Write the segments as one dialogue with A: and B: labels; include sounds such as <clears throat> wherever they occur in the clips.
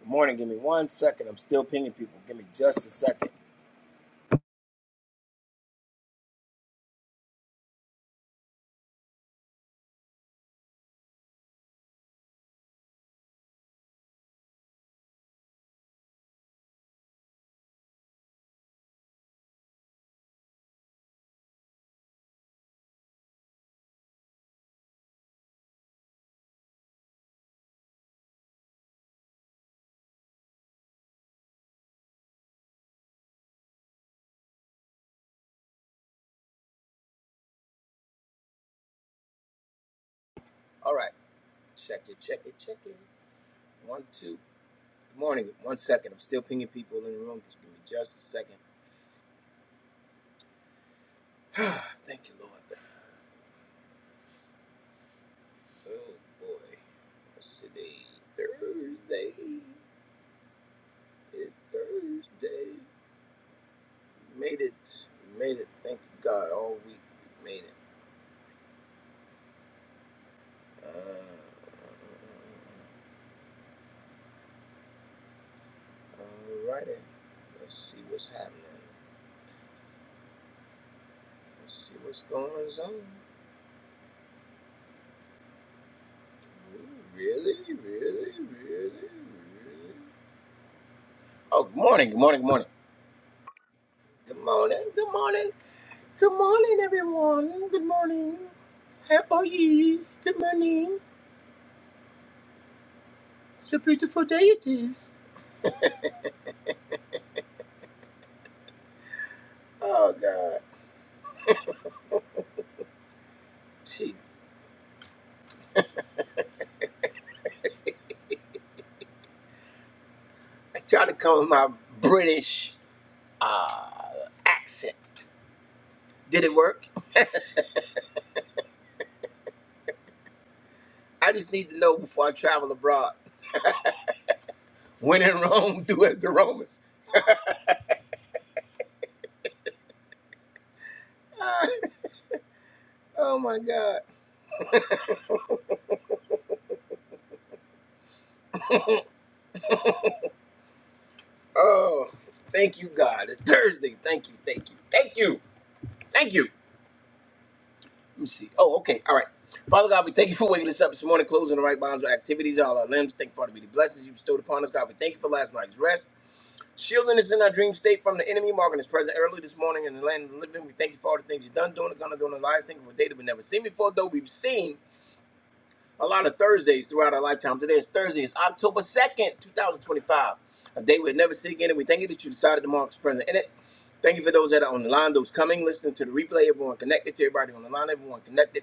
A: Good morning. Give me one second. I'm still pinging people. Give me just a second. All right. Check it, check it, check it. One, two. Good morning. One second. I'm still pinging people in the room. Just give me just a second. <sighs> Thank you, Lord. Oh, boy. What's today? Thursday. It's Thursday. We made it. We made it. Thank you, God. All week we made it. Uh, all righty. Let's see what's happening. Let's see what's going on. Really, really, really, really. Oh, good morning, good morning, good morning. Good morning, good morning, good morning, everyone. Good morning. How are you? Good morning. It's a beautiful day it is. Oh God, jeez. I tried to come with my British uh, accent. Did it work? I just need to know before I travel abroad. When in Rome, <laughs> do as the Romans. Ah, <laughs> oh my God. <laughs> Oh, thank you, God. It's Thursday. Thank you, thank you, thank you, thank you. Let me see. Oh, okay. All right. Father God, we thank you for waking us up this morning, closing the right bonds, our activities, all our limbs. Thank you for the many blessings you bestowed upon us, God. We thank you for last night's rest, shielding us in our dream state from the enemy, marking us present early this morning in the land of the living. We thank you for all the things you've done, doing, and gonna do in our lives. Thank you for a day that we never seen before, though we've seen a lot of Thursdays throughout our lifetime. Today is Thursday. It's October 2nd, 2025, a day we'll never see again. And we thank you that you decided to mark this present in it. Thank you for those that are on the line, those coming, listening to the replay, everyone connected, to everybody on the line, everyone connected.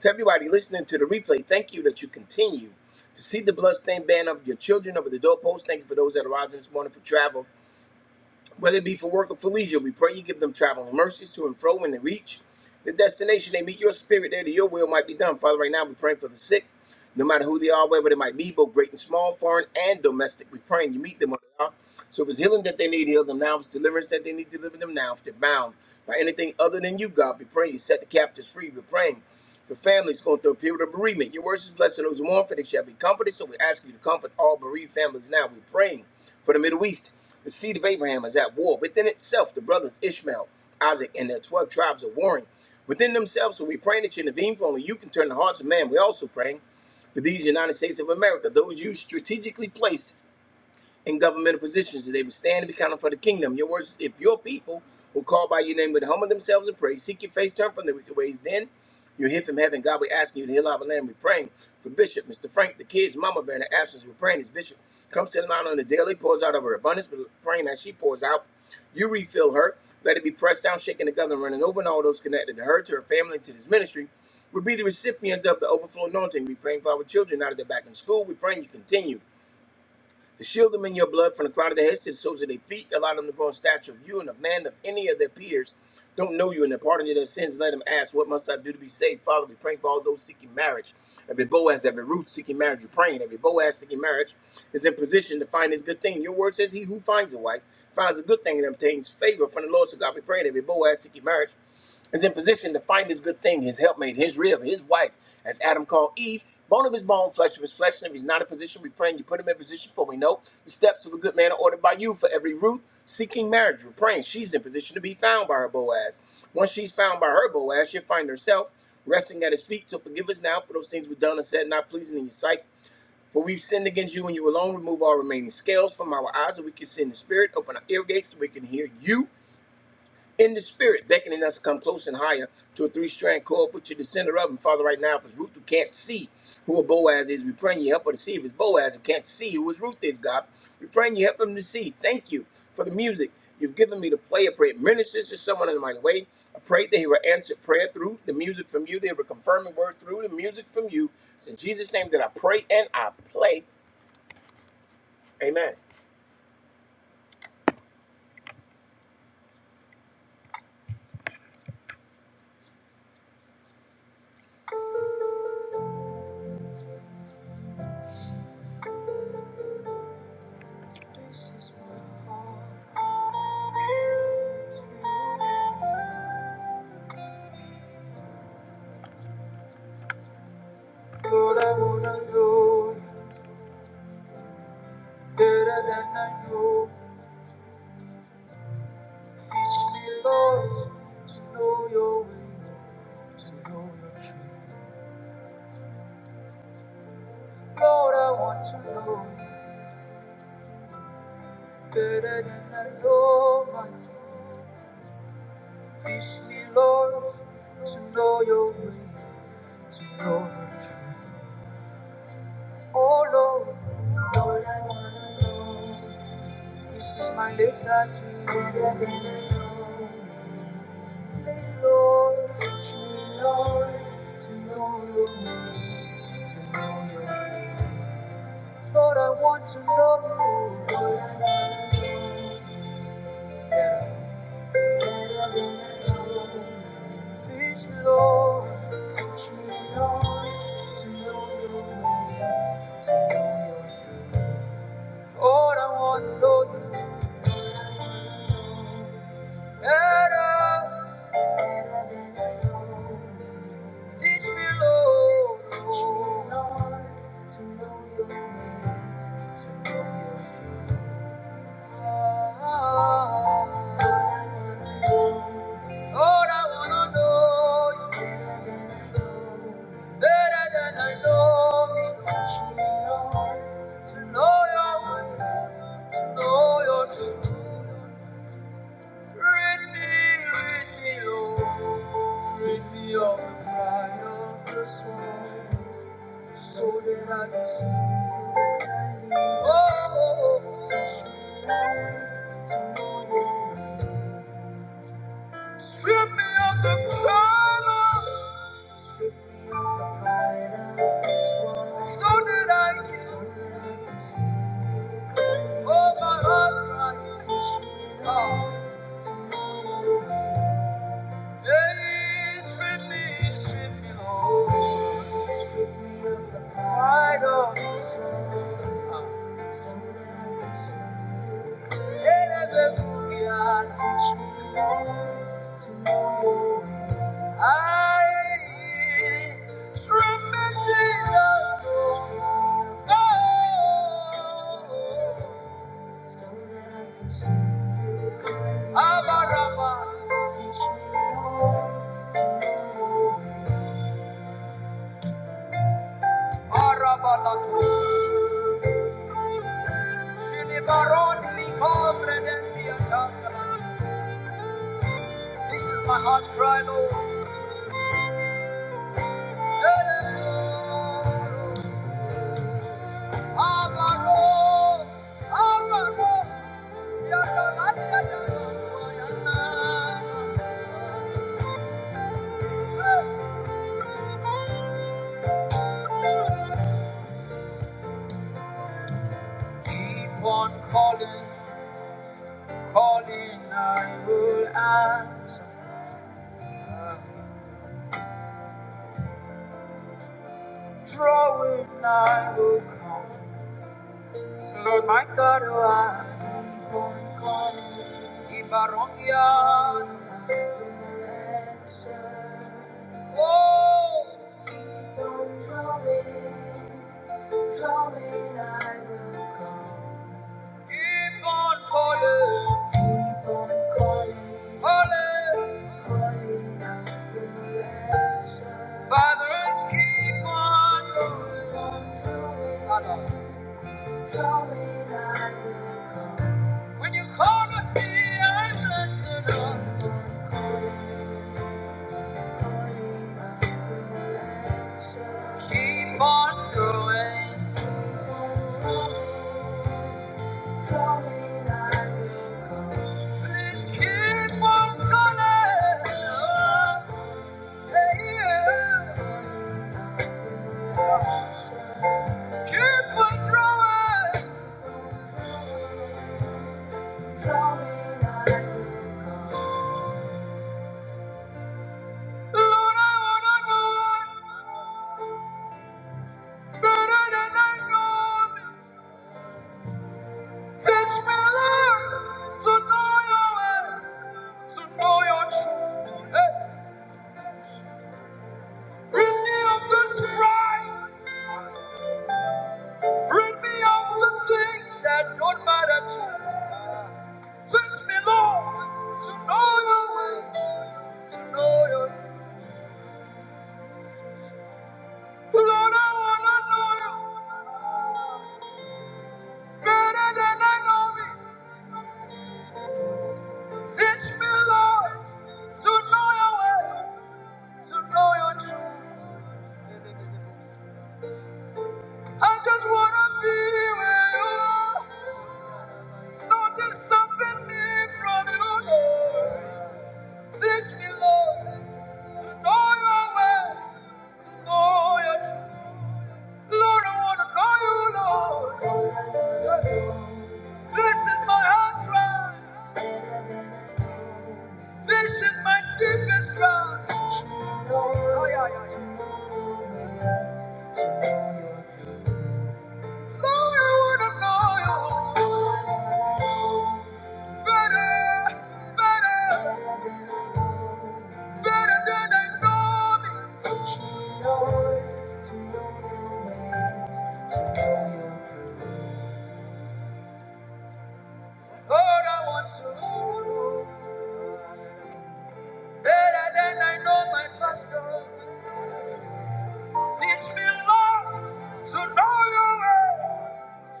A: To everybody listening to the replay, thank you that you continue to see the bloodstained banner of your children over the doorpost. Thank you for those that are rising this morning for travel. Whether it be for work or for leisure, we pray you give them traveling mercies to and fro when they reach the destination. They meet your spirit there, that your will might be done. Father, right now we're praying for the sick, no matter who they are, wherever they might be, both great and small, foreign and domestic. We're praying you meet them where they are. So if it's healing that they need, heal them now. If it's deliverance that they need, deliver them now. If they're bound by anything other than you, God, we pray you set the captives free. We're praying. Your family's going through a period of bereavement. Your words is blessed and those who mourn, for they shall be comforted. So we ask you to comfort all bereaved families now. We're praying for the Middle East. The seed of Abraham is at war. Within itself, the brothers Ishmael, Isaac, and their 12 tribes are warring within themselves. So we praying that you intervene, for only you can turn the hearts of man. we also praying for these United States of America, those you strategically placed in governmental positions that they would stand and be counted for the kingdom. Your words, if your people will call by your name, would humble themselves and pray, seek your face, turn from their wicked ways, then you hear from heaven. God, we're asking you to heal our land. We're praying for Bishop, Mr. Frank, the kids, Mama Bear, in the absence. We're praying as Bishop comes to the line on the daily, pours out of her abundance. We're praying that she pours out. You refill her. Let it be pressed down, shaken together, and running over, and all those connected to her, to her family, to this ministry. We'll be the recipients of the overflow anointing. We're praying for our children out of their back in school. We're praying you continue. To shield them in your blood from the crown of their heads to the soles of their feet, allow them to grow in stature of you and of man of any of their peers. Don't know you and the pardon of their sins. Let them ask, What must I do to be saved? Father, we pray for all those seeking marriage. Every Boaz, every Ruth seeking marriage, you're praying. Every Boaz seeking marriage is in position to find his good thing. Your word says, He who finds a wife finds a good thing and obtains favor from the Lord. So God, we praying every Boaz seeking marriage is in position to find his good thing, his helpmate, his rib, his wife, as Adam called Eve, bone of his bone, flesh of his flesh. And if he's not in position, we praying you put him in position, for we know the steps of a good man are ordered by you. For every Ruth seeking marriage, we're praying she's in position to be found by her Boaz. Once she's found by her Boaz, she'll find herself resting at his feet. So forgive us now for those things we've done and said not pleasing in your sight. For we've sinned against you and you alone. Remove all remaining scales from our eyes that we can see in the spirit. Open our ear gates that we can hear you in the spirit, beckoning us to come close and higher to a three-strand cord, put you to the center of. him, Father, right now, if it's Ruth who can't see who a Boaz is, we praying you help her to see. If it's Boaz who can't see who his Ruth is, God, we praying you help him to see. Thank you for the music you've given me to play. I pray it ministers to someone in the mighty way. I pray that He will answer prayer through the music from you. They will confirm a word through the music from you. It's in Jesus' name that I pray and I play. Amen. Lord, I wanna know. Better than I know. Teach me, Lord, to know your way, to know your truth. Lord, I want to know better than I know my King. Teach me, Lord, to know your way, to know your truth. Oh, Lord, Lord, I want to know. This is my letter to you. Better than I know. Lord, I want to know you. Lord, I want to know you better. than I know. Teach me, Lord, teach me, Lord, to know your ways, to know your truth. Lord, I want to know you. Better. Teach me, Lord. Teach me, Lord, to know your ways, to know your- Lord, I wanna know you better than I know Teach me, Lord, to know your ways, to know your truth. Read me, read me, Lord. Rid me of the pride of this world, so that I can see. Oh, touch me. Strip me of the pride of, strip me of the pride of this world, so that I can, so that I can see. Oh, my heart cries, touch me, Lord. Hey, strip me, strip me, Lord. Strip me of the pride of this world. Hallelujah, teach me more to know you. I tremble, Jesus, oh So that I can see. Abaraba, teach me more. Arabalatu. Shilibaron, likobre, dendiatandra. This is my heart cry, Lord. Keep on calling, calling, I will answer. Drawing, I will come. Lord my God, you are. Ibarongia. Oh. Keep on drawing, drawing, I will come. Keep on calling. Calling. calling, I will answer. Father, keep on. Father. When you call on me, I answer no. Keep on going. Please keep on going. Hey, yeah. Keep on drawing. Lord, I wanna know better than I know me. Teach me, Lord, to know your way, to know your truth. Hey. Rid me of this pride. Rid me of the things that don't matter to me. Teach me, Lord, to know your way, to know your Lord, I wanna know you better than I know me. Teach me, Lord, to know your way, to know your truth. I just wanna be where you are. Nothing's stopping me from you. Lord. Teach me, Lord, to know your way, to know your truth. Lord, I wanna know you, Lord. This is my heart cry. This is my deepest cry. Lord, I wanna know you better, better. Better than I know me. Lord. I want to know better than I know my pastor. Teach me, Lord, to know your way,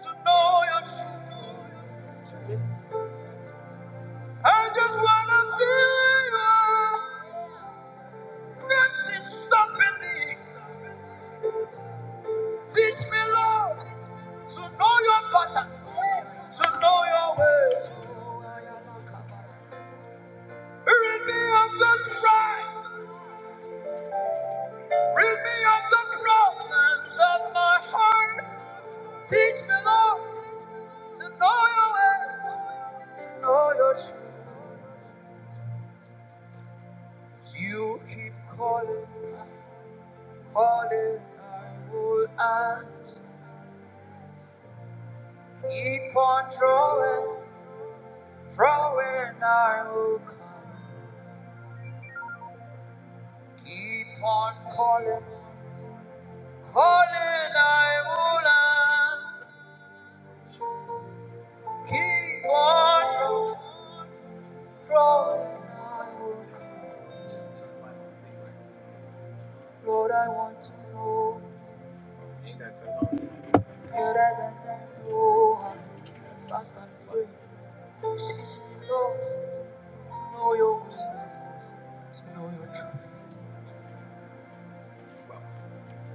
A: to know your truth. I just wanna feel you. Nothing stopping me. Teach me, Lord, to know your patterns, to know your ways. Rid me of the strife. Rid me of the problems of my heart. Teach me, Lord, to know your way, to know your truth. You keep calling, calling. I will answer. Keep on drawing, drawing. I will come. Keep on calling, calling. I will answer. Keep on drawing. Rolling onward, Lord, I want to know better than I know how. to Fast and free, She's Lord, to know your will, to know your truth.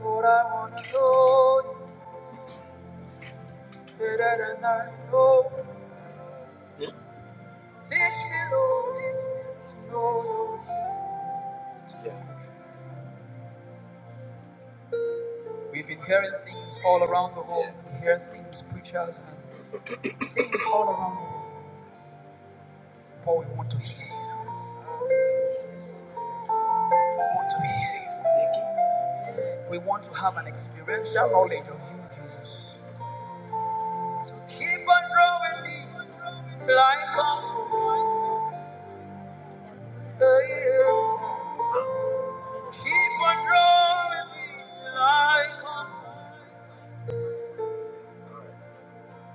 A: Lord, I want to know you better than I know. Fix me, Lord, to know your will. Yeah. We've been hearing things all around the world. Yeah. We hear things, preachers, and things all around the world. But we want to hear you. We want to hear you speaking. We want to have an experiential knowledge of you, Jesus. So keep on drawing me till I come to you. Keep on drawing me till I come,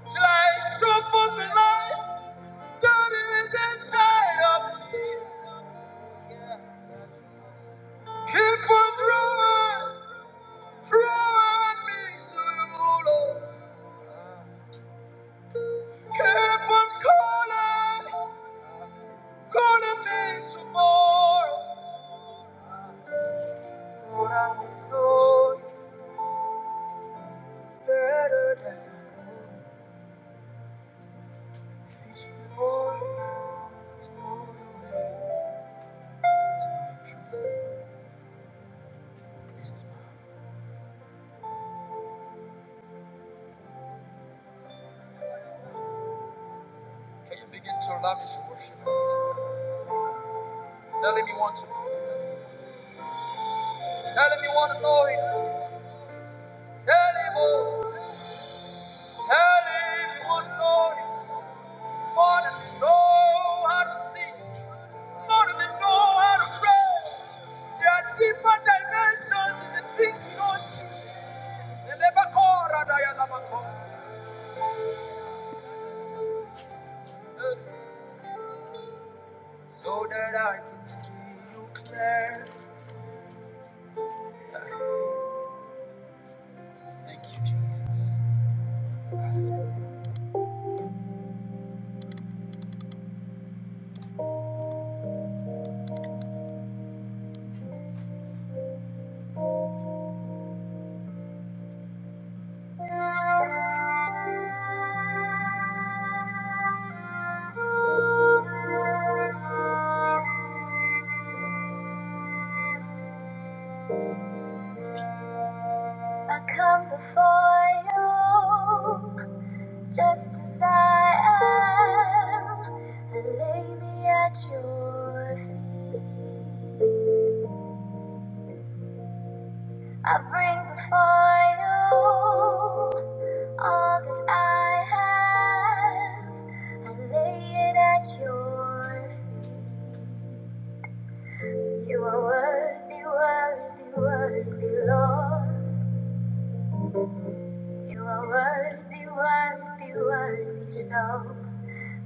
A: till I show forth the light that is inside of me. Yeah. Keep on drawing, drawing me to you, Lord. Keep on calling, calling me tomorrow. But I know you better than see tomorrow. Tomorrow is not true. This is mine. Can you begin to allow me to worship? him? Tell him you want to. Tell him you want to know him. Tell him, oh, tell him you want to know him. More than know how to sing, more than know how to pray. There are deeper dimensions in the things we don't see. The Lebakora Dayanabakora. So that I can see you clear. Thank you, Jesus. I come before you just as I am. I lay me at your feet. I bring before you all that I have. I lay it at your feet. You are worthy, worthy, worthy, Lord. You are worthy, worthy, worthy, so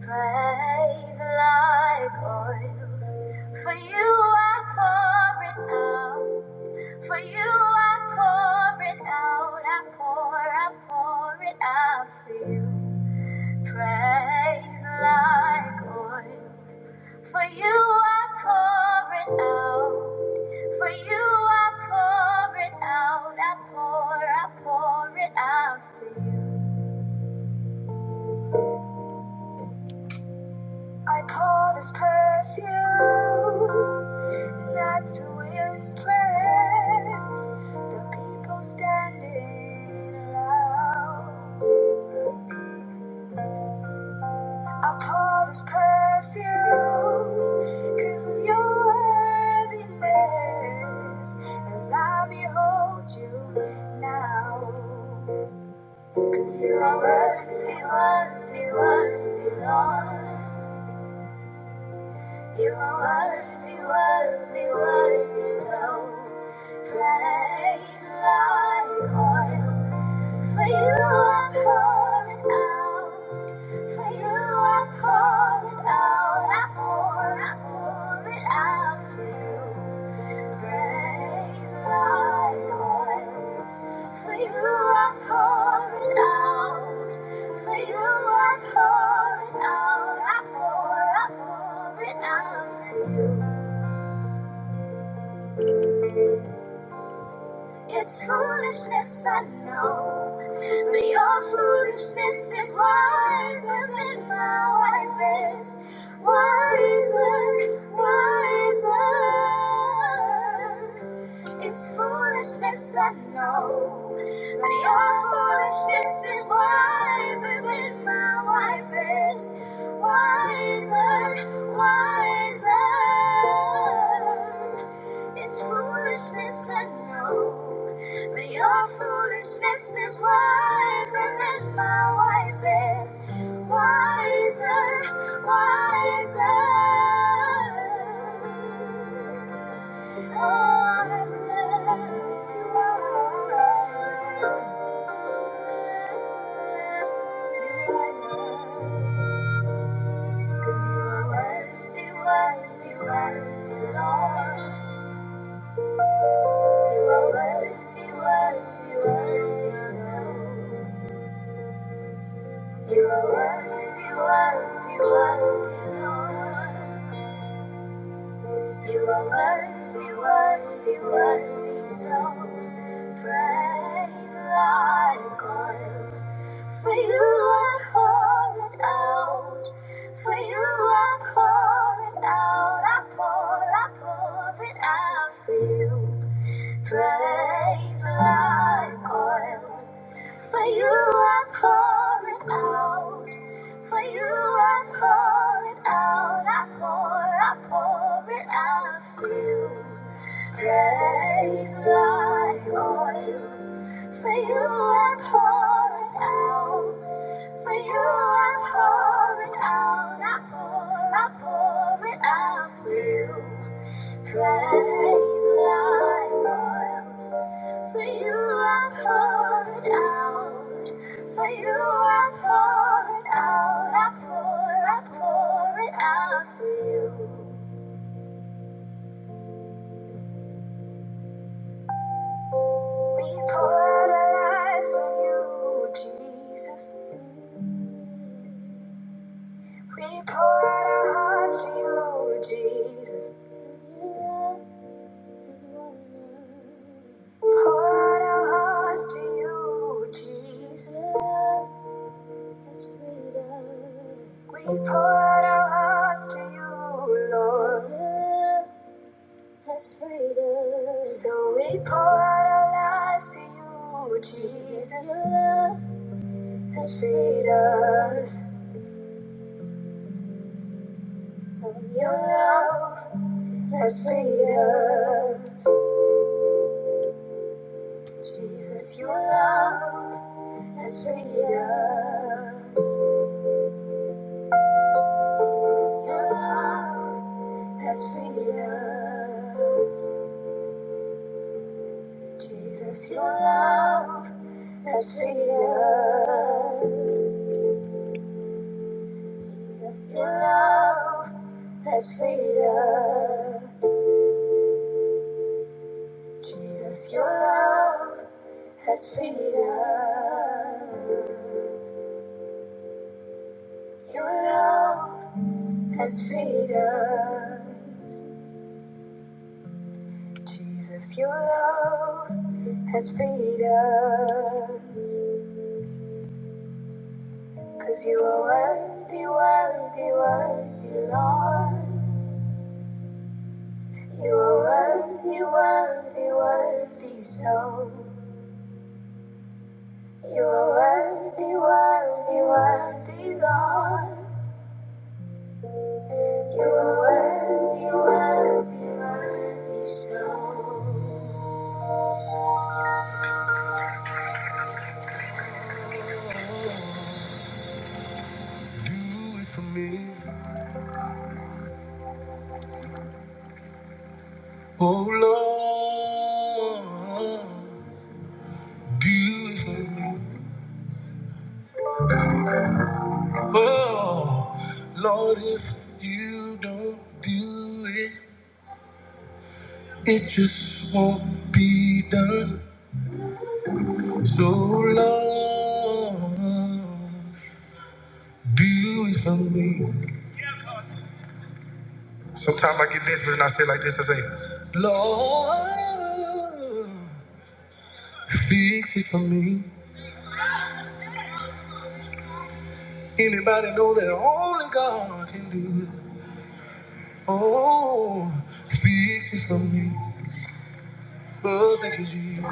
A: praise like oil. For you I pour it out. For you, I pour it out, I pour, I pour it out for you. Praise like oil. For you, I pour it out. For you, I pour it out, I pour, I pour it out for you. I pour this perfume, not to impress the people standing around. I pour this perfume 'cause of your worthiness as I behold you now, 'cause you are worthy, worthy, worthy, Lord. You are worthy, worthy, worthy, so praise like oil. For you I pour it out, for you I pour it out, I pour, I pour it out for you. Praise like oil. For you are pouring out. For you are pouring out. I pour, I pour it out for you. It's foolishness, I know. But your foolishness is wiser than my wisest. Wiser, wiser. It's foolishness, I know. But your foolishness is wiser than my wisest. Wiser, wiser. It's foolishness, I know. But your foolishness is wiser than my wisest. Wiser, wiser. Oh, wiser. You are wiser. You are wiser. 'Cause you are worthy, worthy, worthy, Lord. You are worthy, worthy, worthy, so. You are worthy, worthy, worthy, Lord. You are worthy, worthy, worthy, so. Praise like oil. For you are pouring out. For you are pouring out. I pour, I pour it out for you. Praise like oil. For you I pour it out. For you I pour it out. I pour, I pour it out for you. Praise like oil, for you I are pouring out. For you I'm pouring out, I pour, I pour it out for you. Praise like oil. For you I'm pouring out. For you I'm pouring out, I pour, I pour it out for you. We pour out our lives on you, Jesus. We pour out our hearts to you, Jesus. 'Cause your love is wonderful. Pour out our hearts to you, Jesus. Your love is freedom. We pour out our hearts to you, Lord. 'Cause your love is- So we pour out our lives to you, Jesus. Jesus. Your love has freed us from your love, has freed us. Jesus, your love has freed us. Jesus, your love has freed us. Jesus, your love has freed us. Jesus, your love has freed us. Jesus, your love has freed us. Your love has freed us. Jesus, your love has freed us, 'cause you are worthy, worthy, worthy, Lord. You are worthy, worthy, worthy, so. You are worthy, worthy, worthy, Lord. You are worthy, worthy, worthy, so. Do it for me. Oh Lord, do you hear? Oh Lord, if you don't do it, it just won't be done. So Lord, do it for me. Sometimes I get desperate and I say like this, I say, Lord, fix it for me. Anybody know that only God can do it? Oh, fix it for me. oh, thank you, Jesus.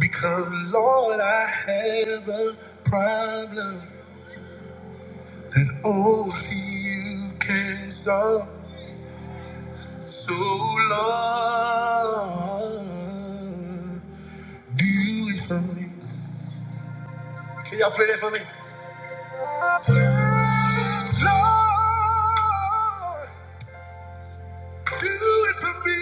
A: Because, Lord, I have a problem that only you can solve. So, Lord, do it for me. Can y'all play that for me? Lord, do it for me.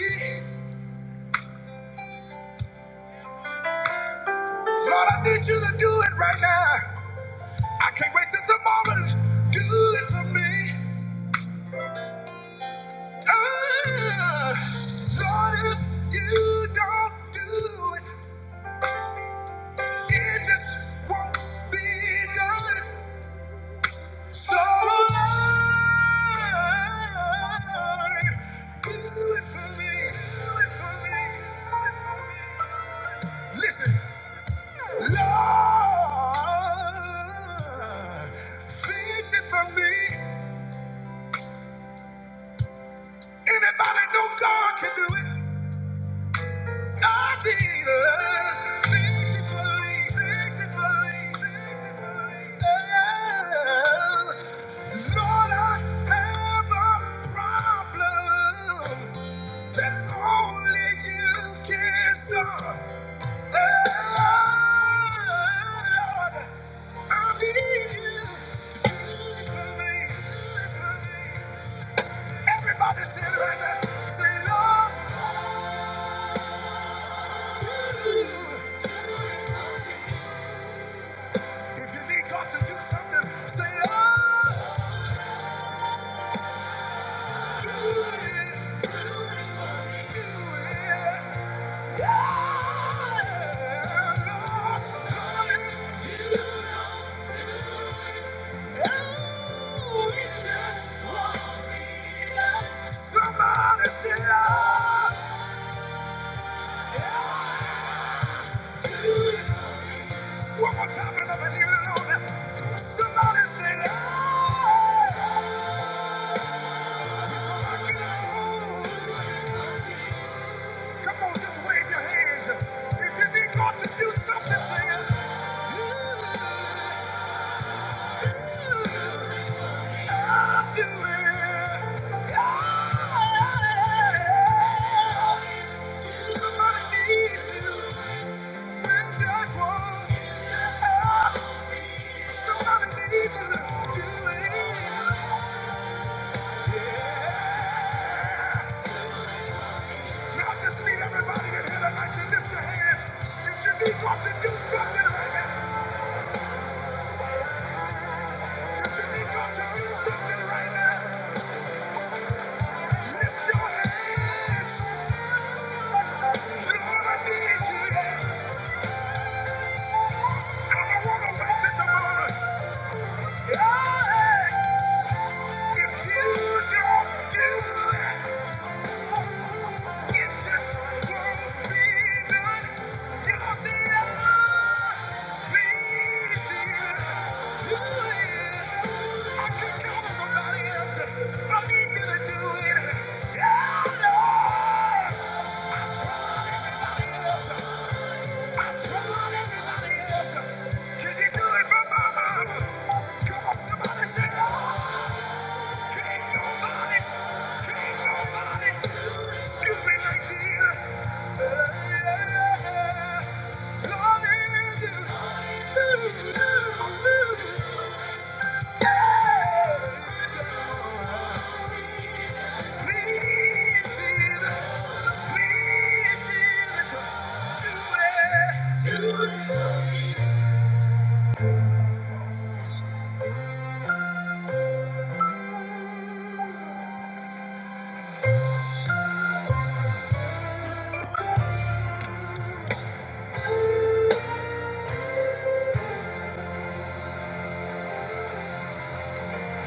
A: Lord, I need you to do it right now. I can't wait till tomorrow. Do it for me. Ah, Lord, if you don't do it, it just won't be done. So, Lord, do it for me. Do it for me. Listen, Lord, fix it for me. Anybody know God can do it? Everybody say it right now. Say, Lord, I need you. If you need God to do something, say, Oh, do it, do it. do it. Yeah, Lord, Lord, you know, oh, you just want me to- Somebody say, Oh, yeah, do it. for me. One more time, and I believe it, Lord. Somebody say, Oh. Come on, just wave your hands. If you need God to do something, say it. I'll do it. Yeah. Somebody needs you. Well, just one. Somebody needs you. Do it. Yeah. Now I just need everybody in here tonight to lift your hands. If you need God to do something right now, if you need God to do something right now, lift your hands. Lord, I need you. I don't want to wait till tomorrow. Yeah. If you don't do it, Can you do it for mama? Come on, somebody say, oh!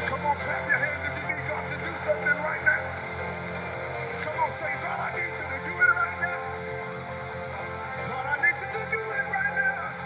A: Come on, clap your hands if you need God to do something right now. Come on, say, God, I need you to do it right now. God, I need you to do it right now.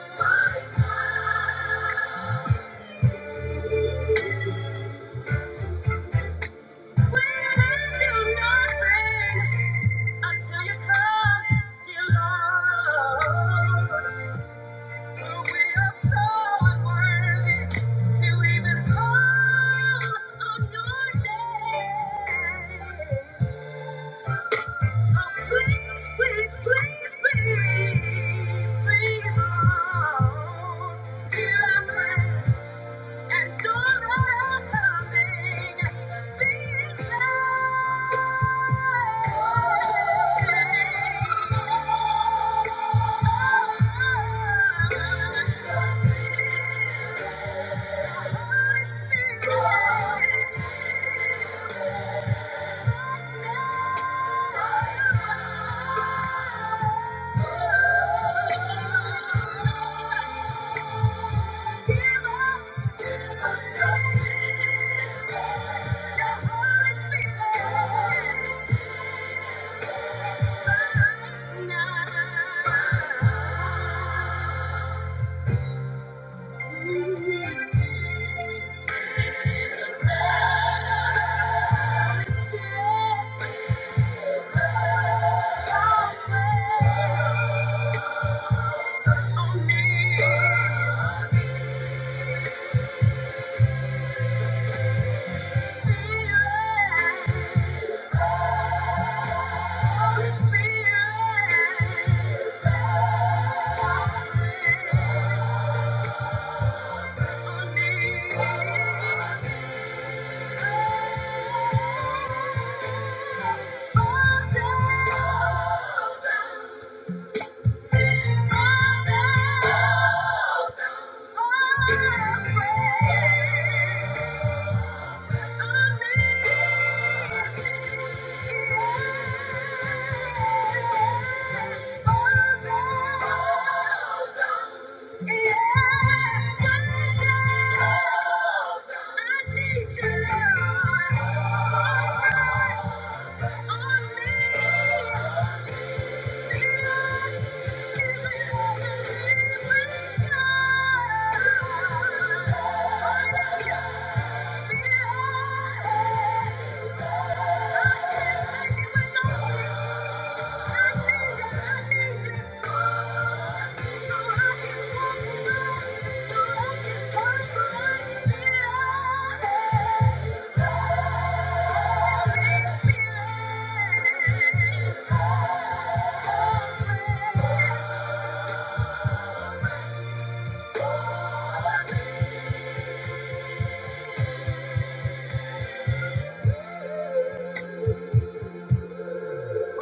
A: Spirit, Yeah.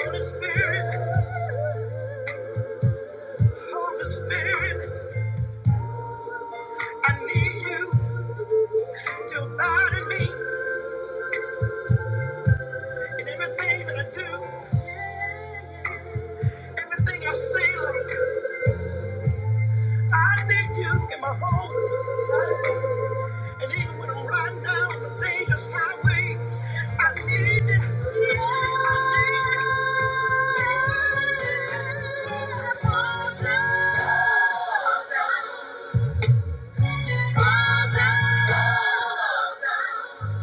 A: Holy Spirit, Holy Spirit, I need you to abide me in everything that I do, everything I say. like I need you in my home, and even when I'm riding down the dangerous highways, I need you. I need you. I need you. Fall down. fall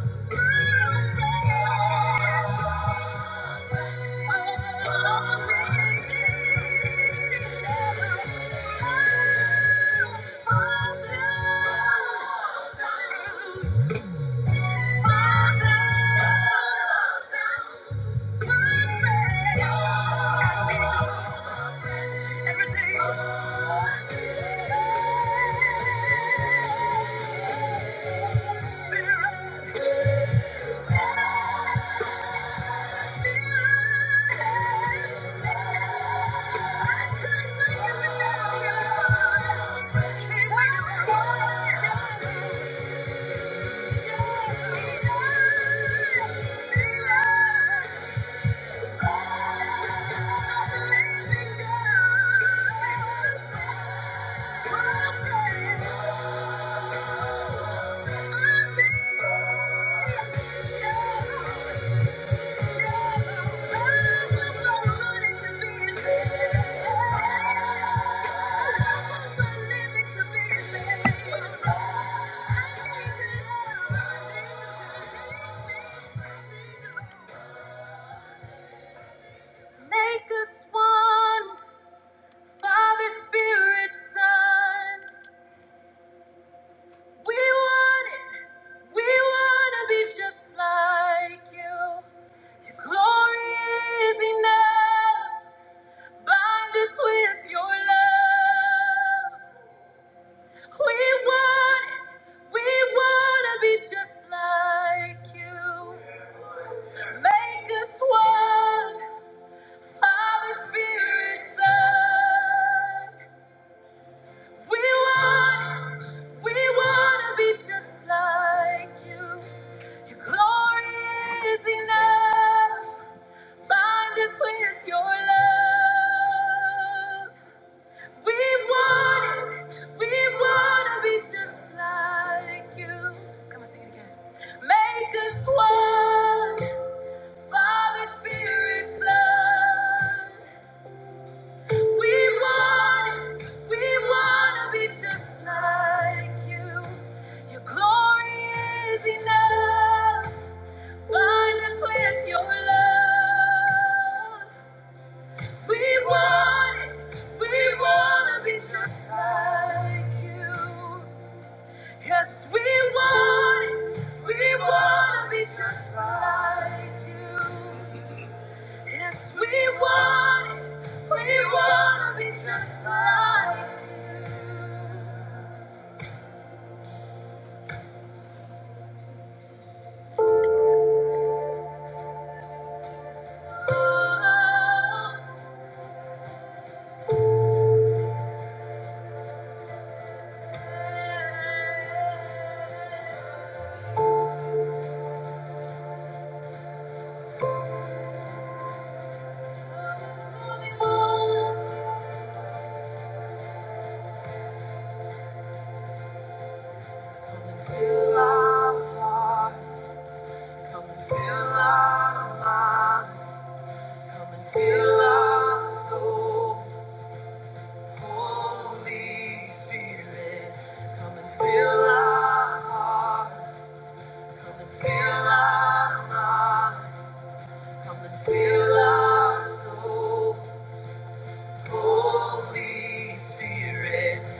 A: Fall down, fall down, Thank you. Make us one. Father, Spirit, Son, we want it. We want to be just like you. Your glory is enough. Bind us with your love. We want it. We want to be just like you. Make us one. Father, Spirit, Son. We want, we want to be just like you. Your glory is enough. Bind us with your love. We want it, we want to be just like you. Come on, sing it again. Make us one. Father, Spirit, Son. We, we just like with your love. We are like you. Yes, we want it. We want to be just like you are. Lord. Come and fill our mind. Come and fill our soul. Holy Spirit. With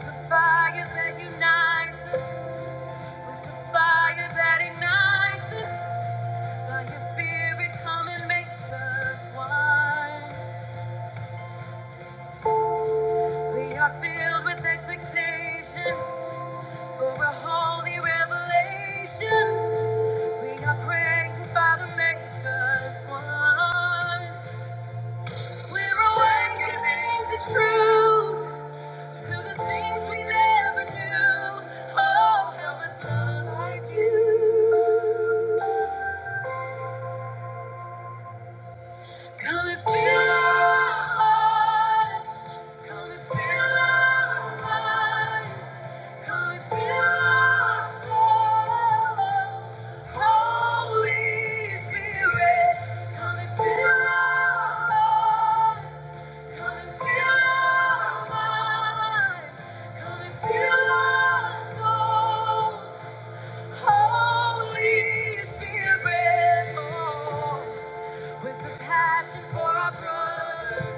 A: the fire that unites us. With the fire that ignites us. By your Spirit, come and make us one. Come and fill our hearts. Come and fill our minds. Come and fill our soul. Holy Spirit, come and fill our minds. Come and fill our minds. Come and fill our souls. Holy Spirit, oh, with the passion for our brothers.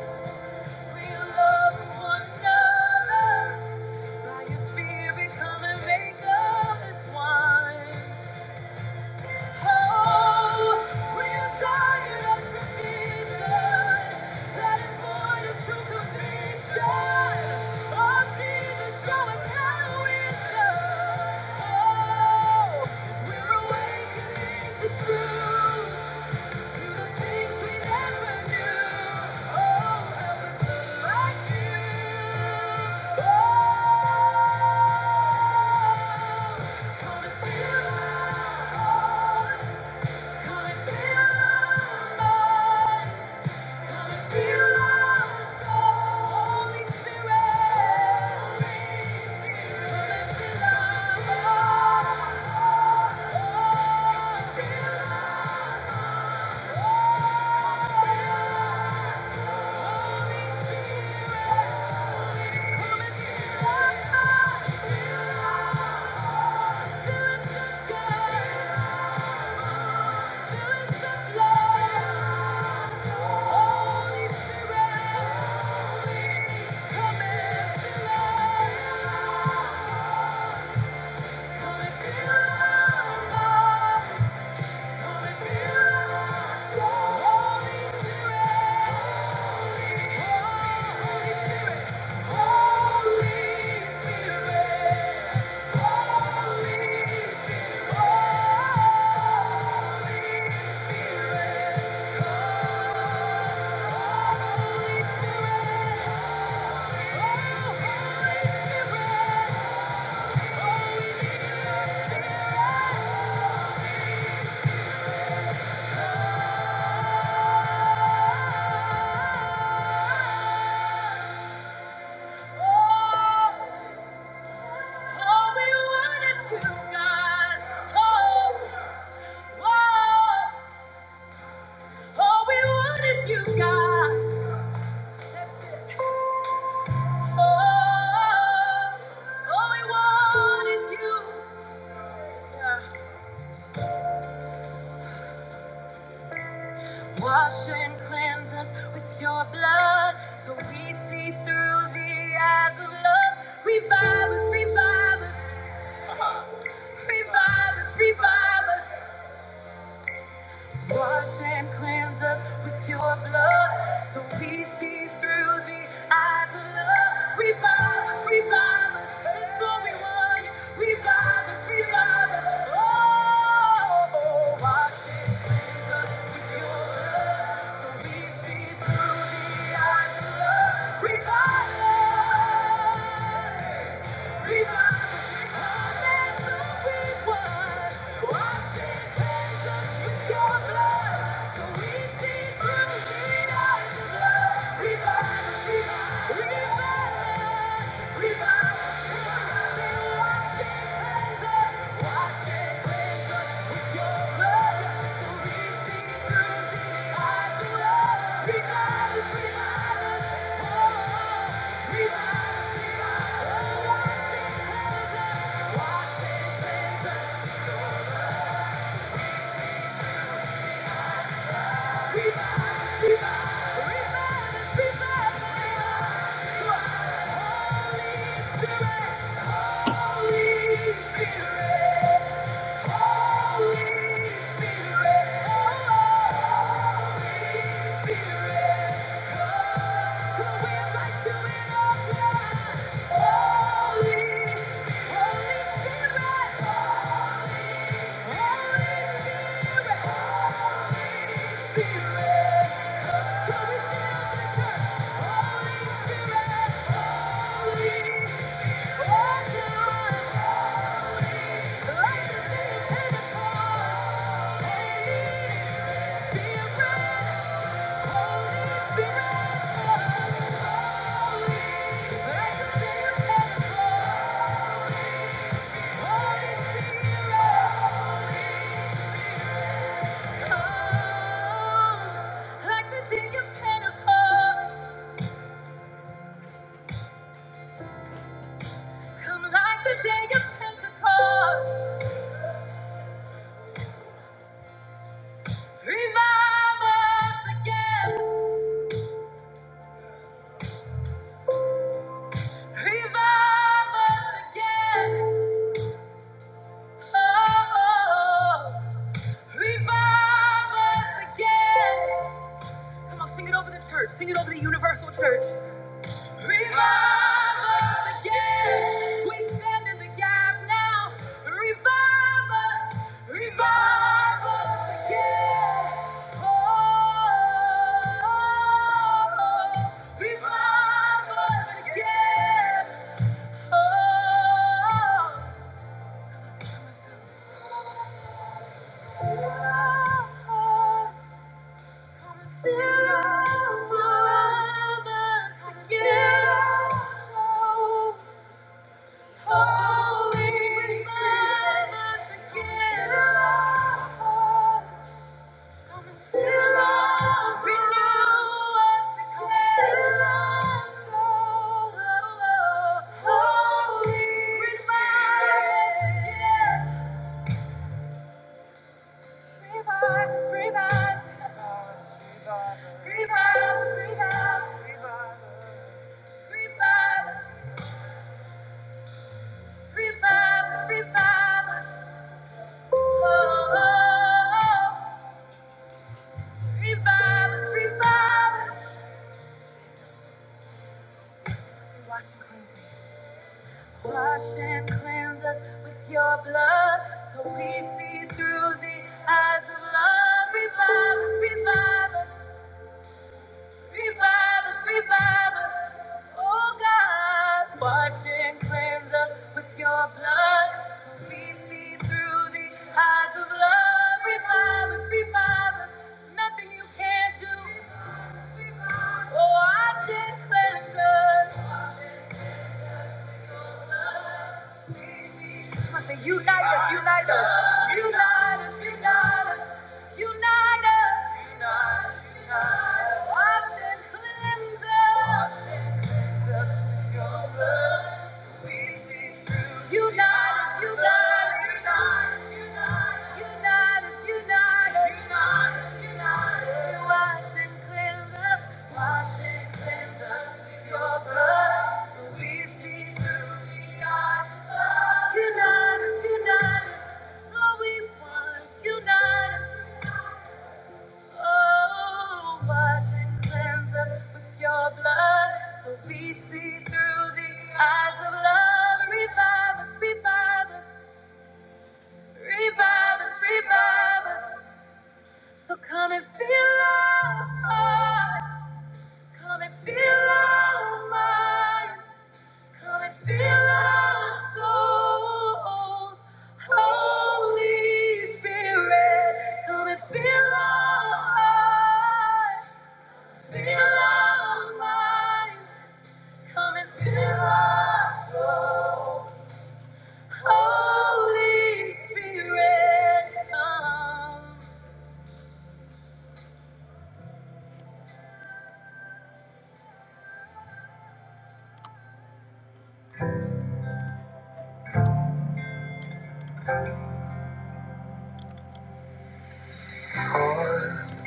A: True. Oh Holy Spirit, Holy Spirit, Wash and cleanse us with your blood so we see through the eyes of love. Revive us, revive us, revive us, revive us. Wash and cleanse us with your blood so we see through the eyes of love. Revive us, revive us, that's all we want. Revive us, revive us. Oh, wash and cleanse us with your blood so we see through the eyes of love. Revive us. Revive, us. revive, revive. us. Holy Spirit, Holy Spirit. Like the day of Pentecost, come like the day of Pentecost. Revive us again. Revive us again. Oh, oh. oh. Revive us again. Come on, sing it over the church. Sing it over the universal church. Revive us again. We stand in the gap now. Revive us. Revive us again. Oh, oh, oh. revive us again. Oh, Wash and cleanse us with your blood so we see through the eyes of love. Revive us, revive us. Revive us, revive us, oh God. Wash and cleanse us with your blood. So we see through the eyes of love. Revive us, revive us. there's Nothing you can't do. Oh, wash and cleanse us. Unite us, unite us, unite us, unite us. Unite us. Unite, unite. Wash and cleanse us. Wash and cleanse us with your blood. We see through. Unite us, unite us. Unite us, unite us. Unite us, unite us. Unite us, Wash and cleanse us. Wash and cleanse us with your blood. So we see through the eyes of love. Unite us, unite us. That's we want. Unite us. Oh, wash and cleanse us with your blood, so we see through the eyes of love. Revive us, revive us, revive us, revive us. So come and feel our hearts, come and feel our minds, come and feel our souls. Holy Spirit, come and feel our hearts. Fill our minds, come and fill our soul. Holy Spirit, come. I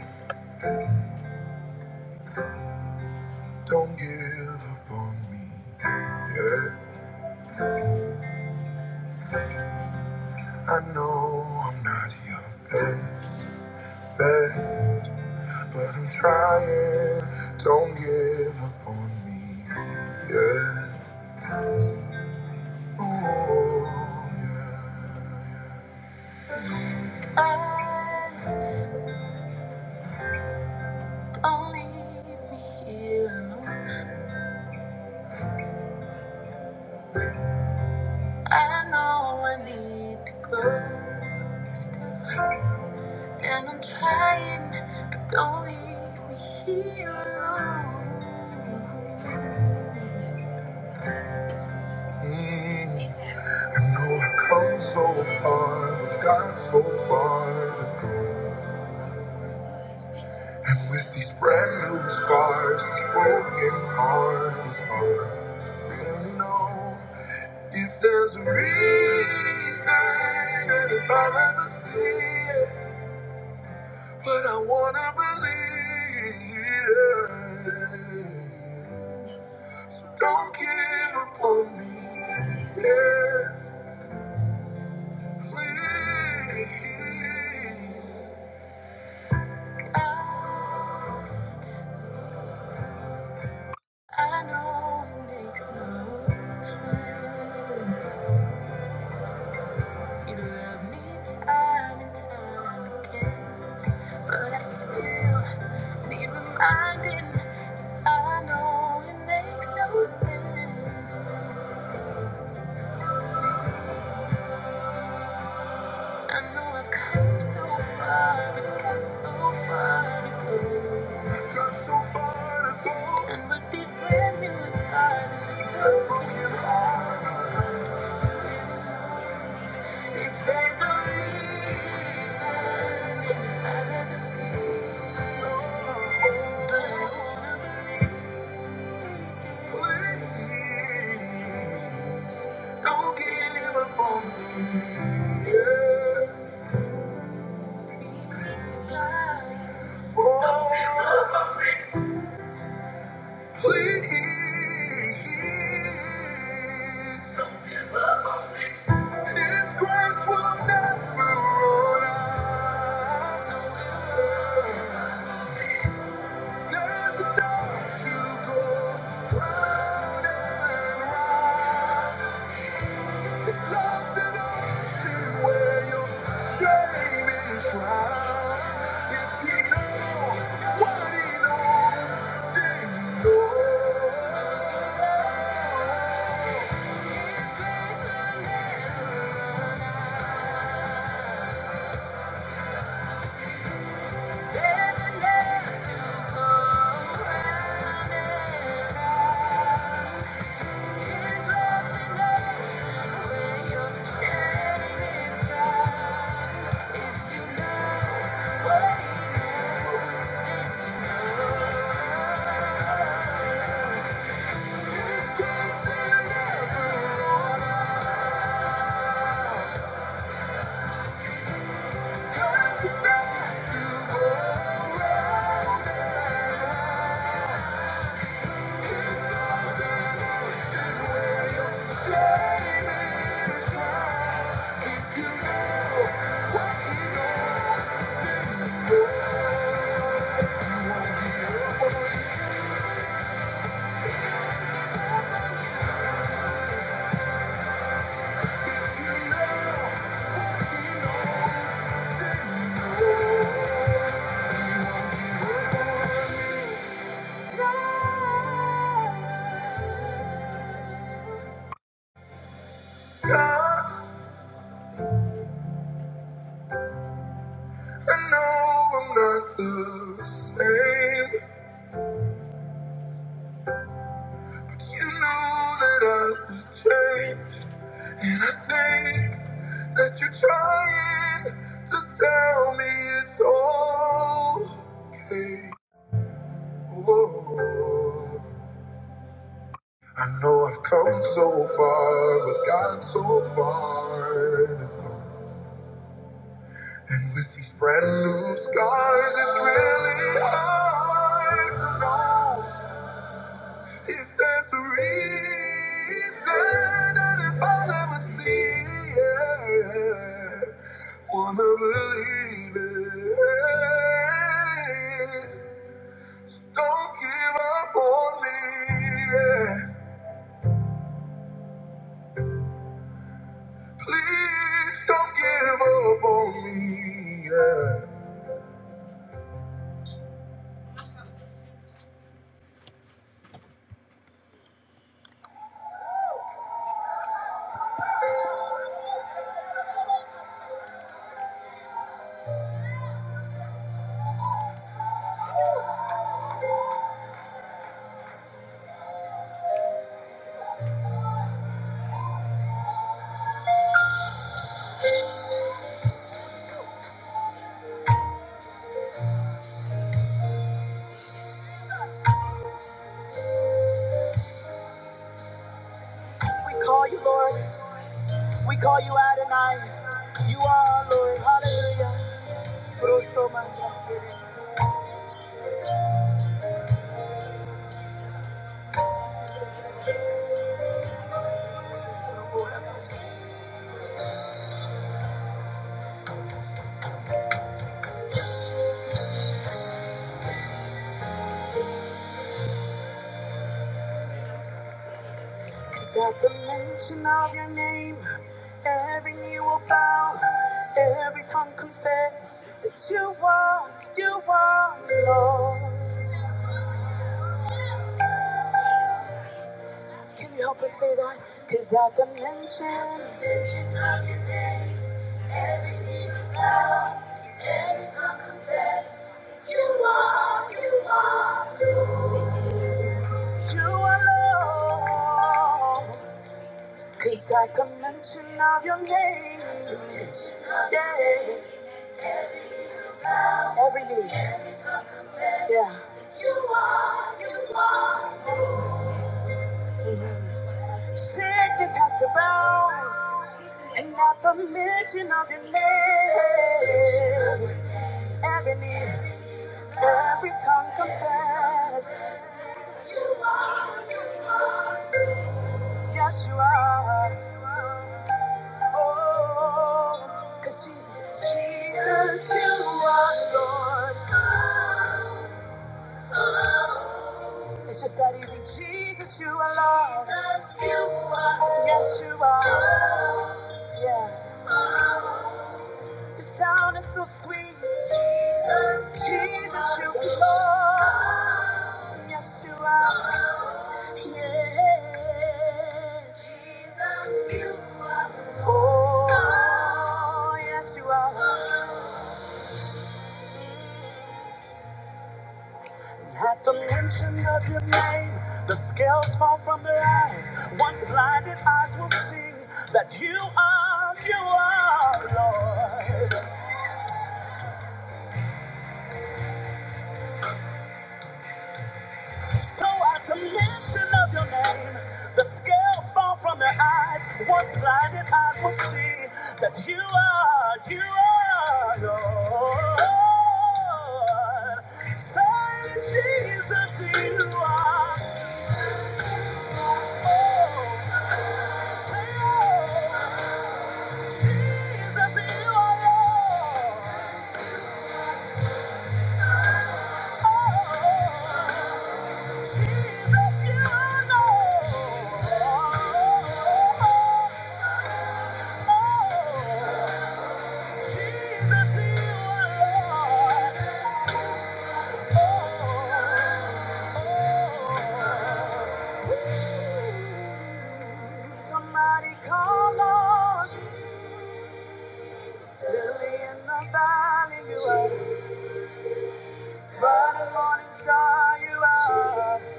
A: don't give up on me yet. I know I'm not your best best, but I'm trying. Don't give up on me Yeah, Oh, yeah, yeah. Mm. I know I've come so far, but got so far to go. And with these brand new scars, this broken heart is hard to really know if there's a reason and if I'll ever see it. But I wanna believe, so don't give up on me, yeah, please. I know it makes no sense. You love me time and time again, but I still need reminding. I know it makes no sense. I know I've come so far, but got so far to go. Got so far to go. And with these brand new scars and this broken heart. Don't give up on me. Yeah. Oh, please. His grace will never run out. There's enough to go round and round. This love's an ocean where your shame is drowned. If you know what he knows, then you know. His grace will never run out. There's enough to go round and round. Thank you. Yeah, I know I'm not the same. You know that I would change, and I think that you're trying to tell me it's all okay. Whoa. I know I've come so far, but got so far to go. And with these brand new scars, it's really hard to know. If there's a reason, and if I'll ever see it, wanna believe it. So don't give up on me, yeah. Please don't give up on me, yeah. We call you Lord, we call you Adonai. You are our Lord, hallelujah. Because at the mention of your name, Every knee will bow, every tongue confess that you are, you are Lord. Can you help us say that? Cause at the mention, you are Lord. Cause at the mention of your name, yeah, every knee, yeah. Sickness has to bow, and at the mention of your name, every knee, every tongue confess, yes you are. Oh, 'cause Jesus, Jesus, you are Lord. It's just that easy. Jesus, you are Lord. Yes, you are. Yeah. Your sound is so sweet. Jesus, Jesus, you are Lord. Yes, you are. Oh, yes, you are. At the mention of your name, the scales fall from their eyes. Once blinded eyes will see that you are, you are, Lord. So at the mention of your name, the scales fall from their eyes. Once blinded eyes will see that you are, you are, Lord. Say, Jesus, you are. Oh, say, oh. Somebody call us Lily in the valley, you are. Burning morning star, you are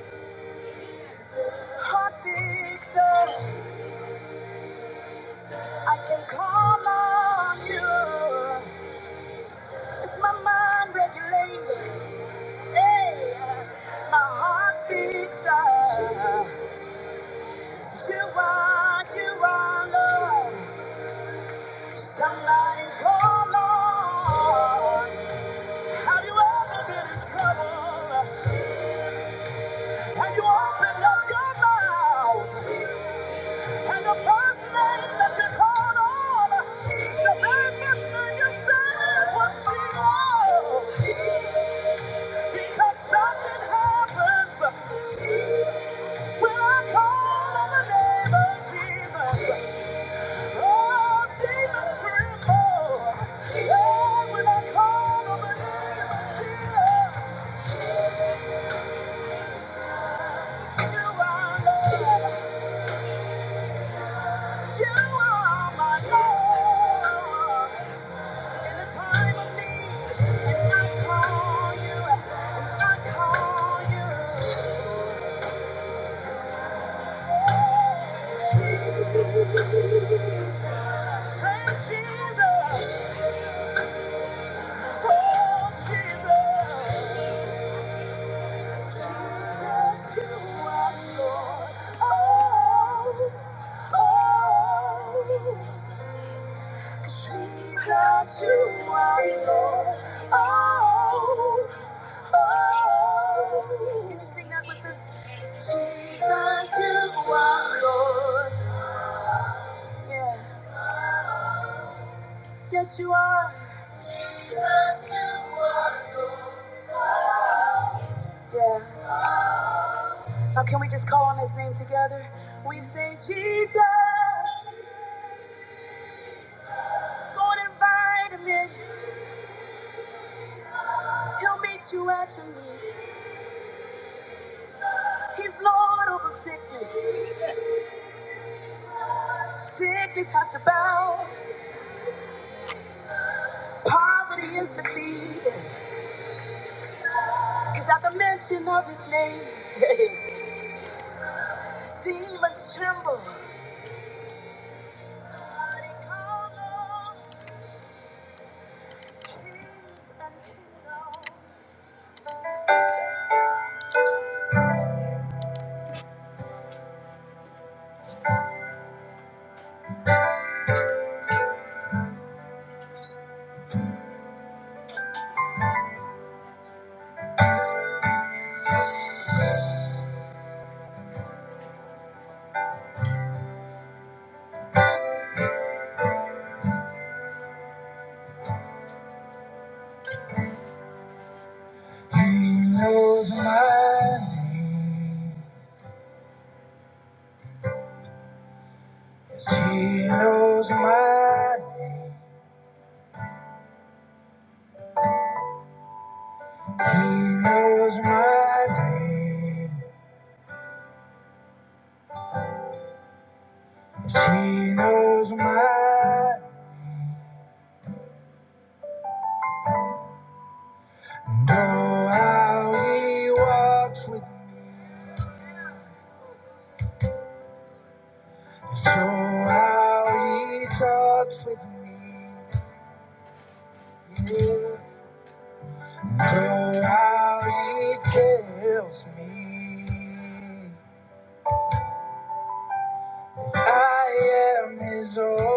A: hot fixer. I can call on you. It's my mind regulation. Hey, my heart fixer. You are, you are love. Somebody call on. Have you ever been in trouble? And you opened up your mouth. And the first name that you called on, the biggest thing you said was Sheila. Because something happens when I call on the name of Jesus. Oh, demons tremble. Oh, when I call on the name of Jesus. You are Lord. You are my Lord. Jesus, you are Lord. Oh, oh. Can you sing that with us? Jesus, you are Lord. Yeah. Yes, you are. Jesus, you are. Yeah. Now, can we just call on his name together? We say, Jesus, go and invite him in. He'll meet you at your need. He's Lord over sickness. Sickness has to bow. Poverty is defeated. Because at the mention of his name, <laughs> he knows my name. She knows my name. And oh, how he walks with me. And so how he talks with me. Yeah. Oh, how he tells me I am his own.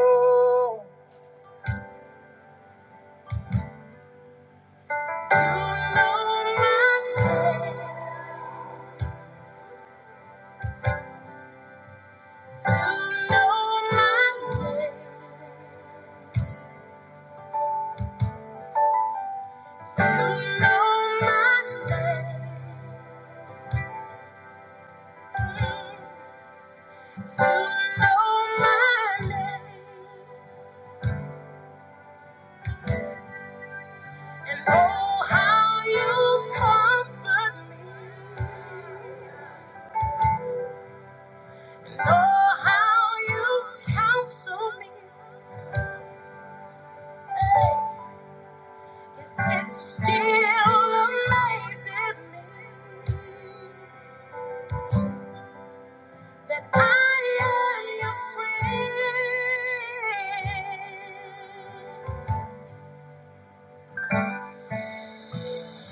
A: You You You know know know my my my name. name. name. And oh, how you comfort me. And oh, how you counsel me. Hey, It still amazes me that I am your friend.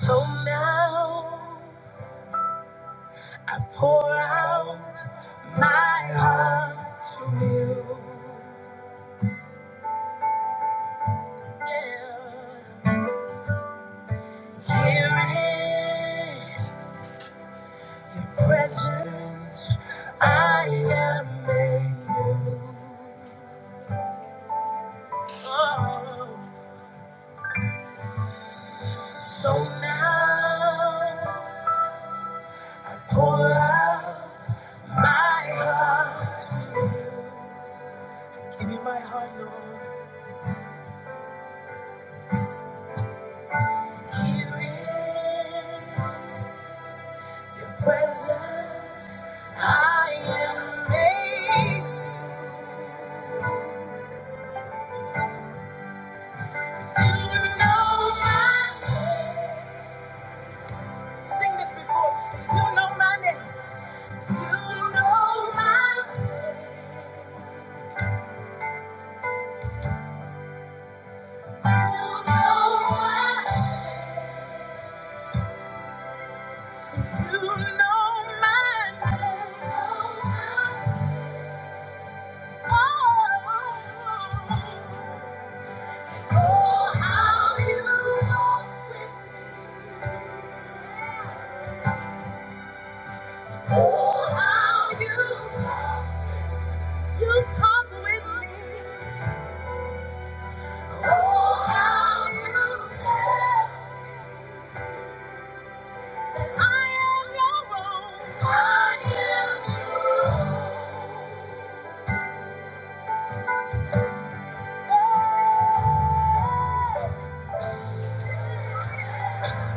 A: So now, oh my, sing this before we sing. You know my name. You know my name. I am your own. I am your own.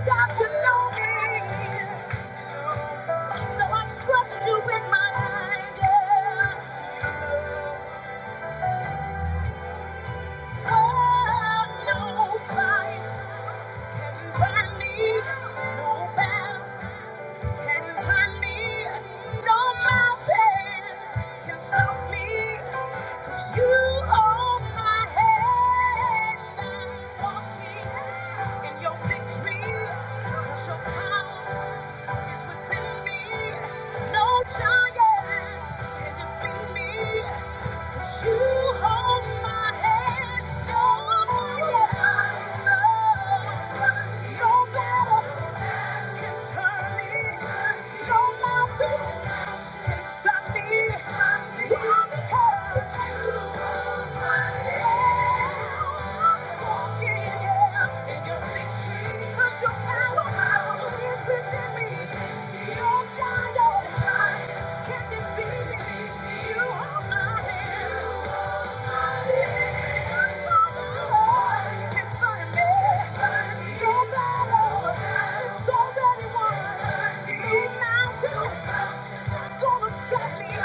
A: God, you know me, so I trust you with my life. Yeah. Oh, no fight can burn me, no battle. Can't hurt me, no mountain can stop me. 'Cause you hold my hand. I'm walking in your victory. 'Cause your power is within me. No giant can defeat me. Walking, Yeah. in your picture. Gonna stop. Thank you.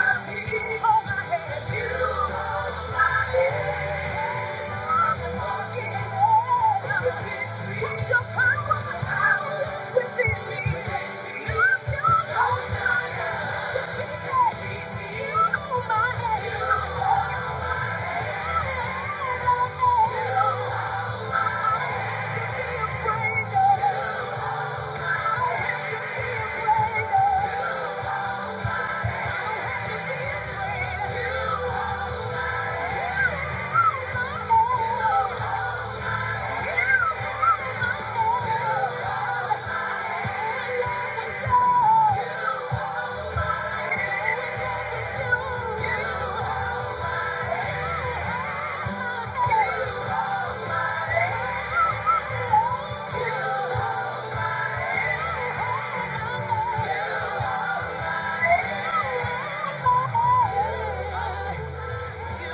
A: You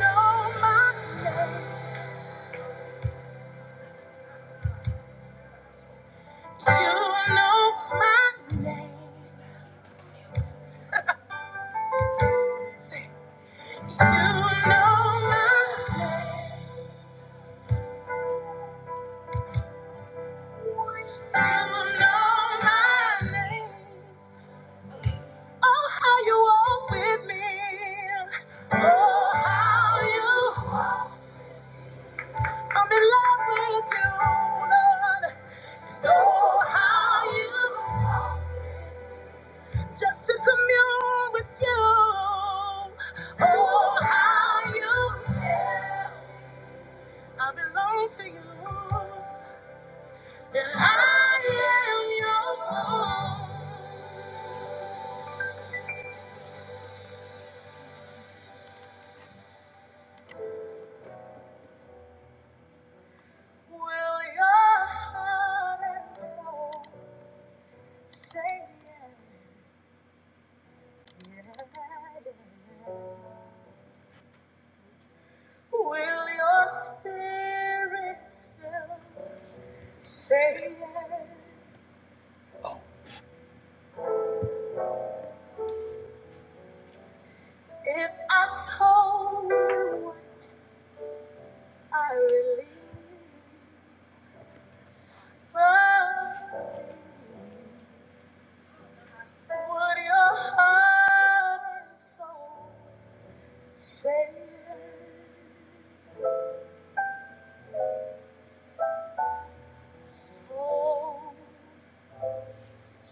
A: know my name. You know my name. Say, you know my name. You know my name. Oh, how you walk with me. Oh, how you walk. I'm in love with you, Lord. Oh, how you talk. Just to commune with you. Oh, how you. I belong to you.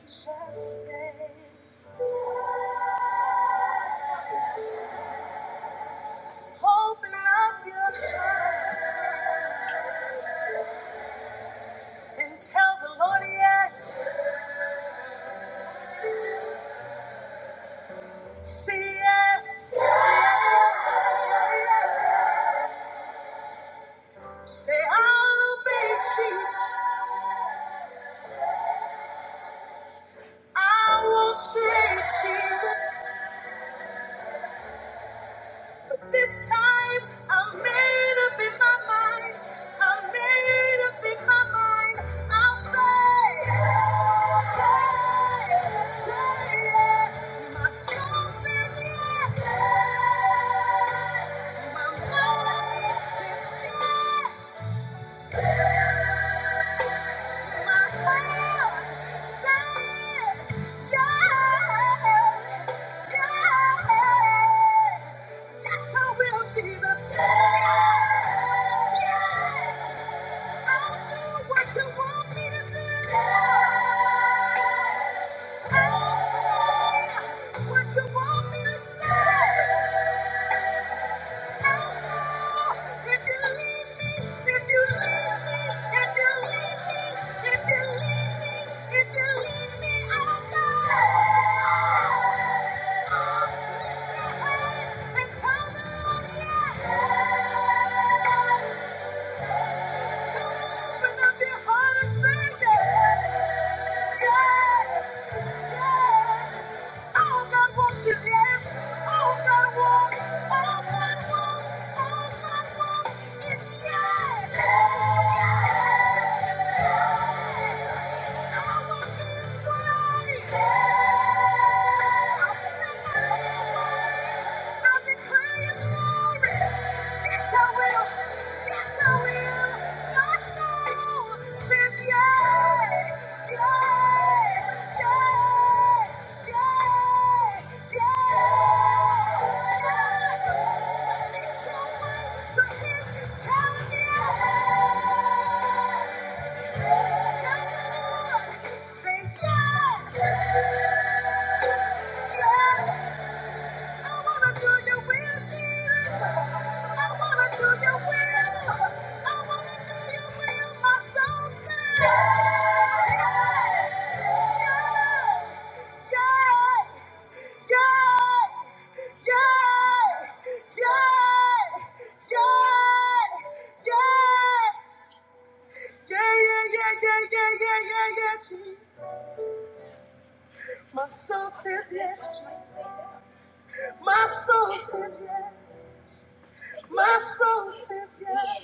A: Just stay and tell the Lord yes. But this time, I made up in my mind. I made up in my mind. I'll say, say, say yes. My soul says yes. My mind says yes. Yes, I will Yeah. Yeah. Glory! That's your will. That's your will. My soul says yes. Yes. Yes. Yes. Yes. Submit your way to his calendar. Say yes. My soul says yes, Jesus. My soul says yes. My soul says yes.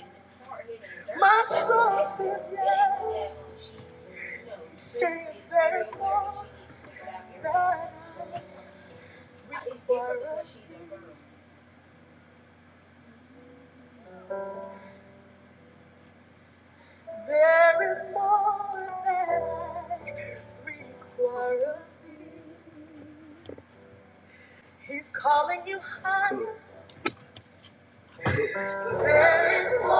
A: My soul says yes. Say there is more than I- There is more than I require. He's calling you higher. There is more.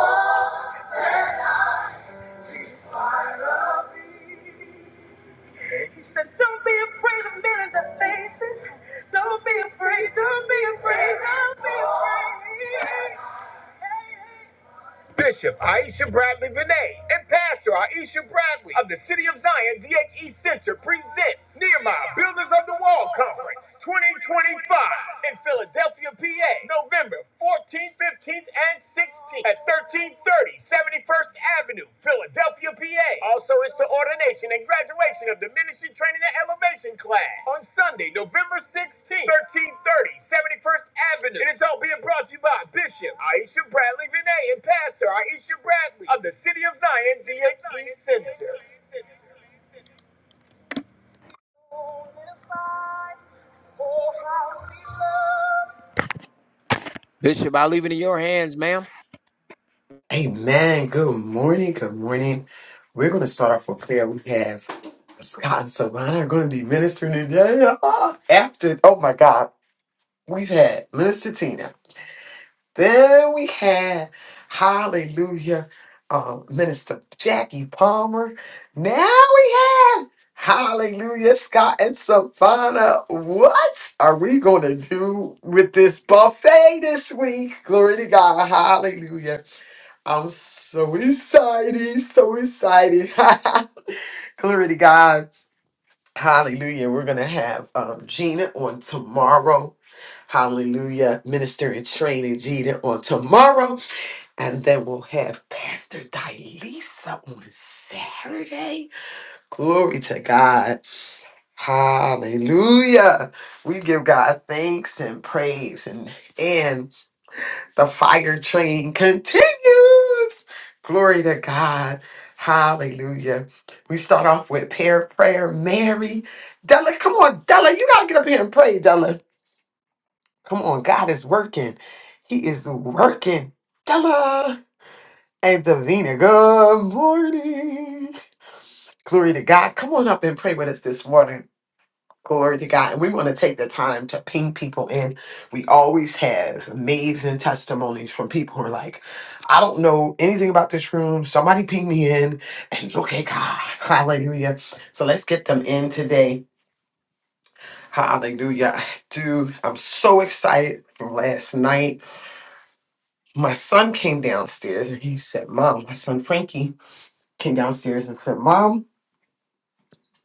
A: He said, Don't be afraid of men in the faces. Don't be afraid. Don't be afraid. Don't be afraid. Hey, hey, hey. Bishop Aisha Bradley Vinay and Pastor Aisha Bradley of the City of Zion DHE Center presents Nehemiah Builders of the Wall Conference 2025 in Philadelphia, PA, November 14th, 15th, and 16th at 1330 71st Avenue, Philadelphia, PA. Also, it's the ordination and graduation of the Ministry Training and Elevation class on Sunday, November 16th, 1330 71st Avenue. And it's all being brought to you by Bishop Aisha Bradley Vinay and Pastor Aisha Bradley of the City of Zion DHE Center. I'll leave it in your hands, ma'am.
B: Amen. Good morning. Good morning. We're going to start off with prayer. We have Scott and Savannah are going to be ministering today. Ah, After, oh my God, we've had Minister Tina. Then we had, hallelujah, uh, Minister Jackie Palmer. Now we have, hallelujah, Scott and Savannah. What are we going to do with this buffet this week? Glory to God. Hallelujah. I'm so excited, so excited. <laughs> Glory to God. Hallelujah. We're going to have um, Gina on tomorrow. Hallelujah. Ministry training Gina on tomorrow. And then we'll have Pastor Dilisa on Saturday. Glory to God. Hallelujah. We give God thanks and praise and and the fire train continues. Glory to God. Hallelujah. We start off with pair of prayer. Mary, Della, come on, Della, you gotta get up here and pray, Della. Come on, God is working. He is working. Della and Davina, good morning. Glory to God. Come on up and pray with us this morning. Glory to God. And we want to take the time to ping people in. We always have amazing testimonies from people who are like, I don't know anything about this room. Somebody ping me in and look at God. <laughs> Hallelujah. So let's get them in today. Hallelujah. Dude, I'm so excited from last night. My son came downstairs and he said, Mom, my son Frankie came downstairs and said, Mom,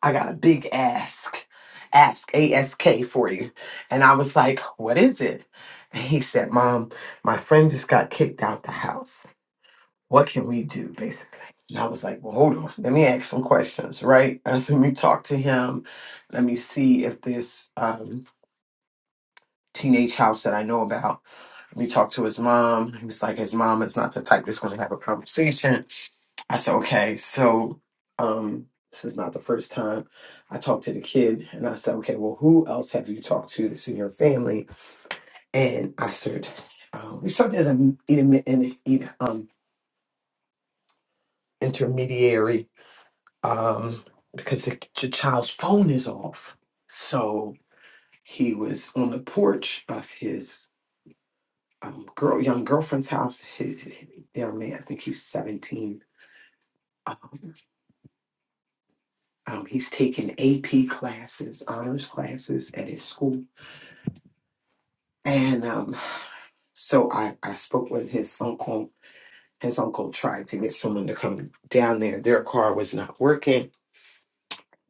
B: I got a big ask, ask, ASK for you. And I was like, what is it? And he said, Mom, my friend just got kicked out the house. What can we do, basically? And I was like, well, hold on. Let me ask some questions, right? And so let me talk to him. Let me see if this um, teenage house that I know about, let me talk to his mom. He was like, his mom is not the type that's going to have a conversation I said, okay, so um, this is not the first time I talked to the kid. And I said, okay, well, who else have you talked to that's in your family? And I said, um, we served as an intermi- an in- um, intermediary um, because the, the child's phone is off. So he was on the porch of his um, girl, young girlfriend's house. His young man, I think he's 17. Um, he's taking AP classes, honors classes at his school And um, so I, I spoke with his uncle. His uncle tried to get someone to come down there. Their car was not working.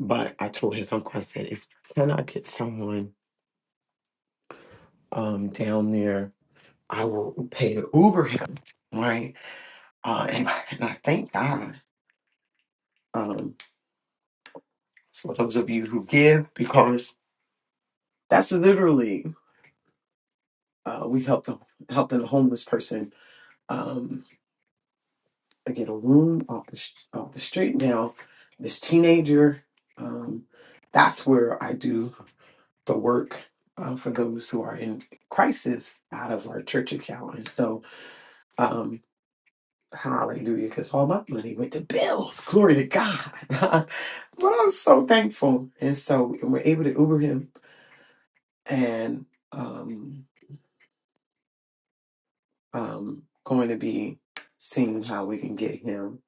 B: But I told his uncle, I said, if you cannot get someone um, down there, I will pay to Uber him. Right. Uh, and, and I thank God um, for those of you who give because that's literally, uh, we helped a, helping a homeless person. Um, I get a room off the sh- off the street now. This teenager, um, that's where I do the work uh, for those who are in crisis out of our church account, and so um, hallelujah, because all my money went to bills. Glory to God, <laughs> but I'm so thankful, and so we're able to Uber him, and um, um, going to be seeing how we can get him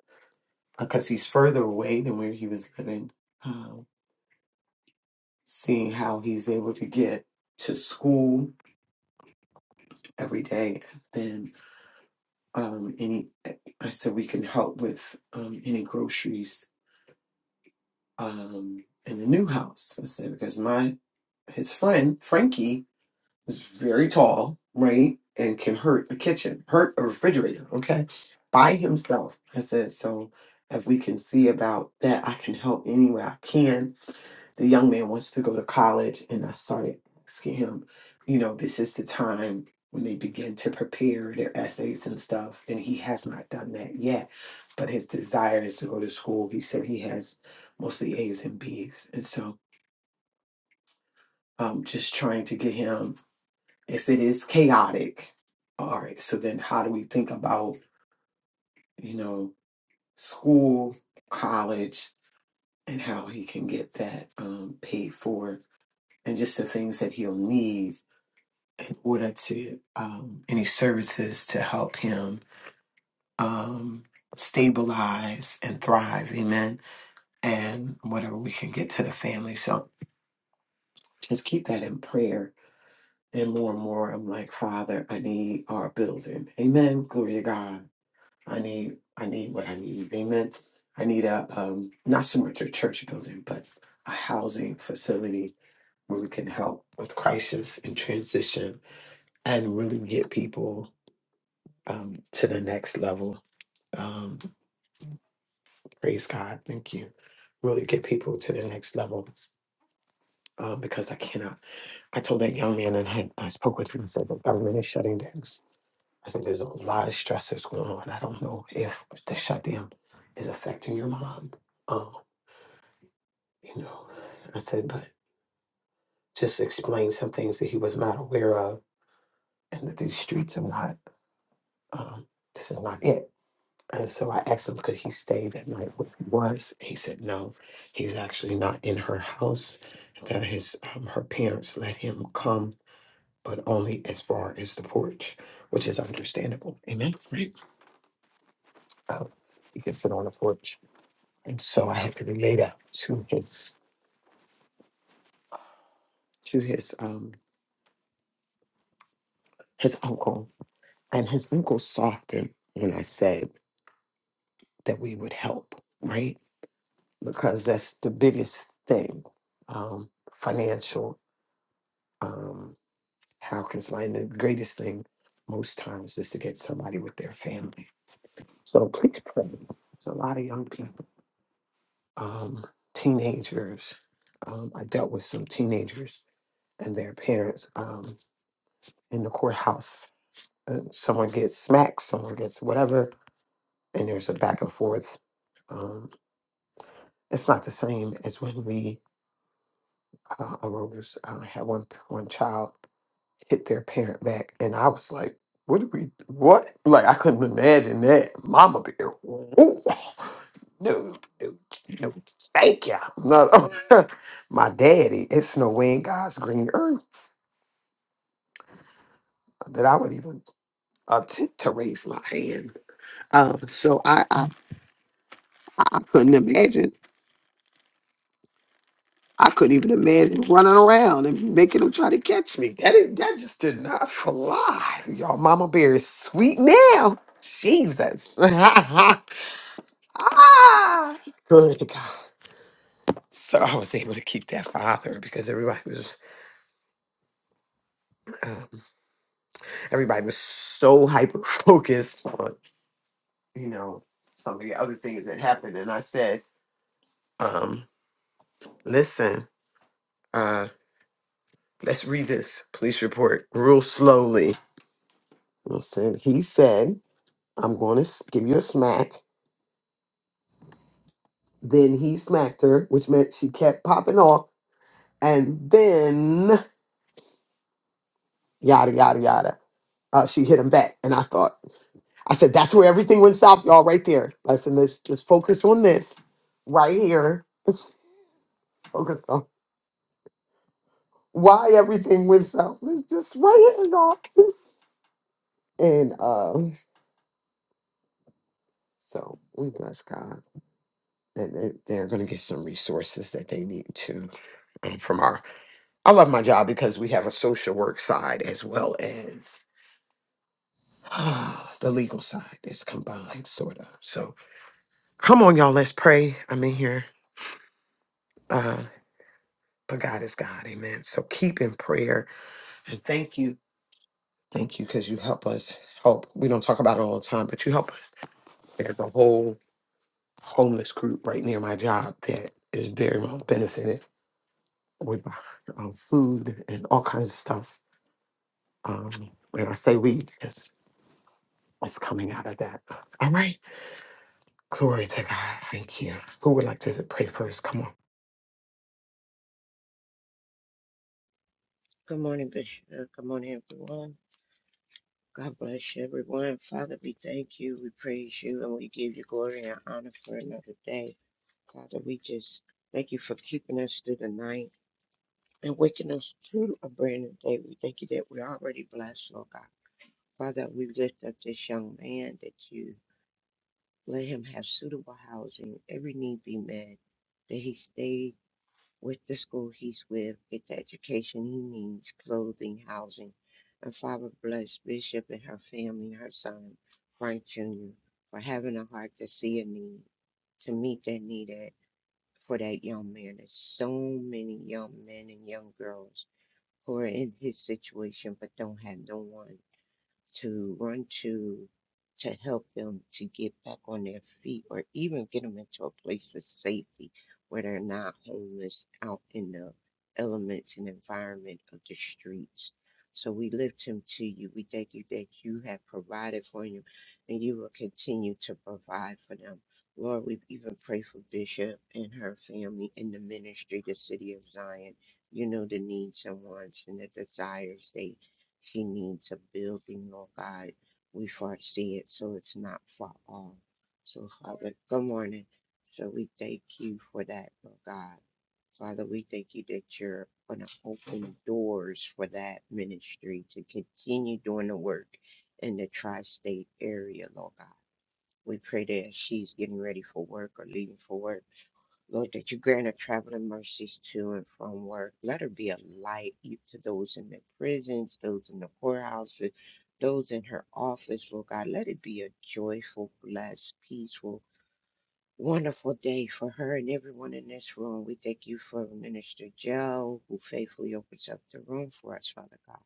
B: because he's further away than where he was living. um, seeing how he's able to get to school every day. Then um, any, I said we can help with um, any groceries um, in the new house. I said because my his friend Frankie is very tall, right, and can hurt the kitchen, hurt a refrigerator. Okay, by himself. I said so. If we can see about that, I can help any way I can the young man wants to go to college and i started asking him you know this is the time when they begin to prepare their essays and stuff and he has not done that yet but his desire is to go to school he said he has mostly a's and b's and so um, just trying to get him if it is chaotic all right so then how do we think about you know school college and how he can get that um, paid for and just the things that he'll need in order to um, any services to help him um, stabilize and thrive. Amen. And whatever we can get to the family. So just keep that in prayer. And more and more, I'm like, Father, I need our building. Amen. Glory to God. I need, I need what I need. Amen. I need a um, not so much a church building, but a housing facility where we can help with crisis and transition and really get people um, to the next level. Um, praise God. Thank you. Really get people to the next level um, because I cannot. I told that young man and I, I spoke with him and said, the government is shutting down. I said, there's a lot of stressors going on. I don't know if the shutdown is affecting your mom. Um, you know, I said, but just explain some things that he was not aware of and that these streets are not, um, this is not it And so I asked him, could he stay that night where he was? He said no. He's actually not in her house. That his um, her parents let him come, but only as far as the porch, which is understandable. Amen. Right. Uh, he can sit on the porch. And so I had to relay that to his to his um his uncle. And his uncle softened when I said that we would help, right? Because that's the biggest thing. Um, financial um, How can somebody, and the greatest thing most times is to get somebody with their family. So please pray. It's a lot of young people, um, teenagers. Um, I dealt with some teenagers and their parents um, in the courthouse. Uh, someone gets smacked, someone gets whatever, and there's a back and forth. Um, it's not the same as when we uh, arose. I had one one child. hit their parent back. And I was like, what did we, what? Like, I couldn't imagine that. Mama bear. Ooh. No, no, no, thank you. No, <laughs> my daddy, it's no way in God's green earth that I would even attempt to raise my hand. Um, so I, I, I couldn't imagine. I couldn't even imagine running around and making them try to catch me. That did, that just did not fly. Y'all, Mama Bear is sweet now. Jesus. <laughs> Ah, glory to God. So I was able to keep that father because everybody was um, everybody was so hyper focused on you know some of the other things that happened, and I said, um, "Listen, uh, let's read this police report real slowly." Listen, he said, "I'm going to give you a smack." Then he smacked her, which meant she kept popping off, and then yada yada yada. Uh, she hit him back, and I thought. I said, that's where everything went south, y'all, right there. I said, let's just focus on this right here. <laughs> Let's focus on why everything went south. Let's just right here, y'all. And um, so we bless God. And they- they're going to get some resources that they need to um, from our. I love my job because we have a social work side as well as <sighs> the legal side. It's combined, sort of. So come on, y'all. Let's pray. I'm in here. uh, But God is God. Amen. So keep in prayer and thank you. Thank you because you help us help. We don't talk about it all the time, but you help us. There's a whole homeless group right near my job that is very well benefited with um, food and all kinds of stuff. Um, when I say we, it's, it's coming out of that. All right. Glory to God. Thank you. Who would like to pray first? Come on.
C: Good morning, Bishop. Good morning, everyone. God bless you, everyone. Father, we thank you, we praise you, and we give you glory and honor for another day. Father, we just thank you for keeping us through the night and waking us through a brand new day. We thank you that we're already blessed, Lord God. Father, we lift up this young man that you let him have suitable housing, every need be met, that he stays. with the school he's with, get the education he needs, clothing, housing, and Father bless Bishop and her family, her son, Frank Jr., for having a heart to see a need, to meet that need at, for that young man. There's so many young men and young girls who are in his situation but don't have no one to run to to help them to get back on their feet or even get them into a place of safety where they're not homeless out in the elements and environment of the streets. So we lift him to you. We thank you that you have provided for him and you will continue to provide for them. Lord, we even pray for Bishop and her family and the ministry, the city of Zion. You know the needs and wants and the desires they she needs a building, Lord God. We foresee it so it's not far off. So, Father, good morning. So, we thank you for that, Lord God. Father, we thank you that you're going to open doors for that ministry to continue doing the work in the tri state area, Lord God. We pray that as she's getting ready for work or leaving for work. Lord, that you grant her traveling mercies to and from work. Let her be a light to those in the prisons, those in the courthouses, those in her office, Lord God. Let it be a joyful, blessed, peaceful, wonderful day for her and everyone in this room. We thank you for Minister Joe, who faithfully opens up the room for us, Father God.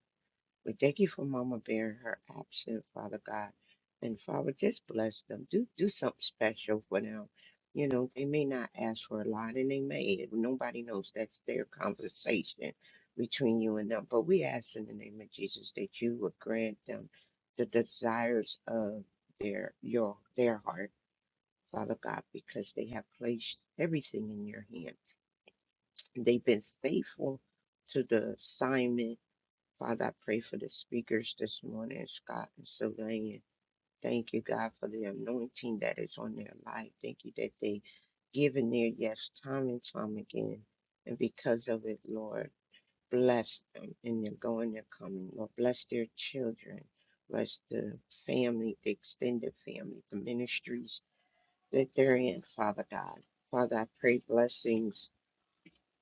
C: We thank you for Mama Bear and her action, Father God. And Father, just bless them. Do do something special for them. You know, they may not ask for a lot and they may. Nobody knows that's their conversation between you and them. But we ask in the name of Jesus that you would grant them the desires of their your their heart, Father God, because they have placed everything in your hands. They've been faithful to the assignment Father, I pray for the speakers this morning, Scott and Sylvain. Thank you, God, for the anointing that is on their life. Thank you that they give in their yes time and time again. And because of it, Lord, bless them in their going, their coming. Lord, bless their children, bless the family, the extended family, the ministries that they're in, Father God. Father, I pray blessings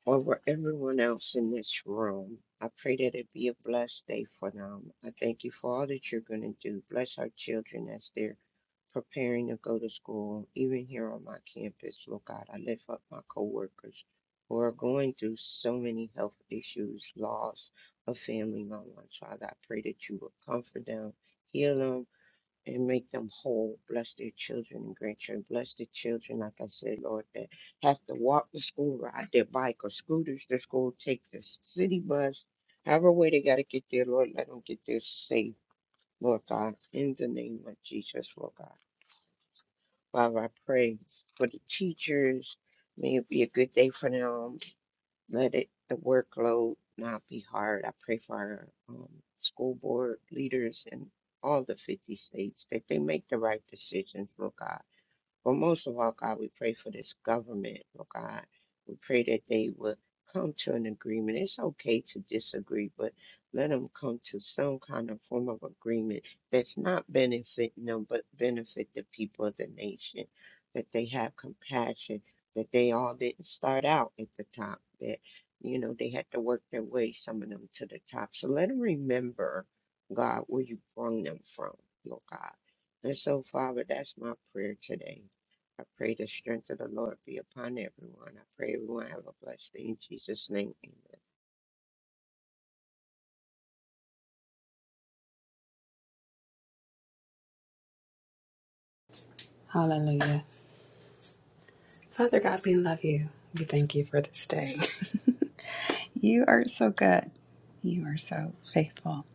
C: over everyone else in this room. I pray that it be a blessed day for them. I thank you for all that you're going to do. Bless our children as they're preparing to go to school, even here on my campus. Lord God, I lift up my coworkers who are going through so many health issues, loss of family loved ones. Father, I pray that you will comfort them, heal them, and make them whole. Bless their children and grandchildren. Bless the children, like I said, Lord, that have to walk to school, ride their bike or scooters to school, take the city bus, however way they got to get there, Lord, let them get there safe, Lord God, in the name of Jesus, Lord God. Father, I pray for the teachers. May it be a good day for them. Let it, the workload not be hard. I pray for our um, school board leaders in all the 50 states that they make the right decisions, Lord God. But most of all, God, we pray for this government, oh God. We pray that they would come to an agreement. It's okay to disagree, but let them come to some kind of form of agreement that's not benefiting them, but benefit the people of the nation. That they have compassion, that they all didn't start out at the top, that, you know, they had to work their way, some of them, to the top. So let them remember, God, where you brought them from, Lord God. And so, Father, that's my prayer today I pray the strength of the Lord be upon everyone. I pray everyone have a blessed day in Jesus' name. Amen.
D: Hallelujah. Father God, we love you. We thank you for this day. <laughs> you are so good. You are so faithful.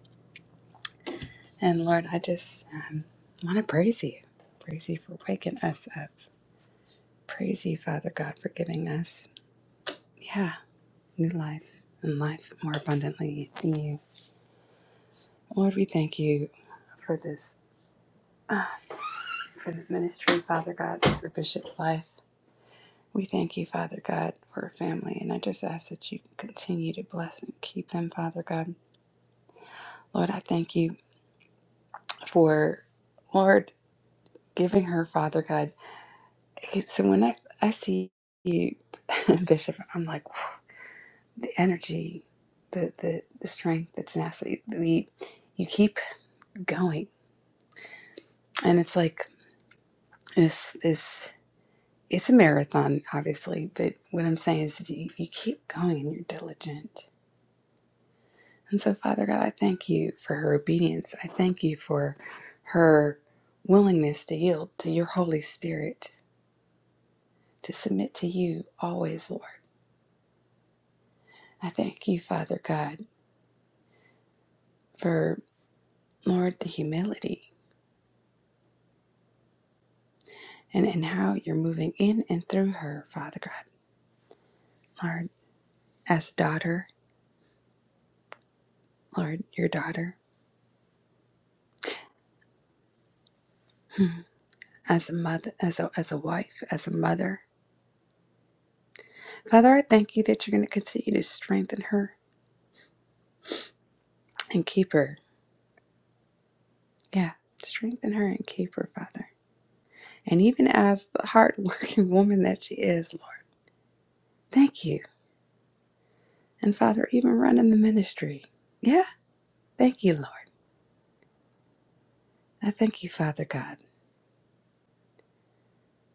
D: And Lord, I just um, want to praise you. Praise you for waking us up. Praise you, Father God, for giving us, yeah, new life and life more abundantly in you. Lord, we thank you for this, for the ministry, Father God, for Bishop's life. We thank you, Father God, for her family. And I just ask that you continue to bless and keep them, Father God. Lord, I thank you for, Lord, giving her, Father God. Okay, So when I, I see you, <laughs> Bishop, I'm like, <sighs> the energy, the, the, the strength, the tenacity, the, you keep going. And it's like, this is, it's a marathon, obviously, but what I'm saying is you, you keep going and you're diligent. And so, Father God, I thank you for her obedience. I thank you for her willingness to yield to your Holy Spirit to submit to you always, Lord. I thank you, Father God, for, Lord, the humility and, and how you're moving in and through her, Father God. Lord, as a daughter, Lord, your daughter, as a mother, as a, as a wife, as a mother. Father, I thank you that you're going to continue to strengthen her and keep her. Yeah, strengthen her and keep her, Father. And even as the hardworking <laughs> woman that she is, Lord, thank you. And Father, even running the ministry. Yeah, thank you, Lord. I thank you, Father God,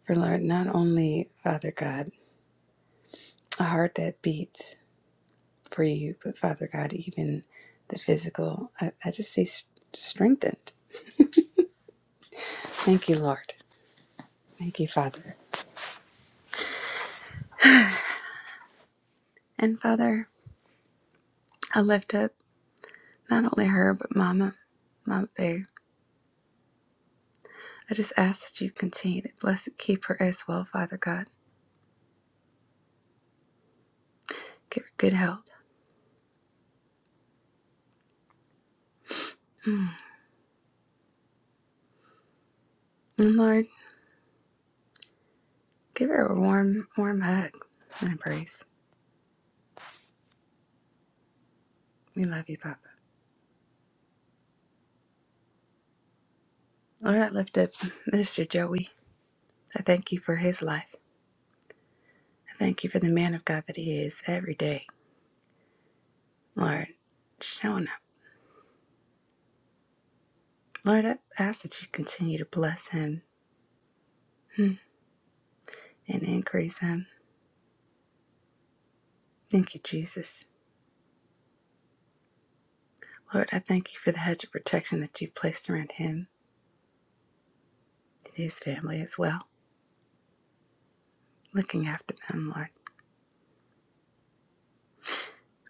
D: for Lord, not only, Father God, a heart that beats for you, but Father God, even the physical. I, I just say s- strengthened. Thank you, Lord. Thank you, Father. And Father, I lift up not only her, but Mama, Mama Bear. I just ask that you continue to bless and keep her as well, Father God. Give her good health. Mm. And Lord, give her a warm, warm hug and embrace. We love you, Papa. Lord, I lift up Minister Joey. I thank you for his life. I thank you for the man of God that he is every day. Lord, showing up. Lord, I ask that you continue to bless him hmm, and increase him. Thank you, Jesus. Lord, I thank you for the hedge of protection that you've placed around him and his family as well, looking after them, Lord.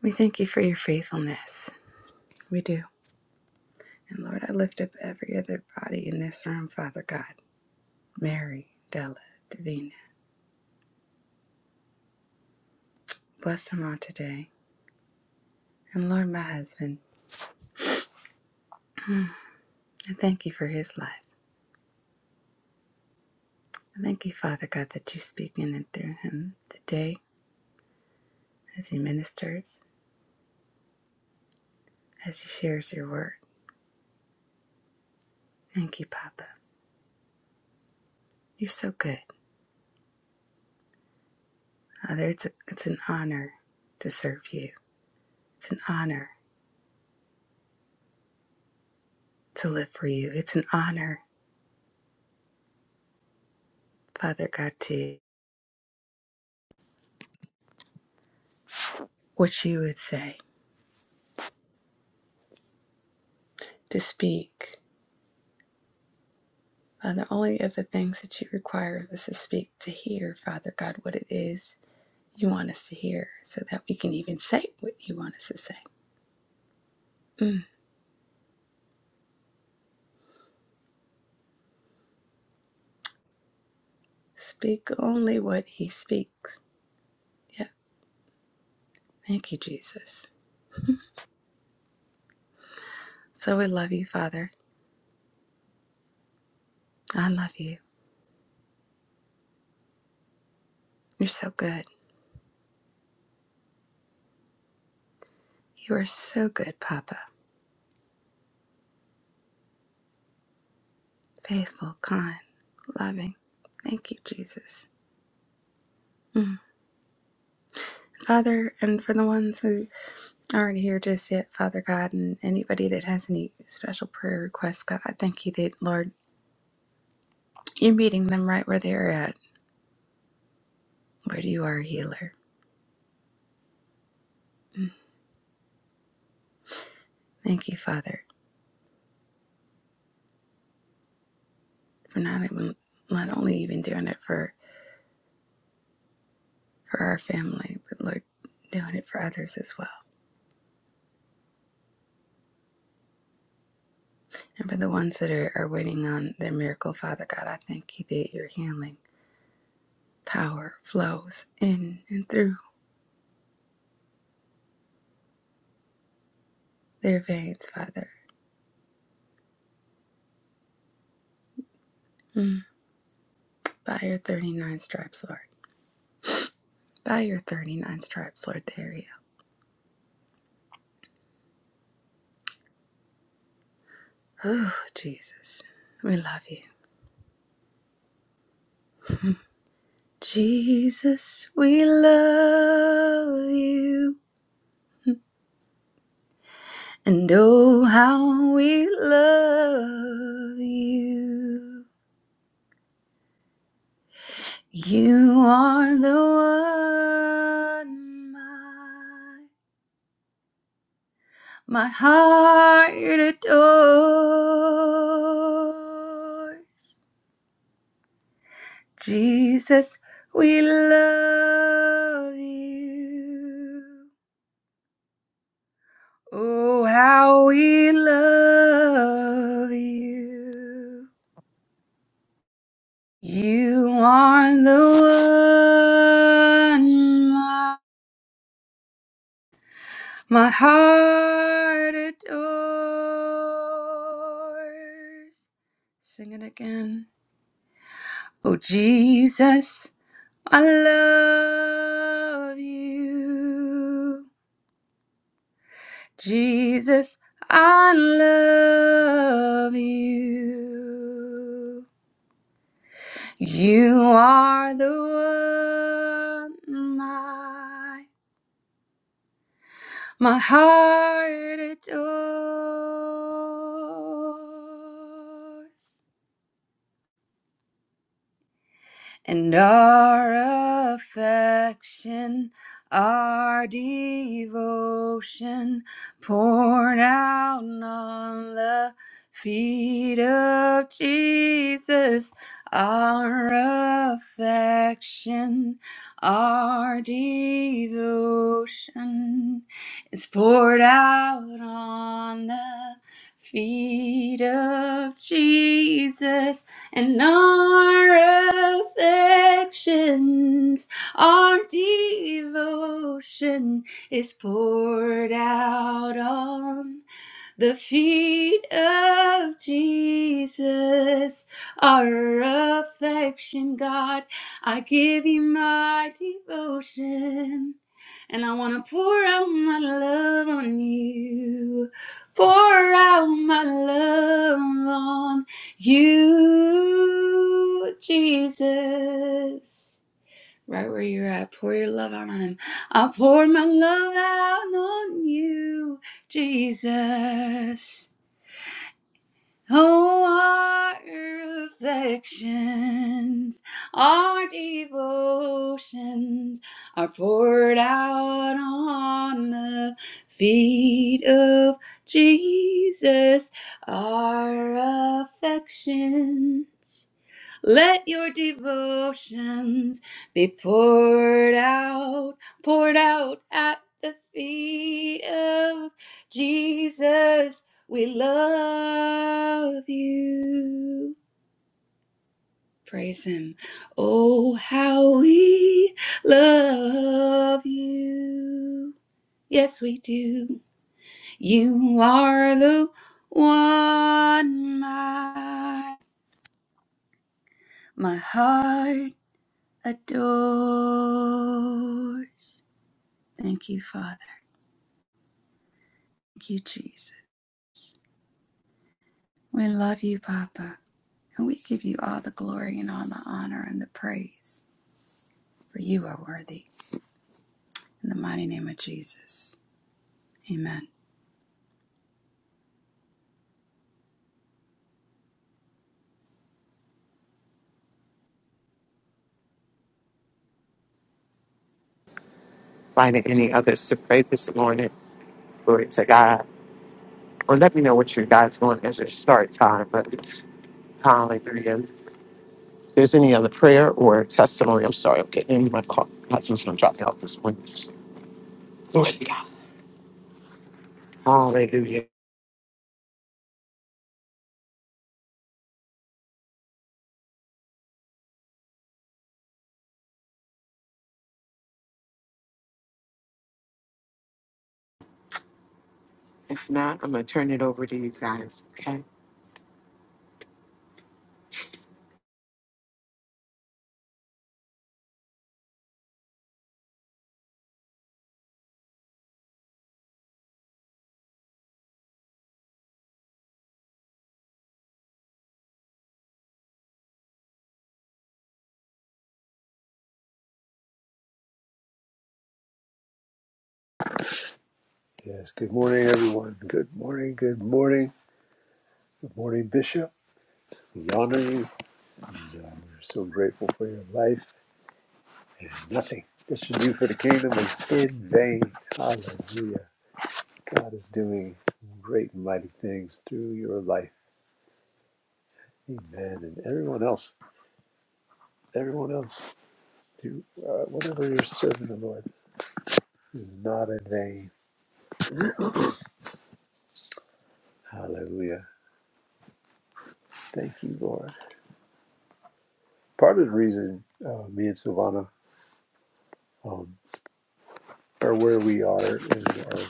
D: We thank you for your faithfulness. We do. And Lord, I lift up every other body in this room, Father God. Mary, Della, Davina. Bless them all today. And Lord, my husband, I thank you for his life. Thank you, Father God, that you speak in and through him today as he ministers, as he shares your word. Thank you, Papa. You're so good. Father, it's, a, it's an honor to serve you. It's an honor to live for you. It's an honor, Father God, to what you would say, to speak. Father, only of the things that you require of us to speak, to hear, Father God, what it is you want us to hear so that we can even say what you want us to say. Mm. Speak only what he speaks. Yeah. Thank you, Jesus. So we love you, Father. I love you. You're so good. You are so good, Papa. Faithful, kind, loving. Thank you, Jesus. Mm. Father, and for the ones who aren't here just yet, Father God, and anybody that has any special prayer requests, God, I thank you that, Lord, you're meeting them right where they're at, where you are a healer. Thank you, Father, for not even, not only even doing it for, for our family, but Lord, doing it for others as well. And for the ones that are, are waiting on their miracle, Father God, I thank you that your healing power flows in and through their veins, Father. Mm. By your 39 stripes, Lord. By your 39 stripes, Lord, there you go. Oh, Jesus, we love you. Jesus, we love you. And oh, how we love you. You are the one my, my heart adores. Jesus, we love you. Oh, how we love you. You are the one My heart adores. Sing it again. Oh, Jesus, I love you. Jesus, I love you. You are the one my, my heart adores. and our affection, our devotion poured out on the feet of Jesus. Our affection, our devotion is poured out on the feet of Jesus and our affections, our devotion is poured out on. The feet of Jesus our affection, God. I give you my devotion. And I want to pour out my love on you. Pour out my love on you, Jesus. Right where you're at, pour your love out on him. I pour my love out on you, Jesus. Oh, our affections, our devotions are poured out on the feet of Jesus. Our affections. Let your devotions be poured out, poured out at the feet of Jesus. We love you. Praise Him. Oh, how we love you. Yes, we do. You are the one my, my heart adores. Thank you, Father. Thank you, Jesus. We love you, Papa, and we give you all the glory and all the honor and the praise, for you are worthy. In the mighty name of Jesus. Amen.
B: Finding any others to pray this morning. Glory to God. Or let me know what you guys want as your start time. Hallelujah. If there's any other prayer or testimony, I'm sorry, I'm getting in my car. My husband's going to drop me off this morning. Glory to God. Hallelujah. If not, I'm going to turn it over to you guys. Okay.
E: Yes, good morning, everyone. Good morning, good morning, good morning, Bishop. We honor you. We're so grateful for your life and nothing that you do for the kingdom is in vain. Hallelujah. God is doing great and mighty things through your life. Amen. And everyone else, everyone else, through uh, whatever you're serving the Lord is not in vain. Hallelujah. Thank you, Lord. Part of the reason uh, me and Silvana um, are where we are in our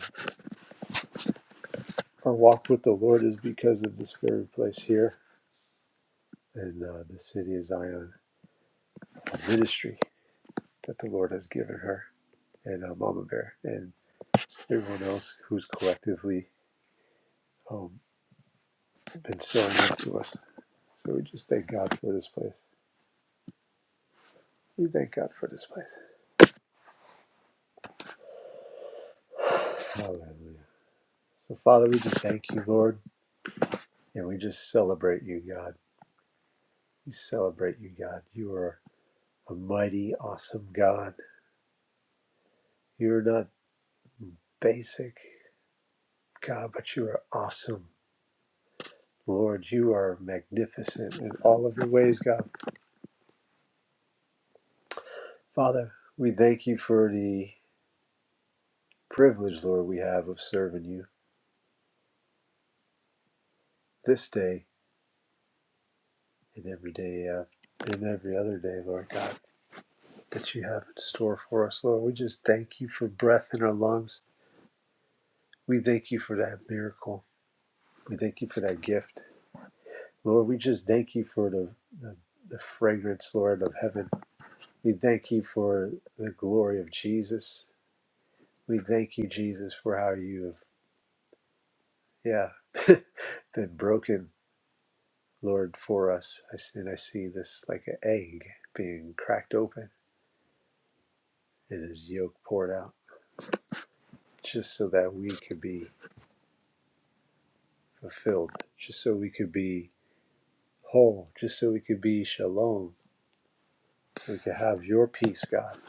E: Our walk with the Lord is because of this very place here and uh, the city of Zion, a ministry that the Lord has given her and uh, Mama Bear and everyone else who's collectively um, been sowing to us. So we just thank God for this place. We thank God for this place. Hallelujah. So, Father, we just thank you, Lord, and we just celebrate you, God. We celebrate you, God. You are a mighty, awesome God. You're not basic, God, but you are awesome. Lord, you are magnificent in all of your ways, God. Father, we thank you for the privilege, Lord, we have of serving you this day and every day uh, and every other day, Lord God, that you have in store for us, Lord. We just thank you for breath in our lungs. We thank you for that miracle. We thank you for that gift. Lord, we just thank you for the, the, the fragrance, Lord, of heaven. We thank you for the glory of Jesus. We thank you, Jesus, for how you have, yeah. <laughs> been broken, Lord, for us. I s- And I see this like an egg being cracked open and his yolk poured out, just so that we could be fulfilled, just so we could be whole, just so we could be shalom. so We could have your peace, God.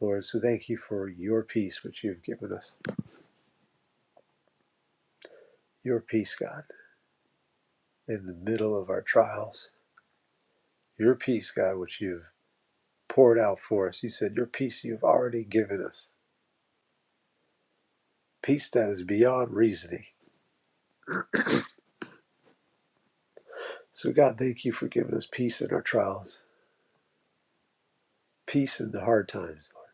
E: Lord, so thank you for your peace which you've given us. Your peace, God, in the middle of our trials. Your peace, God, which you've poured out for us. You said your peace you've already given us. Peace that is beyond reasoning. So, God, thank you for giving us peace in our trials, peace in the hard times, Lord.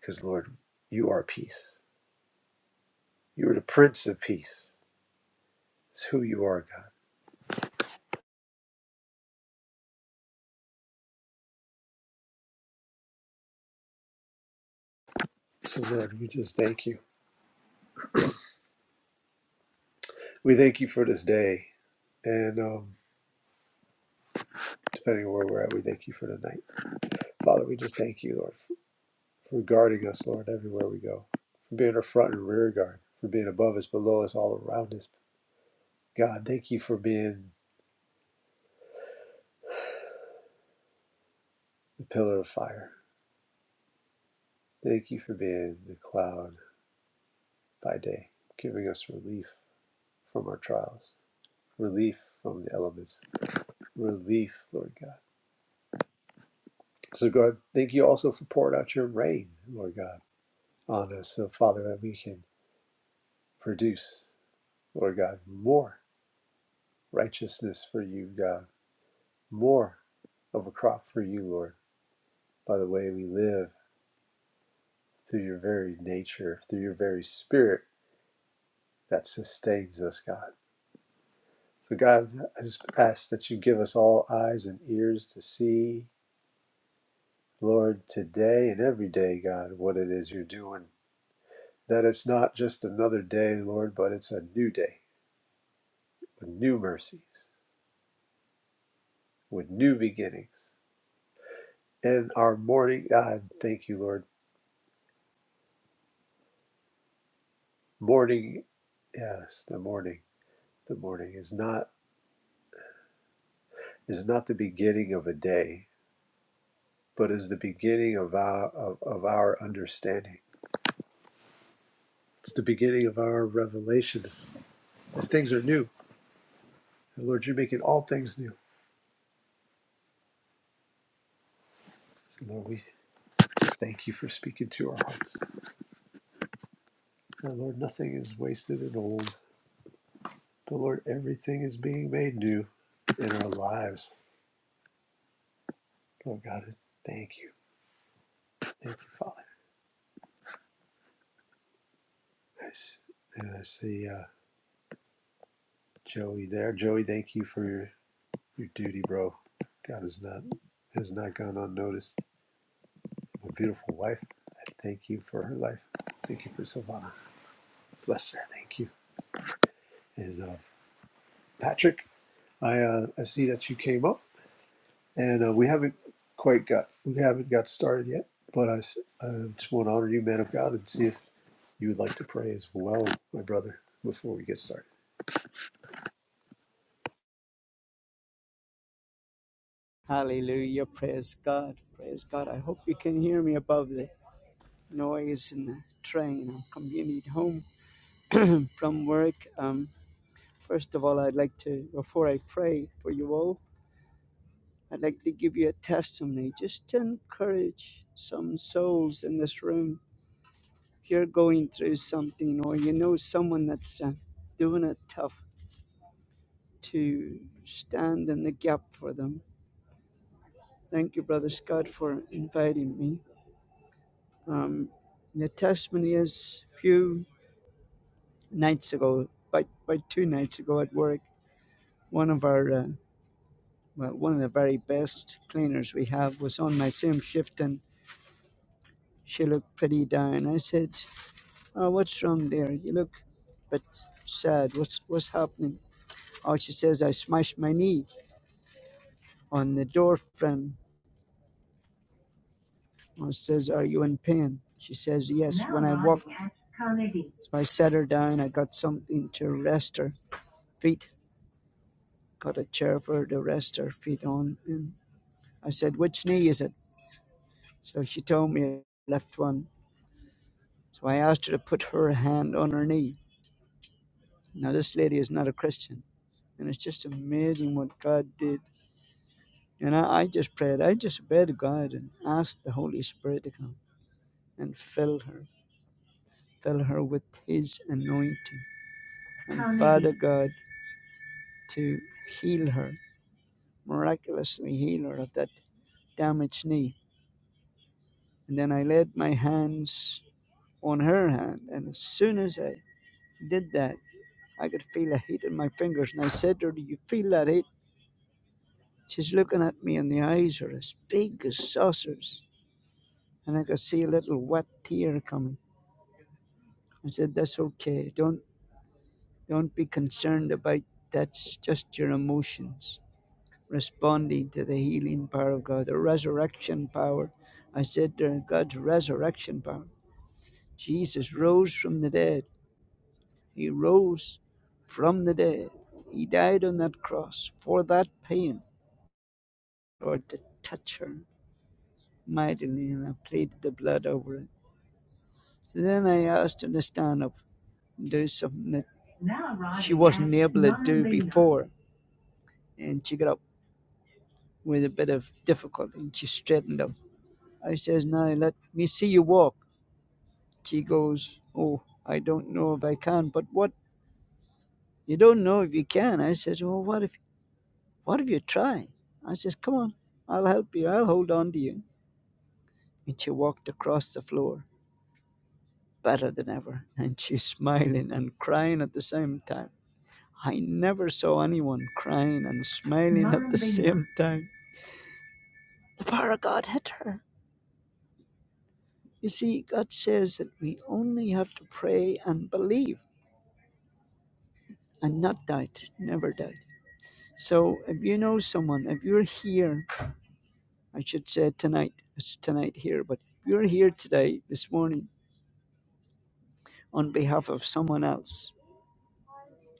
E: Because, Lord, you are peace. You are the Prince of Peace. It's who you are, God. So, Lord, we just thank you. We thank you for this day. And um, depending on where we're at, we thank you for the night. Father, we just thank you, Lord, for guarding us, Lord, everywhere we go, for being our front and rear guard, for being above us, below us, all around us. God, thank you for being the pillar of fire. Thank you for being the cloud by day, giving us relief from our trials, relief from the elements, relief, Lord God. So, God, thank you also for pouring out your rain, Lord God, on us. So, Father, that we can produce, Lord God, more righteousness for you, God, more of a crop for you, Lord, by the way we live, through your very nature, through your very spirit that sustains us, God. So, God, I just ask that you give us all eyes and ears to see, Lord, today and every day, God, what it is you're doing that it's not just another day, Lord, but it's a new day with new mercies, with new beginnings. And our morning, God, thank you, Lord. Morning, yes, the morning, the morning is not is not the beginning of a day, but is the beginning of our of, of our understanding. It's the beginning of our revelation. that things are new. And Lord, you're making all things new. So Lord, we thank you for speaking to our hearts. And Lord, nothing is wasted and old. But Lord, everything is being made new in our lives. Lord God, thank you. Thank you, Father. I s- and I see uh, Joey there. Joey, thank you for your, your duty, bro. God has not has not gone unnoticed. My beautiful wife, I thank you for her life. Thank you for Silvana. Bless her. Thank you. And uh, Patrick, I uh, I see that you came up, and uh, we haven't quite got we haven't got started yet. But I I just want to honor you, man of God, and see if you would like to pray as well, my brother, before we get started.
F: Hallelujah. Praise God. Praise God. I hope you can hear me above the noise in the train. I'm commuting home from work. Um, first of all, I'd like to, before I pray for you all, I'd like to give you a testimony just to encourage some souls in this room. If you're going through something or you know someone that's uh, doing it tough, to stand in the gap for them. Thank you, Brother Scott, for inviting me. Um, the testimony is a few nights ago, by, by two nights ago at work, one of our, uh, well, one of the very best cleaners we have was on my same shift and she looked pretty down. I said, oh, what's wrong there? You look a bit sad. What's, what's happening? Oh, she says, I smashed my knee on the door frame. I says, are you in pain? She says, yes, when I walked. So I set her down. I got something to rest her feet got a chair for the rest her feet on. And I said, Which knee is it? So she told me left one. So I asked her to put her hand on her knee. Now, this lady is not a Christian. And it's just amazing what God did. And I, I just prayed. I just obeyed God and asked the Holy Spirit to come and fill her, fill her with His anointing. And Amen. Father God, to heal her, miraculously heal her of that damaged knee. And then I laid my hands on her hand. And as soon as I did that, I could feel a heat in my fingers. And I said to her, Do you feel that heat? She's looking at me, and the eyes are as big as saucers. And I could see a little wet tear coming. I said, That's okay. Don't, don't be concerned about that's just your emotions responding to the healing power of God, the resurrection power. I said to her, God's resurrection power. Jesus rose from the dead. He rose from the dead. He died on that cross for that pain. Lord, to touch her mightily, and I pleaded the blood over it. So then I asked her to stand up and do something that she wasn't able to do before. And she got up with a bit of difficulty and she straightened up. I says, Now let me see you walk. She goes, Oh, I don't know if I can, but what? You don't know if you can. I says, Well, what if What if you try? I says, Come on, I'll help you. I'll hold on to you. And she walked across the floor, better than ever. <laughs> And she's smiling and crying at the same time. I never saw anyone crying and smiling Not at the same time. The power of God hit her. You see, God says that we only have to pray and believe and not doubt, never doubt. So if you know someone, if you're here, I should say tonight, it's tonight here, but if you're here today, this morning, on behalf of someone else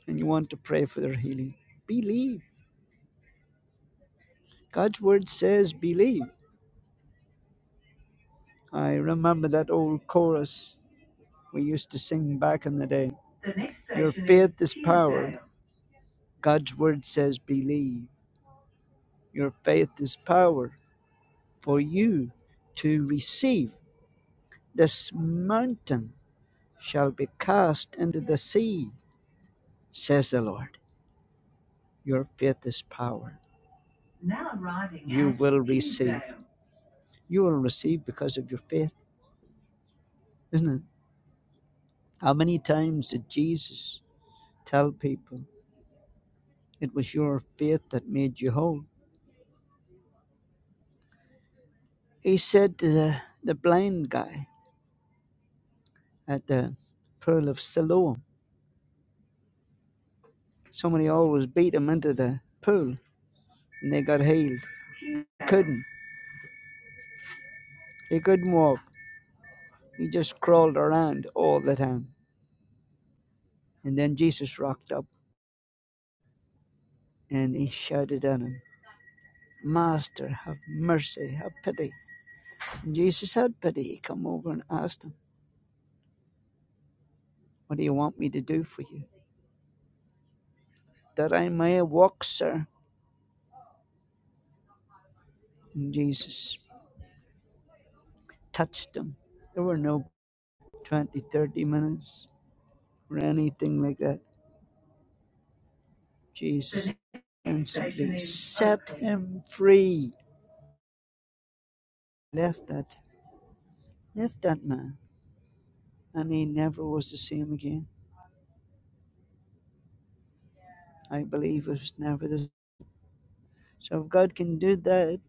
F: and you want to pray for their healing, believe. God's word says believe. I remember that old chorus we used to sing back in the day. Your faith is power. God's word says believe. Your faith is power for you to receive. This mountain shall be cast into the sea, says the Lord. Your faith is power. Now arriving you will receive. You will receive because of your faith, isn't it? How many times did Jesus tell people it was your faith that made you whole? He said to the, the blind guy at the pool of Siloam, somebody always beat him into the pool and they got healed. He Couldn't. He couldn't walk. He just crawled around all the time. And then Jesus rocked up and he shouted at him, Master, have mercy, have pity. And Jesus had pity. He come over and asked him. What do you want me to do for you? That I may walk, sir. And Jesus touched them. There were no 20, 30 minutes or anything like that. Jesus instantly set him free. Left that, left that man, and he never was the same again. I believe it was never the same. So if God can do that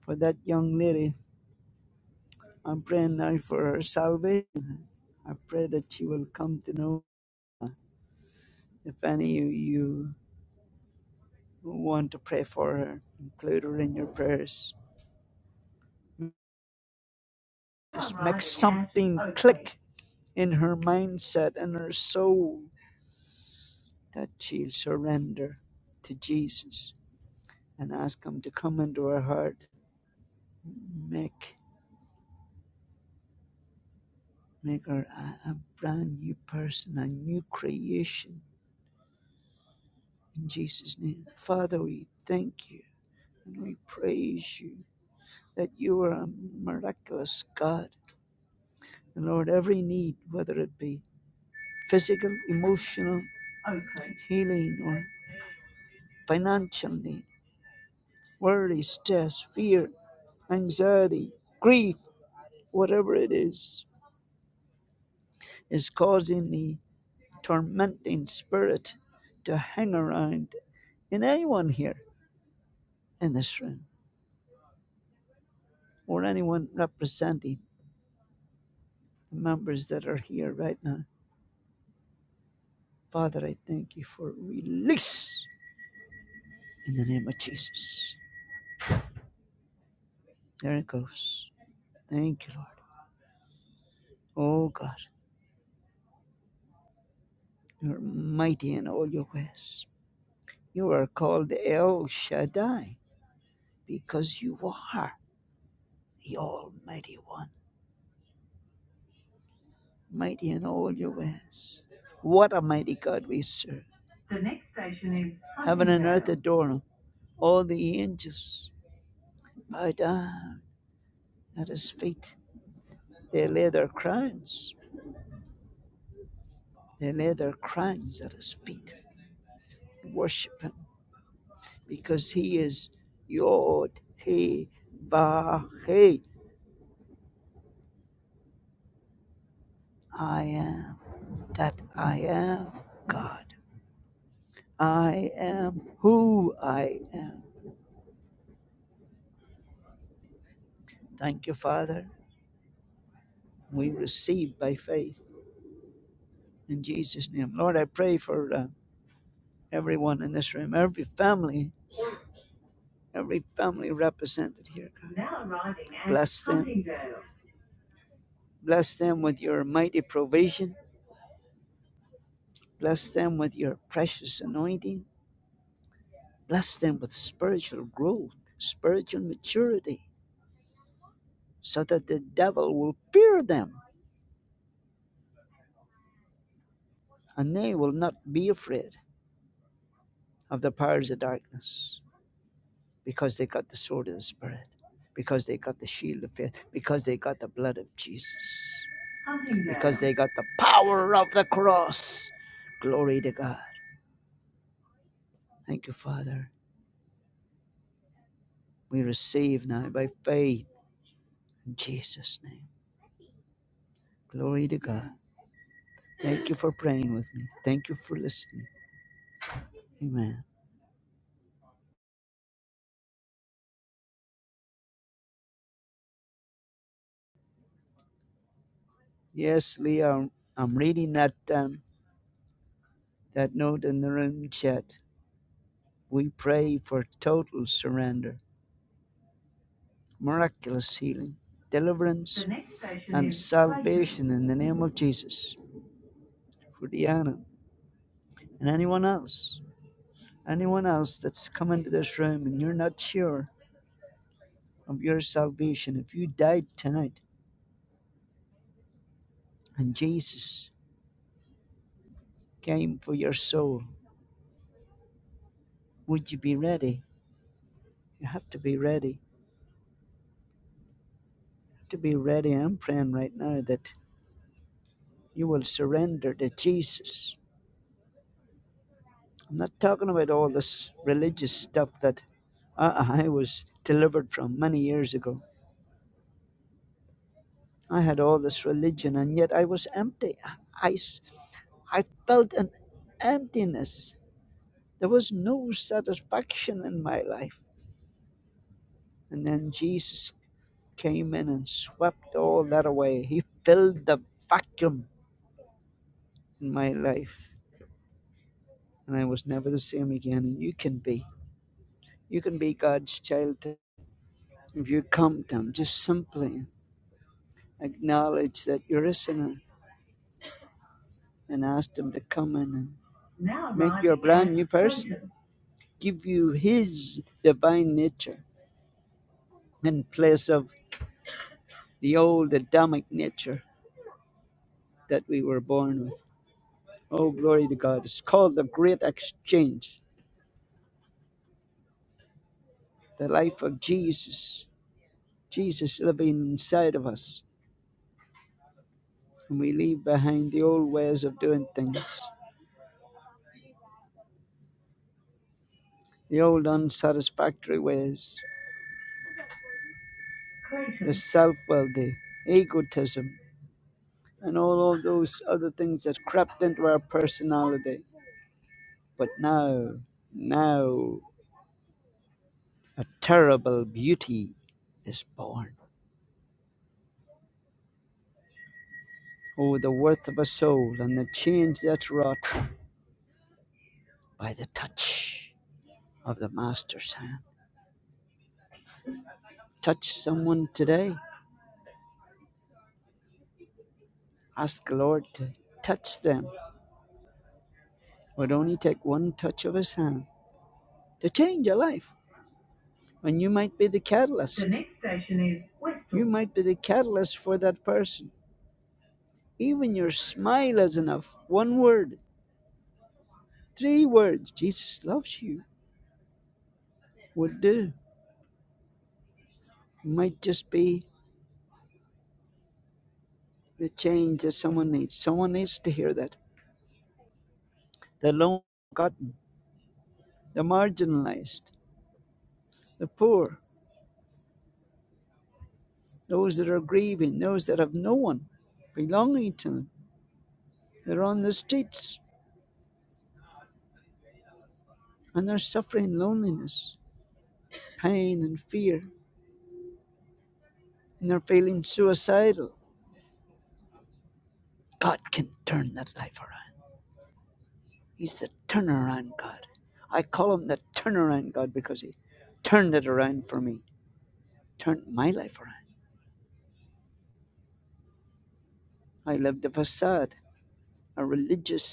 F: for that young lady, I'm praying now for her salvation. I pray that she will come to know if any of you want to pray for her. Include her in your prayers. Just make something click in her mindset and her soul that she'll surrender to Jesus and ask Him to come into her heart. Make make her a, a brand new person, a new creation in Jesus' name. Father, we thank you and we praise you that you are a miraculous God. And Lord, every need, whether it be physical, emotional okay. healing or financial need, worry, stress, fear, anxiety, grief, whatever it is, is causing the tormenting spirit to hang around in anyone here in this room or anyone representing the members that are here right now. Father, I thank you for release in the name of Jesus. There it goes. Thank you, Lord. Oh God. You're mighty in all your ways. You are called El Shaddai because you are the Almighty One, mighty in all your ways. What a mighty God we serve. The next station is Heaven and earth adore him. All the angels bow down at his feet. They lay their crowns. They lay their crowns at his feet. Worship him because he is Yod He Vah He. I am. that I am God. I am who I am. Thank you, Father. We receive by faith in Jesus' name. Lord, I pray for uh, everyone in this room, every family, every family represented here. God. Bless them. Bless them with your mighty provision. Bless them with your precious anointing. Bless them with spiritual growth, spiritual maturity, so that the devil will fear them And they will not be afraid of the powers of darkness because they got the sword of the Spirit, because they got the shield of faith, because they got the blood of Jesus, because they got the power of the cross. Glory to God. Thank you, Father. We receive now by faith in Jesus' name. Glory to God. Thank you for praying with me. Thank you for listening. Amen. Yes, Leah, I'm, I'm reading that um, that note in the room chat. We pray for total surrender, miraculous healing, deliverance, and salvation in the name of Jesus for Diana and anyone else. Anyone else that's come into this room and you're not sure of your salvation, if you died tonight and Jesus came for your soul, would you be ready? You have to be ready. You have to be ready. I'm praying right now that you will surrender to Jesus I'm not talking about all this religious stuff that I, I was delivered from many years ago. I had all this religion and yet I was empty. I, s- I felt an emptiness. There was no satisfaction in my life. And then Jesus came in and swept all that away. He filled the vacuum in my life. And I was never the same again. And you can be. You can be God's child if you come to Him just simply. acknowledge that you're a sinner and ask Him to come in and make you a brand new person, give you His divine nature in place of the old Adamic nature that we were born with. Oh, glory to God. It's called the Great Exchange, the life of Jesus, Jesus living inside of us. And we leave behind the old ways of doing things, the old unsatisfactory ways, the self will, the egotism, and all of those other things that crept into our personality. But now, now, a terrible beauty is born. Oh, the worth of a soul and the change that's wrought by the touch of the Master's hand. Touch someone today. Ask the Lord to touch them. It Would only take one touch of His hand to change a life. And you might be the catalyst. The next station is Whitstable. You might be the catalyst for that person Even your smile is enough. One word, three words, Jesus loves you, would do. It might just be the change that someone needs. Someone needs to hear that. The lone forgotten, the marginalized, the poor, those that are grieving, those that have no one belonging to them. They're on the streets and they're suffering loneliness, pain, and fear, and they're feeling suicidal. God can turn that life around. He's the turnaround God. I call him the turnaround God because he turned it around for me, turned my life around. I lived a facade, a religious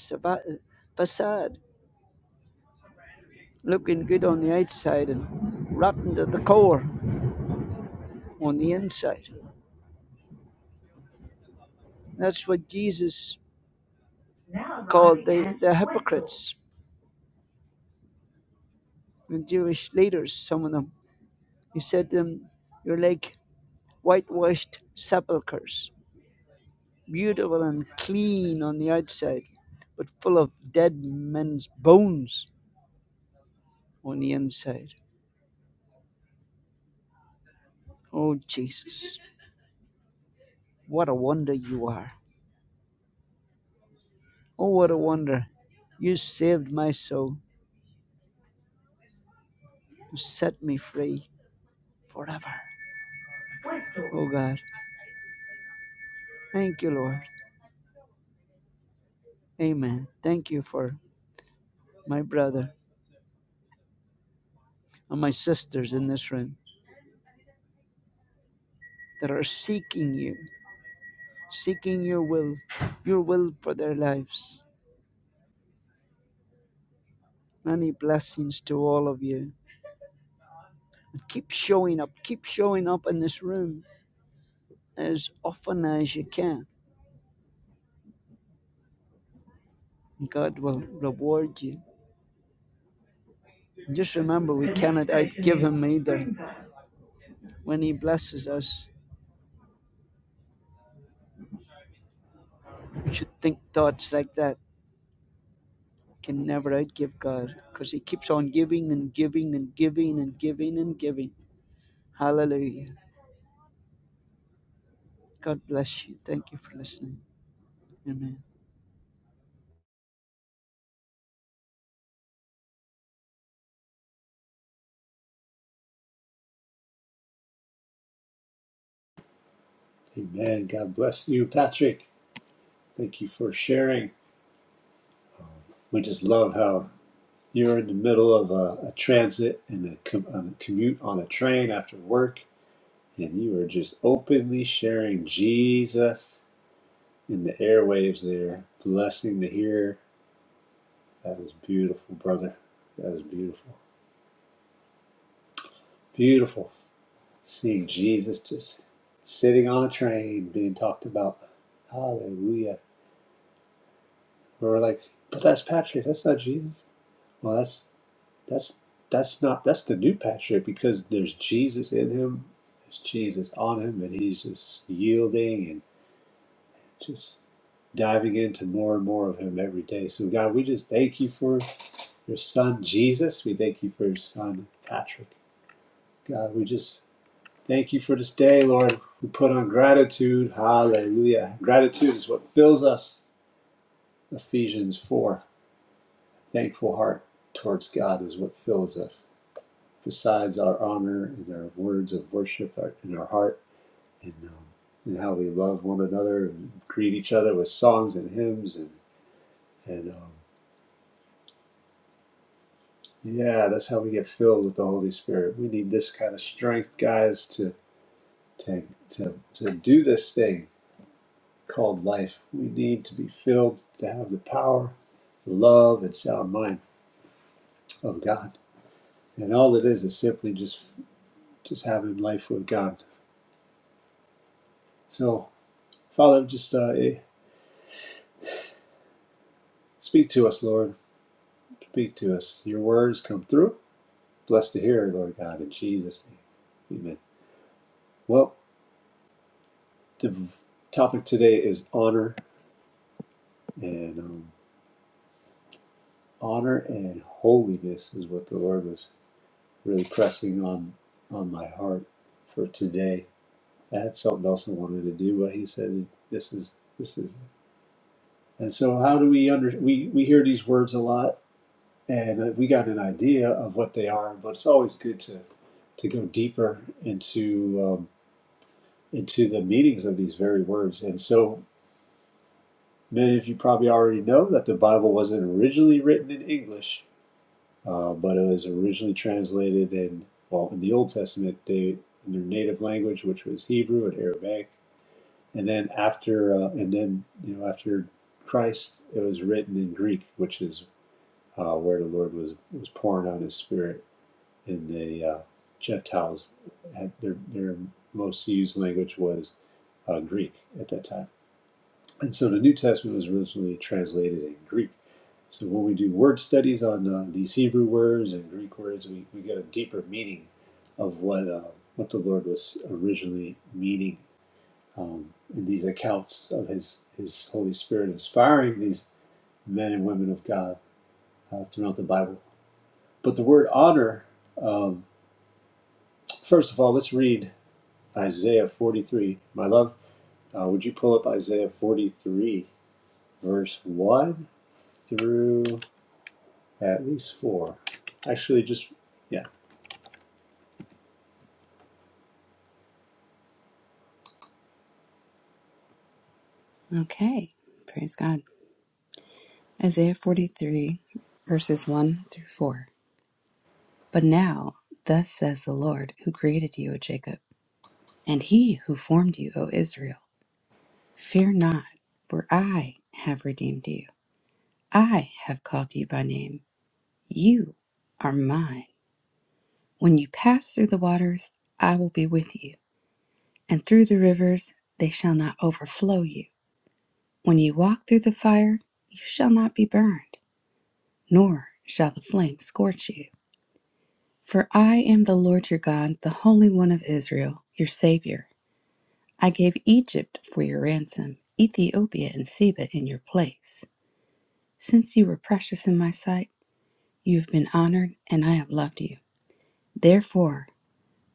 F: facade, looking good on the outside and rotten to the core on the inside. That's what Jesus called the, the hypocrites, the Jewish leaders, some of them. He said to them, You're like whitewashed sepulchres beautiful and clean on the outside, but full of dead men's bones on the inside. Oh, Jesus, what a wonder you are. Oh, what a wonder. You saved my soul. You set me free forever. Oh, God. Thank you, Lord. Amen. Thank you for my brother and my sisters in this room that are seeking you, seeking your will, your will for their lives. Many blessings to all of you. Keep showing up. Keep showing up in this room as often as you can. God will reward you. Just remember, we cannot outgive Him either. When He blesses us, we should think thoughts like that. Can never outgive God because He keeps on giving and giving and giving and giving and giving. Hallelujah. God bless you. Thank you for listening. Amen.
E: Amen. God bless you, Patrick. Thank you for sharing. We just love how you're in the middle of a, a transit and a, com- a commute on a train after work, and you are just openly sharing Jesus in the airwaves there. Blessing to hear. That is beautiful, brother. That is beautiful. Beautiful. Seeing Jesus just sitting on a train being talked about. Hallelujah. And we're like, but that's Patrick. That's not Jesus. Well, that's that's that's not that's the new Patrick because there's Jesus in him. There's Jesus on him, and he's just yielding and just diving into more and more of him every day. So God, we just thank you for your son Jesus. We thank you for your son Patrick. God, we just thank you for this day, Lord. We put on gratitude. Hallelujah. Gratitude is what fills us. Ephesians 4. Thankful heart towards God is what fills us. besides our honor and our words of worship in our heart and, um, and how we love one another and greet each other with songs and hymns and and um, yeah that's how we get filled with the holy spirit we need this kind of strength guys to to to, to do this thing called life we need to be filled to have the power the love and sound mind of god and all it is is simply just just having life with god so father just uh, eh, speak to us lord Speak to us. Your words come through. Bless to hear, Lord God, in Jesus' name. Amen. Well, the topic today is honor and um, honor and holiness is what the Lord was really pressing on on my heart for today. I had something else I wanted to do, but He said, "This is this is." And so, how do we under we we hear these words a lot, and uh, we got an idea of what they are, but it's always good to to go deeper into. Um, into the meanings of these very words. And so many of you probably already know that the Bible wasn't originally written in English, uh, but it was originally translated in, well, in the Old Testament, they, in their native language, which was Hebrew and Aramaic. And then after, uh, and then, you know, after Christ, it was written in Greek, which is uh, where the Lord was, was pouring out his spirit and the uh, Gentiles. Had their, their most used language was uh, Greek at that time. And so the New Testament was originally translated in Greek. So when we do word studies on uh, these Hebrew words and Greek words, we, we get a deeper meaning of what uh, what the Lord was originally meaning um, in these accounts of His His Holy Spirit inspiring these men and women of God uh, throughout the Bible. But the word honor, um, first of all, let's read Isaiah 43. My love, uh, would you pull up Isaiah 43, verse 1 through At least four. Actually, just, yeah.
D: Okay. Praise God. Isaiah 43, verses 1 through 4. But now, thus says the Lord, who created you, O Jacob, and he who formed you, O Israel, fear not, for I have redeemed you. I have called you by name. You are mine. When you pass through the waters, I will be with you, and through the rivers, they shall not overflow you. When you walk through the fire, you shall not be burned, nor shall the flame scorch you. For I am the Lord your God, the Holy One of Israel, your Savior. I gave Egypt for your ransom, Ethiopia and Seba in your place. Since you were precious in my sight, you have been honored, and I have loved you. Therefore,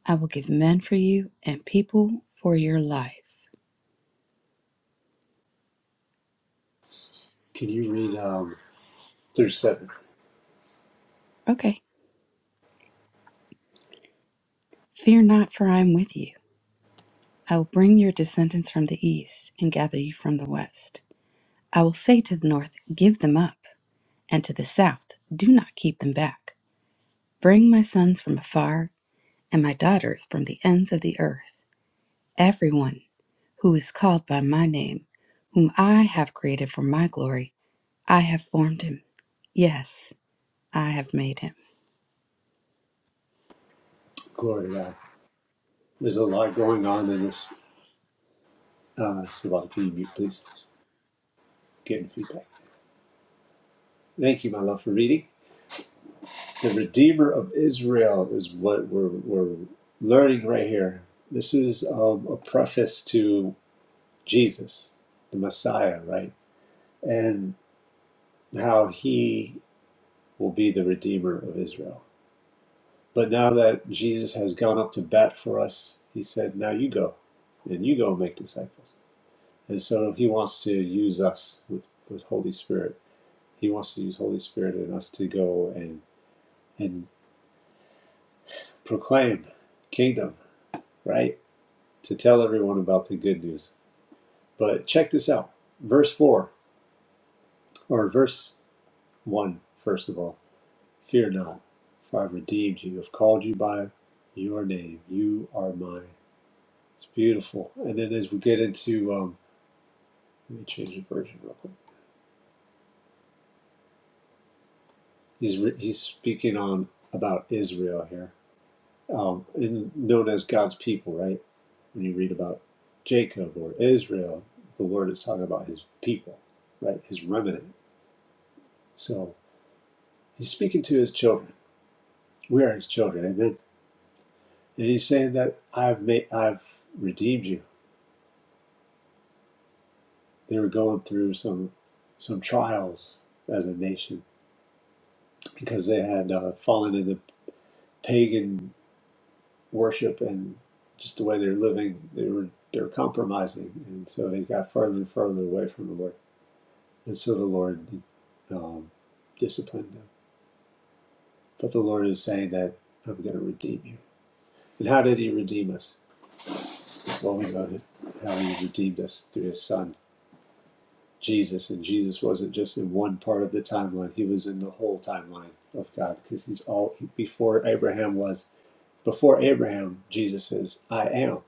D: I will give men for you and people for your life.
E: Can you read um, through
D: Okay. Fear not, for I am with you. I will bring your descendants from the east and gather you from the west. I will say to the north, Give them up, and to the south, Do not keep them back. Bring my sons from afar and my daughters from the ends of the earth, everyone who is called by my name, whom I have created for my glory. I have formed him. Yes, I have made him.
E: Glory to God. There's a lot going on in this. Uh, Savant, can you mute, please? Getting feedback. Thank you, my love, for reading. The Redeemer of Israel is what we're, we're learning right here. This is um, a preface to Jesus, the Messiah, right? And how he will be the Redeemer of Israel. But now that Jesus has gone up to bat for us, he said, Now you go and you go and make disciples. And so he wants to use us with, with Holy Spirit. He wants to use Holy Spirit in us to go and, and proclaim kingdom, right? To tell everyone about the good news. But check this out. Verse 4, or verse 1, first of all. Fear not, for I've redeemed you. I've called you by your name. You are mine. It's beautiful. And then as we get into um, Let me change the version real quick. He's re- he's speaking on about Israel here, um, and known as God's people, right? When you read about Jacob or Israel, the Lord is talking about His people, right? His remnant. So He's speaking to His children. We are His children, amen. And He's saying that I've made, I've redeemed you. They were going through some some trials as a nation because they had uh, fallen into pagan worship and just the way they're living, they were they're compromising, and so they got further and further away from the Lord, and so the Lord um, disciplined them. But the Lord is saying that I'm going to redeem you. And how did He redeem us? Well, we know that how He redeemed us through His Son Jesus, and Jesus wasn't just in one part of the timeline; He was in the whole timeline of God because He's all before Abraham was. Before Abraham, Jesus says, "I am.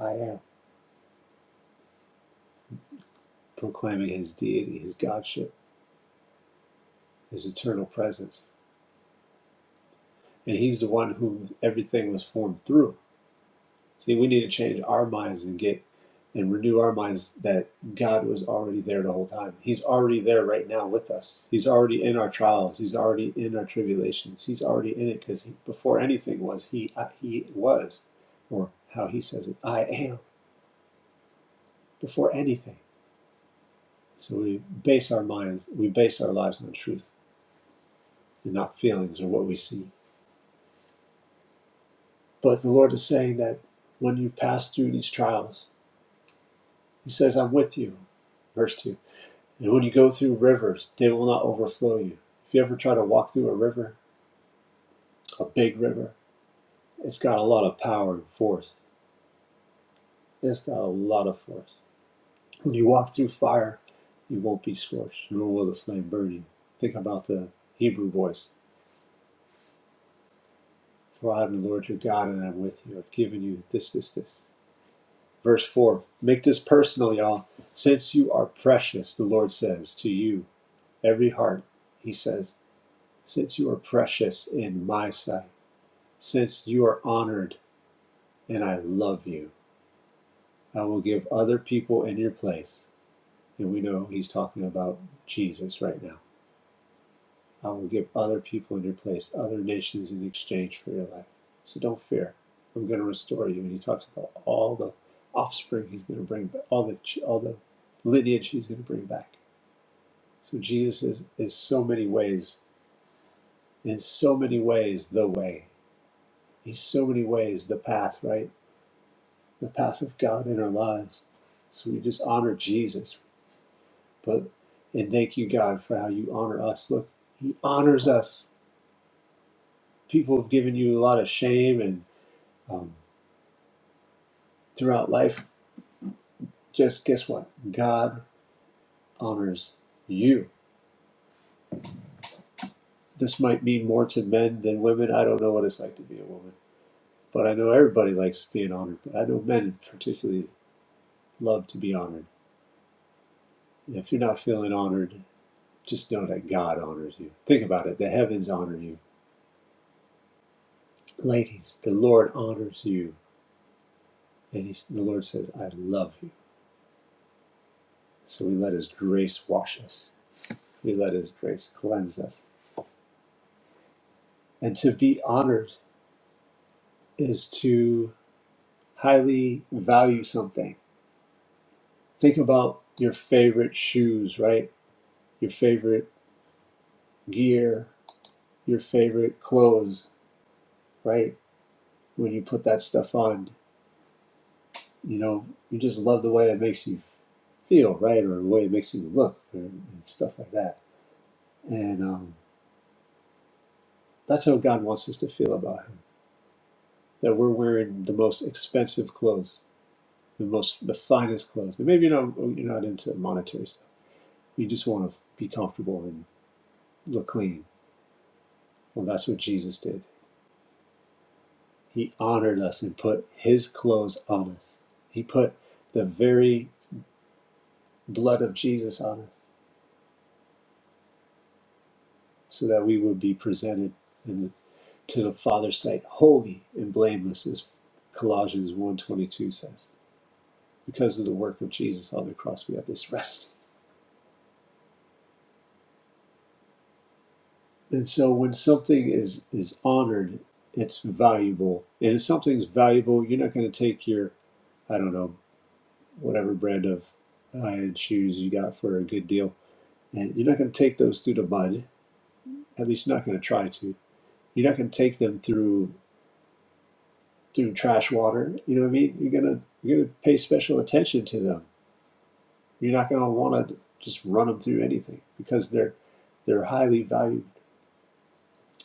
E: I am." proclaiming his deity, his godship, his eternal presence. And he's the one who everything was formed through. See, we need to change our minds and get and renew our minds that God was already there the whole time. He's already there right now with us. He's already in our trials. He's already in our tribulations. He's already in it because before anything was, he I, he was, or how he says it, I am before anything. So we base our minds, we base our lives on truth and not feelings or what we see. But the Lord is saying that when you pass through these trials, He says, I'm with you. Verse 2. And when you go through rivers, they will not overflow you. If you ever try to walk through a river, a big river, it's got a lot of power and force. It's got a lot of force. When you walk through fire, you won't be scorched, nor will the flame burn you. Think about the Hebrew voice. For I am the Lord your God, and I'm with you. I've given you this, this, this. Verse 4. Make this personal, y'all. Since you are precious, the Lord says to you, every heart, he says, since you are precious in my sight, since you are honored and I love you, I will give other people in your place. And we know he's talking about Jesus right now. I will give other people in your place, other nations in exchange for your life. So don't fear. I'm going to restore you. And he talks about all the offspring he's going to bring, back, all the all the lineage he's going to bring back. So Jesus is, is so many ways, in so many ways, the way. In so many ways the path, right? The path of God in our lives. So we just honor Jesus, but and thank you, God, for how you honor us. Look, He honors us. People have given you a lot of shame and um, throughout life. Just guess what? God honors you. This might mean more to men than women. I don't know what it's like to be a woman, but I know everybody likes being honored. But I know men particularly love to be honored. If you're not feeling honored, Just know that God honors you. Think about it. The heavens honor you. Ladies, the Lord honors you. And He, the Lord says, I love you. So we let his grace wash us, we let his grace cleanse us. And to be honored is to highly value something. Think about your favorite shoes, right? Your favorite gear, your favorite clothes, right? When you put that stuff on, you know, you just love the way it makes you feel, right? Or the way it makes you look, or, and stuff like that. And um, that's how God wants us to feel about Him. That we're wearing the most expensive clothes, the most, the finest clothes. And maybe you're not, you're not into monetary stuff. You just want to be comfortable and look clean. Well, that's what Jesus did. He honored us and put His clothes on us. He put the very blood of Jesus on us, so that we would be presented in to the Father's sight, holy and blameless, as Colossians one twenty two says. Because of the work of Jesus on the cross, we have this rest. And so when something is, is honored, it's valuable. And if something's valuable, you're not going to take your, I don't know, whatever brand of high-end shoes you got for a good deal. And you're not going to take those through the mud. At least you're not going to try to. You're not going to take them through through trash water. You know what I mean? You're gonna you're gonna pay special attention to them You're not going to want to just run them through anything because they're they're highly valued.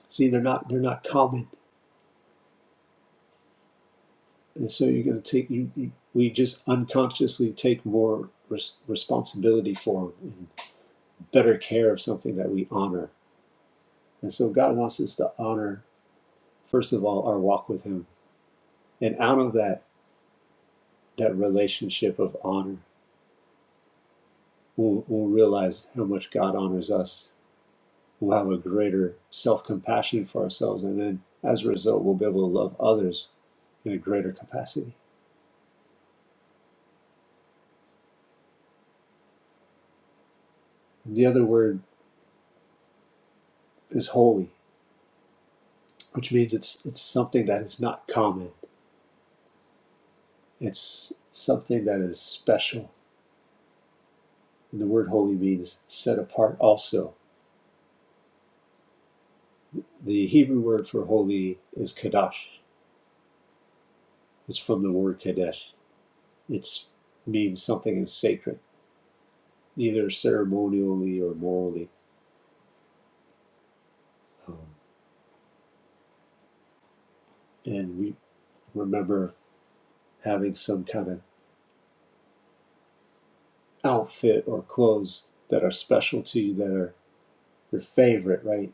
E: See, they're not they're not common, and so you're going to take you, you. We just unconsciously take more res- responsibility for 'em and better care of something that we honor. And so God wants us to honor first of all our walk with Him, and out of that that relationship of honor, we'll, we'll realize how much God honors us. We'll have a greater self compassion for ourselves, and then as a result, we'll be able to love others in a greater capacity. And the other word is holy, which means it's it's something that is not common. It's something that is special. And the word holy means set apart also. The Hebrew word for holy is kadosh. It's from the word kadesh. It means something is sacred, either ceremonially or morally. Um, and we remember having some kind of outfit or clothes that are special to you, that are your favorite, right?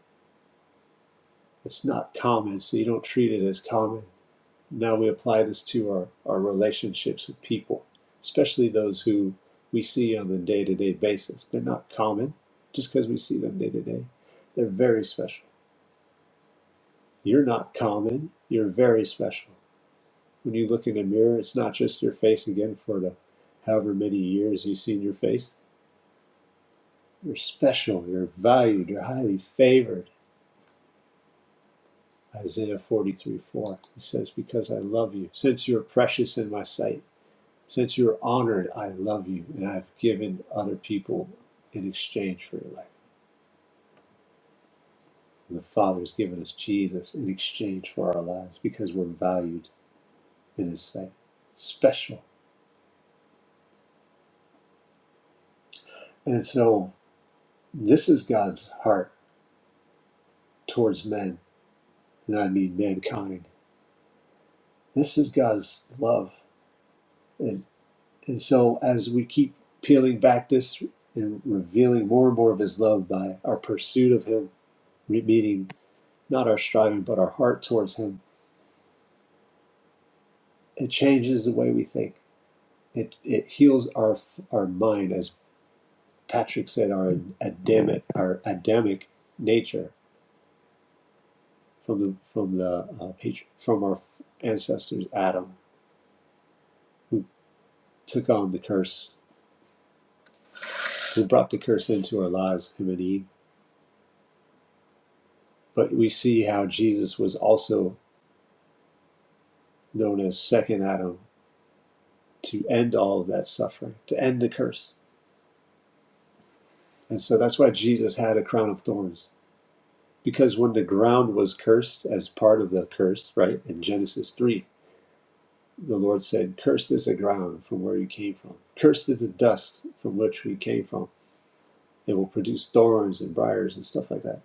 E: it's not common, so you don't treat it as common. Now we apply this to our, our relationships with people, especially those who we see on a day to day basis. They're not common just because we see them day to day. They're very special. You're not common, you're very special. When you look in the mirror, it's not just your face again for the however many years you've seen your face. You're special, you're valued, you're highly favored. Isaiah 43 4. He says, Because I love you, since you're precious in my sight. Since you are honored, I love you, and I've given other people in exchange for your life. And the Father has given us Jesus in exchange for our lives because we're valued in His sight, special. And so, this is God's heart towards men, and I mean mankind. This is God's love. And, and so, as we keep peeling back this and revealing more and more of His love by our pursuit of Him, meaning not our striving, but our heart towards Him It changes the way we think. It it heals our our mind, as Patrick said, our Adamic our Adamic nature from the from the uh, patri- from our ancestors Adam, who took on the curse, who brought the curse into our lives, him and Eve. But we see how Jesus was also known as Second Adam to end all of that suffering, to end the curse, and so that's why Jesus had a crown of thorns Because when the ground was cursed as part of the curse, right, in Genesis 3, the Lord said, Cursed is the ground from where you came from. Cursed is the dust from which we came from. It will produce thorns and briars and stuff like that.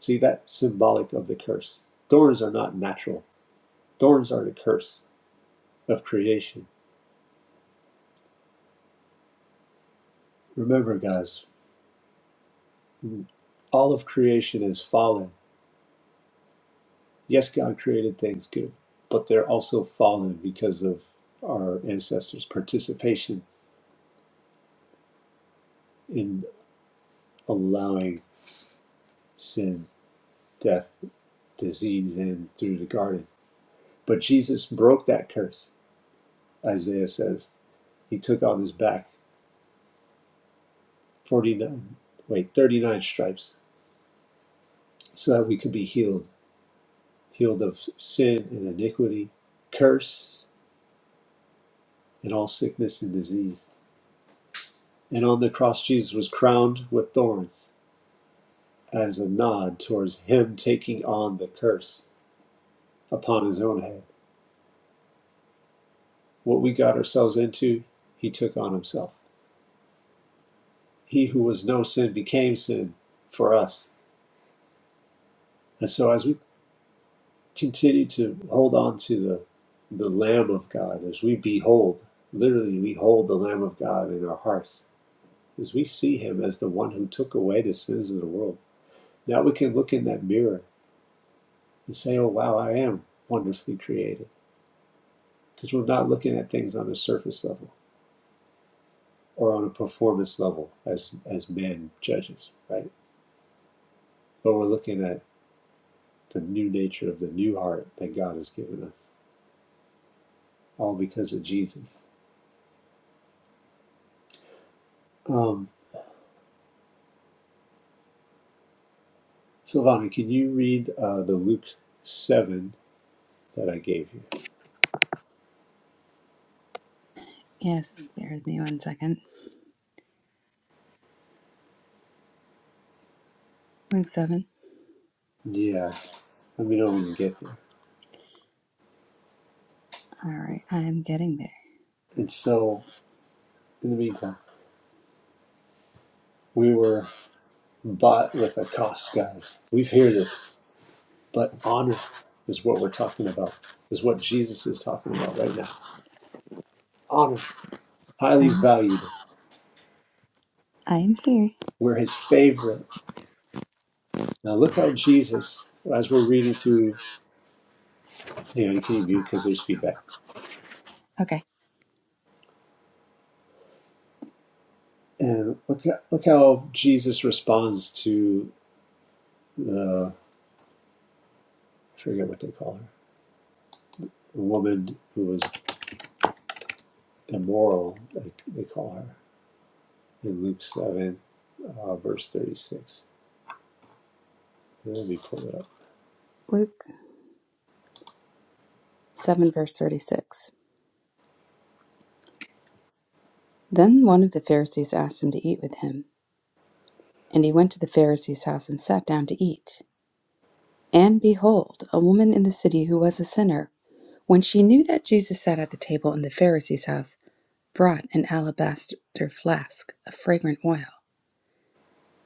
E: See, that's symbolic of the curse. Thorns are not natural, thorns are the curse of creation. Remember, guys, all of creation is fallen. Yes, God created things good, but they're also fallen because of our ancestors' participation in. allowing sin, death, disease in through the garden. But Jesus broke that curse, Isaiah says. He took on his back 49, wait, 39 stripes so that we could be healed, healed of sin and iniquity, curse, and all sickness and disease. And on the cross, Jesus was crowned with thorns as a nod towards him taking on the curse upon his own head. What we got ourselves into, he took on himself. he who was no sin became sin for us. And so as we continue to hold on to the the Lamb of God, as we behold, literally we hold the Lamb of God in our hearts, as we see him as the one who took away the sins of the world. Now we can look in that mirror and say, Oh wow, I am wonderfully created. Because we're not looking at things on a surface level or on a performance level as as man judges, right? But we're looking at the new nature of the new heart that God has given us. all because of Jesus. Um, Silvana, can you read uh, the Luke 7 that I gave you?
D: Yes, bear with me one second. Luke 7.
E: Yeah, let me know when you get there.
D: All right, I am getting there.
E: And so, in the meantime, we were bought with a cost, guys. We've heard this, but honor is what we're talking about, is what Jesus is talking about right now. Honor, highly
D: I'm, <gasps>
E: valued.
D: I am here.
E: We're his favorite. Now, look how Jesus, as we're reading through, you know, you can mute because there's feedback.
D: Okay,
E: And look, look how Jesus responds to the I forget what they call her, the woman who was immoral, they, call her in Luke 7, uh, verse 36. Let me pull it up.
D: Luke 7, verse 36. Then one of the Pharisees asked him to eat with him, and he went to the Pharisee's house and sat down to eat. And behold, a woman in the city who was a sinner, when she knew that Jesus sat at the table in the Pharisee's house, brought an alabaster flask of fragrant oil,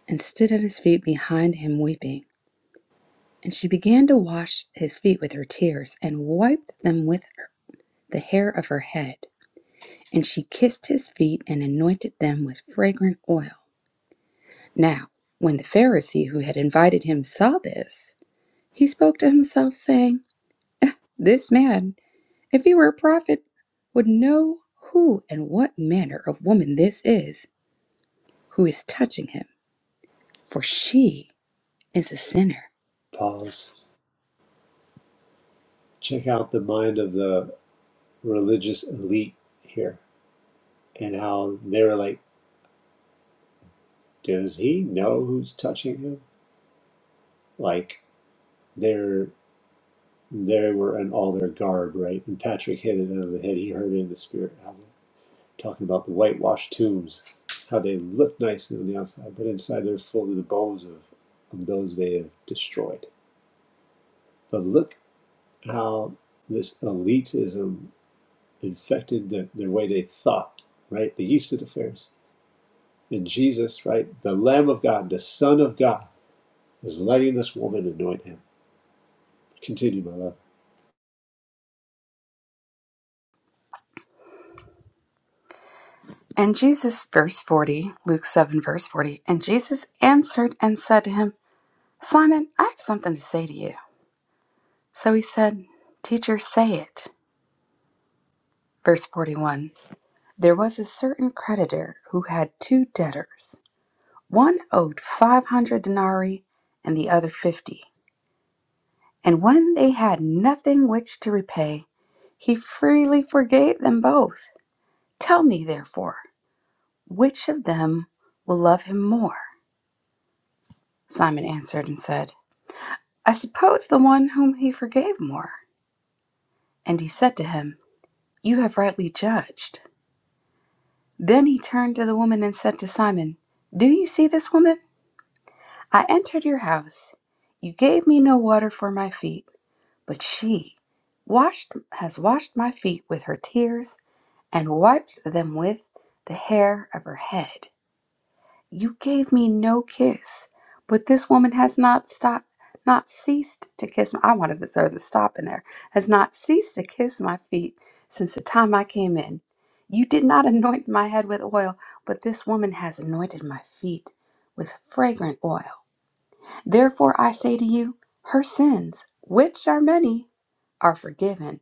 D: and stood at his feet behind him weeping. And she began to wash his feet with her tears, and wiped them with her, the hair of her head. And she kissed his feet, and anointed them with fragrant oil. Now, when the Pharisee who had invited him saw this, he spoke to himself, saying, This man, if he were a prophet, would know who and what manner of woman this is who is touching him, for she is a sinner.
E: Pause. Check out the mind of the religious elite here and how they're like, does he know who's touching him? Like, they're they were in all their garb, right? And Patrick hit it on the head. He heard it in the spirit. album. talking about the whitewashed tombs, how they look nice on the outside, but inside they're full of the bones of, of those they have destroyed. But look how this elitism infected the, the way they thought, right? They used to the Pharisees. And Jesus, right, the Lamb of God, the Son of God, is letting this woman anoint him. Continue, my love.
D: And Jesus, verse 40, Luke 7, verse 40, and Jesus answered and said to him, Simon, I have something to say to you. So he said, Teacher, say it. Verse 41 There was a certain creditor who had two debtors. One owed 500 denarii and the other 50. And when they had nothing which to repay, he freely forgave them both. Tell me, therefore, which of them will love him more? Simon answered and said, I suppose the one whom he forgave more. And he said to him, You have rightly judged. Then he turned to the woman and said to Simon, Do you see this woman? I entered your house. You gave me no water for my feet, but she washed has washed my feet with her tears and wiped them with the hair of her head. you gave me no kiss but this woman has not stopped not ceased to kiss my, i wanted to throw the stop in there has not ceased to kiss my feet since the time i came in you did not <laughs> anoint my head with oil but this woman has anointed my feet with fragrant oil therefore i say to you her sins which are many are forgiven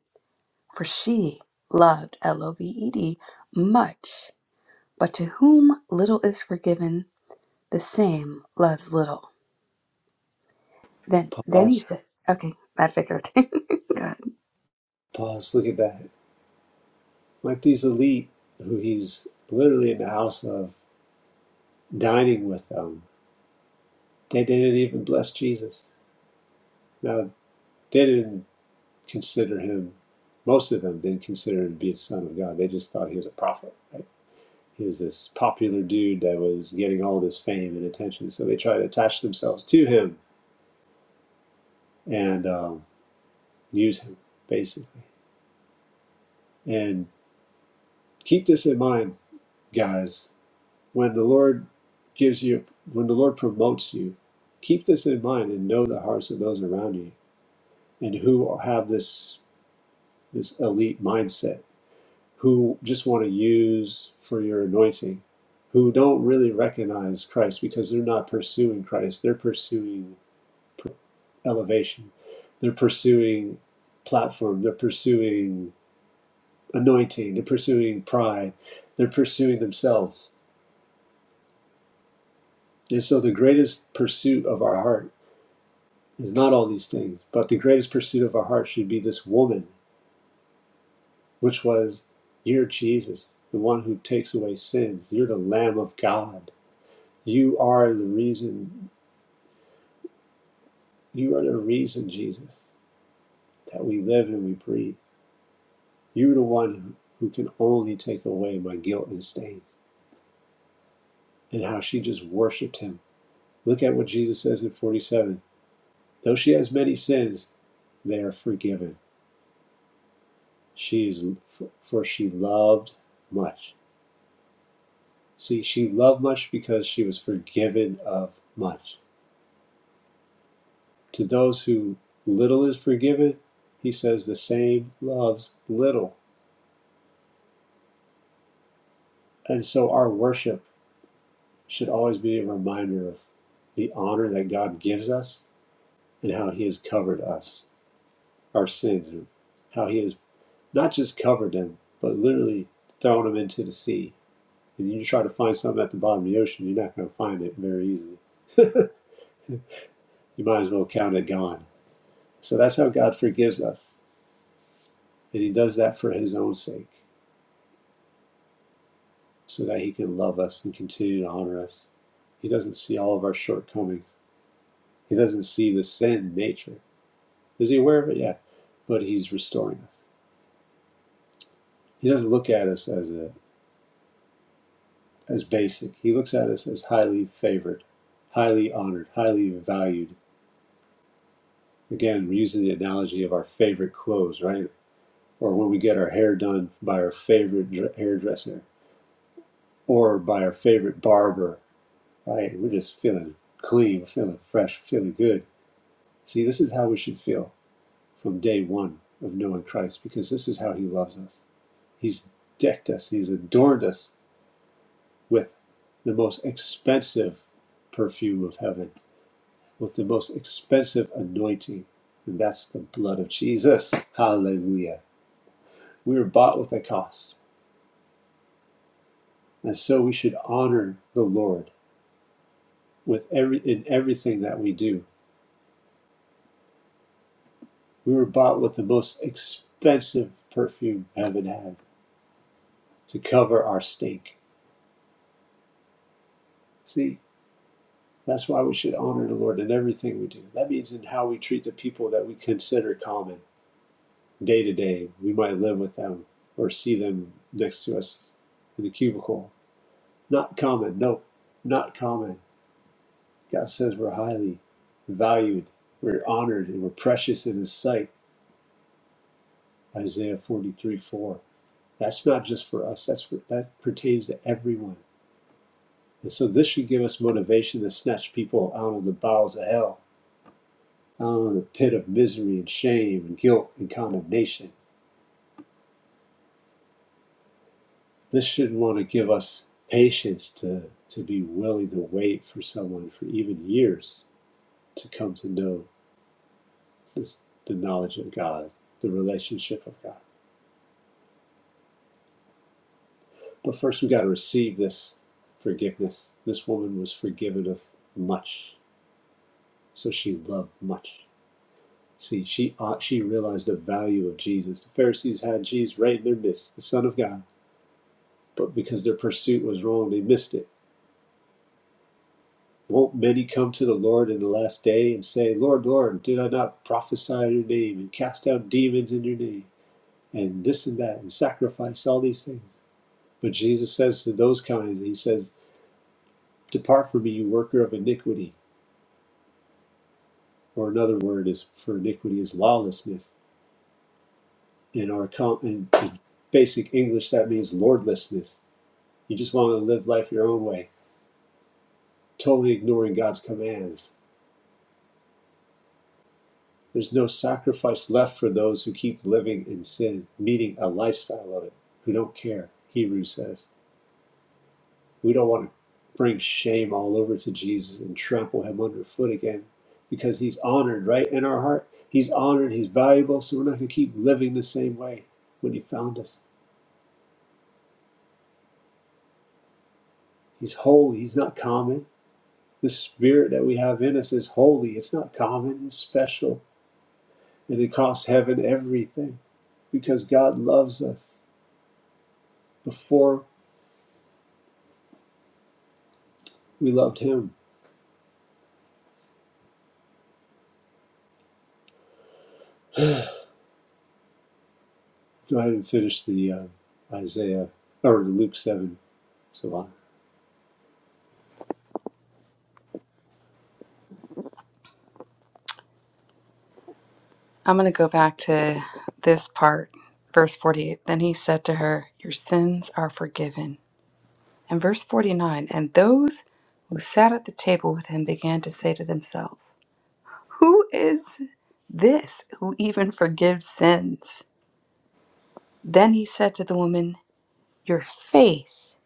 D: for she loved l-o-v-e-d much but to whom little is forgiven the same loves little. Then then he
E: Pause,
D: said okay, I figured. <laughs> God.
E: pause, look at that. Like these elite who he's literally in the house of dining with them, they didn't even bless Jesus. Now, they didn't consider him, most of them didn't consider him to be the Son of God. They just thought he was a prophet, right? He was this popular dude that was getting all this fame and attention. So they tried to attach themselves to him and um, use him, basically. And keep this in mind, guys. When the Lord gives you, when the Lord promotes you, keep this in mind and know the hearts of those around you and who have this this elite mindset who just want to use for your anointing, who don't really recognize Christ because they're not pursuing Christ. They're pursuing p- elevation, they're pursuing platform, they're pursuing anointing, they're pursuing pride, they're pursuing themselves. And so, the greatest pursuit of our heart is not all these things, but the greatest pursuit of our heart should be this woman, which was, You're Jesus, the one who takes away sins, you're the Lamb of God You are the reason, you are the reason, Jesus, that we live and we breathe. You're the one who can only take away my guilt and stain. And how she just worshiped him. Look at what Jesus says in 47. Though she has many sins, they are forgiven. She is, for she loved much. See, she loved much because she was forgiven of much. To those who little is forgiven, he says the same loves little. And so our worship should always be a reminder of the honor that God gives us and how He has covered us, our sins, and how He has not just covered them, but literally thrown them into the sea. And you try to find something at the bottom of the ocean, you're not going to find it very easily. <laughs> You might as well count it gone. So that's how God forgives us. And He does that for His own sake, so that He can love us and continue to honor us. He doesn't see all of our shortcomings, He doesn't see the sin nature. Is he aware of it? Yeah. But he's restoring us. He doesn't look at us as a as basic. He looks at us as highly favored, highly honored, highly valued. Again, we're using the analogy of our favorite clothes, right? Or when we get our hair done by our favorite hairdresser or by our favorite barber, right? We're just feeling clean, we're feeling fresh, we're feeling good. See, this is how we should feel from day one of knowing Christ because this is how he loves us. He's decked us, he's adorned us with the most expensive perfume of heaven, with the most expensive anointing. And that's the blood of Jesus. Hallelujah. We were bought with a cost. And so we should honor the Lord with every in everything that we do. We were bought with the most expensive perfume heaven had to cover our stink. See, that's why we should honor the Lord in everything we do. That means in how we treat the people that we consider common day to day, we might live with them or see them next to us in the cubicle. Not common, no, not common. God says we're highly valued, we're honored, and we're precious in His sight. Isaiah 43 4. That's not just for us, that's for, that pertains to everyone. And so this should give us motivation to snatch people out of the bowels of hell, out of the pit of misery and shame and guilt and condemnation This should want to give us patience to, to be willing to wait for someone for even years to come to know this, the knowledge of God, the relationship of God. But first, we've got to receive this forgiveness. This woman was forgiven of much, so she loved much. See, she uh, she realized the value of Jesus. The Pharisees had Jesus right in their midst, the Son of God, but because their pursuit was wrong, they missed it. Won't many come to the Lord in the last day and say, Lord, Lord, did I not prophesy in your name and cast out demons in your name and this and that and sacrifice all these things? But Jesus says to those kinds, He says, Depart from me, you worker of iniquity. Or another word is for iniquity is lawlessness. In our com- in, in basic English, that means lordlessness. You just want to live life your own way, totally ignoring God's commands There's no sacrifice left for those who keep living in sin, meaning a lifestyle of it, who don't care, Hebrews says. We don't want to bring shame all over to Jesus and trample him underfoot again because he's honored, right? In our heart, he's honored, he's valuable, so we're not going to keep living the same way when he found us. He's holy, he's not common. The spirit that we have in us is holy, it's not common, it's special, and it costs heaven everything because God loves us before we loved him. Go ahead and finish the uh, Isaiah or Luke seven. So I'll
D: I'm gonna go back to this part, verse forty eight. Then he said to her, Your sins are forgiven. And verse forty nine, and those who sat at the table with him began to say to themselves, Who is this who even forgives sins? Then he said to the woman, Your faith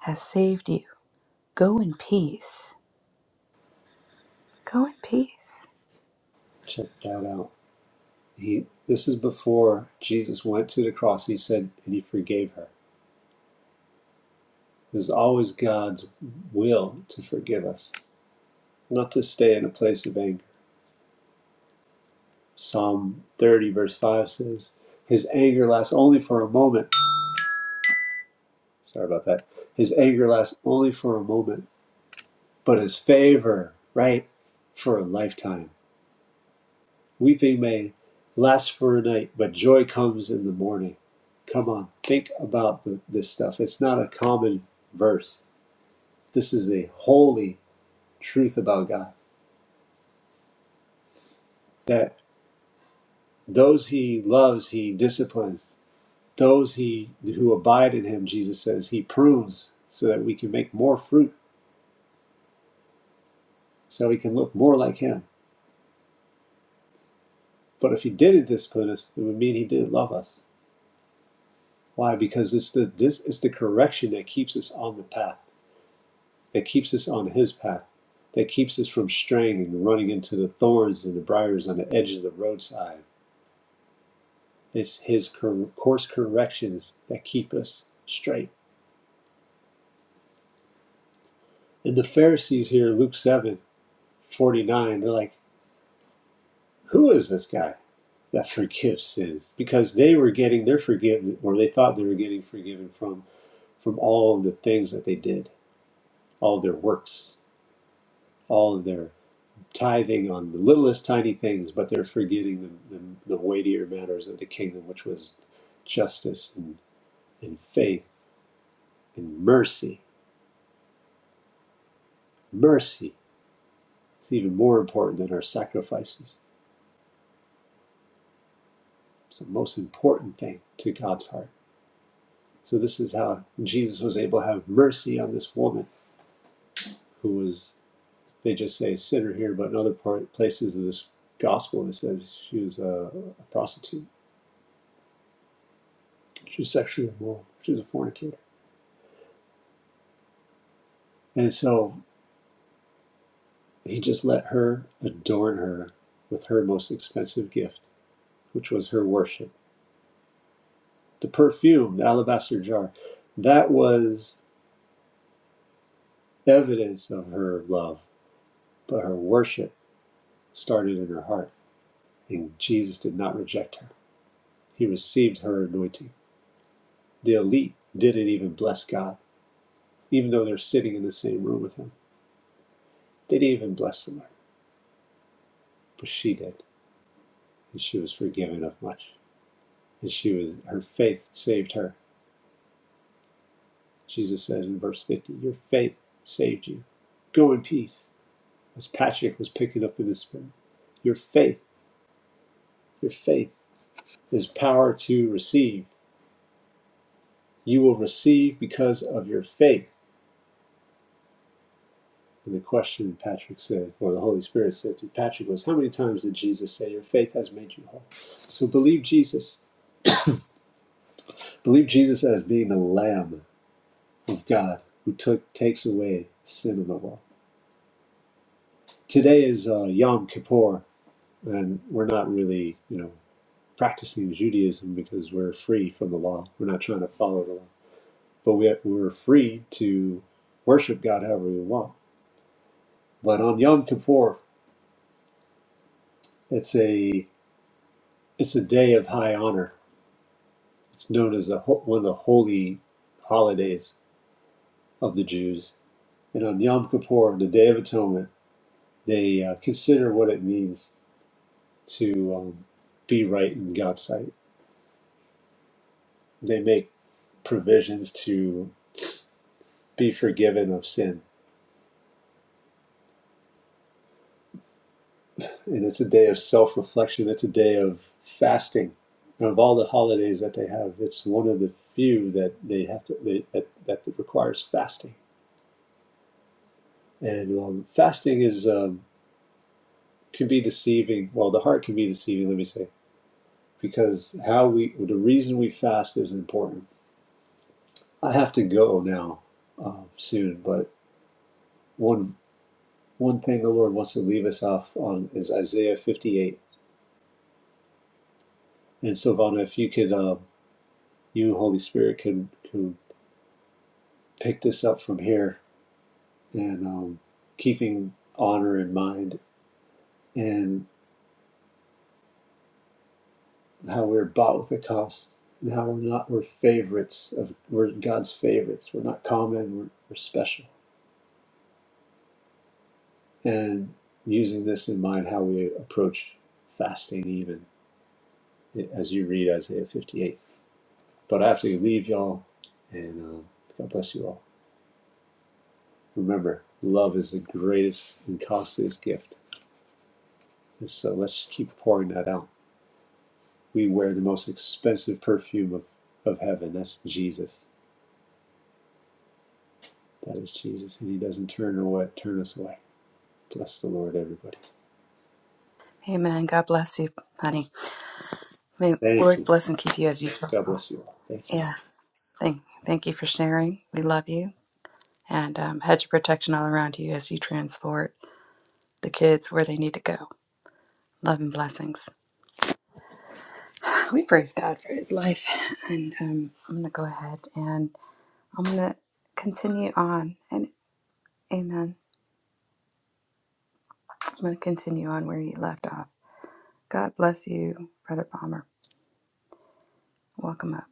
D: has saved you. Go in peace. Go in peace.
E: check that out. He this is before Jesus went to the cross. He said, and he forgave her. It was always God's will to forgive us, not to stay in a place of anger. Psalm thirty verse five says, "His anger lasts only for a moment." Sorry about that. His anger lasts only for a moment, but his favor, right, for a lifetime. Weeping may last for a night, but joy comes in the morning. Come on, think about the, this stuff. It's not a common verse. This is a holy truth about God that those he loves, he disciplines. Those he who abide in him, Jesus says, he prunes so that we can make more fruit, so we can look more like him. But if he didn't discipline us, it would mean he didn't love us. Why? Because it's the this it's the correction that keeps us on the path. that keeps us on His path, that keeps us from straying and running into the thorns and the briars on the edge of the roadside. It's His cor- course corrections that keep us straight. And the Pharisees here, Luke seven forty-nine, they're like, Who is this guy that forgives sins? Because they were getting their forgiven, or they thought they were getting forgiven from, from all of the things that they did, all of their works, all of their tithing on the littlest tiny things, but they're forgetting the, the, the weightier matters of the kingdom, which was justice and, and faith and mercy. Mercy is even more important than our sacrifices. It's the most important thing to God's heart. So this is how Jesus was able to have mercy on this woman who was, they just say sinner here, but in other part, places of this gospel, it says she was a, a prostitute. She was sexually immoral. She was a fornicator. And so He just let her adorn her with her most expensive gift, which was her worship. The perfume, the alabaster jar, that was evidence of her love, but her worship started in her heart. And Jesus did not reject her, he received her anointing. The elite didn't even bless God, even though they're sitting in the same room with him. They didn't even bless the Lord, but she did, and she was forgiven of much. And she was her faith saved her Jesus says in verse 50, Your faith saved you. Go in peace. As Patrick was picking up in the spirit, your faith, your faith is power to receive. You will receive because of your faith. And the question Patrick said, or the Holy Spirit said to Patrick, was, How many times did Jesus say, Your faith has made you whole? So believe Jesus. Believe Jesus as being the Lamb of God who took, takes away sin of the world. Today is uh, Yom Kippur, and we're not really, you know, practicing Judaism because we're free from the law. We're not trying to follow the law, but we have, we're free to worship God however we want. But on Yom Kippur, it's a it's a day of high honor. It's known as the, one of the holy holidays of the Jews. And on Yom Kippur, the Day of Atonement, they uh, consider what it means to um, be right in God's sight. They make provisions to be forgiven of sin And it's a day of self reflection, it's a day of fasting. And of all the holidays that they have, it's one of the few that they have to, they, that, that requires fasting. And um, fasting is um, can be deceiving. Well, the heart can be deceiving. Let me say because how we the reason we fast is important. I have to go now um, soon, but one one thing the Lord wants to leave us off on is Isaiah 58. And Silvana, if you could, um, you Holy Spirit could could pick this up from here and um, keeping honor in mind and how we're bought with a cost and how we're not we're favorites of we're god's favorites we're not common we're, we're special and using this in mind how we approach fasting even as you read isaiah 58 but i have to leave y'all and um, god bless you all remember love is the greatest and costliest gift and so let's keep pouring that out we wear the most expensive perfume of, of heaven. That's Jesus. That is Jesus. And he doesn't turn away, turn us away. Bless the Lord, everybody.
D: Amen. God bless you, honey. May the
E: Thank you.
D: Lord bless and keep you as you travel.
E: God bless you all. Thank you.
D: yeah. Thank, thank you for sharing. We love you. And um, hedge of protection all around you as you transport the kids where they need to go. Love and blessings. We praise God for his life. And um, I'm going to go ahead and I'm going to continue on. And amen. I'm going to continue on where you left off. God bless you, Brother Palmer. Welcome up.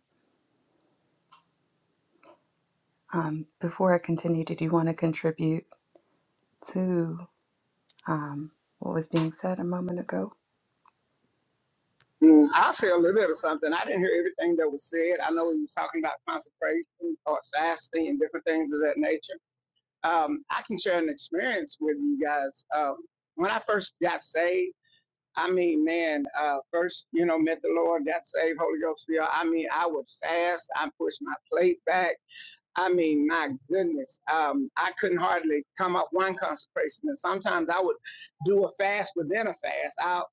D: Um, before I continue, did you want to contribute to um, what was being said a moment ago?
G: Mm, I'll say a little bit of something. I didn't hear everything that was said. I know he was talking about consecration or fasting and different things of that nature. Um, I can share an experience with you guys. Um, when I first got saved, I mean, man, uh, first, you know, met the Lord, got saved, Holy Ghost filled. I mean, I would fast. I pushed my plate back. I mean, my goodness, um, I couldn't hardly come up one consecration. And sometimes I would do a fast within a fast. I'll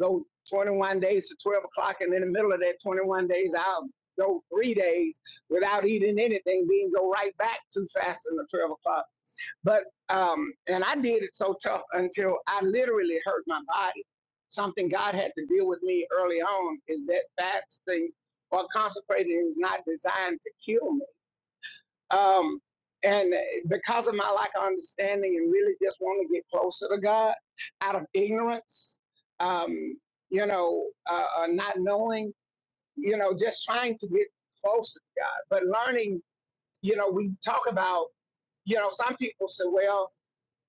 G: go 21 days to 12 o'clock, and in the middle of that 21 days, I'll go three days without eating anything, then go right back to fasting at 12 o'clock. But, um, and I did it so tough until I literally hurt my body. Something God had to deal with me early on is that fasting or consecrating is not designed to kill me um, and uh, because of my lack of understanding and really just want to get closer to God out of ignorance, um, you know, uh, uh, not knowing, you know, just trying to get closer to God, but learning, you know, we talk about, you know, some people say, well,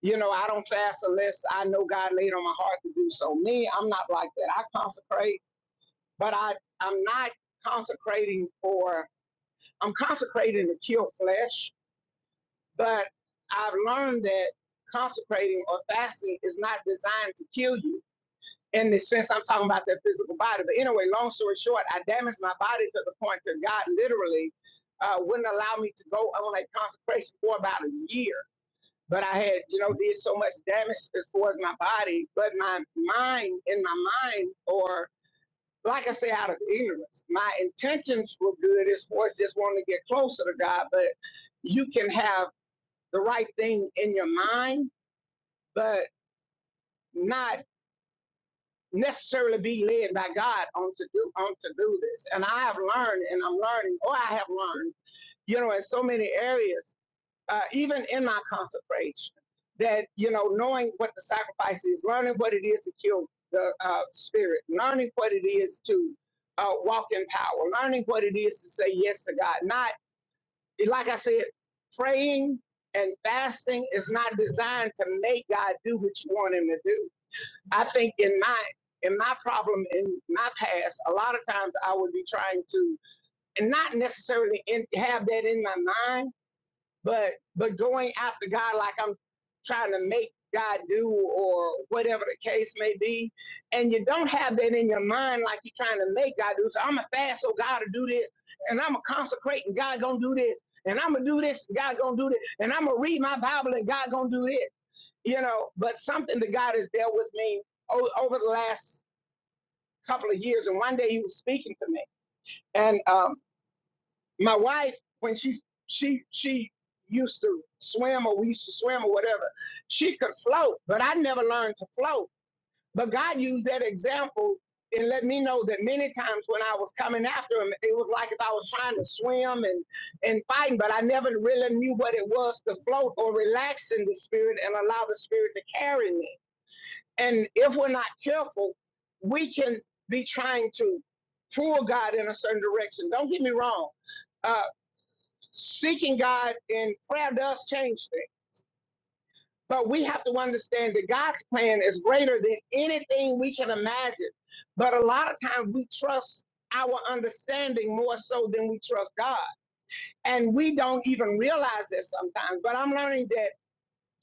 G: you know, I don't fast unless I know God laid on my heart to do so. Me, I'm not like that. I consecrate, but I, I'm not consecrating for, I'm consecrating to kill flesh But I've learned that consecrating or fasting is not designed to kill you in the sense I'm talking about that physical body. But anyway, long story short, I damaged my body to the point that God literally uh, wouldn't allow me to go on a consecration for about a year. But I had, you know, did so much damage as far as my body, but my mind, in my mind, or like I say, out of ignorance, my intentions were good as far as just wanting to get closer to God. But you can have the right thing in your mind, but not necessarily be led by God on to do on to do this. And I have learned, and I'm learning, or I have learned, you know, in so many areas, uh, even in my consecration, that you know, knowing what the sacrifice is, learning what it is to kill the uh, spirit, learning what it is to uh, walk in power, learning what it is to say yes to God, not like I said, praying and fasting is not designed to make God do what you want him to do. I think in my in my problem in my past, a lot of times I would be trying to and not necessarily in, have that in my mind but but going after God like I'm trying to make God do or whatever the case may be, and you don't have that in your mind like you're trying to make God do. So I'm gonna fast so God to do this, and I'm gonna consecrate and God gonna do this, and I'm gonna do this, and God gonna do this, and I'm gonna read my Bible and God gonna do this. You know, but something that God has dealt with me o- over the last couple of years, and one day He was speaking to me, and um, my wife when she she she used to swim or we used to swim or whatever she could float but i never learned to float but god used that example and let me know that many times when i was coming after him it was like if i was trying to swim and and fighting but i never really knew what it was to float or relax in the spirit and allow the spirit to carry me and if we're not careful we can be trying to pull god in a certain direction don't get me wrong Uh, seeking God in prayer does change things. But we have to understand that God's plan is greater than anything we can imagine. But a lot of times we trust our understanding more so than we trust God. And we don't even realize that sometimes. But I'm learning that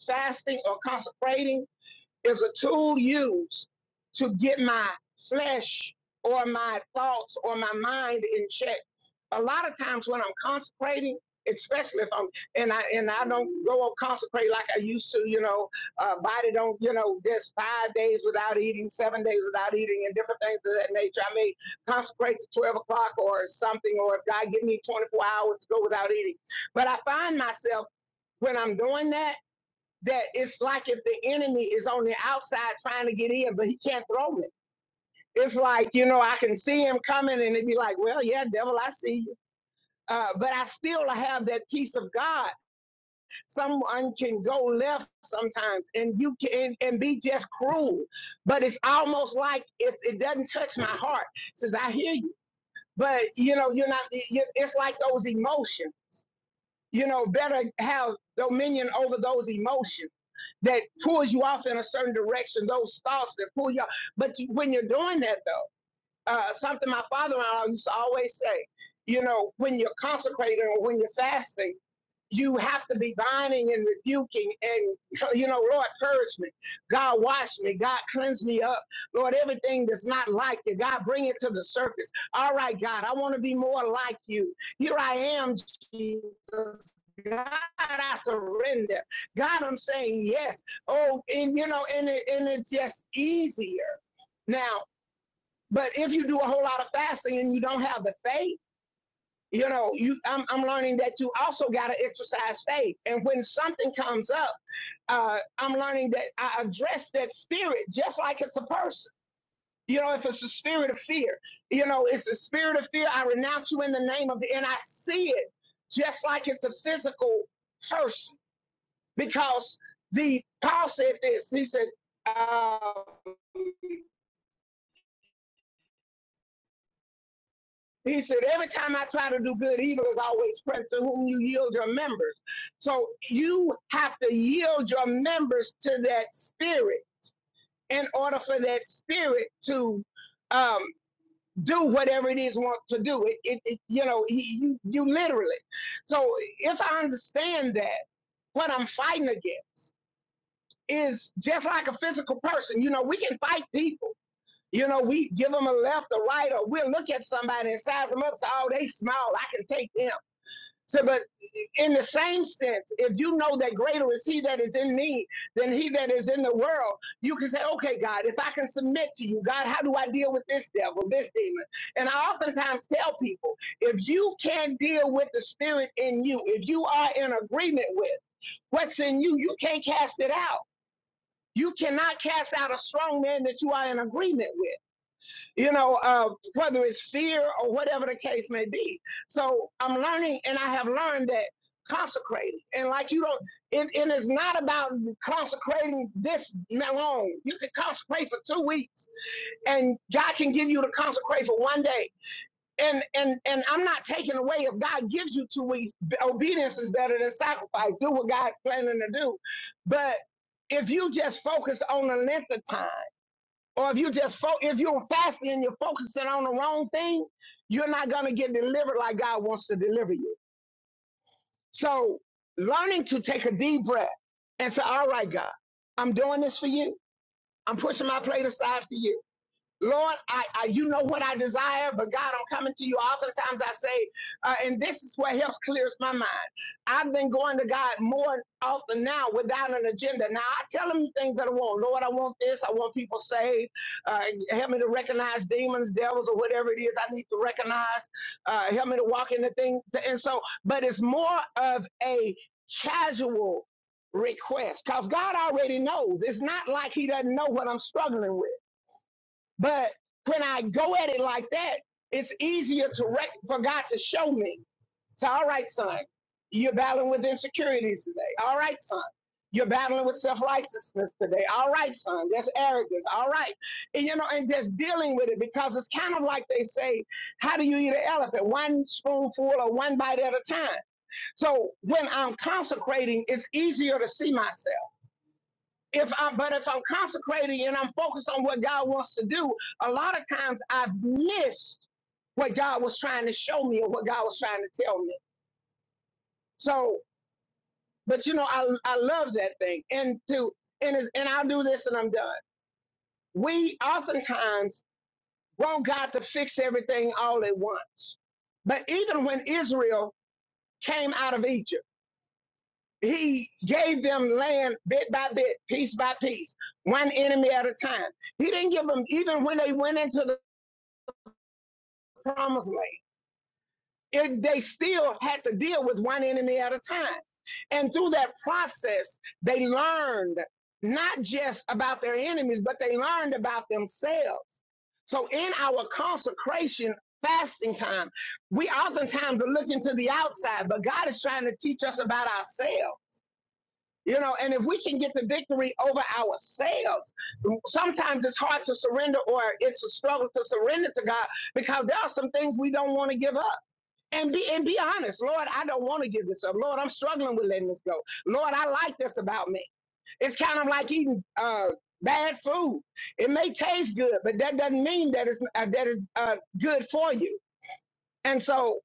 G: fasting or consecrating is a tool used to get my flesh or my thoughts or my mind in check. A lot of times when I'm consecrating, especially if I'm and I and I don't go and consecrate like I used to, you know, uh, body don't, you know, there's five days without eating, seven days without eating, and different things of that nature. I may consecrate to twelve o'clock or something, or if God give me twenty four hours to go without eating. But I find myself when I'm doing that that it's like if the enemy is on the outside trying to get in, but he can't throw it. It's like, you know, I can see him coming and it'd be like, well, yeah, devil, I see you. Uh, but I still have that peace of God. Someone can go left sometimes and you can and be just cruel. But it's almost like if it doesn't touch my heart, it says I hear you. But you know, you're not. It's like those emotions. you know, better have dominion over those emotions that pulls you off in a certain direction, those thoughts that pull you off. But you, when you're doing that, though, uh, something my father-in-law used to always say, you know, when you're consecrating or when you're fasting you have to be binding and rebuking and you know lord purge me god wash me god cleanse me up lord everything that's not like you god bring it to the surface all right god i want to be more like you here i am jesus God, I surrender. God, I'm saying yes. Oh, and you know, and it, and it's just easier now. But if you do a whole lot of fasting and you don't have the faith you know you i'm, I'm learning that you also got to exercise faith and when something comes up uh, i'm learning that i address that spirit just like it's a person you know if it's a spirit of fear you know it's a spirit of fear i renounce you in the name of and i see it just like it's a physical person because the paul said this he said um, He said, Every time I try to do good, evil is always present to whom you yield your members. So you have to yield your members to that spirit in order for that spirit to um, do whatever it is want to do. It, it, it you know, you, you literally. So if I understand that, what I'm fighting against is just like a physical person. You know, we can fight people. You know, we give them a left, a right, or we'll look at somebody and size them up. So, oh, they small. I can take them. So, but in the same sense, if you know that greater is he that is in me than he that is in the world, you can say, okay, God, if I can submit to you, God, how do I deal with this devil, this demon? And I oftentimes tell people, if you can't deal with the spirit in you, if you are in agreement with what's in you, you can't cast it out. You cannot cast out a strong man that you are in agreement with you know, uh, whether it's fear or whatever the case may be. So I'm learning, and I have learned that consecrating, and like you don't, it, it is not about consecrating this long. You can consecrate for two weeks, and God can give you to consecrate for one day. And and and I'm not taking away if God gives you two weeks. b- Obedience is better than sacrifice. Do what God's planning to do, but if you just focus on the length of time. Or if you just fo- if you're fasting and you're focusing on the wrong thing, you're not gonna get delivered like God wants to deliver you. So learning to take a deep breath and say, All right, God, I'm doing this for you. I'm pushing my plate aside for you. Lord, I, I you know what I desire, but God, I'm coming to you. Oftentimes I say, uh, and this is what helps clears my mind. I've been going to God more often now without an agenda. Now I tell him things that I want. Lord, I want this. I want people saved. Uh, help me to recognize demons, devils, or whatever it is I need to recognize. Uh, help me to walk in the thing. and so, but it's more of a casual request because God already knows. It's not like He doesn't know what I'm struggling with. But when I go at it like that, it's easier to rec- for God to show me. So, all right, son, you're battling with insecurities today. All right, son, you're battling with self righteousness today. All right, son, there's arrogance. All right, and you know, and just dealing with it because it's kind of like they say, how do you eat an elephant? One spoonful or one bite at a time. So, when I'm consecrating, it's easier to see myself if I'm but if I'm consecrating and I'm focused on what God wants to do, a lot of times I've missed what God was trying to show me or what God was trying to tell me. So, but you know, I I love that thing. And to and is and I'll do this and I'm done. We oftentimes want God to fix everything all at once. But even when Israel came out of Egypt, he gave them land bit by bit, piece by piece, one enemy at a time. He didn't give them even when they went into the promised land. It, they still had to deal with one enemy at a time. And through that process, they learned not just about their enemies, but they learned about themselves. So in our consecration fasting time, we oftentimes are looking to the outside, but God is trying to teach us about ourselves. You know, and if we can get the victory over ourselves, sometimes it's hard to surrender or it's a struggle to surrender to God because there are some things we don't want to give up and be and be honest lord i don't want to give this up lord i'm struggling with letting this go lord i like this about me it's kind of like eating uh bad food it may taste good but that doesn't mean that it's uh, that it's uh, good for you and so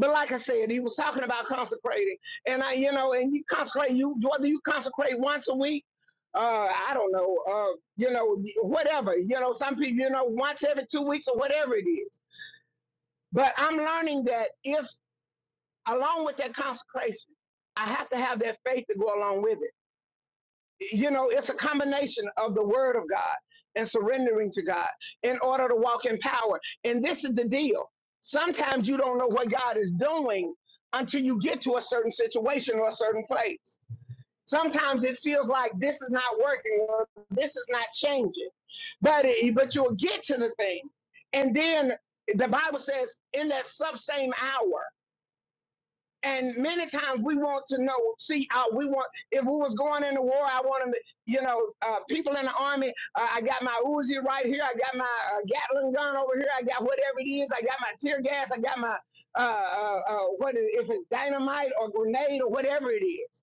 G: but like i said he was talking about consecrating and i you know and you consecrate you whether you consecrate once a week uh, I don't know, uh, you know, whatever, you know, some people, you know, once every two weeks or whatever it is. But I'm learning that if along with that consecration, I have to have that faith to go along with it. You know, it's a combination of the word of God and surrendering to God in order to walk in power. And this is the deal. Sometimes you don't know what God is doing until you get to a certain situation or a certain place. Sometimes it feels like this is not working or this is not changing. But it, but you'll get to the thing. And then the Bible says in that sub same hour and many times we want to know, see, uh, we want, if we was going into war, I want them to, you know, uh, people in the army, uh, I got my Uzi right here, I got my uh, Gatling gun over here, I got whatever it is, I got my tear gas, I got my, uh, uh, uh, what is, if it's dynamite or grenade or whatever it is.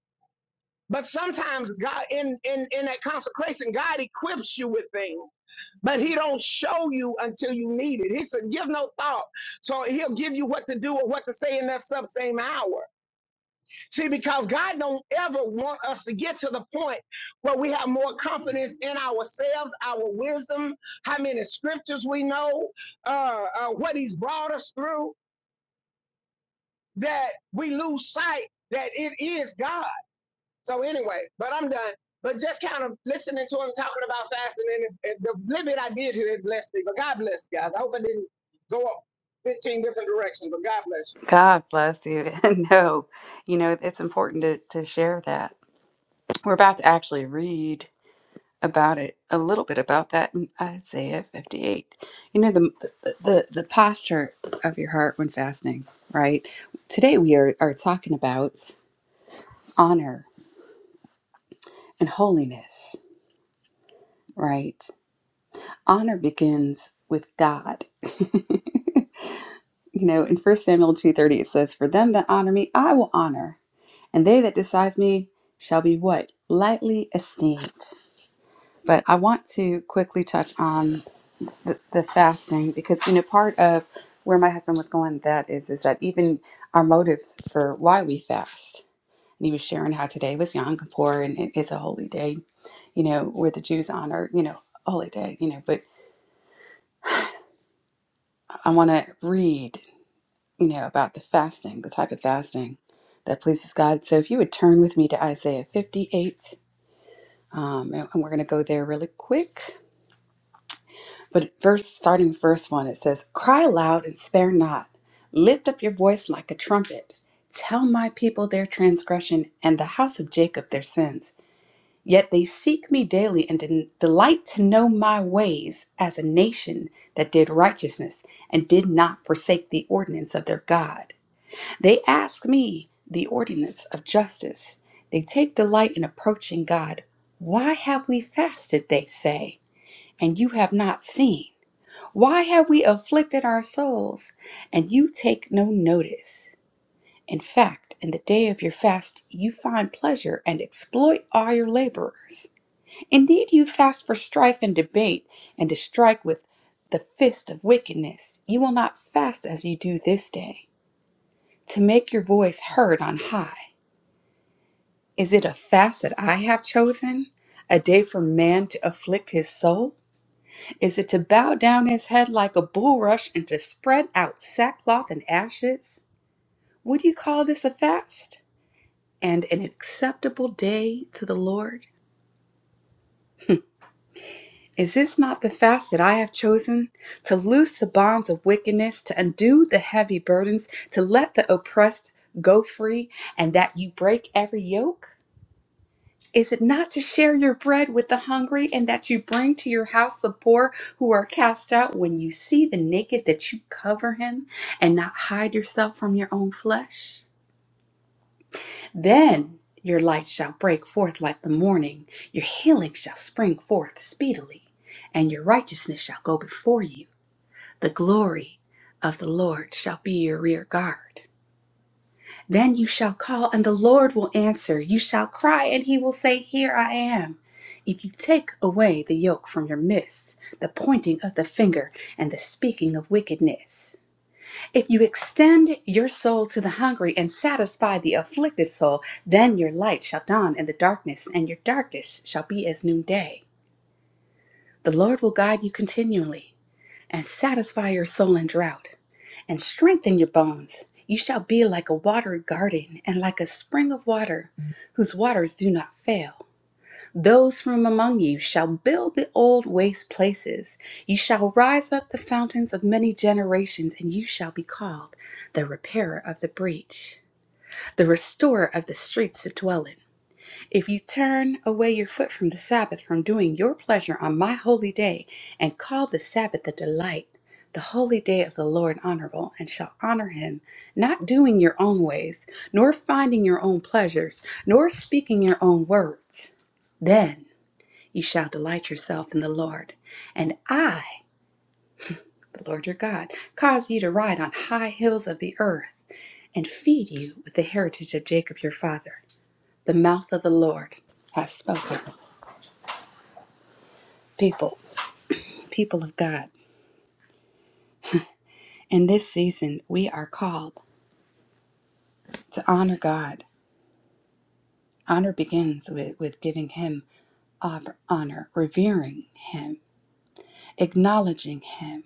G: But sometimes God, in, in, in that consecration, God equips you with things, but he don't show you until you need it. He said, give no thought. So he'll give you what to do or what to say in that sub same hour. See, because God don't ever want us to get to the point where we have more confidence in ourselves, our wisdom, how many scriptures we know, uh, uh, what He's brought us through, that we lose sight that it is God. So anyway, but I'm done. But just kind of listening to him talking about fasting, and, the little bit I did here, it blessed me. But God bless you guys. I hope I didn't go up 15 different directions, but God bless you.
D: God bless you. <laughs> no, you know, it's important to, to share that. We're about to actually read about it a little bit about that in Isaiah 58. You know, the, the, the posture of your heart when fasting, right? Today we are, are talking about honor and holiness, right? Honor begins with God. <laughs> you know, in 1 Samuel 2.30 it says, For them that honor me, I will honor And they that despise me shall be what? Lightly esteemed. But I want to quickly touch on the, the fasting because, you know, part of where my husband was going with that is, is that even our motives for why we fast. And he was sharing how today was Yom Kippur and it is a holy day, you know, where the Jews honor, you know, holy day, you know. But I want to read, you know, about the fasting, the type of fasting that pleases God. So if you would turn with me to Isaiah 58 Um, and we're going to go there really quick. But verse, starting verse one, it says, "Cry aloud and spare not; lift up your voice like a trumpet. Tell my people their transgression and the house of Jacob their sins. Yet they seek me daily and den- delight to know my ways, as a nation that did righteousness and did not forsake the ordinance of their God. They ask me the ordinance of justice. They take delight in approaching God." Why have we fasted, they say? and you have not seen? Why have we afflicted our souls, and you take no notice? In fact, in the day of your fast, you find pleasure and exploit all your laborers. Indeed, you fast for strife and debate, and to strike with the fist of wickedness. You will not fast as you do this day, to make your voice heard on high. Is it a fast that I have chosen? A day for man to afflict his soul? Is it to bow down his head like a bulrush and to spread out sackcloth and ashes? Would you call this a fast and an acceptable day to the Lord? Is this not the fast that I have chosen? To loose the bonds of wickedness, to undo the heavy burdens, to let the oppressed go free, and that you break every yoke? Is it not to share your bread with the hungry, and that you bring to your house the poor who are cast out? When you see the naked, that you cover him and not hide yourself from your own flesh? Then your light shall break forth like the morning, your healing shall spring forth speedily, and your righteousness shall go before you. The glory of the Lord shall be your rear guard. Then you shall call, and the Lord will answer. You shall cry, and he will say, Here I am. If you take away the yoke from your midst, the pointing of the finger, and the speaking of wickedness, if you extend your soul to the hungry and satisfy the afflicted soul, then your light shall dawn in the darkness, and your darkness shall be as noonday. The Lord will guide you continually and satisfy your soul in drought, and strengthen your bones. You shall be like a watered garden and like a spring of water, whose waters do not fail. Those from among you shall build the old waste places. You shall rise up the fountains of many generations, and you shall be called the repairer of the breach, the restorer of the streets to dwell in. If you turn away your foot from the Sabbath, from doing your pleasure on my holy day, and call the Sabbath the delight, the holy day of the Lord honorable, and shall honor him, not doing your own ways, nor finding your own pleasures, nor speaking your own words, then you shall delight yourself in the Lord. And I, the Lord your God, cause you to ride on high hills of the earth, and feed you with the heritage of Jacob your father. The mouth of the Lord has spoken. people, people of God. In this season, we are called to honor God. Honor begins with, with giving Him honor, revering Him, acknowledging Him.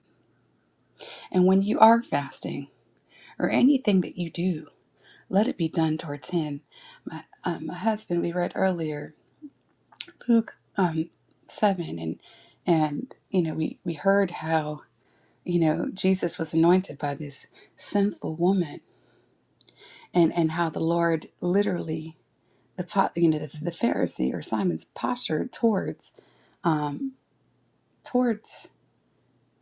D: And when you are fasting or anything that you do, let it be done towards Him. My, um, my husband, we read earlier Luke um, 7, and, and you know, we, we heard how you know Jesus was anointed by this sinful woman and and how the Lord literally the you know the, the Pharisee or Simon's posture towards um towards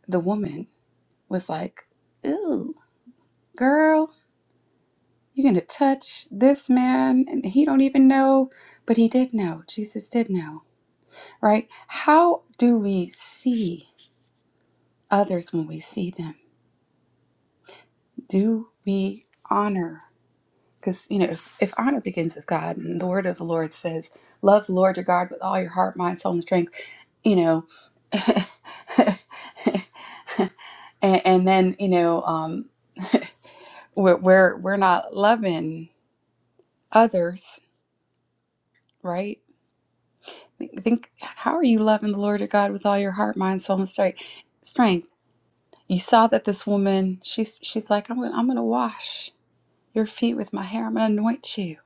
D: the woman was like, "Ooh, girl, you're gonna touch this man, and he don't even know, but he did know. Jesus did know, right? How do we see others when we see them? Do we honor?" Because you know, if, if honor begins with God, and the word of the Lord says, "Love the Lord your God with all your heart, mind, soul, and strength," you know, <laughs> and, and then you know um <laughs> we're, we're we're not loving others right think how are you loving the lord your god with all your heart mind soul and strength strength you saw that this woman she's she's like i'm gonna i'm gonna wash your feet with my hair i'm gonna anoint you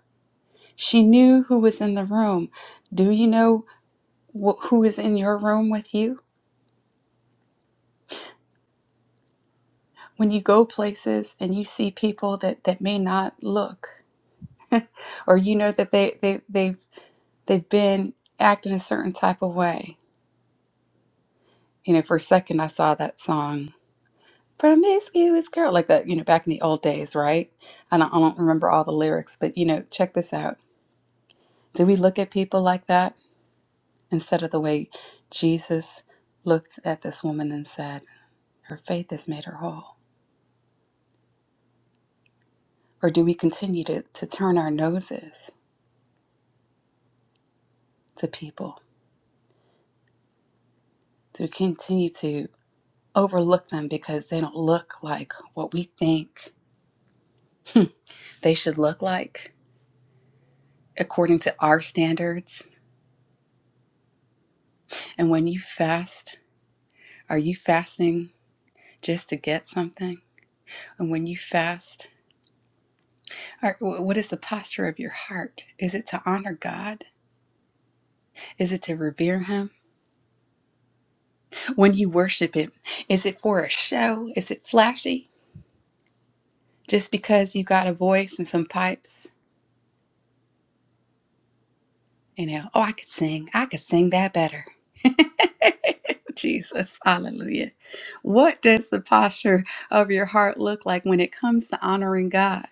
D: she knew who was in the room do you know wh- who is in your room with you when you go places and you see people that that may not look <laughs> or you know that they they they've they've been acting a certain type of way. You know, for a second, I saw that song, Promiscuous Girl, like that, you know, back in the old days, right? And I don't I don't remember all the lyrics, but, you know, check this out. Do we look at people like that instead of the way Jesus looked at this woman and said, Her faith has made her whole? Or do we continue to, to turn our noses to people, to continue to overlook them because they don't look like what we think they should look like? according to our standards. And when you fast, are you fasting just to get something? And when you fast, are, what is the posture of your heart? Is it to honor God? Is it to revere Him? When you worship Him, is it for a show? Is it flashy? Just because you got a voice and some pipes, you know, oh, I could sing. I could sing that better. <laughs> Jesus, hallelujah. What does the posture of your heart look like when it comes to honoring God?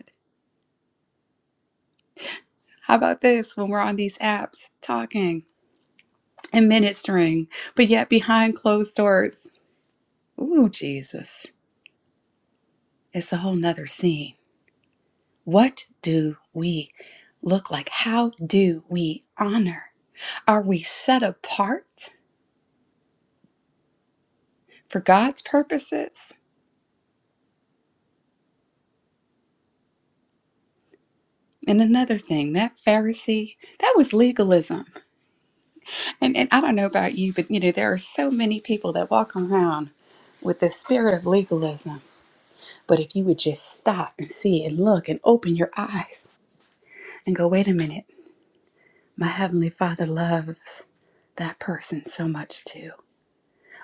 D: How about this when we're on these apps talking and ministering, but yet behind closed doors? Ooh, Jesus. It's a whole nother scene. What do we look like? How do we honor? Are we set apart for God's purposes? And another thing, that Pharisee, that was legalism. And, and I don't know about you, but you know, there are so many people that walk around with this spirit of legalism But if you would just stop and see and look and open your eyes and go, wait a minute, my Heavenly Father loves that person so much too.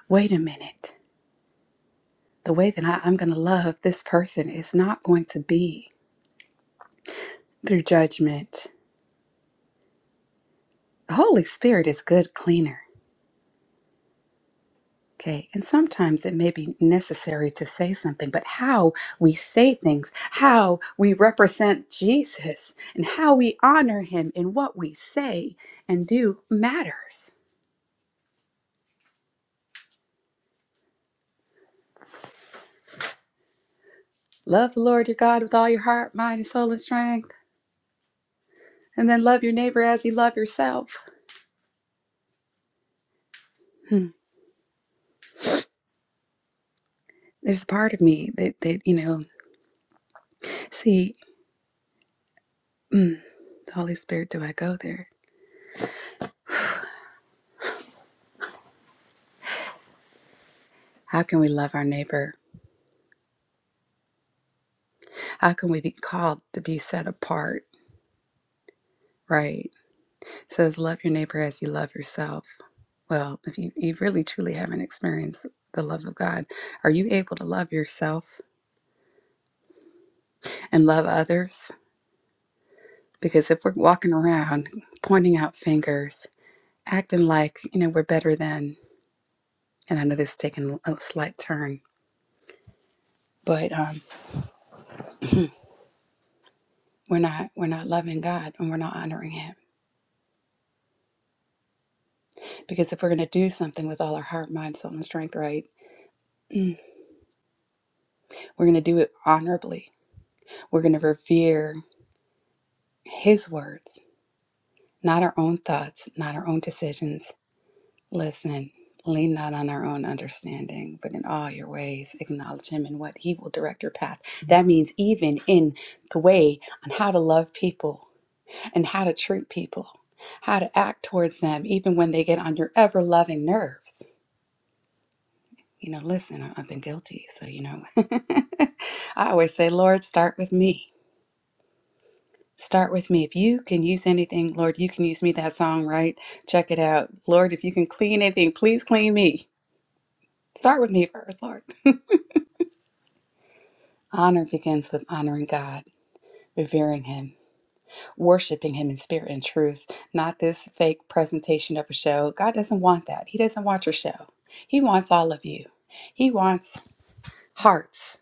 D: Wait a minute, the way that I, I'm going to love this person is not going to be through judgment. The Holy Spirit is good cleaner. Okay, and sometimes it may be necessary to say something, but how we say things, how we represent Jesus, and how we honor him in what we say and do matters. Love the Lord your God with all your heart, mind, and soul and strength. And then love your neighbor as you love yourself. Hmm. There's a part of me that, that you know, see, mm, Holy Spirit, do I go there? How can we love our neighbor? How can we be called to be set apart? Right? It says, love your neighbor as you love yourself. Well, if you, you really truly haven't experienced the love of God, are you able to love yourself and love others? Because if we're walking around pointing out fingers, acting like you know we're better than and i know this is taking a slight turn but um we're not we're not loving god and we're not honoring him because if we're going to do something with all our heart mind soul and strength right mm, we're going to do it honorably we're going to revere his words not our own thoughts not our own decisions listen lean not on our own understanding but in all your ways acknowledge him and what he will direct your path that means even in the way on how to love people and how to treat people, how to act towards them, even when they get on your ever loving nerves. You know, listen, I- I've been guilty. So, you know, <laughs> I always say, Lord, start with me. Start with me. If you can use anything, Lord, you can use me. That song, right? Check it out. Lord, if you can clean anything, please clean me. Start with me first, Lord. Honor begins with honoring God, revering Him, worshiping Him in spirit and truth, not this fake presentation of a show. God doesn't want that. He doesn't want your show. He wants all of you. He wants hearts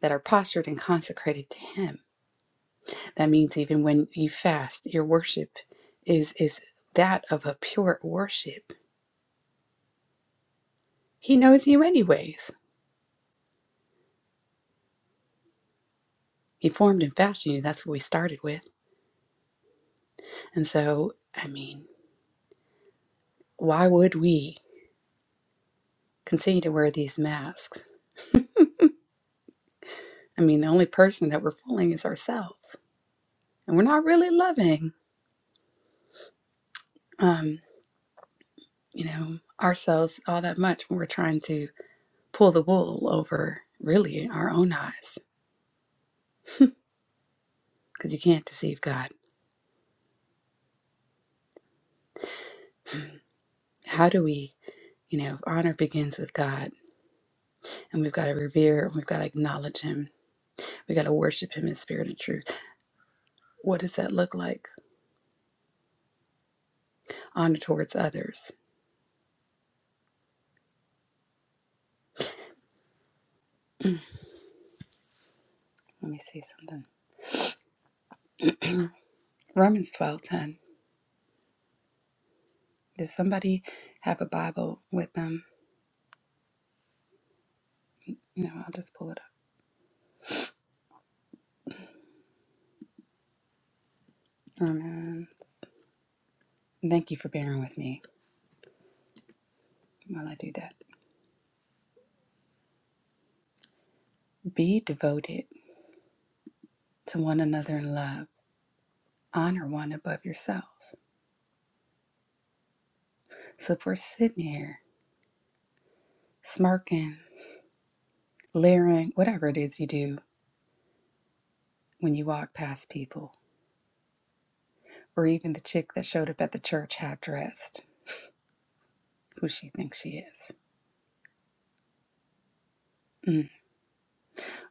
D: that are postured and consecrated to Him. That means even when you fast, your worship is is that of a pure worship. He knows you anyways. He formed and fashioned you. That's what we started with. And so, I mean, why would we continue to wear these masks? I mean, the only person that we're fooling is ourselves. and we're not really loving um you know ourselves all that much when we're trying to pull the wool over really our own eyes because you can't deceive god how do we you know honor begins with god and we've got to revere and we've got to acknowledge him we got to worship him in spirit and truth what does that look like honor towards others let me see something romans twelve ten. does somebody have a bible with them you know i'll just pull it up romans thank you for bearing with me while i do that Be devoted to one another in love. Honor one above yourselves. So if we're sitting here smirking, leering, whatever it is you do when you walk past people, or even the chick that showed up at the church half dressed, who she thinks she is. Mm.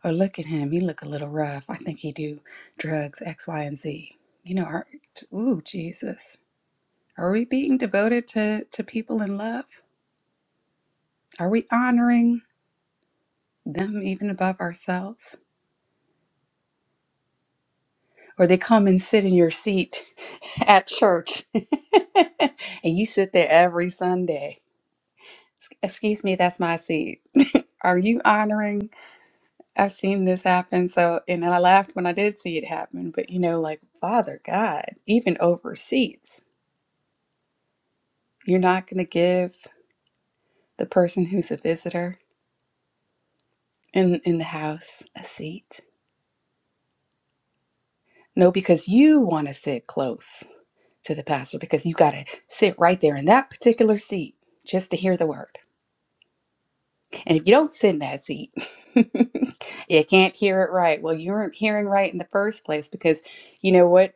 D: Or look at him, he look a little rough. I think he do drugs X, Y, and Z. You know, are, ooh, Jesus. Are we being devoted to, to people in love? Are we honoring them even above ourselves? or they come and sit in your seat at church <laughs> and you sit there every Sunday. Excuse me, that's my seat. Are you honoring? I've seen this happen. So, and I laughed when I did see it happen, but you know, like, Father God, even over seats, you're not going to give the person who's a visitor in, in the house a seat. No, because you want to sit close to the pastor because you got to sit right there in that particular seat just to hear the word. And if you don't sit in that seat, <laughs> you can't hear it right. Well, you weren't hearing right in the first place because you know what?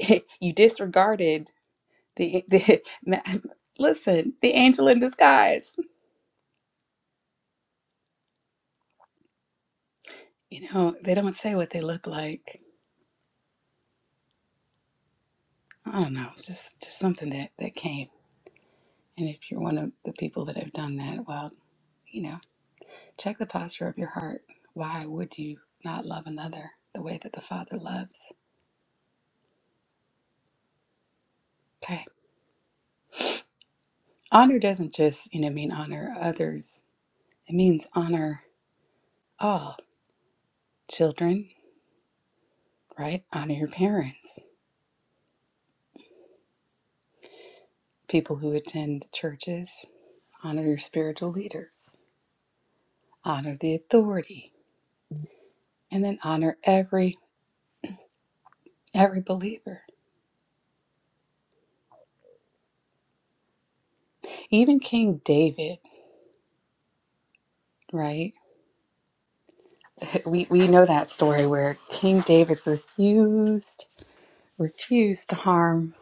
D: <laughs> You disregarded the, the <laughs> listen, the angel in disguise. You know, they don't say what they look like. I don't know, it's just just something that that came. And if you're one of the people that have done that, well, you know, check the posture of your heart. Why would you not love another the way that the Father loves? Okay. Honor doesn't just, you know, mean honor others It means honor all children, right? Honor your parents, people who attend churches, honor your spiritual leaders, honor the authority, and then honor every every believer. Even King David, right? <laughs> We we know that story where King David refused refused to harm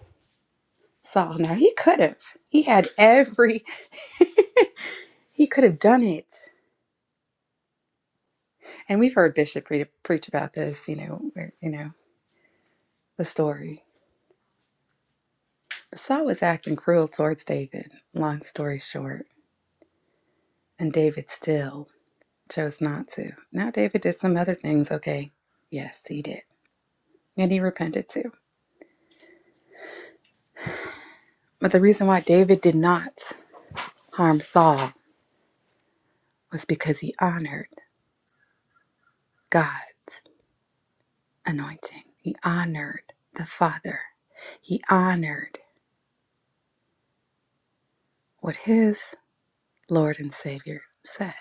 D: Saul. Now he could have. He had every he could have done it. And we've heard Bishop pre- preach about this, you know, where, you know, the story. Saul was acting cruel towards David, long story short, and David still chose not to. Now, David did some other things, okay? Yes, he did. And he repented too. But the reason why David did not harm Saul was because he honored God's anointing, he honored the Father, he honored what his Lord and Savior said.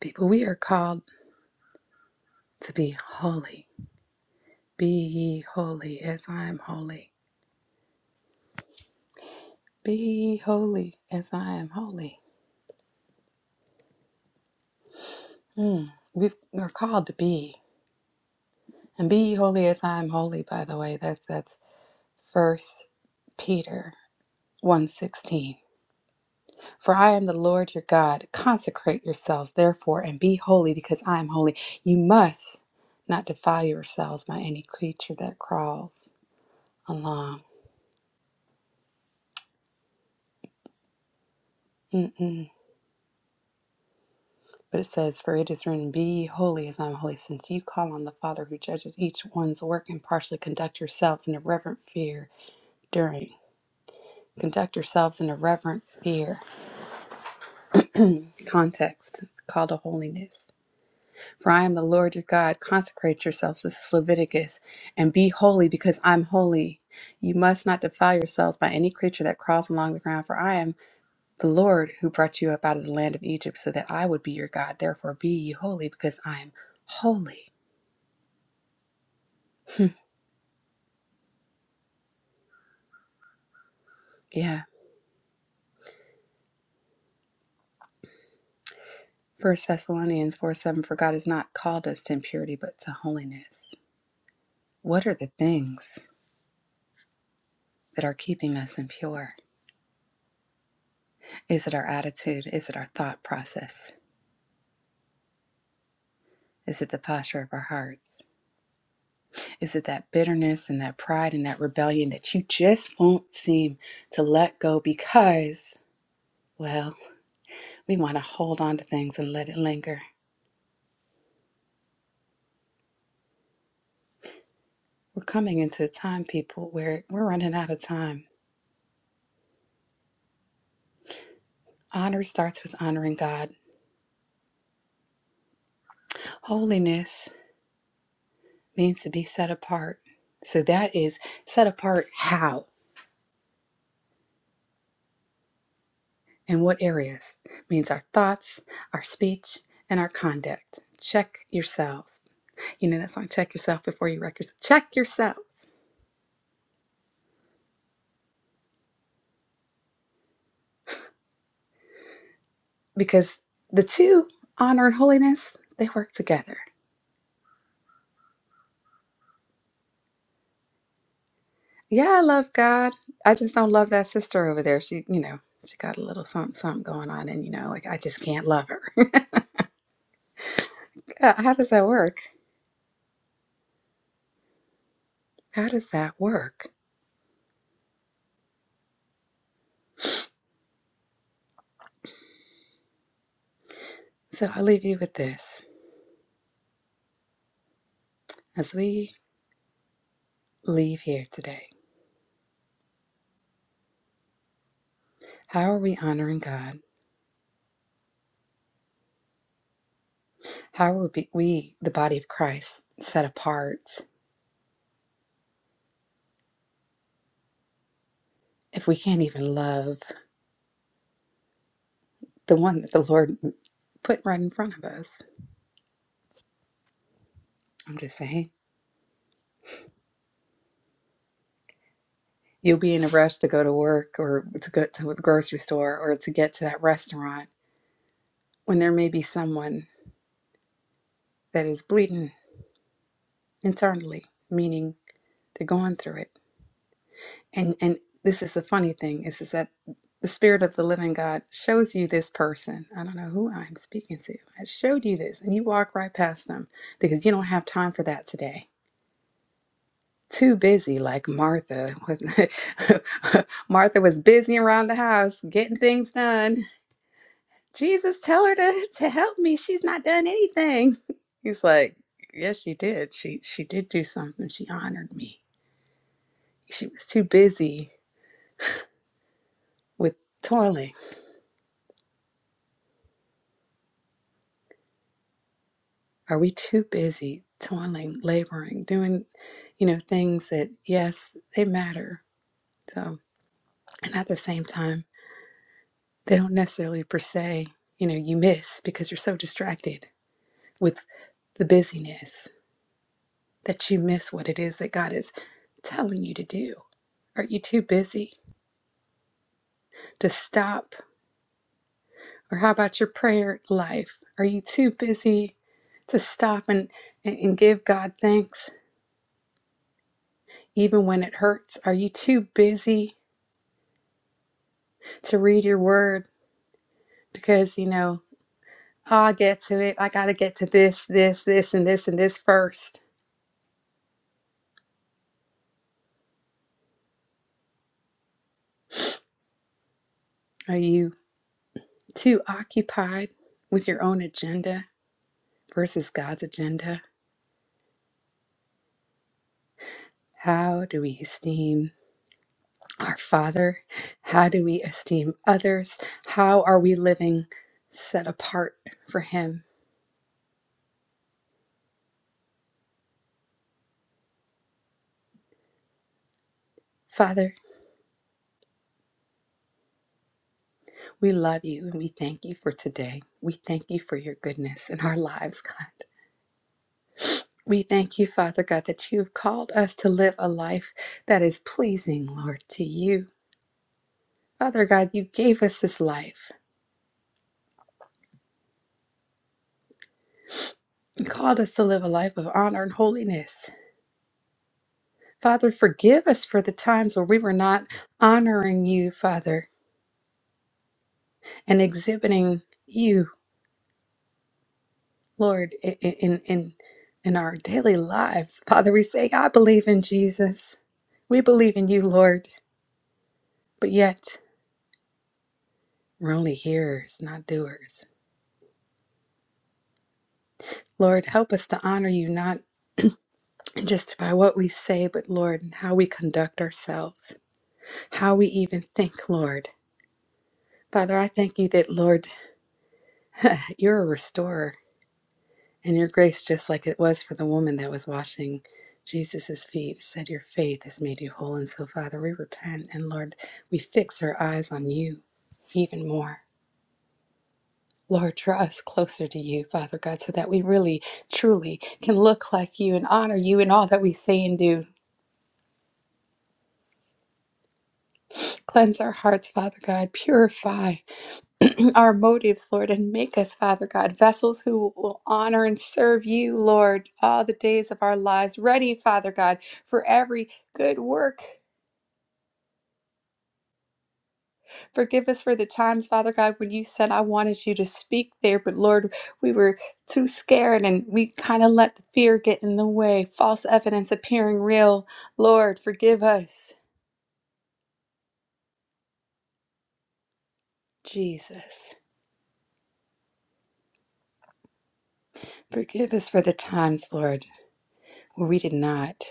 D: People, we are called to be holy. Be ye holy as I am holy. Be holy as I am holy. Mm. We've, we're called to be. And be holy as I am holy, by the way. That's that's first Peter one sixteen. For I am the Lord your God. Consecrate yourselves therefore and be holy because I am holy. You must not defile yourselves by any creature that crawls along. Mm-mm. But it says, For it is written, Be holy as I am holy, since you call on the Father who judges each one's work impartially, conduct yourselves in a reverent fear during. Conduct yourselves in a reverent fear. Context call to holiness. For I am the Lord your God. Consecrate yourselves. This is Leviticus. And be holy because I'm holy. You must not defile yourselves by any creature that crawls along the ground, for I am the Lord who brought you up out of the land of Egypt, so that I would be your God. Therefore be ye holy, because I am holy. <laughs> yeah. First Thessalonians 4 7 For God has not called us to impurity, but to holiness. What are the things? that are keeping us impure? Is it our attitude? Is it our thought process? Is it the posture of our hearts? Is it that bitterness and that pride and that rebellion that you just won't seem to let go because, well, we want to hold on to things and let it linger? We're coming into a time, people, where we're running out of time. Honor starts with honoring God. Holiness means to be set apart. So that is set apart how? in what areas means our thoughts, our speech, and our conduct. Check yourselves. You know that song, Check Yourself Before You Wreck Yourself. Check yourselves. Because the two, honor and holiness, they work together. Yeah, I love God. I just don't love that sister over there. She, you know, she got a little something, something going on, and you know, like I just can't love her. <laughs> How does that work? How does that work? So I'll leave you with this. As we leave here today, how are we honoring God? How are we, we, the body of Christ, set apart if we can't even love the one that the Lord put right in front of us? I'm just saying. You'll be in a rush to go to work or to go to the grocery store or to get to that restaurant when there may be someone that is bleeding internally, meaning they're going through it. And and this is the funny thing is is that the spirit of the living God shows you this person. I don't know who I'm speaking to. I showed you this and you walk right past them because you don't have time for that today. Too busy like Martha was <laughs> Martha was busy around the house getting things done. Jesus tell her to, <laughs> to help me. She's not done anything. <laughs> He's like, Yes, she did. She she did do something. She honored me. She was too busy with toiling Are we too busy toiling, laboring, doing, you know, things that, yes, they matter. So, and at the same time, they don't necessarily per se, you know, you miss because you're so distracted with the busyness that you miss what it is that God is telling you to do. Are you too busy to stop? Or how about your prayer life? Are you too busy to stop and, and and give God thanks even when it hurts? Are you too busy to read your word because you know oh, I'll get to it. I got to get to this, this, this, and this, and this first. Are you too occupied with your own agenda versus God's agenda? How do we esteem our Father? How do we esteem others? How are we living set apart for Him? Father, we love you and we thank you for today. We thank you for your goodness in our lives, God. We thank you, Father God, that you've called us to live a life that is pleasing, Lord, to you. Father God, you gave us this life. You called us to live a life of honor and holiness. Father, forgive us for the times where we were not honoring you, Father, and exhibiting you, Lord, i- i- in in in our daily lives. Father, we say, I believe in Jesus. We believe in you, Lord, but yet we're only hearers, not doers. Lord, help us to honor you, not just by what we say, but Lord, and how we conduct ourselves, how we even think, Lord. Father, I thank you that, Lord, you're a restorer and your grace, just like it was for the woman that was washing Jesus' feet, said, Your faith has made you whole. And so, Father, we repent and, Lord, we fix our eyes on you even more. Lord, draw us closer to you, Father God, so that we really, truly can look like you and honor you in all that we say and do. Cleanse our hearts, Father God. Purify. our motives, Lord, and make us, Father God, vessels who will honor and serve you, Lord, all the days of our lives. Ready, Father God, for every good work. Forgive us for the times, Father God, when you said, I wanted you to speak there, but Lord, we were too scared and we kind of let the fear get in the way, false evidence appearing real. Lord, forgive us, Jesus. Forgive us for the times, Lord, where we did not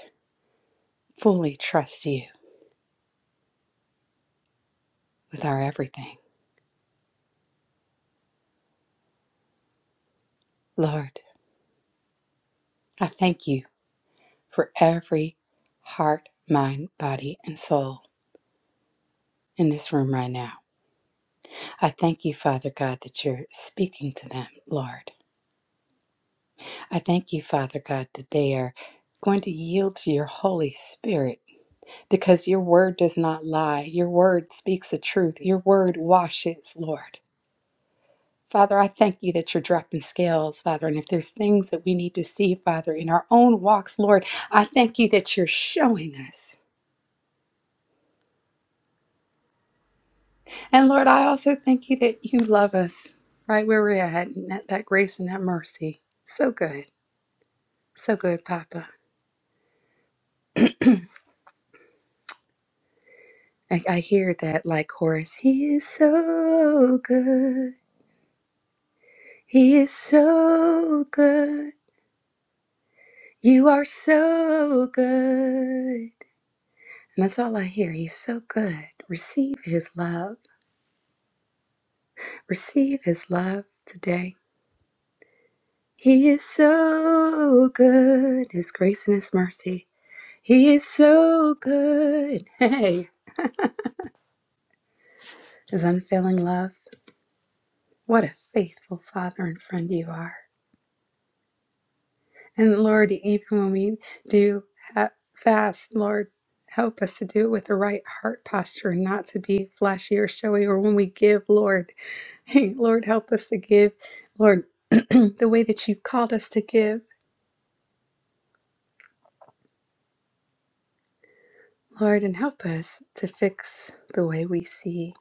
D: fully trust you with our everything. Lord, I thank you for every heart, mind, body, and soul in this room right now. I thank you, Father God, that you're speaking to them, Lord. I thank you, Father God, that they are going to yield to your Holy Spirit because your word does not lie. Your word speaks the truth. Your word washes, Lord. Father, I thank you that you're dropping scales, Father. And if there's things that we need to see, Father, in our own walks, Lord, I thank you that you're showing us. And Lord, I also thank you that you love us right where we're at, and that, that grace and that mercy. So good. So good, Papa. I, I hear that like chorus. He is so good. He is so good. You are so good. And that's all I hear. He's so good. Receive his love. Receive his love today. He is so good. His grace and his mercy. He is so good. <laughs> Hey, his unfailing love. What a faithful father and friend you are. And Lord, even when we do ha- fast, Lord, help us to do it with the right heart posture, not to be flashy or showy. Or when we give, Lord, <laughs> hey, Lord, help us to give, Lord, <clears throat> the way that you called us to give, Lord, and help us to fix the way we see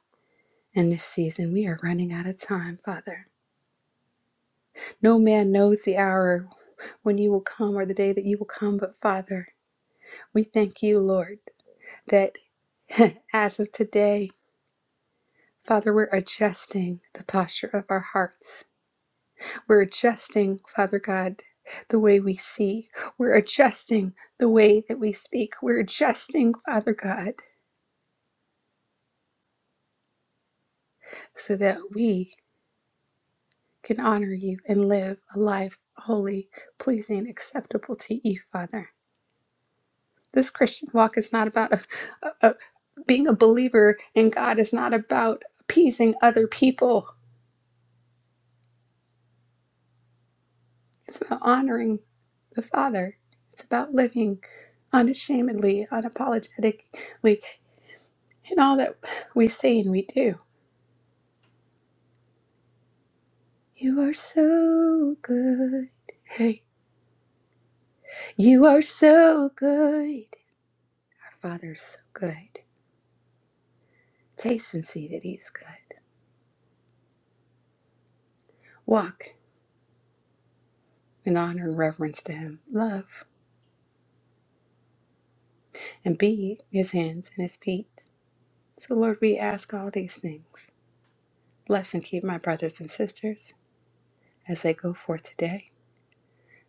D: in this season. We are running out of time, Father. No man knows the hour when you will come or the day that you will come, but Father, we thank you, Lord, that <laughs> as of today, Father, we're adjusting the posture of our hearts. We're adjusting, Father God, the way we see. We're adjusting the way that we speak. We're adjusting, Father God, so that we can honor you and live a life holy, pleasing, acceptable to you, Father. This Christian walk is not about a, a, a- being a believer in God is not about appeasing other people. It's about honoring the Father. It's about living unashamedly, unapologetically in all that we say and we do. You are so good. Hey, you are so good. Our Father is so good. Taste and see that He's good. Walk in honor and reverence to Him. Love. and be his hands and his feet. So, Lord, we ask all these things. Bless and keep my brothers and sisters as they go forth today,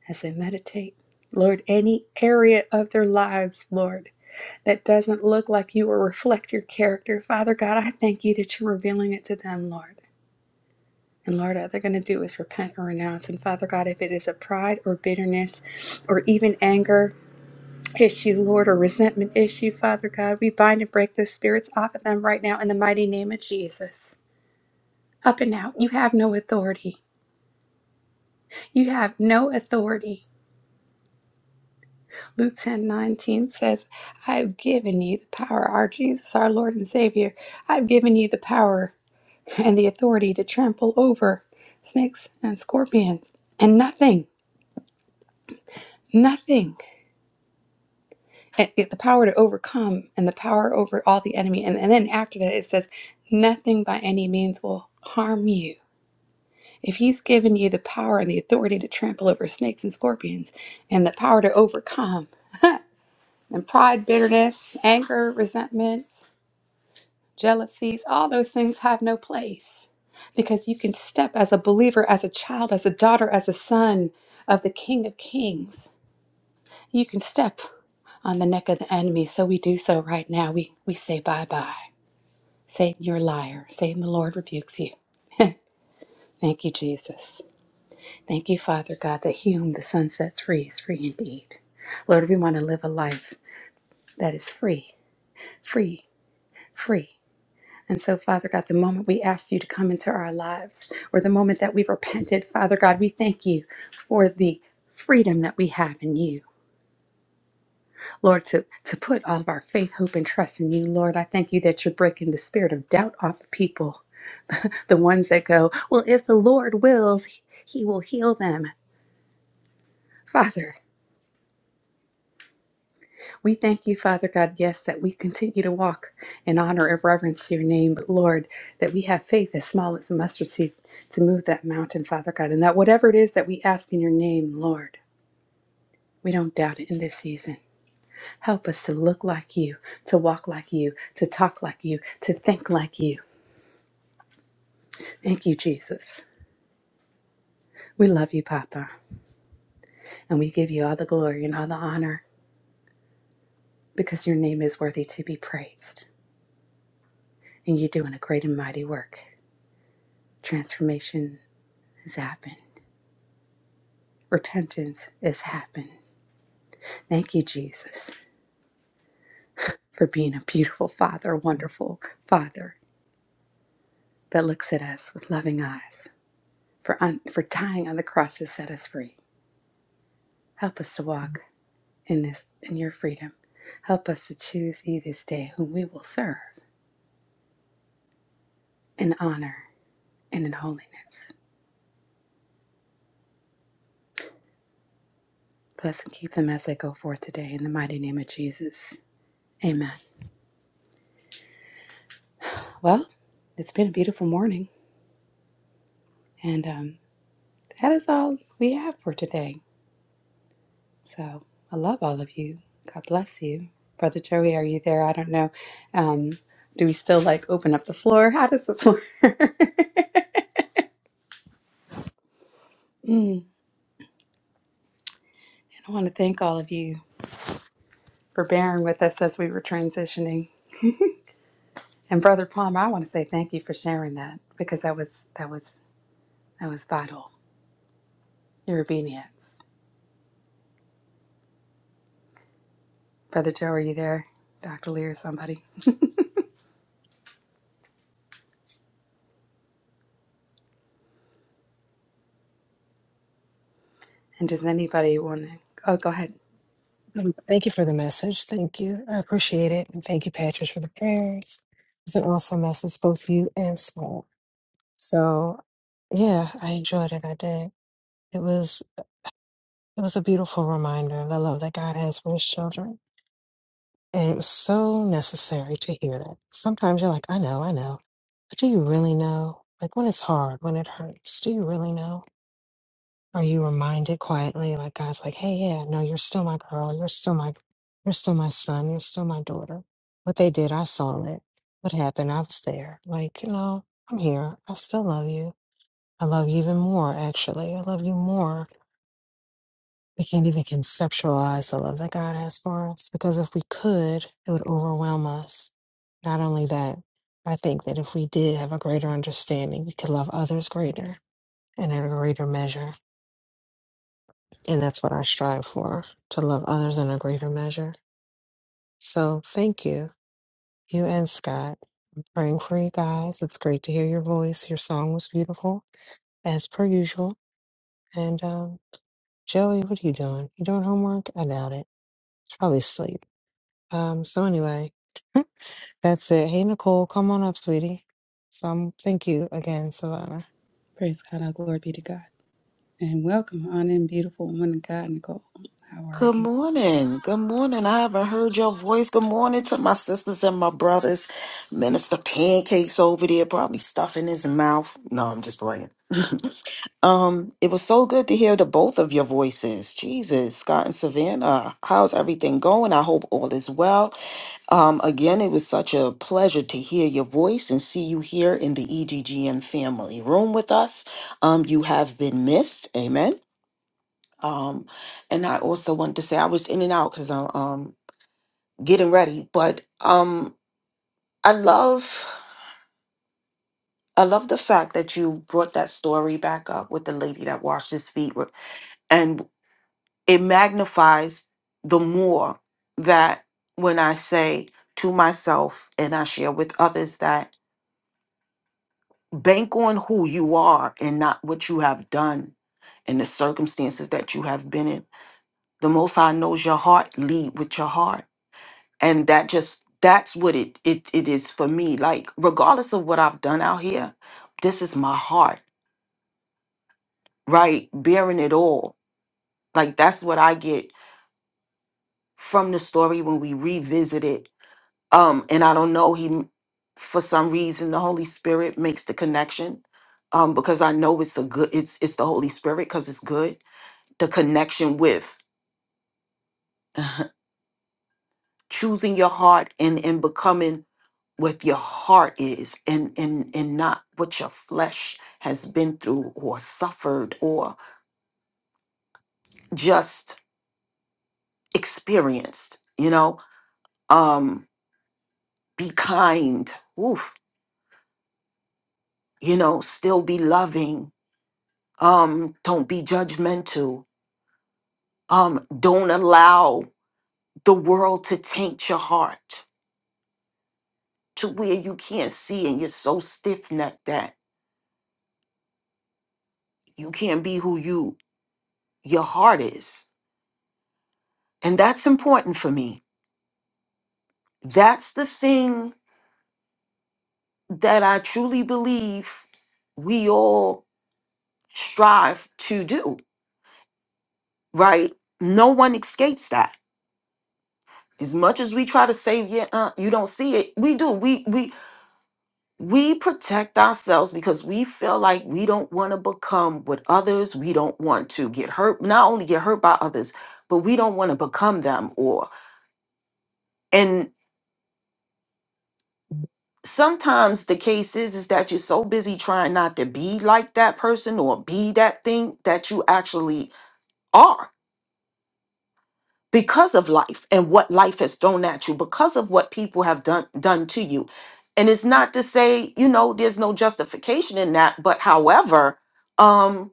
D: as they meditate. Lord, any area of their lives, Lord, that doesn't look like you or reflect your character, Father God, I thank you that you're revealing it to them, Lord. And Lord, all they're going to do is repent or renounce. And Father God, if it is a pride or bitterness or even anger, issue, Lord, or resentment issue, Father God. We bind and break those spirits off of them right now in the mighty name of Jesus. Up and out. You have no authority. You have no authority. Luke 10 19 says, I have given you the power, our Jesus, our Lord and Savior. I've given you the power and the authority to trample over snakes and scorpions, and nothing, nothing. and it- the power to overcome and the power over all the enemy. And, and then after that, it says, Nothing by any means will harm you. If he's given you the power and the authority to trample over snakes and scorpions and the power to overcome, and pride, bitterness, anger, resentments, jealousies, all those things have no place because you can step as a believer, as a child, as a daughter, as a son of the King of Kings You can step on the neck of the enemy, so we do so right now. We, we say bye bye. Satan, you're a liar. Satan, the Lord rebukes you. Thank you, Jesus. Thank you, Father God, that he whom the sun sets free is free indeed. Lord, we want to live a life that is free, free, free. And so, Father God, the moment we asked you to come into our lives, or the moment that we repented, Father God, we thank you for the freedom that we have in you. Lord, to, to put all of our faith, hope, and trust in you, Lord, I thank you that you're breaking the spirit of doubt off of people, the ones that go, Well, if the Lord wills, he He will heal them. Father, we thank you, Father God, yes, that we continue to walk in honor and reverence to your name, but Lord, that we have faith as small as a mustard seed to move that mountain, Father God, and that whatever it is that we ask in your name, Lord, we don't doubt it in this season. Help us to look like you, to walk like you, to talk like you, to think like you. Thank you, Jesus. We love you, Papa, and we give you all the glory and all the honor because your name is worthy to be praised. And you're doing a great and mighty work. Transformation has happened, repentance has happened. Thank you, Jesus, for being a beautiful Father, a wonderful Father that looks at us with loving eyes, for, un- for dying on the cross to set us free. Help us to walk in, this, in your freedom. Help us to choose you this day whom we will serve and honor and in holiness. Bless and keep them as they go forth today in the mighty name of Jesus. Amen. Well, it's been a beautiful morning, and um, that is all we have for today. So I love all of you. God bless you. Brother Joey, are you there? I don't know. Um, do we still like open up the floor? <laughs> How does this work? <laughs> Mm, and I want to thank all of you for bearing with us as we were transitioning. And Brother Palmer, I want to say thank you for sharing that because that was that was that was vital your obedience. Brother Joe, are you there? Dr. Lee or somebody? And does anybody want to? Oh, go ahead.
H: Um, Thank you for the message. Thank you. I appreciate it. And thank you, Patrice, for the prayers. It's an awesome message, both you and Saul. So yeah, I enjoyed it. I did. It was it was a beautiful reminder of the love that God has for his children. And it was so necessary to hear that. Sometimes you're like, I know, I know. But do you really know? Like when it's hard, when it hurts, do you really know? Are you reminded quietly, like God's like, hey, yeah, no, you're still my girl. You're still my, you're still my son. You're still my daughter. What they did, I saw it. What happened, I was there. Like, you know, I'm here. I still love you. I love you even more, actually. I love you more. We can't even conceptualize the love that God has for us because if we could, it would overwhelm us. Not only that, I think that if we did have a greater understanding, we could love others greater and in a greater measure. And that's what I strive for to love others in a greater measure. So thank you, you and Scott, praying for you guys. It's great to hear your voice. Your song was beautiful, as per usual. And um, Joey, what are you doing? You doing homework? I doubt it. It's probably sleep. Um, so anyway, <laughs> that's it. Hey, Nicole, come on up, sweetie. So I'm, thank you again, Savannah.
D: Praise God, Our glory be to God. And welcome, honored and beautiful woman of God, Nicole. How are
I: Good
D: you?
I: morning. Good morning. I haven't heard your voice. Good morning to my sisters and my brothers. Minister Pancakes over there, probably stuffing his mouth. No, I'm just playing. Um, it was so good to hear the both of your voices. Jesus, Scott and Savannah, how's everything going? I hope all is well. Um, again, it was such a pleasure to hear your voice and see you here in the EGGM family room with us. Um, you have been missed. Amen. Um, and I also wanted to say I was in and out because I'm um, getting ready, but um, I love I love the fact that you brought that story back up with the lady that washed his feet, with- and it magnifies the more that when I say to myself and I share with others that bank on who you are and not what you have done and the circumstances that you have been in. The Most High knows your heart. Lead with your heart and that just that's what it it, it is for me like regardless of what i've done out here this is my heart right bearing it all like that's what i get from the story when we revisit it um and i don't know he m- for some reason the holy spirit makes the connection um because i know it's a good it's it's the holy spirit because it's good the connection with <laughs> choosing your heart and and becoming With your heart is and and and not what your flesh has been through or suffered or just experienced you know um be kind Oof. you know still be loving um don't be judgmental um don't allow the world to taint your heart to where you can't see and you're so stiff-necked that you can't be who you your heart is and that's important for me that's the thing that I truly believe we all strive to do, right? No one escapes that. As much as we try to say, yeah, uh, you don't see it, we do. We we we protect ourselves because we feel like we don't want to become with others. We don't want to get hurt, not only get hurt by others, but we don't want to become them or and sometimes the case is is that you're so busy trying not to be like that person or be that thing that you actually are because of life and what life has thrown at you, because of what people have done done to you. And it's not to say, you know, there's no justification in that, but however, um,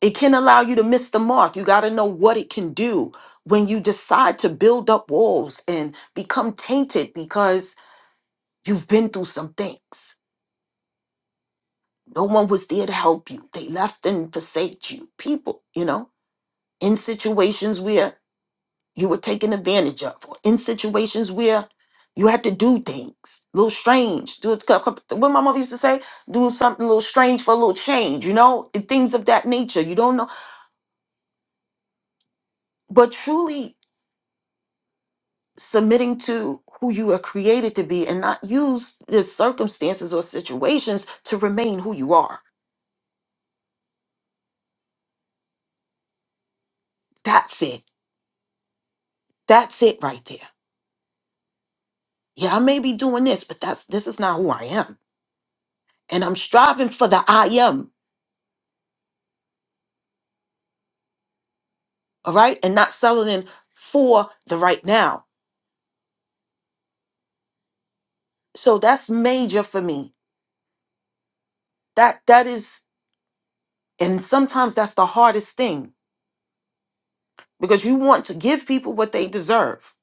I: it can allow you to miss the mark. You got to know what it can do when you decide to build up walls and become tainted because you've been through some things. No one was there to help you. They left and forsake you. People, you know, in situations where you were taken advantage of or in situations where you had to do things a little strange do it what my mother used to say do something a little strange for a little change you know and things of that nature you don't know but truly submitting to who you are created to be and not use the circumstances or situations to remain who you are that's it that's it right there yeah i may be doing this but that's this is not who i am and i'm striving for the i am all right, and not selling in for the right now. So that's major for me. That that is, and sometimes that's the hardest thing because you want to give people what they deserve.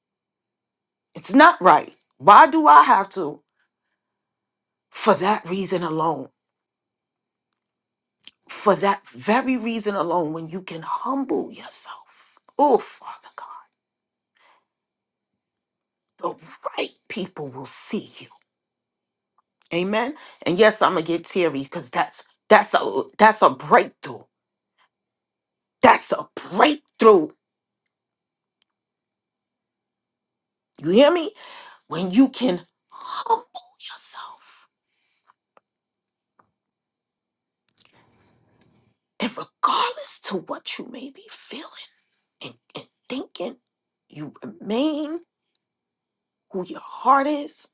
I: It's not right. Why do I have to? For that reason alone, for that very reason alone, when you can humble yourself, oh Father God, the right people will see you. Amen. And yes, I'm gonna get teary because that's that's a that's a breakthrough. That's a breakthrough You hear me? When you can humble yourself and regardless to what you may be feeling and, and thinking, you remain who your heart is,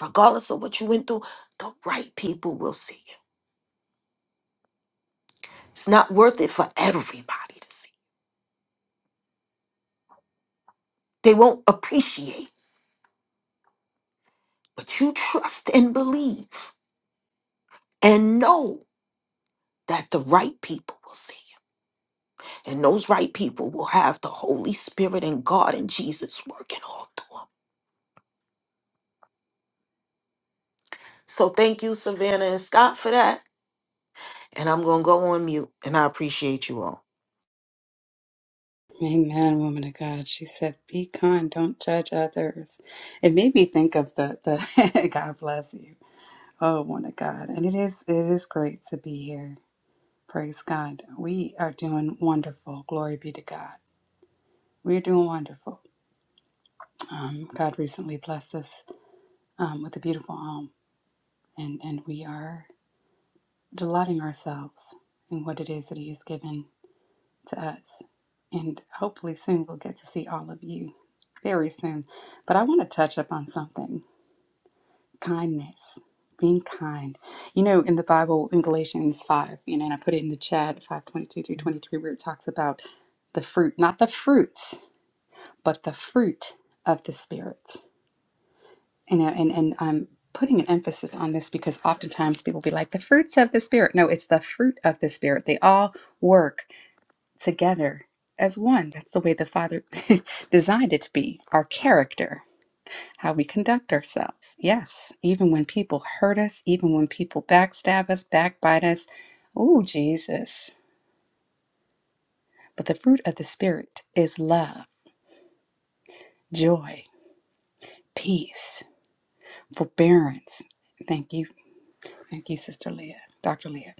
I: regardless of what you went through, the right people will see you. It's not worth it for everybody to see. They won't appreciate, but you trust and believe and know that the right people will see you. And those right people will have the Holy Spirit and God and Jesus working all through 'em. So thank you, Savannah and Scott, for that. And I'm going to go on mute. And I appreciate you all.
D: Amen, woman of God. She said, Be kind, don't judge others. It made me think of the, the <laughs> God bless you. Oh, woman of God. And it is it is great to be here. Praise God. We are doing wonderful. Glory be to God. We're doing wonderful. Um, God recently blessed us um, with a beautiful arm, and, and we are delighting ourselves in what it is that He has given to us. And hopefully, soon we'll get to see all of you very soon. But I want to touch up on something kindness, being kind. You know, in the Bible, in Galatians 5, you know, and I put it in the chat 522 through 23, where it talks about the fruit, not the fruits, but the fruit of the Spirit. you know, and and I'm putting an emphasis on this because oftentimes people be like the fruits of the spirit. No, it's the fruit of the spirit. They all work together as one. That's the way the Father <laughs> designed it to be. Our character, how we conduct ourselves. Yes, even when people hurt us, even when people backstab us, backbite us. Oh, Jesus. But the fruit of the spirit is love, joy, peace, forbearance. Thank you. Thank you, Sister Leah. Dr. Leah.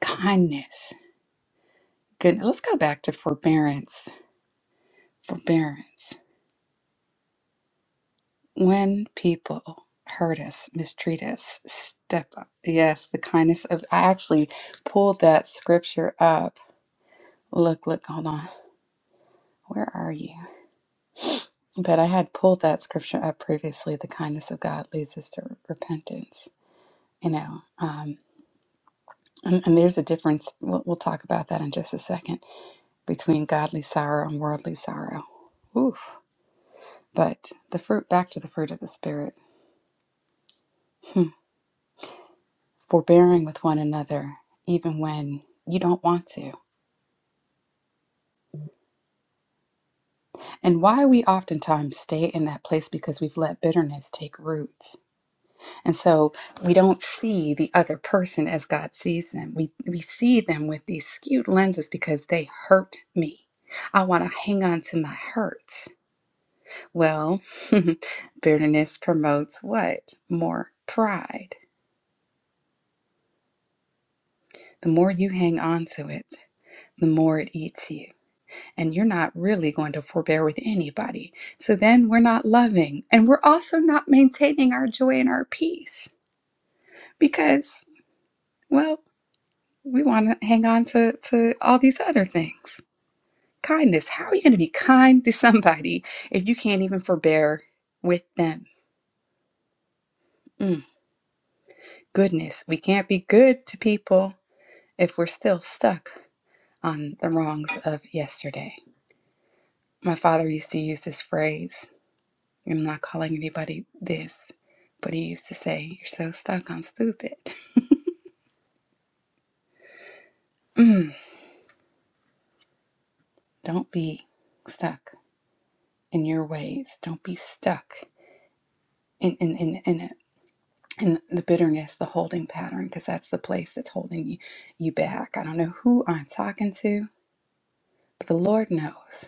D: kindness, goodness. Let's go back to forbearance. Forbearance. When people hurt us, mistreat us, step up. Yes, the kindness of. I actually pulled that scripture up. Look, look, hold on. Where are you? But I had pulled that scripture up previously. The kindness of God leads us to repentance. You know, um, and, and there's a difference. We'll, we'll talk about that in just a second between godly sorrow and worldly sorrow. Oof. But the fruit, back to the fruit of the Spirit, <laughs> forbearing with one another, even when you don't want to. And why we oftentimes stay in that place because we've let bitterness take roots. And so we don't see the other person as God sees them. We, we see them with these skewed lenses because they hurt me. I want to hang on to my hurts. Well, <laughs> bitterness promotes what? More pride. The more you hang on to it, the more it eats you. And you're not really going to forbear with anybody. So then we're not loving. And we're also not maintaining our joy and our peace because, well, we want to hang on to, to all these other things. Kindness. How are you going to be kind to somebody if you can't even forbear with them? Mm, goodness. We can't be good to people if we're still stuck on the wrongs of yesterday. My father used to use this phrase, and I'm not calling anybody this, but he used to say, You're so stuck on stupid. Don't be stuck in your ways. Don't be stuck in in in, in it. And the bitterness, the holding pattern, because that's the place that's holding you, you back. I don't know who I'm talking to, but the Lord knows.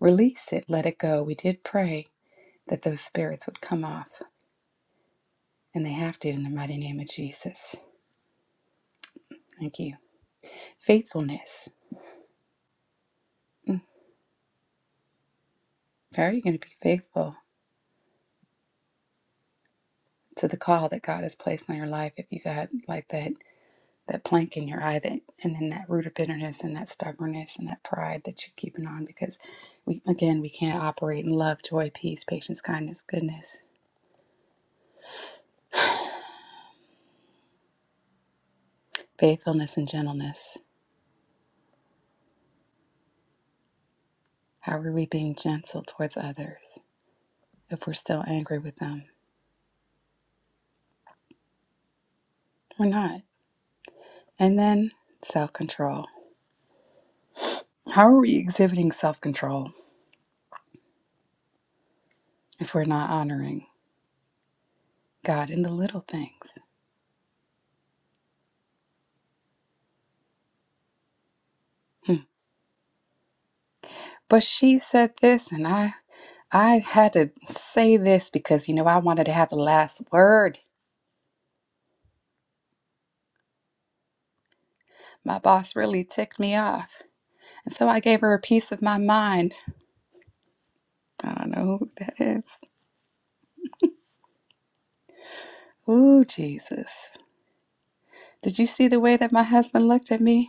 D: Release it, let it go. We did pray that those spirits would come off, and they have to in the mighty name of Jesus. Thank you. Faithfulness. How are you going to be faithful to the call that God has placed on your life if you got like that that plank in your eye that and then that root of bitterness and that stubbornness and that pride that you're keeping on because we again we can't operate in love, joy, peace, patience, kindness, goodness, faithfulness and gentleness. How are we being gentle towards others if we're still angry with them? We're not. And then self-control. How are we exhibiting self-control if we're not honoring God in the little things? Hmm. But she said this, and I I had to say this because you know I wanted to have the last word. My boss really ticked me off, and so I gave her a piece of my mind. I don't know who that is. Ooh, Jesus! Did you see the way that my husband looked at me?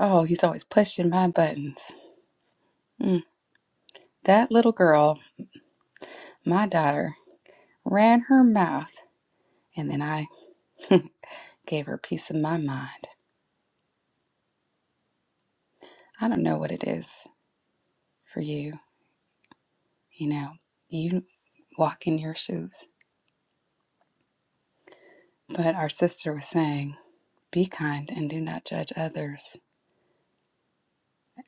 D: Oh, he's always pushing my buttons. Mm. That little girl, my daughter, ran her mouth, and then I <laughs> gave her a piece of my mind. I don't know what it is for you you know, you walk in your shoes. But our sister was saying, be kind and do not judge others.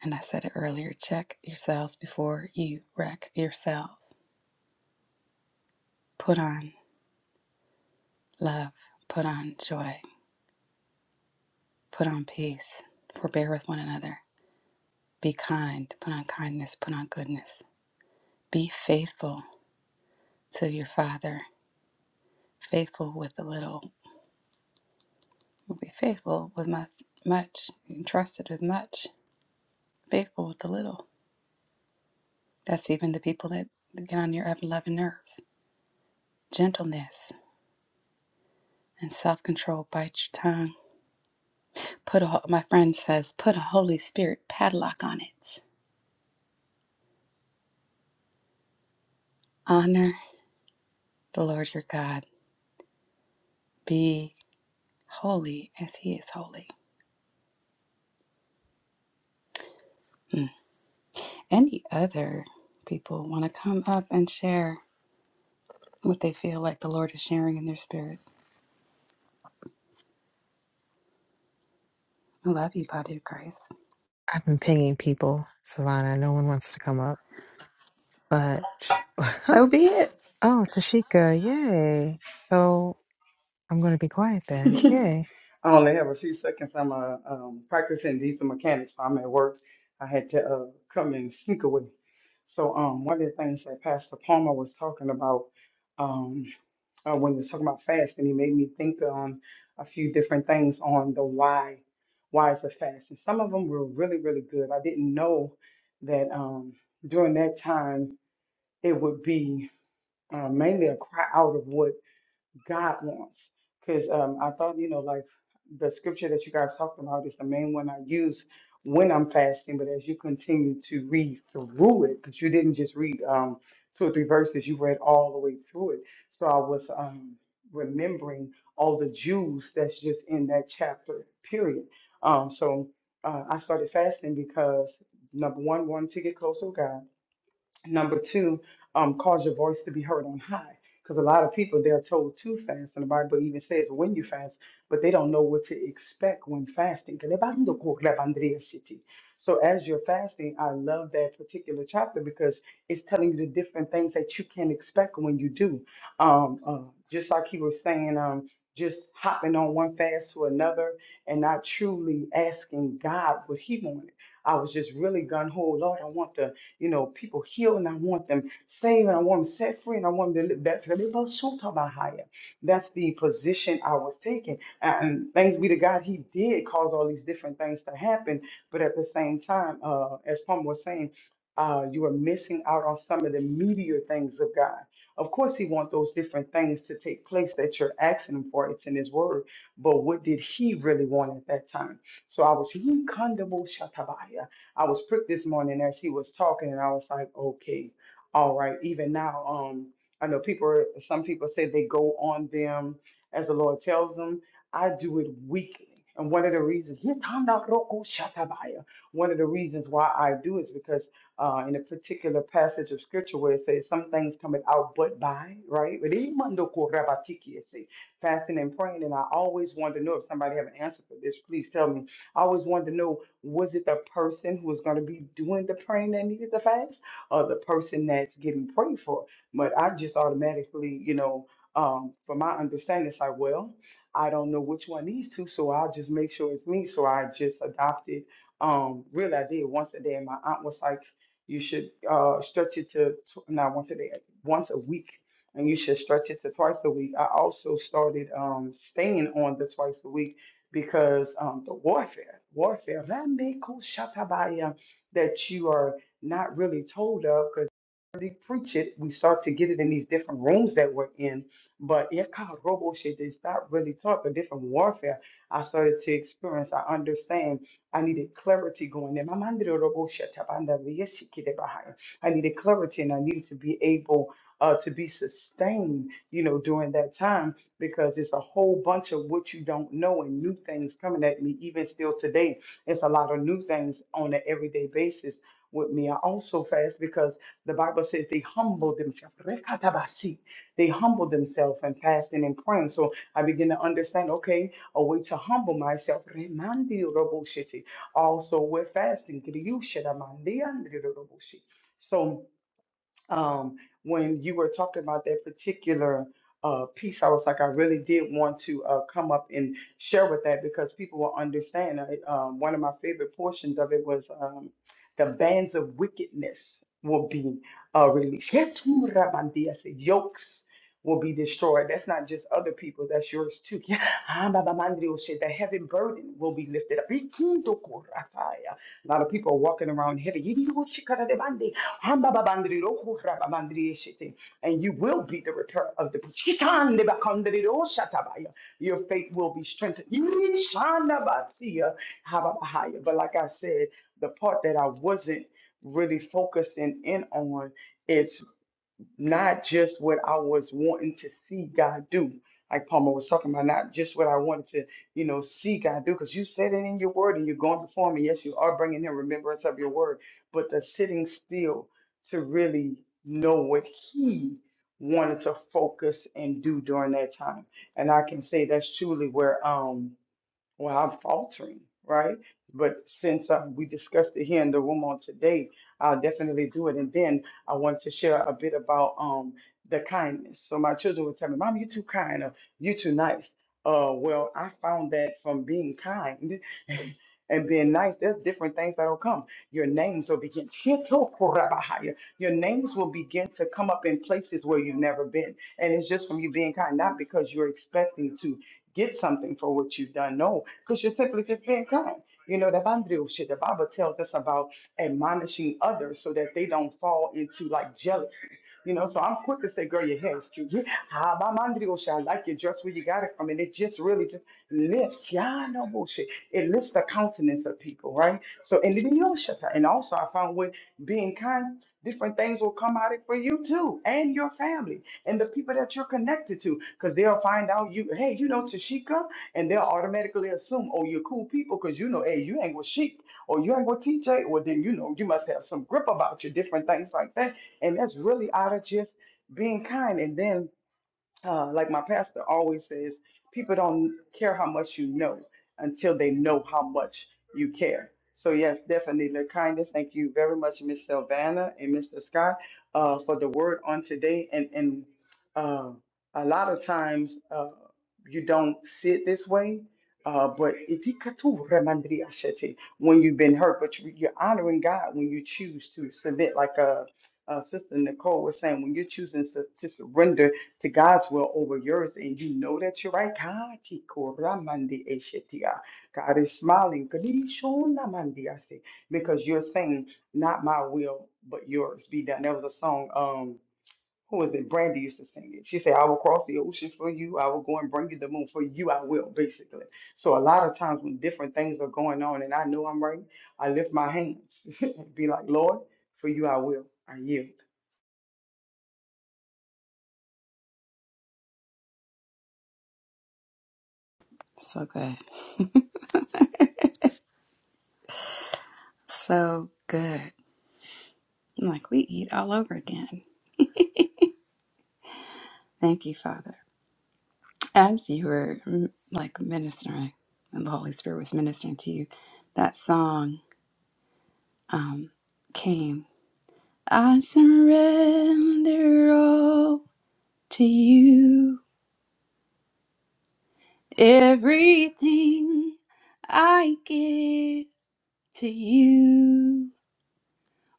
D: And I said it earlier check yourselves before you wreck yourselves. Put on love, put on joy, put on peace, forbear with one another. Be kind, put on kindness, put on goodness. Be faithful to your Father, faithful with the little. Be faithful with much, entrusted with much, faithful with the little That's even the people that get on your unloving nerves. Gentleness and self control bite your tongue. Put a, my friend says, put a Holy Spirit padlock on it. Honor the Lord your God. Be holy as he is holy. Any other people want to come up and share what they feel like the Lord is sharing in their spirit? I love you, body of Christ.
H: I've been pinging people, Savannah. No one wants to come up, but <laughs> oh,
D: So be it.
H: Tashika, yay! So. I'm going to be quiet then. Yay.
D: So good. So good. Like we eat all over again. Thank you, Father. as you were mm, like ministering and the holy spirit was ministering to you that song um, came i surrender all to you everything i give to you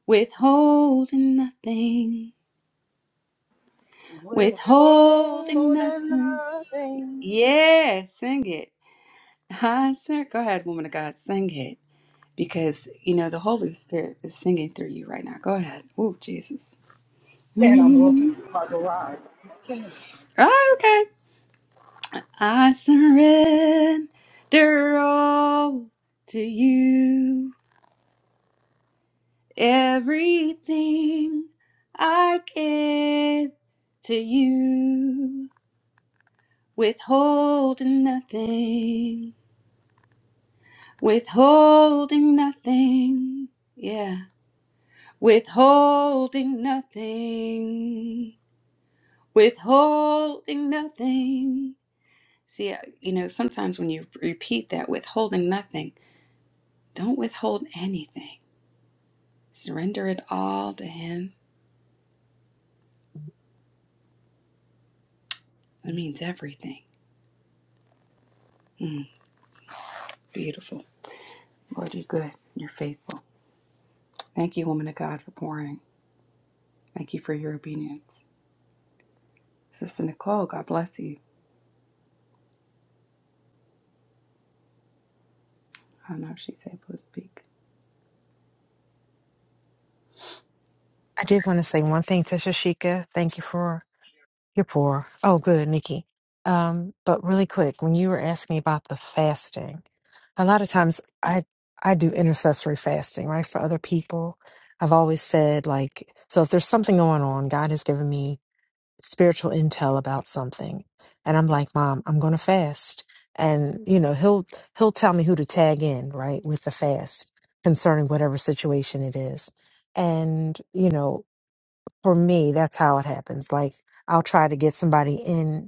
D: withholding nothing withholding nothing yeah sing it I sur- go ahead woman of god sing it because you know the Holy Spirit is singing through you right now. Go ahead. Oh, Jesus. Mm. Oh, okay. I surrender all to you. Everything I give to you. Withholding nothing. Withholding nothing. Yeah. Withholding nothing. withholding nothing. See, uh, you know, sometimes when you repeat that, withholding nothing, don't withhold anything. Surrender it all to Him. That means everything. Mm, beautiful. Lord, you're good. You're faithful. Thank you, woman of God, for pouring. Thank you for your obedience. Sister Nicole, God bless you. I don't know if she's able to speak.
H: I did want to say one thing to Shashika. Thank you for your pour. Oh, good, Nikki. Um, but really quick, when you were asking me about the fasting, a lot of times I I do intercessory fasting, right, for other people. I've always said like, so if there's something going on, God has given me spiritual intel about something and i'm like mom i'm going to fast and you know he'll he'll tell me who to tag in right with the fast concerning whatever situation it is and you know for me that's how it happens like i'll try to get somebody in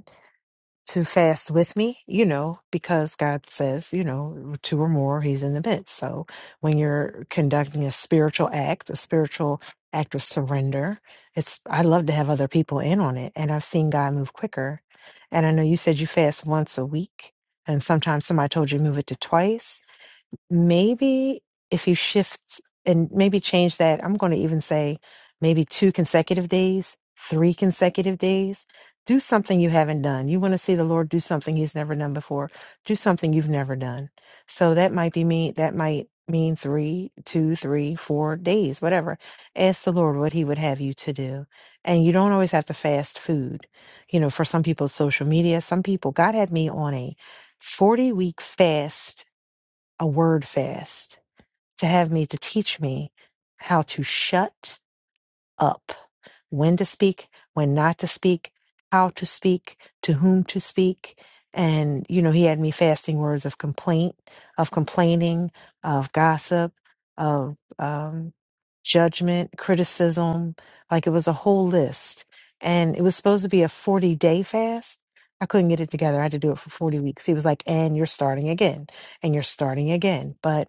H: to fast with me, you know, because God says, you know, two or more, He's in the midst. So when you're conducting a spiritual act, a spiritual act of surrender, it's, I love to have other people in on it. And I've seen God move quicker. And I know you said you fast once a week, and sometimes somebody told you move it to twice maybe if you shift and maybe change that, I'm going to even say maybe two consecutive days, three consecutive days. Do something you haven't done. You want to see the Lord do something he's never done before. Do something you've never done. So that might be me. That might mean three, two, three, four days, whatever. Ask the Lord what he would have you to do. And you don't always have to fast food. You know, for some people, social media. Some people, God had me on a 40 week fast a word fast to have me to teach me how to shut up, when to speak, when not to speak, how to speak, to whom to speak. And, you know, he had me fasting words of complaint, of complaining, of gossip, of um, judgment, criticism. Like it was a whole list. And it was supposed to be a 40 day fast. I couldn't get it together. I had to do it for 40 weeks. He was like, and you're starting again, and you're starting again. But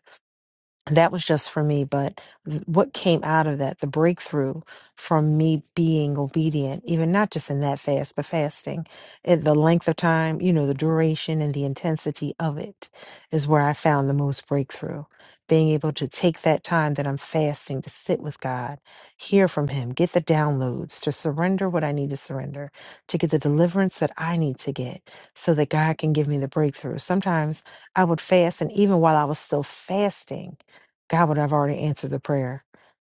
H: that was just for me but th- what came out of that the breakthrough from me being obedient even not just in that fast but fasting and the length of time you know the duration and the intensity of it is where i found the most breakthrough being able to take that time that i'm fasting to sit with god hear from him get the downloads to surrender what i need to surrender to get the deliverance that i need to get so that god can give me the breakthrough sometimes i would fast and even while i was still fasting God would have already answered the prayer,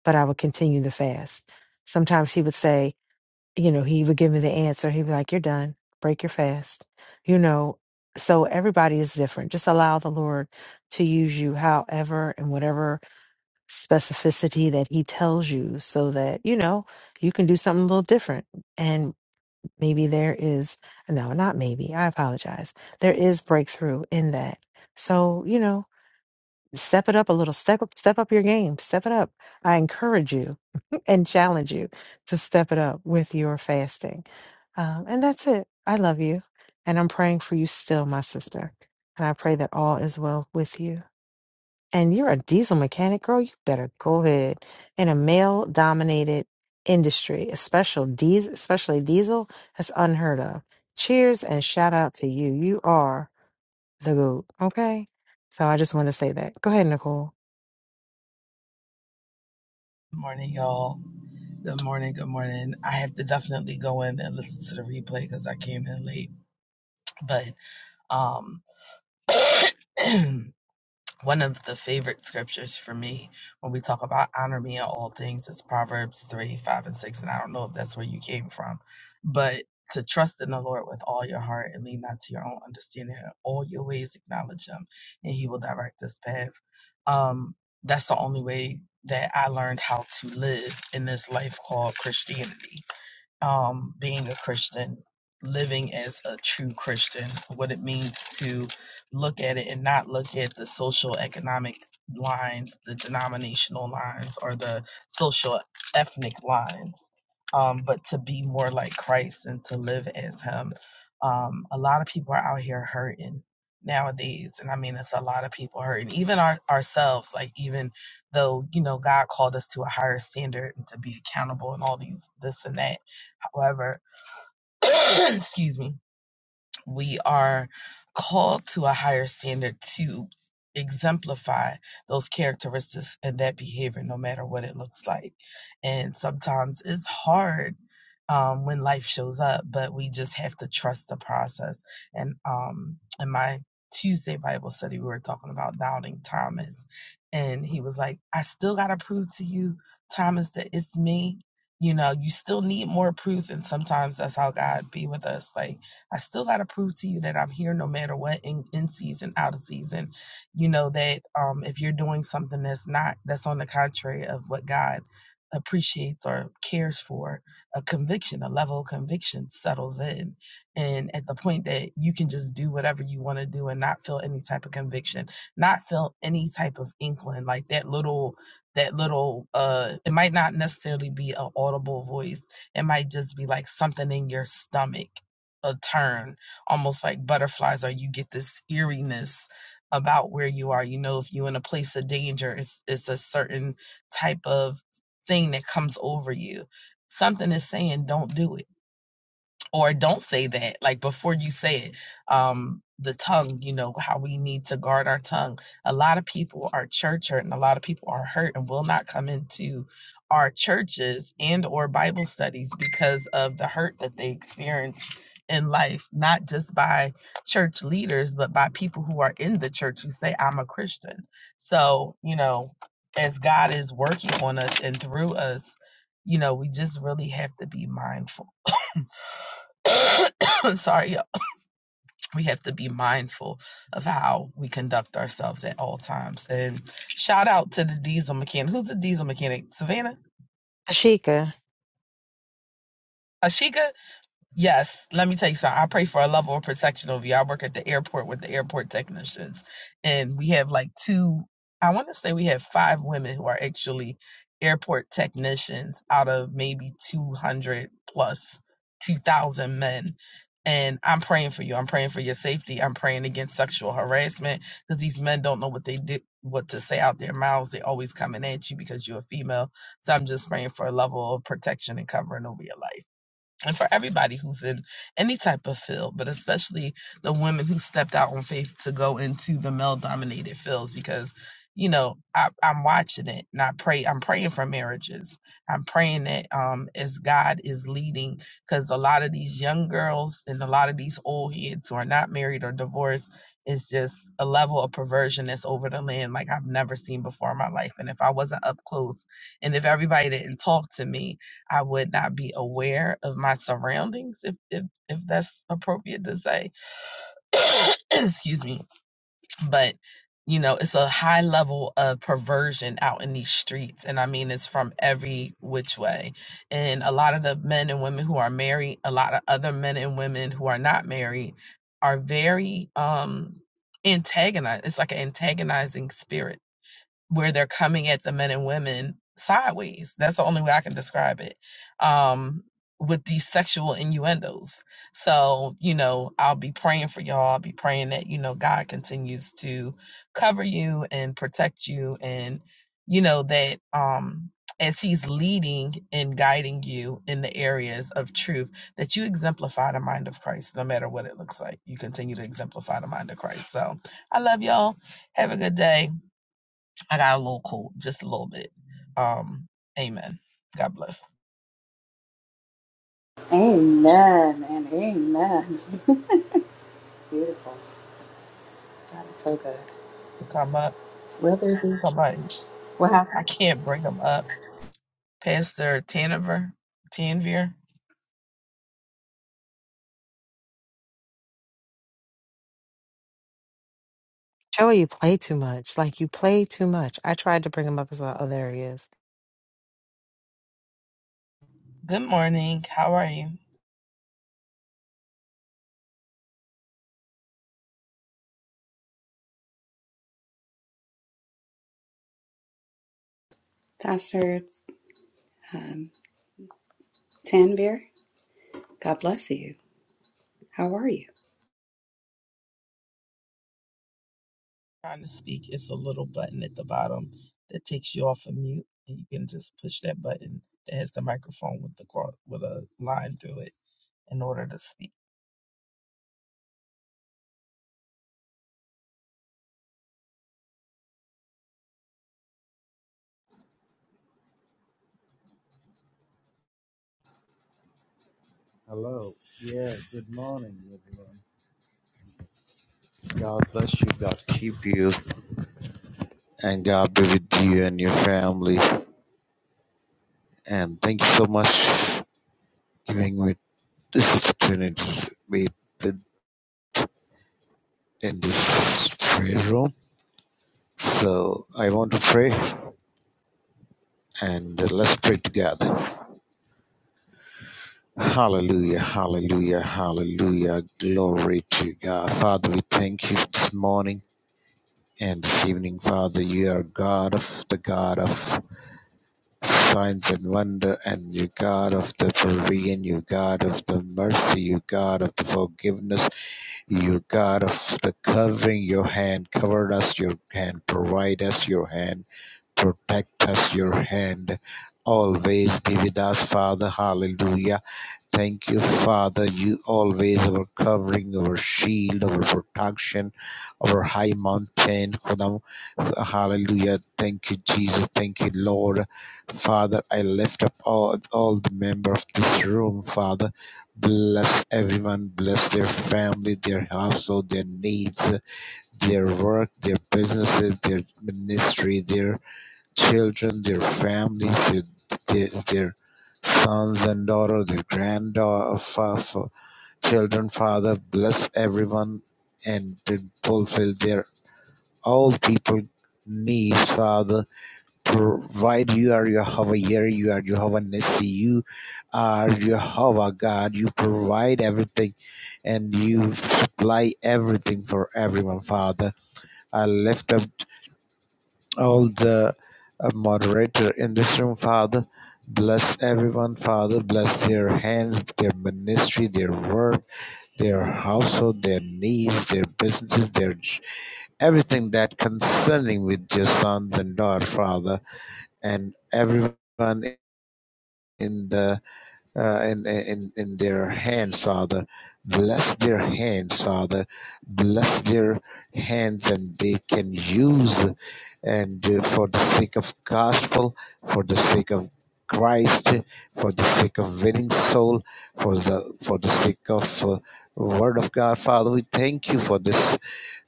H: but I would continue the fast. Sometimes he would say, you know, he would give me the answer. He'd be like, you're done, break your fast, you know. So everybody is different. Just allow the Lord to use you however and whatever specificity that he tells you so that, you know, you can do something a little different. And maybe there is, no, not maybe, I apologize. There is breakthrough in that. So, you know, Step it up a little. Step up, step up your game. Step it up. I encourage you <laughs> and challenge you to step it up with your fasting. Um, and that's it. I love you. And I'm praying for you still, my sister. And I pray that all is well with you. And you're a diesel mechanic, girl. You better go ahead. In a male dominated industry, especially diesel, especially diesel, that's unheard of. Cheers and shout out to you. You are the goat. Okay. So I just want to say that. Go ahead, Nicole.
J: Good morning, y'all. Good morning. Good morning. I have to definitely go in and listen to the replay because I came in late. But um, <clears throat> one of the favorite scriptures for me when we talk about honor me in all things is Proverbs 3, 5, and 6. And I don't know if that's where you came from, but to trust in the Lord with all your heart and lean not to your own understanding. In all your ways acknowledge Him, and He will direct this path. Um, that's the only way that I learned how to live in this life called Christianity um, being a Christian, living as a true Christian, what it means to look at it and not look at the social economic lines, the denominational lines, or the social ethnic lines, um, but to be more like Christ and to live as Him. Um, a lot of people are out here hurting nowadays and i mean it's a lot of people hurting even our, ourselves like even though you know god called us to a higher standard and to be accountable and all these this and that However, <coughs> excuse me, we are called to a higher standard to exemplify those characteristics and that behavior no matter what it looks like and sometimes it's hard um, when life shows up but we just have to trust the process and um, in my tuesday bible study we were talking about doubting thomas and he was like i still gotta prove to you thomas that it's me you know you still need more proof and sometimes that's how god be with us like I still got to prove to you that I'm here no matter what, in, in season, out of season. You know, that um, if you're doing something that's not, that's on the contrary of what God appreciates or cares for, a conviction, a level of conviction settles in. And at the point that you can just do whatever you want to do and not feel any type of conviction, not feel any type of inkling, like that little, that little, uh, it might not necessarily be an audible voice it might just be like something in your stomach a turn, almost like butterflies, or you get this eeriness about where you are. You know, if you're in a place of danger, it's it's a certain type of thing that comes over you. Something is saying, "Don't do it." or don't say that like before you say it um the tongue you know how we need to guard our tongue a lot of people are church hurt and a lot of people are hurt and will not come into our churches and or bible studies because of the hurt that they experience in life not just by church leaders but by people who are in the church who say i'm a christian so you know as god is working on us and through us you know we just really have to be mindful <coughs> <coughs> sorry, yeah, we have to be mindful of how we conduct ourselves at all times. And shout out to the diesel mechanic. Who's the diesel mechanic? Savannah?
H: Ashika,
J: Ashika? Yes, let me tell you something. I pray for a level of protection over you. I work at the airport with the airport technicians, and we have like two, I want to say we have five women who are actually airport technicians out of maybe 200 plus 2,000 men. And I'm praying for you. I'm praying for your safety. I'm praying against sexual harassment because these men don't know what they did, what to say out their mouths. They're always coming at you because you're a female. So I'm just praying for a level of protection and covering over your life and for everybody who's in any type of field, but especially the women who stepped out on faith to go into the male dominated fields because you know I, i'm watching it and i pray i'm praying for marriages i'm praying that um as god is leading because a lot of these young girls and a lot of these old heads who are not married or divorced is just a level of perversion that's over the land like i've never seen before in my life and if i wasn't up close and if everybody didn't talk to me I would not be aware of my surroundings, if if, if that's appropriate to say. <coughs> Excuse me, but you know, it's a high level of perversion out in these streets, and I mean, it's from every which way. And a lot of the men and women who are married, a lot of other men and women who are not married, are very um antagonized. It's like an antagonizing spirit where they're coming at the men and women sideways. That's the only way I can describe it. Um, with these sexual innuendos. So, you know, I'll be praying for y'all. I'll be praying that, you know, God continues to cover you and protect you and, you know, that um as he's leading and guiding you in the areas of truth, that you exemplify the mind of Christ, no matter what it looks like. You continue to exemplify the mind of Christ. So I love y'all. Have a good day. I got a little cold, just a little bit. Um, amen. God bless.
D: Amen and amen. Beautiful. God is so good.
J: Come up.
D: Will there be?
J: Somebody,
D: What
J: I
D: happened?
J: can't bring them up. Pastor Tanover, Tanvir.
H: Joey, you play too much. Like you play too much. I tried to bring him up as well. Oh, there he is.
J: Good morning. How are you?
D: Pastor um, Tanvir? God bless you. How are you?
J: trying to speak, it's a little button at the bottom that takes you off of mute, and you can just push that button that has the microphone with the cro- with a line through it in order to speak.
K: Hello. Yeah, good morning, everyone. God bless you. God keep you. And God be with you and your family. And thank you so much for giving me this opportunity to be with- in this prayer room. So I want to pray and uh, let's pray together. Hallelujah, hallelujah, hallelujah. Glory to God. Father, we thank you this morning and this evening, Father. You are God of the God of Signs and wonder, and you God of the provision, you God of the mercy, you God of the forgiveness, you God of the covering, your hand covered us, your hand provide us, your hand protect us, your hand always be with us, Father. Hallelujah. Thank you, Father. You always our covering, our shield, our protection, our high mountain. Khudam, Hallelujah. Thank you, Jesus. Thank you, Lord. Father, I lift up all, all the members of this room, Father. Bless everyone, bless their family, their household, their needs, their work, their businesses, their ministry, their children, their families, their, their sons and daughters, their grandchildren. children, Father, bless everyone and fulfill their all people needs, Father. Provide you are Jehovah Yeri, you are Jehovah Nissi, you are Jehovah God. You provide everything and you supply everything for everyone, Father. I lift up all the uh, moderator in this room, Father. Bless everyone, Father. Bless their hands, their ministry, their work, their household, their needs, their businesses, their j- everything that concerning with your sons and daughters, Father, and everyone in the uh, in, in in their hands, Father. Bless their hands, Father. Bless their hands, and they can use and uh, for the sake of gospel, for the sake of Christ, for the sake of winning soul, for the for the sake of uh, word of God, Father. We thank you for this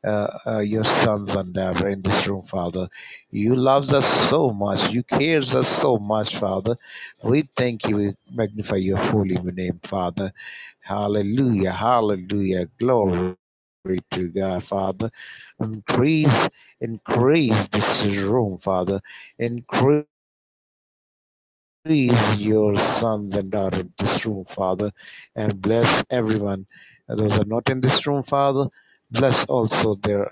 K: uh, uh, your sons and daughter in this room, Father. You loves us so much. You cares us so much, Father. We thank you. We magnify your holy name, Father. Hallelujah. Hallelujah. Glory. To God, Father, increase, increase this room, Father, increase. Increase your sons and daughters in this room, Father, and bless everyone. Those are not in this room, Father. Bless also their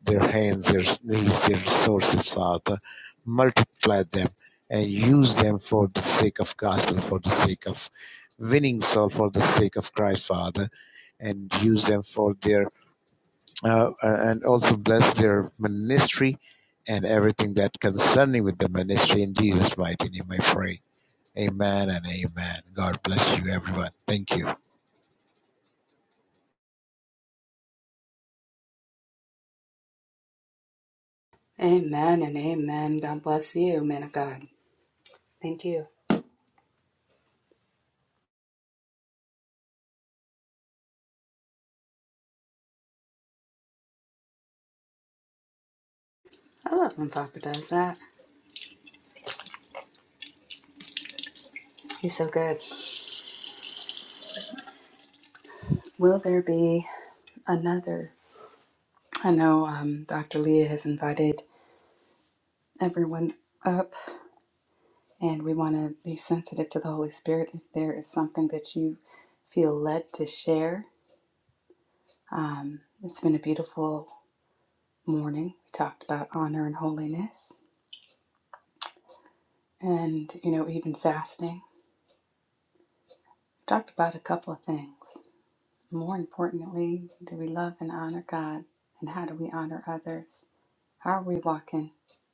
K: their hands, their knees, their resources, Father. Multiply them and use them for the sake of gospel, for the sake of winning soul, for the sake of Christ, Father. And use them for their uh, uh, and also bless their ministry and everything that concerning with the ministry in Jesus' mighty name. I pray. Amen and amen. God bless you, everyone. Thank you.
D: Amen and amen. God bless you, man of God. Thank you. I love when Papa does that. He's so good. Will there be another? I know um, Dr. Leah has invited everyone up, and we want to be sensitive to the Holy Spirit. If there is something that you feel led to share, um, it's been a beautiful morning. We talked about honor and holiness, and you know, even fasting. talked about a couple of things. More importantly, do we love and honor God? And how do we honor others? How are we walking?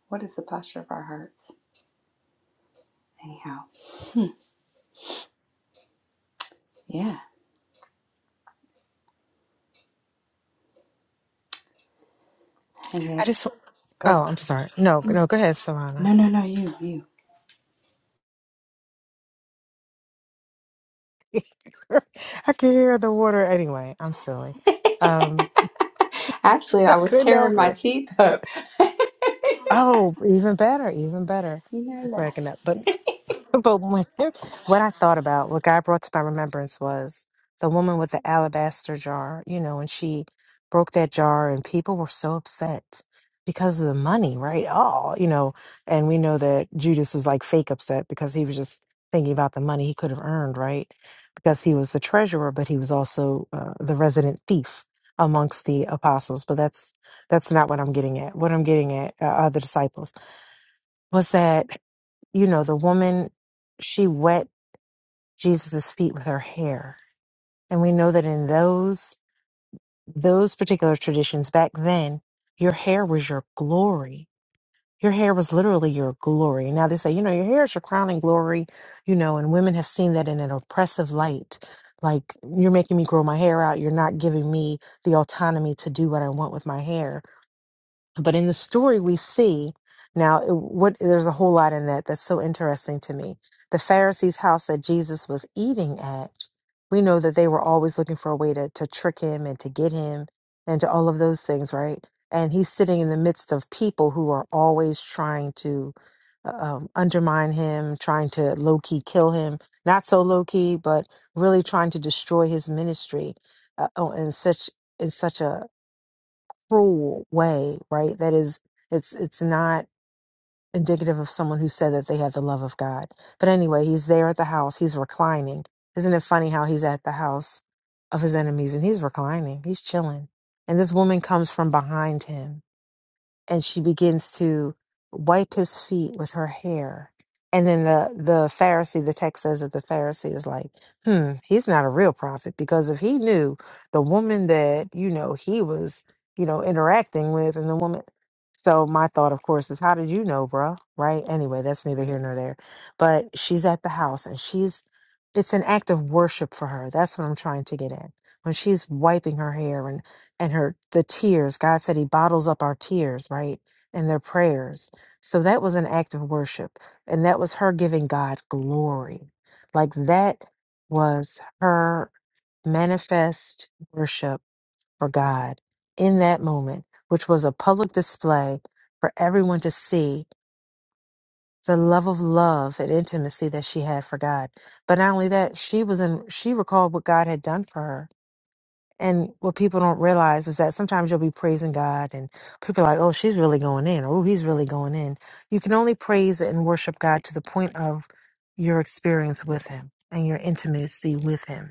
D: What is the posture of our hearts? Anyhow, yeah. And
H: I just.
D: that's
H: Oh,
D: go.
H: I'm sorry. No, no. Go ahead, Savannah.
D: No, no, no, you, you.
H: <laughs> I can hear the water. Anyway, I'm silly. Um,
D: Actually,
H: <laughs> I
D: I was
H: couldn't
D: tearing
H: help
D: my
H: it.
D: teeth up. <laughs> you
H: Oh, even better, even better.
D: know that.
H: Cracking up, but <laughs> But when, what I thought about, what God brought to my remembrance was the woman with the alabaster jar, you know, and she broke that jar, and people were so upset because of the money, right? Oh, you know, and we know that Judas was like fake upset because he was just thinking about the money he could have earned, right? Because he was the treasurer, but he was also uh, the resident thief amongst the apostles. But that's that's not what I'm getting at. What I'm getting at uh, are the disciples was that you know, the woman, she wet Jesus's feet with her hair. And we know that in those those particular traditions back then, your hair was your glory. Your hair was literally your glory. Now they say, you know, your hair is your crowning glory, you know, and women have seen that in an oppressive light. Like, you're making me grow my hair out. You're not giving me the autonomy to do what I want with my hair but in the story, we see now it- what there's a whole lot in that that's so interesting to me. The Pharisees' house that Jesus was eating at, we know that they were always looking for a way to, to trick him and to get him and to all of those things, right? And he's sitting in the midst of people who are always trying to uh, um, undermine him, trying to low key kill him, not so low key, but really trying to destroy his ministry uh, oh, in such in such a cruel way, right? That is, it's it's not indicative of someone who said that they had the love of God. But anyway, he's there at the house. He's reclining. Isn't it funny how he's at the house of his enemies and he's reclining. He's chilling. And this woman comes from behind him and she begins to wipe his feet with her hair. And then the, the Pharisee, the text says that the Pharisee is like, hmm, he's not a real prophet because if he knew the woman that, you know, he was, you know, interacting with and the woman. So my thought, of course, is how did you know, bruh? Right? Anyway, that's neither here nor there. But she's at the house and she's, it's an act of worship for her. That's what I'm trying to get at. When she's wiping her hair and her the tears god said he bottles up our tears right and their prayers so that was an act of worship and that was her giving god glory like that was her manifest worship for god in that moment which was a public display for everyone to see the love of love and intimacy that she had for god but not only that she was in she recalled what god had done for her and what people don't realize is that sometimes you'll be praising God and people are like, oh, she's really going in, or oh, he's really going in. You can only praise and worship God to the point of your experience with him and your intimacy with him.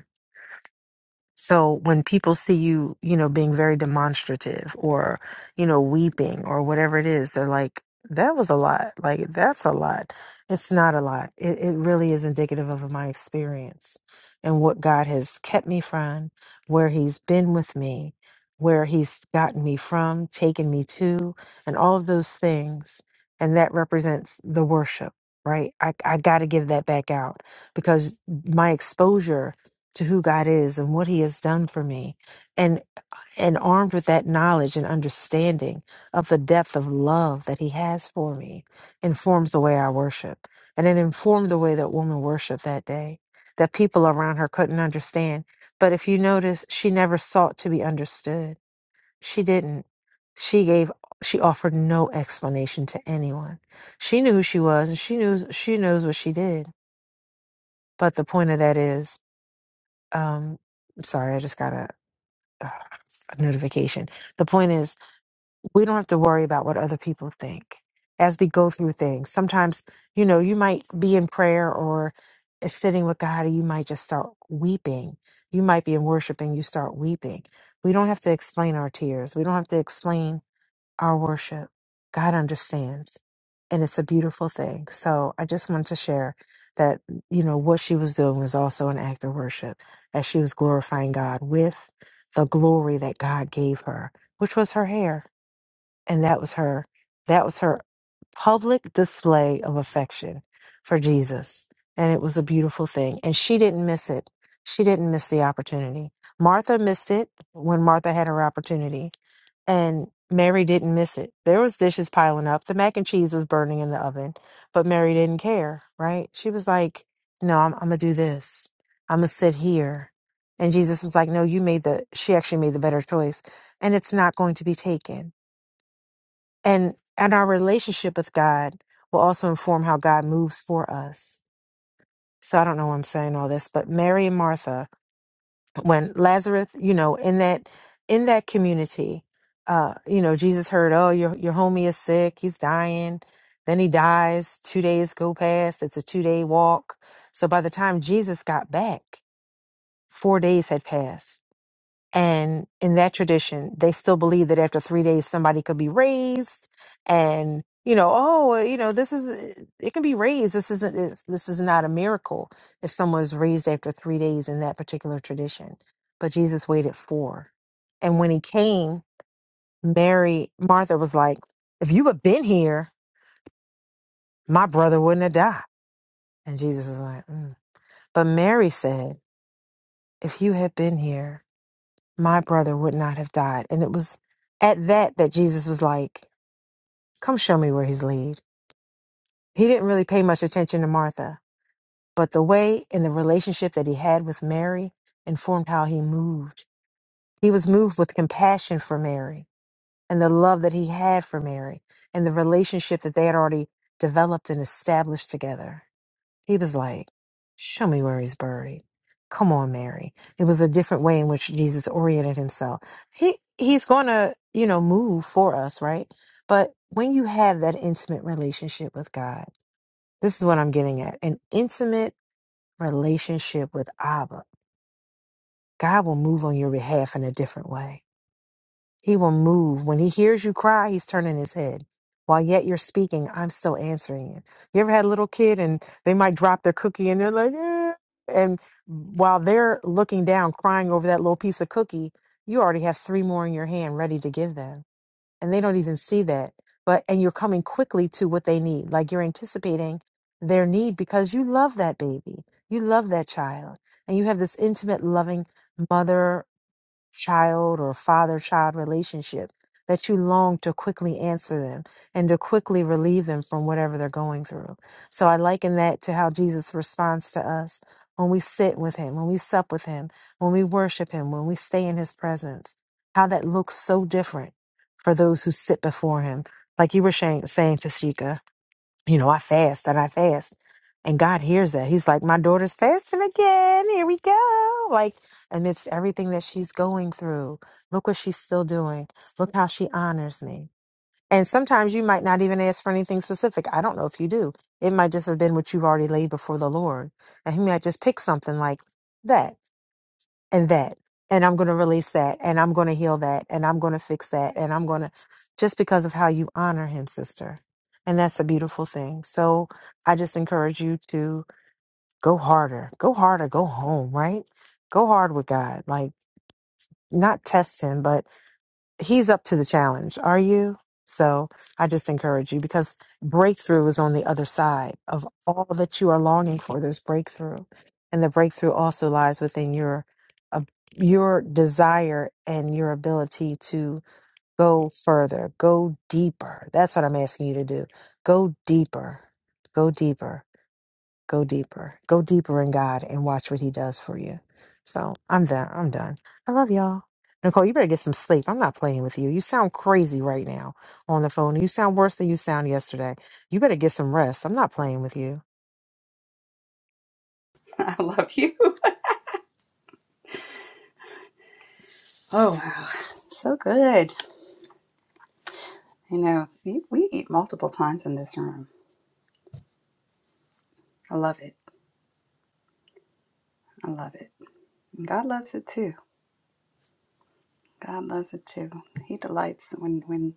H: So when people see you, you know, being very demonstrative or, you know, weeping or whatever it is, they're like, that was a lot. Like, that's a lot. It's not a lot. It, it really is indicative of my experience and what God has kept me from, where He's been with me, where He's gotten me from, taken me to, and all of those things. And that represents the worship, right? I, I got to give that back out because my exposure to who God is and what he has done for me. And and armed with that knowledge and understanding of the depth of love that he has for me informs the way I worship. And it informed the way that woman worshiped that day that people around her couldn't understand. But if you notice, she never sought to be understood. She didn't. She gave she offered no explanation to anyone. She knew who she was and she knew she knows what she did. But the point of that is, um, sorry, I just gotta uh, a notification. The point is, we don't have to worry about what other people think as we go through things. Sometimes, you know, you might be in prayer or is sitting with God, and you might just start weeping. You might be in worship and you start weeping. We don't have to explain our tears. We don't have to explain our worship. God understands. And it's a beautiful thing. So I just wanted to share that, mm, you know, what she was doing was also an act of worship, as she was glorifying God with the glory that God gave her, which was her hair. And that was her, that was her public display of affection for Jesus. And it was a beautiful thing. And she didn't miss it. She didn't miss the opportunity. Martha missed it when Martha had her opportunity and Mary didn't miss it. There was dishes piling up. The mac and cheese was burning in the oven, but Mary didn't care, right? She was like, "No, I'm, I'm gonna do this. I'm gonna sit here." And Jesus was like, "No, you made the. She actually made the better choice, and it's not going to be taken." And and our relationship with God will also inform how God moves for us. So I don't know why I'm saying all this, but Mary and Martha when Lazarus, you know, in that in that community, uh, you know, Jesus heard, oh, your your homie is sick, he's dying. Then he dies. Two days go past. It's a two day walk. So by the time Jesus got back, four days had passed and in that tradition, they still believe that after three days, somebody could be raised, and you know, oh, you know, this is uh, it can be raised. This isn't this, this is not a miracle if someone's raised after three days in that particular tradition. But Jesus waited four, and when he came, Mary Martha was like, "If you had been here, my brother wouldn't have died." And Jesus is like, "Mm." "But Mary said, if you had been here." my brother would not have died. And it was at that that Jesus was like, Come show me where he's lead." He didn't really pay much attention to Martha, but the way and the relationship that he had with Mary informed how he moved. He was moved with compassion for Mary and the love that he had for Mary and the relationship that they had already developed and established together. He was like, Show me where he's buried. Come on, Mary. It was a different way in which Jesus oriented himself. He he's gonna, you know, move for us, right? But when you have that intimate relationship with God, this is what I'm getting at. An intimate relationship with Abba. God will move on your behalf in a different way. He will move. When he hears you cry, he's turning his head. While yet you're speaking, I'm still answering you. You ever had a little kid and they might drop their cookie and they're like, "Eh," and while they're looking down, crying over that little piece of cookie, you already have three more in your hand ready to give them. And they don't even see that. But, and you're coming quickly to what they need. Like you're anticipating their need because you love that baby. You love that child. And you have this intimate, loving mother child or father child relationship that you long to quickly answer them and to quickly relieve them from whatever they're going through. So I liken that to how Jesus responds to us when we sit with him, when we sup with him, when we worship him, when we stay in his presence, how that looks so different for those who sit before him. Like you were saying, saying Tashika you know, I fast and I fast. And God hears that. He's like, my daughter's fasting again. Here we go. Like, amidst everything that she's going through, look what she's still doing. Look how she honors me. And sometimes you might not even ask for anything specific. I don't know if you do. It might just have been what you've already laid before the Lord. And He might just pick something like that and that and i'm going to release that and i'm going to heal that and i'm going to fix that and i'm going to just because of how you honor him sister and that's a beautiful thing so i just encourage you to go harder go harder go home right go hard with god like not test him but he's up to the challenge. Are you? So I just encourage you because breakthrough is on the other side of all that you are longing for. There's breakthrough, and the breakthrough also lies within your uh, your desire and your ability to go further, go deeper. That's what I'm asking you to do. Go deeper. Go deeper. Go deeper. Go deeper in God and watch what He does for you. So I'm done. I'm done. I love y'all. Nicole, you better get some sleep. I'm not playing with you. You sound crazy right now on the phone. You sound worse than you sound yesterday. You better get some rest. I'm not playing with you.
D: I love you. Oh, wow. So good. You know, we we eat multiple times in this room. I love it. I love it. And God loves it too. God loves it too. He delights when, when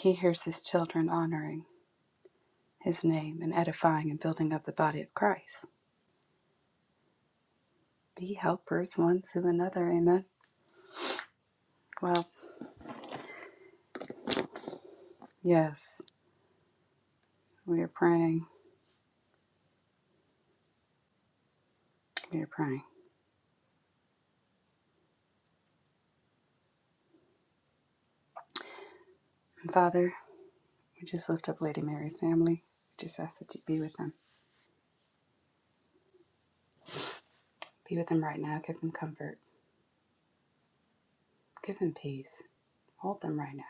D: He hears His children honoring. his name and edifying and building up the body of Christ. Be helpers one to another. Amen. Well, yes, we are praying. We are praying. And Father, we just lift up Lady Mary's family. We just ask that you be with them. Be with them right now. Give them comfort. Give them peace. Hold them right now.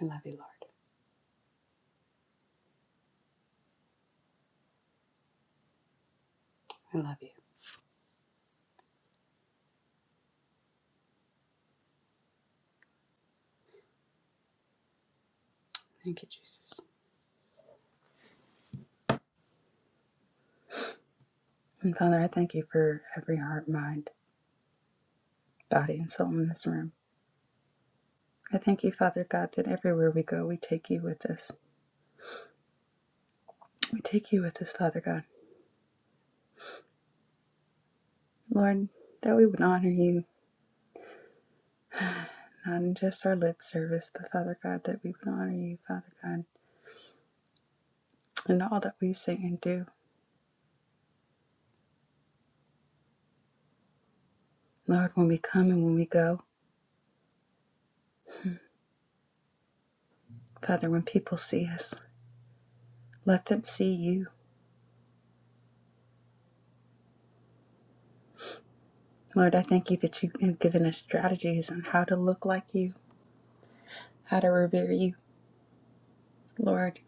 D: I love you, Lord. I love you. Thank you, Jesus. And Father, I thank you for every heart, mind, body, and soul in this room. I thank you, Father God, that everywhere we go, we take you with us. We take you with us, Father God. Lord, that we would honor you, not in just our lip service, but Father God, that we would honor you, Father God, in all that we say and do. Lord, when we come and when we go, Father, when people see us, let them see you. Lord, I thank you that you have given us strategies on how to look like you, how to revere you. Lord,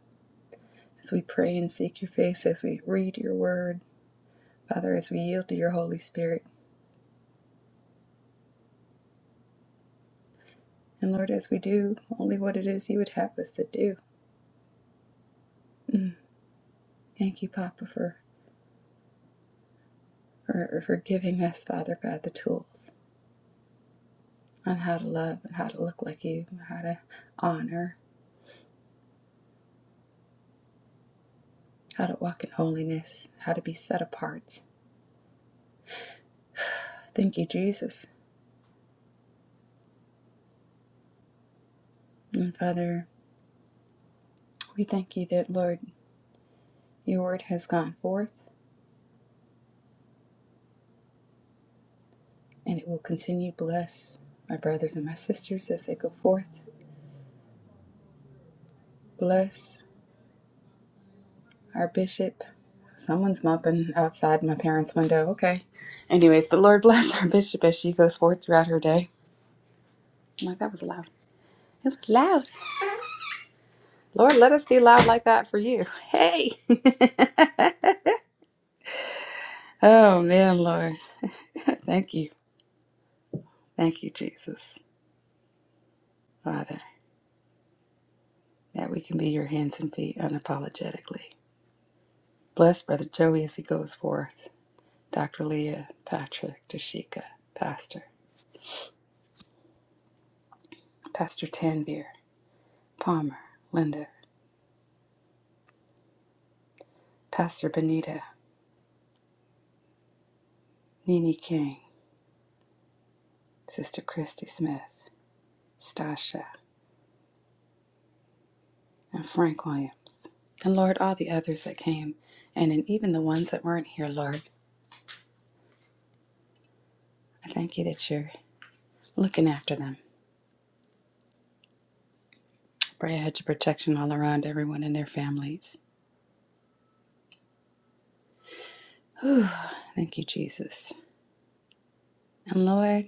D: as we pray and seek your face, as we read your word, Father, as we yield to your Holy Spirit, and Lord, as we do only what it is you would have us to do. Mm. Thank you, Papa, for for, for giving us, Father God, the tools on how to love and how to look like you, how to honor, how to walk in holiness, how to be set apart. Thank you, Jesus. And Father, we thank you that, Lord, your word has gone forth and it will continue. Bless my brothers and my sisters as they go forth. Bless our bishop. Someone's mopping outside my parents' window. Okay. Anyways, but Lord <laughs> bless our bishop as she goes forth throughout her day. I'm like, that was loud. It was loud. Lord, let us be loud like that for you. Hey. <laughs> oh, man, Lord. <laughs> Thank you. Thank you, Jesus, Father, that we can be your hands and feet unapologetically. Bless Brother Joey as he goes forth. Dr. Leah, Patrick, Tashika, Pastor, Pastor Tanvir, Palmer, Linda, Pastor Benita, Nini King, Sister Christy Smith, Stasha, and Frank Williams, and Lord, all the others that came, and, and even the ones that weren't here, Lord. I thank you that you're looking after them. I Pray a hedge of protection all around everyone and their families. Whew, thank you, Jesus. And Lord,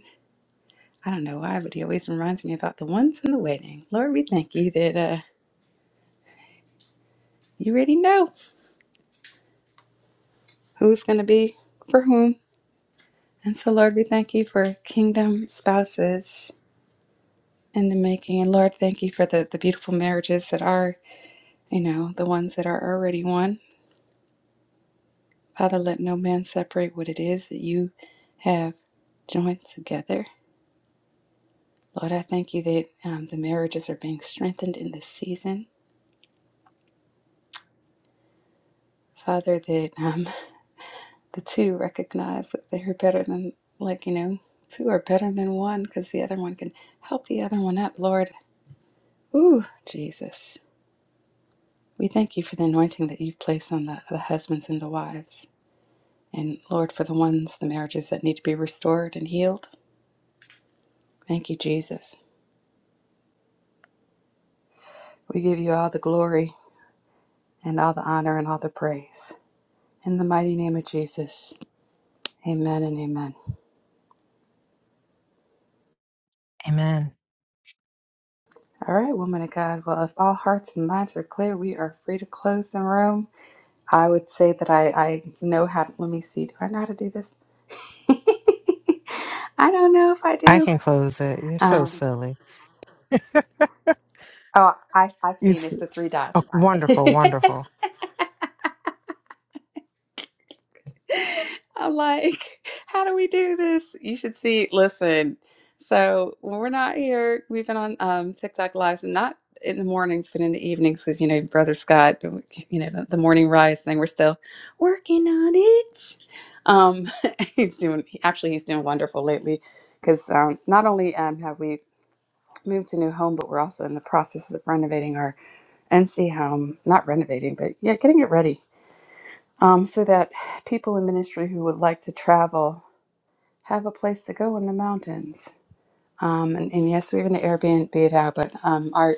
D: I don't know why, but he always reminds me about the ones in the wedding. Lord, we thank you that uh, you already know who's going to be for whom. And so, Lord, we thank you for kingdom spouses in the making. And Lord, thank you for the, the beautiful marriages that are. you know, the ones that are already one. Father, let no man separate what it is that you have joined together. Lord, I thank you that um, the marriages are being strengthened in this season. Father, that um, the two recognize that they're better than, like, you know, two are better than one because the other one can help the other one up, Lord. Ooh, Jesus. We thank you for the anointing that you've placed on the, the husbands and the wives. And Lord, for the ones, the marriages that need to be restored and healed. Thank you, Jesus. We give you all the glory and all the honor and all the praise. In the mighty name of Jesus, amen and amen.
H: Amen.
D: All right, woman of God. Well, if all hearts and minds are clear, we are free to close the room. I would say that I, I know how, to, let me see, do I know how to do this? <laughs> I don't know if I
H: I
D: do.
H: can close it. You're so
D: Um,
H: silly. <laughs>
D: oh, I, I've
H: You
D: seen
H: s-
D: it's the three
H: oh,
D: dots.
H: wonderful,
D: <laughs>
H: wonderful.
D: <laughs> I'm like, how do we do this? You should see, listen. So when we're not here, we've been on um, TikTok lives and not in the mornings, but in the evenings because you know, Brother Scott, you know, the, the morning rise thing. We're still working on it. Um, <laughs> he's doing actually he's doing wonderful lately because um, not only um, have we moved to a new home, but we're also in the process of renovating our NC home. Not renovating, but yeah, getting it ready um, so that people in ministry who would like to travel have a place to go in the mountains. Um, and, and yes, we're going to Airbnb it out, but um, our,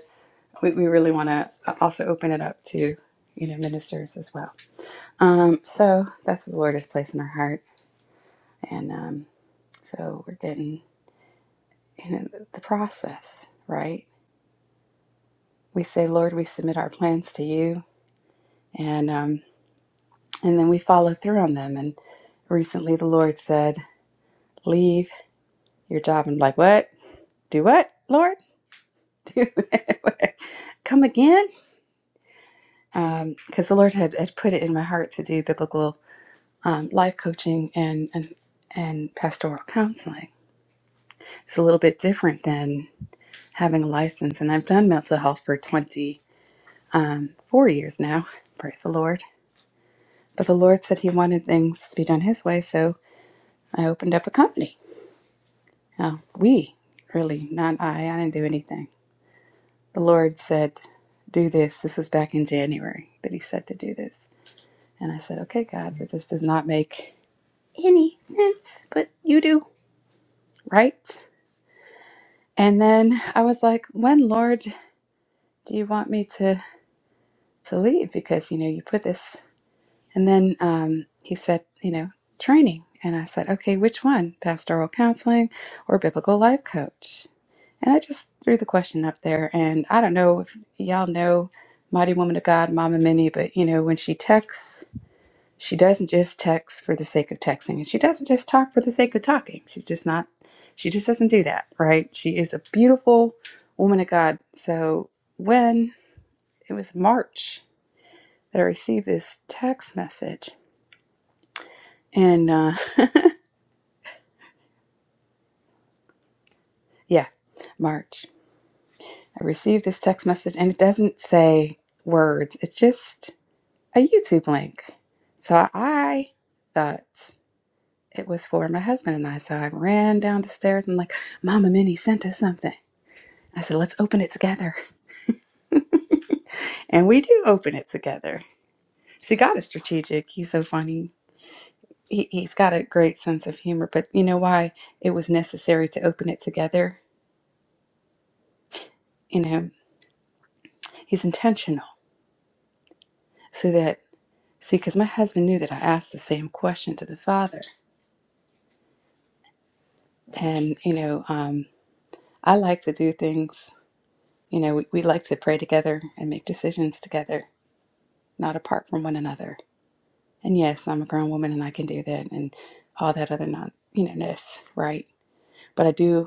D: we, we really want to also open it up to you know ministers as well. Um, so that's what the Lord has placed in our heart, and um, so we're getting you know the process right. We say, Lord, we submit our plans to you, and um, and then we follow through on them. And recently, the Lord said, "Leave your job," and I'm like, "What?" do what, Lord? Do <laughs> come again? Um, Because the Lord had, had put it in my heart to do biblical um, life coaching and, and and pastoral counseling. It's a little bit different than having a license, and I've done mental health for 24 years now. Praise the Lord. But the Lord said He wanted things to be done His way, so I opened up a company. Now, we, really, not I, I didn't do anything. The Lord said, Do this. This was back in January that He said to do this. And I said, okay, God, that just does not make any sense, but you do, right? And then I was like, when, Lord, do you want me to, to leave? Because, you know, you put this. And then um, he said, you know, training. And I said, okay, which one? Pastoral counseling or biblical life coach? And I just threw the question up there. And I don't know if y'all know Mighty Woman of God, Mama Minnie, but, you know, when she texts, She doesn't just text for the sake of texting, and she doesn't just talk for the sake of talking. She's just not, she just doesn't do that, right? She is a beautiful woman of God. So when it was March that I received this text message, and uh, yeah, March, I received this text message, and it doesn't say words, it's just a YouTube link. So I thought it was for my husband and I. So I ran down the stairs and, like, Mama Minnie sent us something. I said, let's open it together. And we do open it together. See, God is strategic. He's so funny. He, he's got a great sense of humor. But you know why it was necessary to open it together? You know, he's intentional so that, see, because my husband knew that I asked the same question to the Father. And, you know, um, I like to do things, you know, we, we like to pray together and make decisions together, not apart from one another. And yes, I'm a grown woman and I can do that and all that other non, you know, ness, right? But I do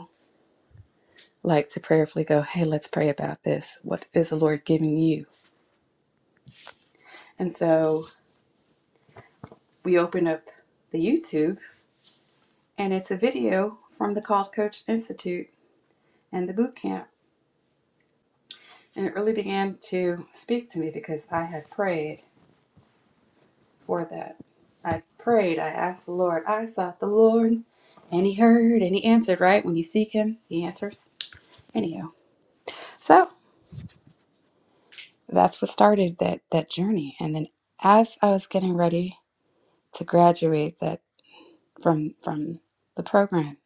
D: like to prayerfully go, hey, let's pray about this. What is the Lord giving you? And so we open up the YouTube, and it's a video from the Called Coach Institute and the boot camp. And it really began to speak to me because I had prayed for that. I prayed, I asked the Lord, I sought the Lord, and He heard and He answered, right? When you seek Him, He answers. Anyhow, so that's what started that, that journey. And then as I was getting ready to graduate, that from from the program.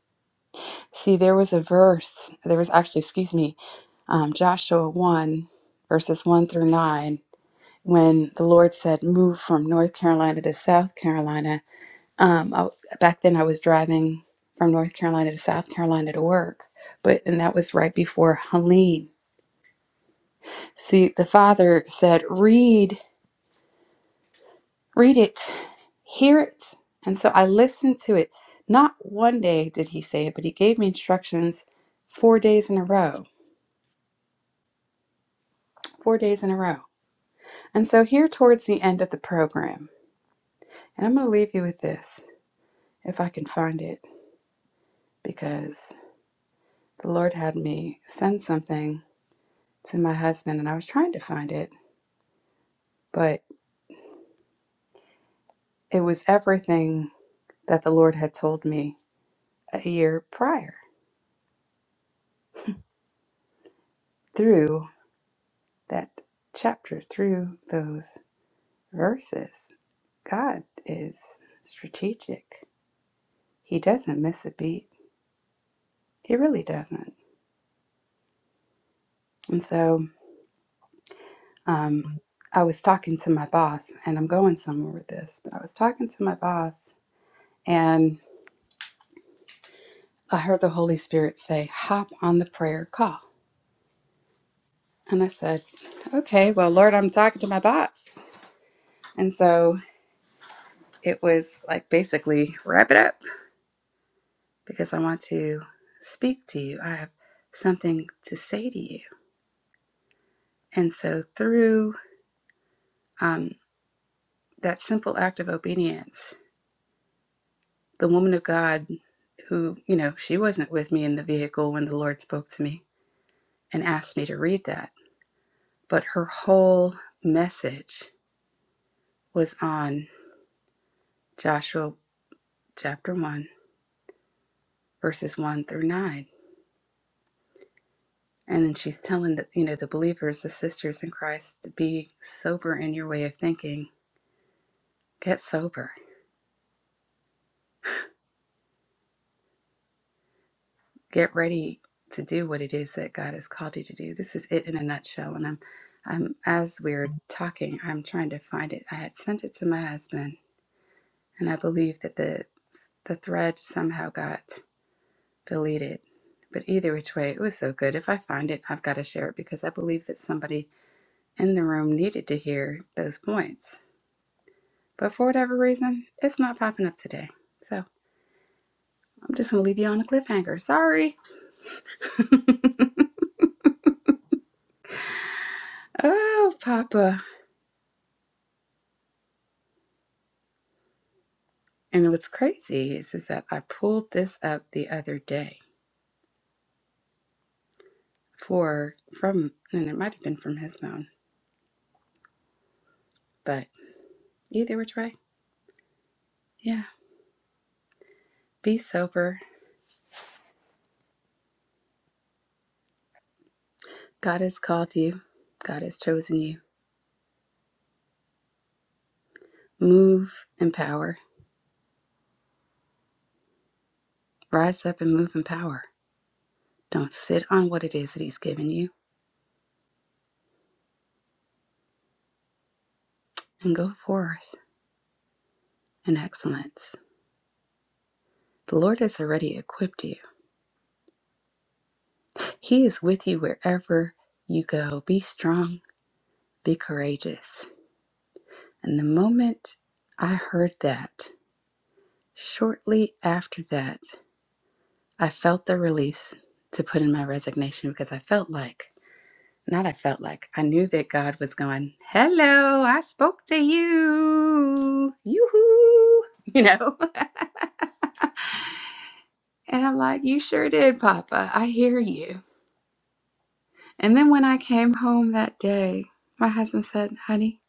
D: See, there was a verse. There was actually, excuse me, um, Joshua one verses one through nine. When the Lord said, "Move from North Carolina to South Carolina," um, I, back then I was driving from North Carolina to South Carolina to work, but and that was right before Helene. See, the Father said, "Read." read it, hear it. And so I listened to it. Not one day did he say it, but he gave me instructions four days in a row, four days in a row. And so here towards the end of the program, and I'm going to leave you with this if I can find it, because the Lord had me send something to my husband and I was trying to find it, but it was everything that the Lord had told me a year prior through that chapter, through those verses. God is strategic. He doesn't miss a beat. He really doesn't. And so um, I was talking to my boss, and I'm going somewhere with this, but I was talking to my boss, and I heard the Holy Spirit say, Hop on the prayer call. And I said, Okay, well, Lord, I'm talking to my boss. And so it was like basically, wrap it up because I want to speak to you. I have something to say to you. And so through, um, that simple act of obedience, the woman of God who, you know, she wasn't with me in the vehicle when the Lord spoke to me and asked me to read that, but her whole message was on Joshua chapter 1, verses 1 through 9. And then she's telling the, you know, the believers, the sisters in Christ, to be sober in your way of thinking. Get sober get ready to do what it is that God has called you to do. This is it in a nutshell. And I'm, I'm as we're talking, I'm trying to find it. I had sent it to my husband, and I believe that the the thread somehow got deleted. But either which way, it was so good. If I find it, I've got to share it because I believe that somebody in the room needed to hear those points. But for whatever reason, it's not popping up today. So I'm just gonna leave you on a cliffhanger. Sorry. Oh, Papa. And what's crazy is, is that I pulled this up the other day for from, and it might have been from his phone, but either which way, yeah. Be sober. God has called you. God has chosen you. Move in power. Rise up and move in power. Don't sit on what it is that He's given you, and go forth in excellence. The Lord has already equipped you. He is with you wherever you go. Be strong. Be courageous. And the moment I heard that. Shortly after that, I felt the release to put in my resignation because I felt like, not I felt like, I knew that God was going, Hello, I spoke to you. Yoo hoo. You know? <laughs> and I'm like, You sure did, Papa. I hear you. And then when I came home that day, my husband said, Honey,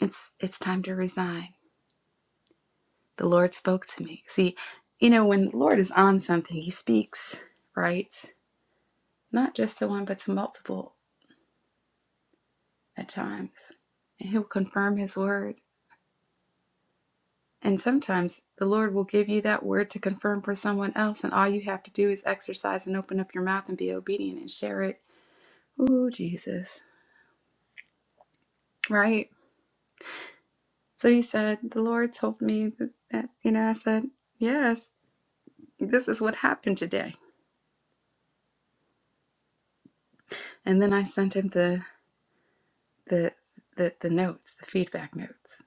D: it's it's time to resign. The Lord spoke to me. See, you know, when the Lord is on something, he speaks, right? not just to one, but to multiple at times. And He'll confirm His word. And sometimes the Lord will give you that word to confirm for someone else, and all you have to do is exercise and open up your mouth and be obedient and share it. Ooh, Jesus. Right? So he said, The Lord told me that, that you know, I said, Yes, this is what happened today. And then I sent him the, the, the, the notes, the feedback notes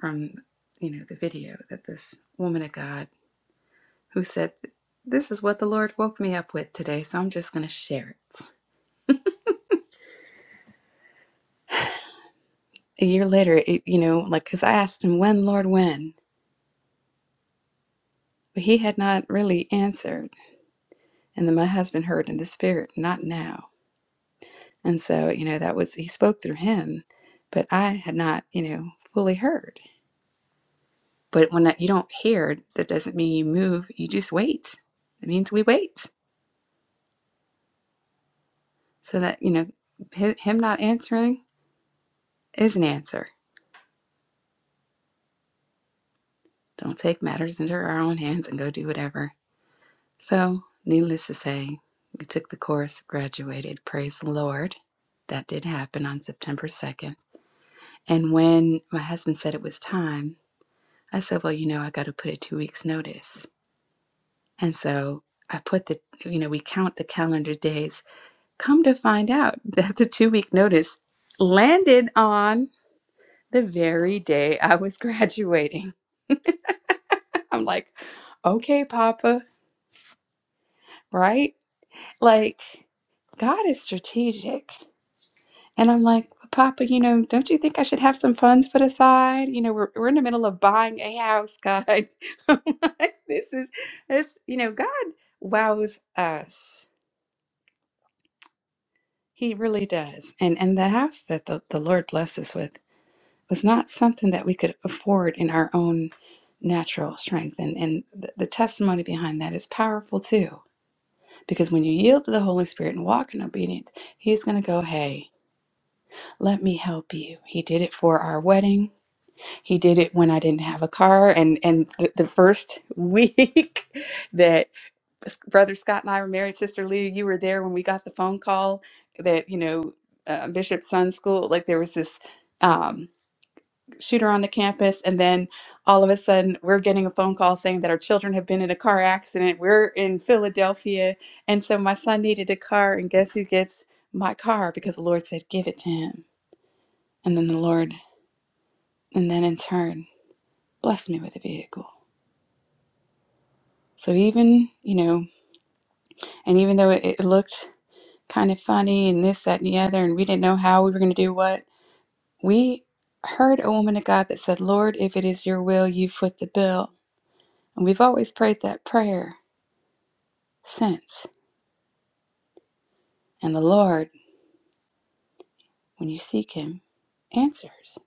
D: from, you know, the video that this woman of God who said, This is what the Lord woke me up with today, so I'm just going to share it. A year later, it, you know, like, because I asked him, When, Lord, when? But he had not really answered. And then my husband heard in the spirit, Not now. And so, you know, that was, he spoke through him, but I had not, you know, fully heard. But when that, you don't hear, that doesn't mean you move, you just wait. It means we wait. So that, you know, him not answering is an answer. Don't take matters into our own hands and go do whatever So, needless to say, we took the course, graduated. Praise the Lord. That did happen on September 2nd. And when my husband said it was time, I said, Well, you know, I got to put a two weeks notice. And so I put the, you know, we count the calendar days. Come to find out <laughs> that the two week notice landed on the very day I was <laughs> graduating. I'm like, Okay, Papa, right? Like, God is strategic. And I'm like, Papa, you know, don't you think I should have some funds put aside? You know, we're, we're in the middle of buying a house, God. <laughs> I'm like, this is this, you know, God wows us. He really does. And and the house that the, the Lord blessed us with was not something that we could afford in our own natural strength. And and the, the testimony behind that is powerful too. Because when you yield to the Holy Spirit and walk in obedience, He's gonna go, Hey, let me help you. He did it for our wedding. he did it when I didn't have a car. And and the, the first week <laughs> that Brother Scott and I were married, Sister Leah, you were there when we got the phone call that you know uh, Bishop Sun School, like there was this um, shooter on the campus, and then all of a sudden we're getting a phone call saying that our children have been in a car accident. We're in Philadelphia, and so my son needed a car, and guess who gets my car because the Lord said, "Give it to him," and then the Lord, and then in turn, blessed me with a vehicle. So even, you know, and even though it, it looked kind of funny and this, that, and the other, and we didn't know how we were going to do what, we heard a woman of God that said, Lord, if it is your will, you foot the bill. And we've always prayed that prayer since. And the Lord, when you seek him, answers.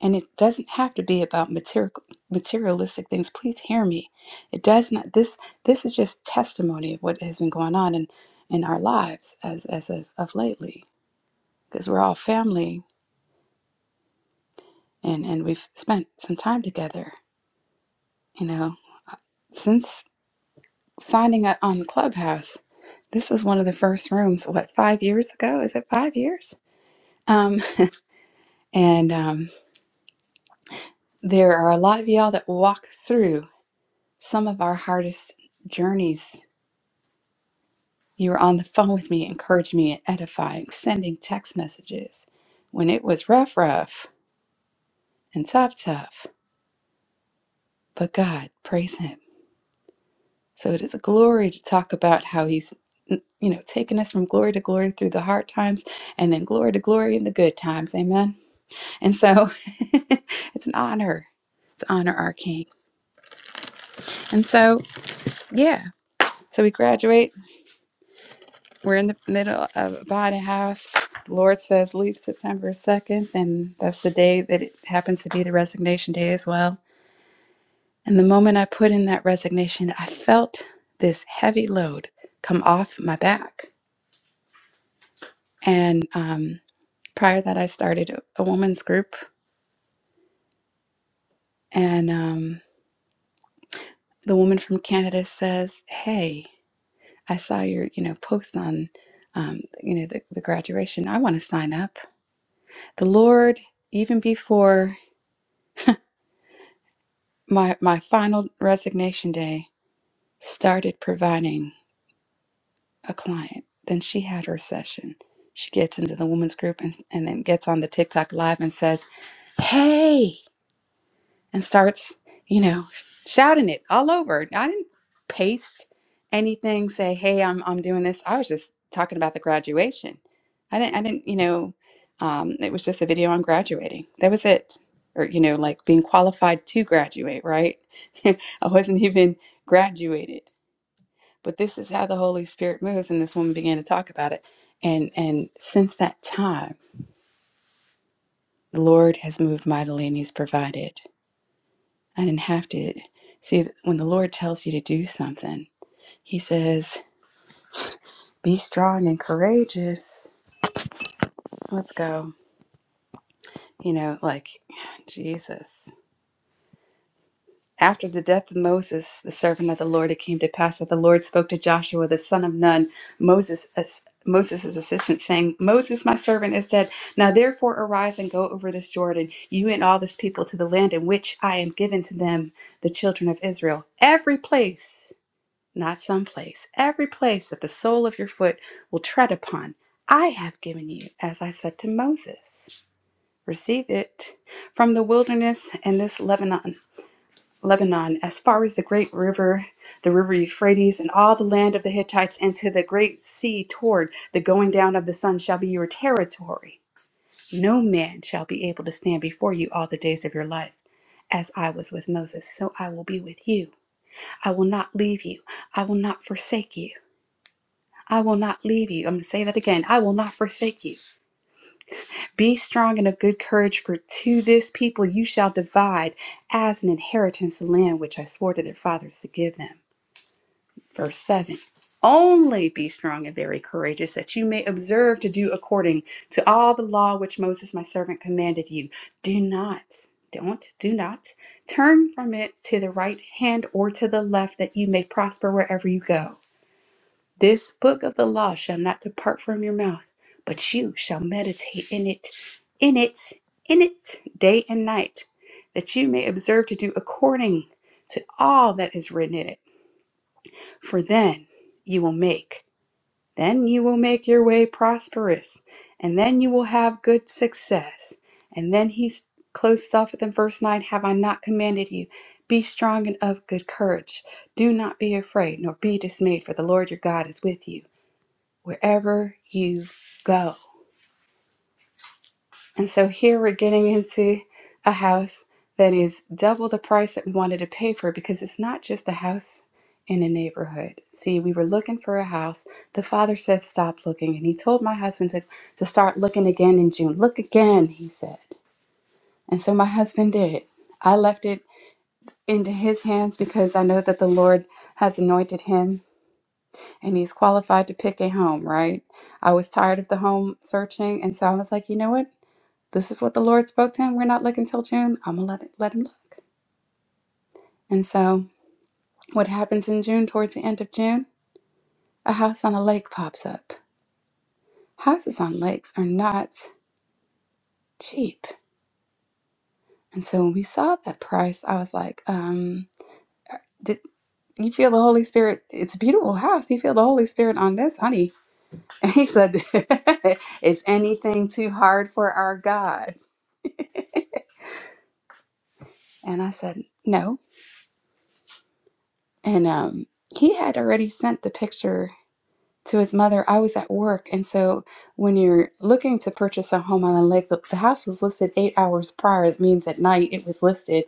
D: And it doesn't have to be about material, materialistic things. Please hear me. It does not. This this is just testimony of what has been going on in, in our lives as as of, of lately, because we're all family and and we've spent some time together you know since signing up on clubhouse this was one of the first rooms what five years ago is it five years um and um there are a lot of y'all that walk through some of our hardest journeys you were on the phone with me encouraging me and edifying sending text messages when it was rough rough and tough tough but god praise him So it is a glory to talk about how he's you know taken us from glory to glory through the hard times and then glory to glory in the good times. Amen. And so <laughs> it's an honor to honor our king. And so yeah. So we graduate. We're in the middle of a body house. The Lord says leave September 2nd, and that's the day that it happens to be the resignation day as well. And the moment I put in that resignation, I felt this heavy load come off my back. And um. prior to that i started a woman's group and um, the woman from canada says hey i saw your you know post on um, you know the, the graduation i want to sign up the lord even before my my final resignation day started providing a client then she had her session she gets into the woman's group and, and then gets on the tiktok live and says hey and starts, you know, shouting it all over. I didn't paste anything, say, "Hey, I'm I'm doing this." I was just talking about the graduation. I didn't I didn't, you know, um, it was just a video on graduating. That was it. Or, you know, like being qualified to graduate, right? <laughs> I wasn't even graduated. But this is how the Holy Spirit moves, and this woman began to talk about it. And and since that time, the Lord has moved mightily and He's provided. I didn't have to. See, when the Lord tells you to do something, He says, be strong and courageous. Let's go. You know, like, Jesus. After the death of Moses, the servant of the Lord, it came to pass that the Lord spoke to Joshua, the son of Nun, Moses, as, Moses' assistant, saying, Moses, my servant, is dead. Now therefore arise and go over this Jordan, you and all this people, to the land in which I am given to them, the children of Israel. Every place. not some place, every place that the sole of your foot will tread upon, I have given you, as I said to Moses. Receive it from the wilderness and this Lebanon, Lebanon, as far as the great river, the river Euphrates, and all the land of the Hittites, and to the great sea toward the going down of the sun shall be your territory. No man shall be able to stand before you all the days of your life. As I was with Moses, so I will be with you. I will not leave you. I will not forsake you. I will not leave you. I'm going to say that again. I will not forsake you. Be strong and of good courage, for to this people you shall divide as an inheritance the land which I swore to their fathers to give them. Verse 7. Only be strong and very courageous, that you may observe to do according to all the law which Moses my servant commanded you. Do not, don't, do not turn from it to the right hand or to the left, that you may prosper wherever you go. This book of the law shall not depart from your mouth, but you shall meditate in it, in it, in it, day and night, that you may observe to do according to all that is written in it. For then you will make, then you will make your way prosperous, and then you will have good success. And then he closes off with in verse 9 Have I not commanded you? Be strong and of good courage. Do not be afraid, nor be dismayed, for the Lord your God is with you wherever you go. And so here we're getting into a house that is double the price that we wanted to pay for because it's not just a house in a neighborhood. See, we were looking for a house. The father said, Stop looking. And he told my husband to, to start looking again in June. Look again, he said. And so my husband did. I left it into his hands because I know that the Lord has anointed him and he's qualified to pick a home, right? I was tired of the home searching, and so I was like, you know what? This is what the Lord spoke to him. We're not looking till June. I'm gonna let it, let him look. And so, what happens in June? Towards the end of June, a house on a lake pops up. Houses on lakes are not cheap, and so when we saw that price, I was like, um, did you feel the Holy Spirit? It's a beautiful house. You feel the Holy Spirit on this, honey? <laughs> And he said, <laughs> "Is anything too hard for our God?" And I said, no. And um, he had already sent the picture to his mother. I was at work. And so when you're looking to purchase a home on a lake, the, the house was listed eight hours prior. That means at night it was listed.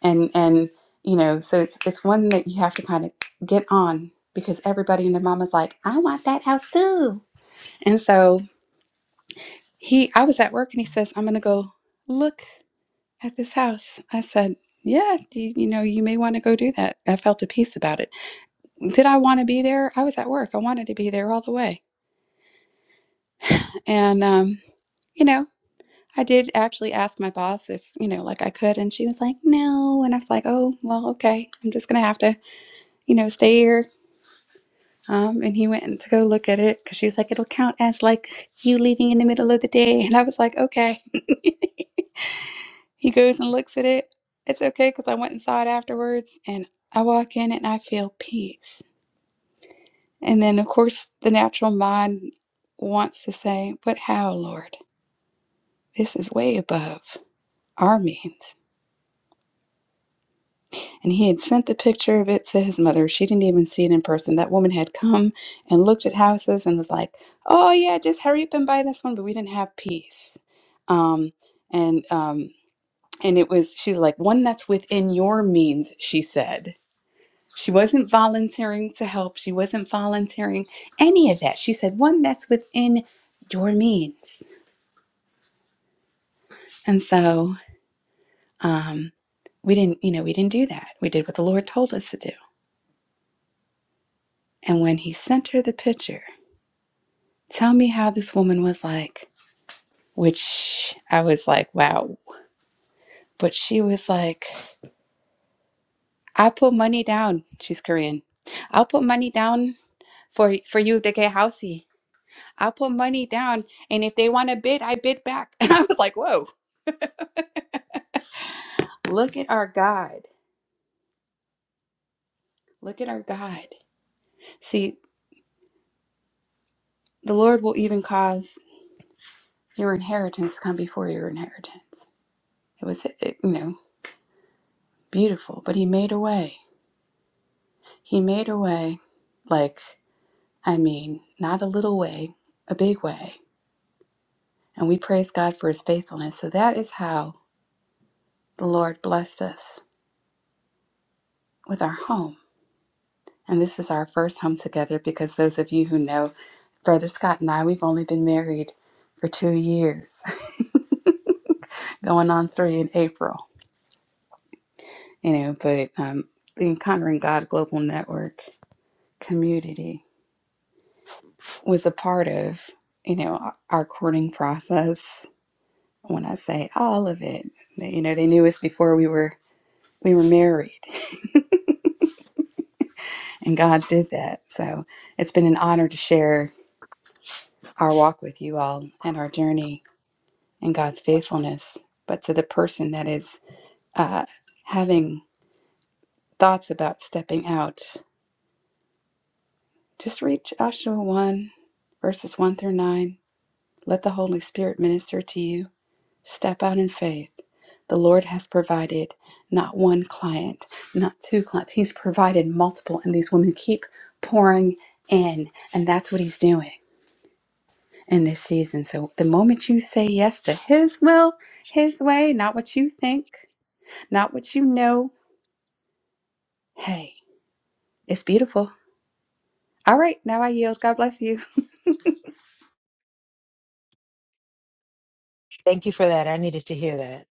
D: And, and, you know, so it's, it's one that you have to kind of get on because everybody and their mama's like, I want that house too. And so he, I was at work and he says, I'm going to go look at this house. I said, yeah, you, you know, you may want to go do that. I felt a peace about it. did I want to be there? I was at work. I wanted to be there all the way. And, um, you know, I did actually ask my boss if, you know, like I could. And she was like, no. And I was like, oh, well, okay. I'm just going to have to, you know, stay here. Um, and he went in to go look at it because she was like, it'll count as like you leaving in the middle of the day. And I was like, okay. <laughs> he goes and looks at it. It's okay because I went and saw it afterwards. And I walk in and I feel peace. And then, of course, the natural mind wants to say, But how, Lord? This is way above our means. And he had sent the picture of it to his mother. She didn't even see it in person. That woman had come and looked at houses and was like, Oh, yeah, just hurry up and buy this one. But we didn't have peace. Um, and, um, and it was, she was like, One that's within your means, she said. She wasn't volunteering to help. She wasn't volunteering any of that. She said, One that's within your means. And so um, we didn't, you know, we didn't do that. We did what the Lord told us to do. And when He sent her the picture, tell me how this woman was like, which I was like, wow. But she was like, I put money down. She's Korean. I'll put money down for for you to get housey. I'll put money down, and if they want to bid, I bid back. <laughs> And I was like, whoa, look at our God. Look at our God. See, the Lord will even cause your inheritance to come before your inheritance. It was, it, you know, beautiful, but he made a way. He made a way, like, I mean, not a little way, a big way. And we praise God for his faithfulness. So that is how the Lord blessed us with our home. And this is our first home together because those of you who know Brother Scott and I, we've only been married for two years, <laughs> going on three in April, you know, but um, the Encountering God Global Network community was a part of, you know, our courting process. When I say all of it, they- you know, they knew us before we were we were married, and God did that. So it's been an honor to share our walk with you all and our journey and God's faithfulness. But to the person that is uh, having thoughts about stepping out, just read Joshua one, verses one through nine. Let the Holy Spirit minister to you Step out in faith. The Lord has provided not one client, not two clients. He's provided multiple, and these women keep pouring in. And that's what He's doing in this season. So the moment you say yes to His will, His way, not what you think, not what you know, hey, it's beautiful. All right, now I yield. God bless you.
H: Thank you for that. I needed to hear that.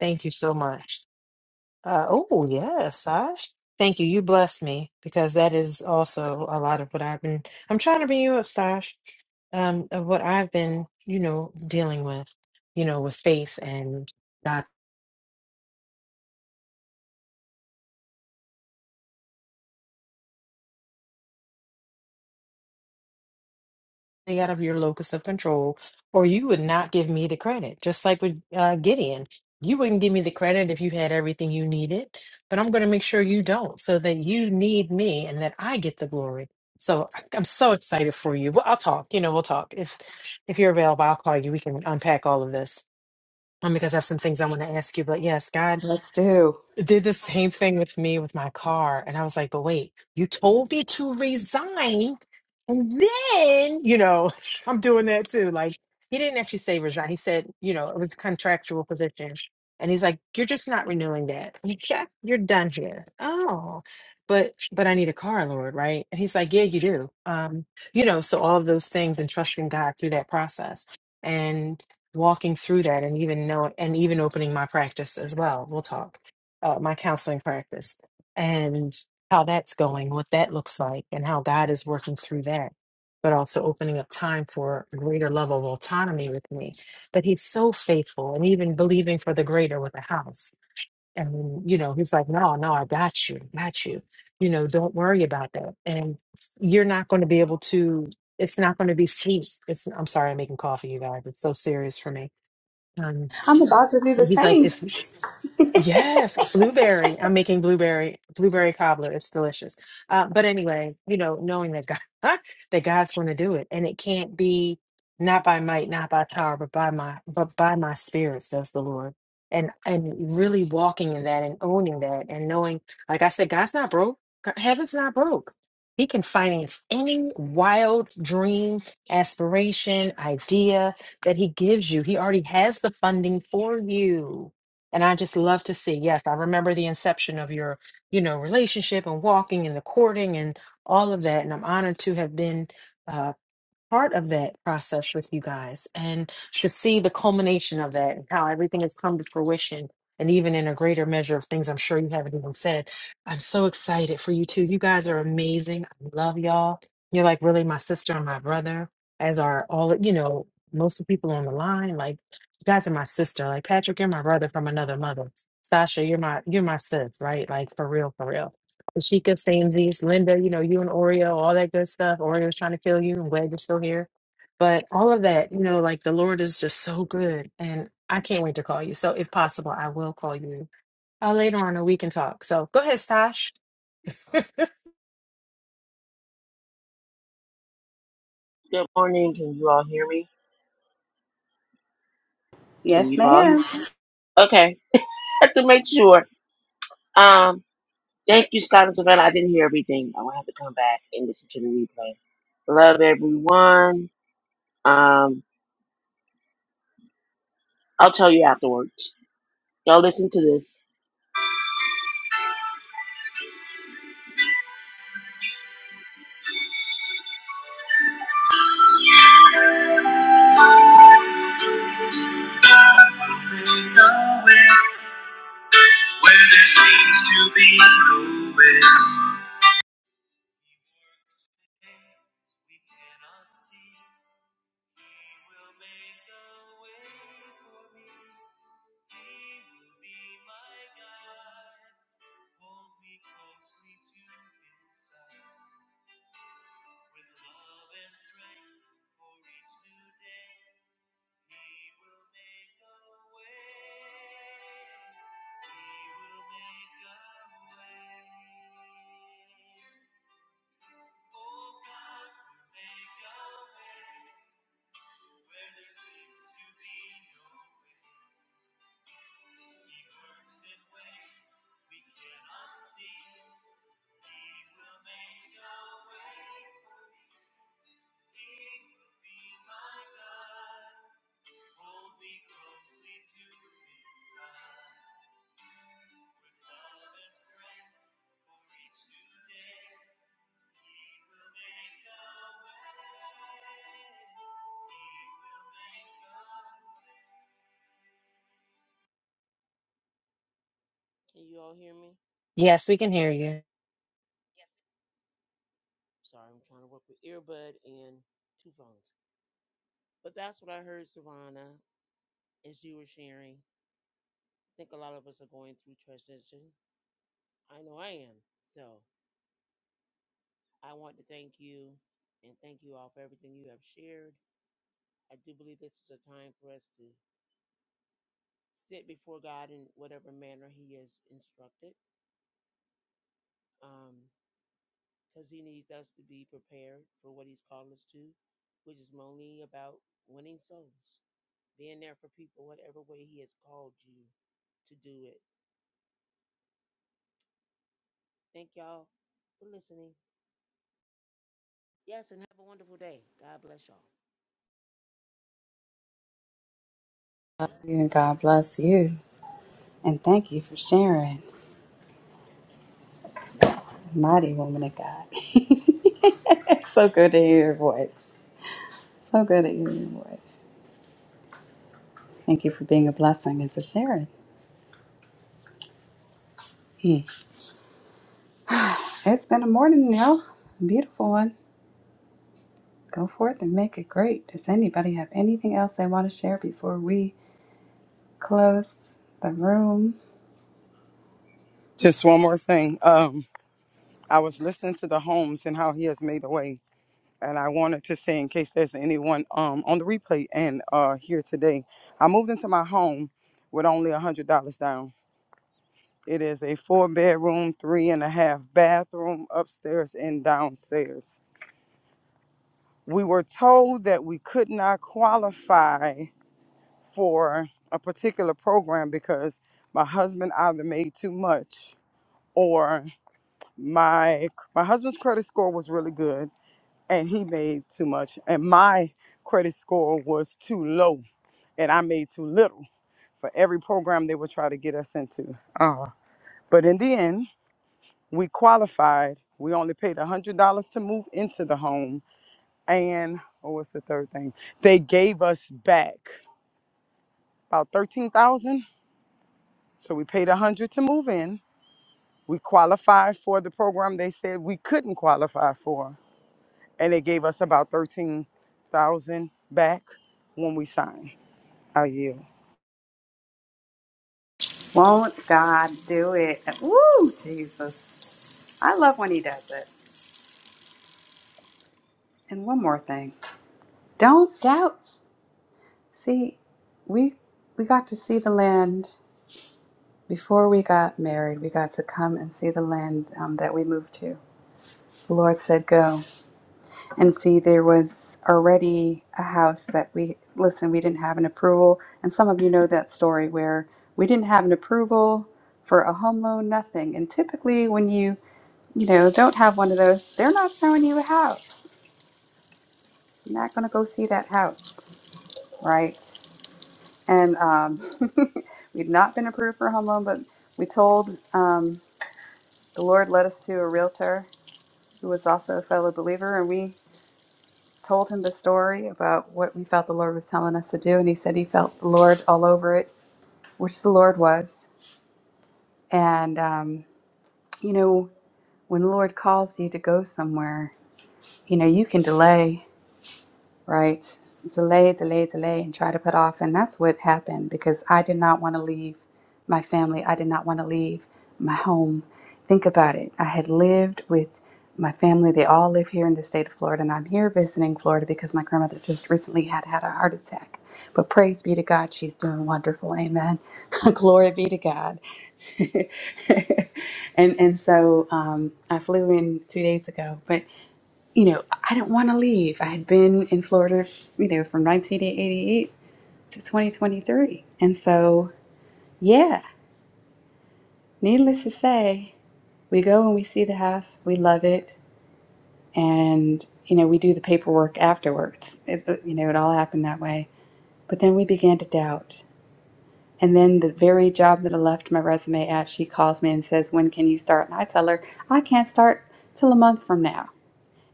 H: Thank you so much. Uh, oh, yes, Sash. Thank you. You blessed me because that is also a lot of what I've been. I'm trying to bring you up, Sash, um, of what I've been, you know, dealing with, you know, with faith and God out of your locus of control, or you would not give me the credit. Just like with uh, Gideon, you wouldn't give me the credit if you had everything you needed, but I'm going to make sure you don't so that you need me and that I get the glory. So I- I'm so excited for you. Well, I'll talk. You know, we'll talk. If if you're available, I'll call you. We can unpack all of this um, because I have some things I want to ask you. But yes, God
D: Let's do.
H: did the same thing with me with my car. And I was like, but wait, you told me to resign. And then, you know, <laughs> I'm doing that too. Like, he didn't actually say resign. He said, you know, it was a contractual position. And he's like, you're just not renewing that. You check, you're done here. Oh, but but I need a car, Lord, right? And he's like, yeah, you do. Um, you know, so all of those things and trusting God through that process. And walking through that and even know and even opening my practice as well. We'll talk uh, my counseling practice and how that's going, what that looks like, and how God is working through that, but also opening up time for a greater level of autonomy with me. But He's so faithful and even believing for the greater with the house. And, you know, He's like, no, no, I got you, got you. You know, don't worry about that. And you're not going to be able to, it's not going to be sweet. It's, I'm sorry, I'm making coffee, you guys. It's so serious for me. Um,
D: I'm about to do the
H: he's like,
D: same.
H: it's Yes, blueberry. I'm making blueberry blueberry cobbler. It's delicious. Uh, but anyway, you know, knowing that God <laughs> that God's going to do it, and it can't be not by might, not by power, but by my but by my spirit, says the Lord. And and really walking in that and owning that and knowing, like I said, God's not broke. God- Heaven's not broke. He can finance any wild dream, aspiration, idea that he gives you. He already has the funding for you and I just love to see. Yes, I remember the inception of your, you know, relationship and walking and the courting and all of that. And I'm honored to have been. uh, part of that process with you guys and to see the culmination of that and how everything has come to fruition and even in a greater measure of things I'm sure you haven't even said. I'm so excited for you too. You guys are amazing. I love y'all. You're like really my sister and my brother, as are all, you know, most of the people on the line. Like you guys are my sister. Like Patrick, you're my brother from another mother. Sasha, you're my you're my sis, right? Like for real, for real. Tashika, Samesies, Linda, you know, you and Oreo, all that good stuff. Oreo's trying to kill you. I'm glad you're still here. But all of that, you know, like the Lord is just so good. And I can't wait to call you. So if possible, I will call you uh, later on and we can talk. So go ahead, Stash. <laughs>
D: Yes, ma'am.
L: God will make a way.
H: yes, we can hear you.
D: Love you and God bless you. And thank you for sharing. Mighty woman of God. <laughs> so good to hear your voice. So good to hear your voice. Thank you for being a blessing and for sharing. Hmm. It's been a morning, y'all. A beautiful one. Go forth and make it great. Does anybody have anything else they want to share before we close the room? Won't God do it? Woo, Jesus. I love when He does it. And one more thing don't doubt. See, we we got to see the land Before we got married, we got to come and see the land um, that we moved to. The Lord said, Go. And see, there was already a house that we, listen, we didn't have an approval. And some of you know that story where we didn't have an approval for a home loan, nothing. And typically, when you, you know, don't have one of those, they're not showing you a house. You're not going to go see that house, right? And um, <laughs> we'd not been approved for a home loan, but we told um, the Lord led us to a realtor who was also a fellow believer, and we told him the story about what we felt the Lord was telling us to do, and he said he felt the Lord all over it, which the Lord was. And um, you know, when the Lord calls you to go somewhere, you know, you can delay right? Delay, delay, delay, and try to put off. And that's what happened because I did not want to leave my family. I did not want to leave my home. Think about it. I had lived with my family. They all live here in the state of Florida, and I'm here visiting Florida because my grandmother just recently had had a heart attack. But praise be to God, she's doing wonderful. Amen. <laughs> Glory be to God. <laughs> and and so um, I flew in two days ago, but you know, I didn't want to leave. I had been in Florida, you know, from 1988 to 2023. And so, yeah, needless to say, we go and we see the house, we love it, and, you know, we do the paperwork afterwards. It, uh, you know, it all happened that way. But then we began to doubt. And then the very job that I left my resume at, she calls me and says, When can you start? And I tell her, I can't start till a month from now.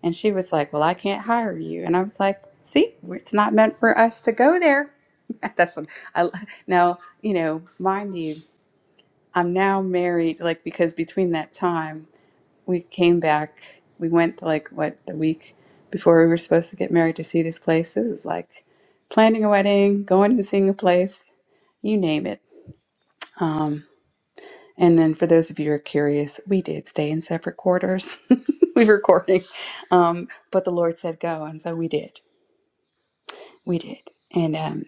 D: And she was like, Well, I can't hire you. And I was like, See, it's not meant for us to go there. <laughs> That's what I now, you know, mind you, I'm now married, like, because between that time, we came back, we went like what the week before we were supposed to get married to see these places. It's like planning a wedding, going and seeing a place, you name it. Um, and then for those of you who are curious, we did stay in separate quarters. <laughs> we were recording. Um, but the Lord said go, and so we did We did. And um,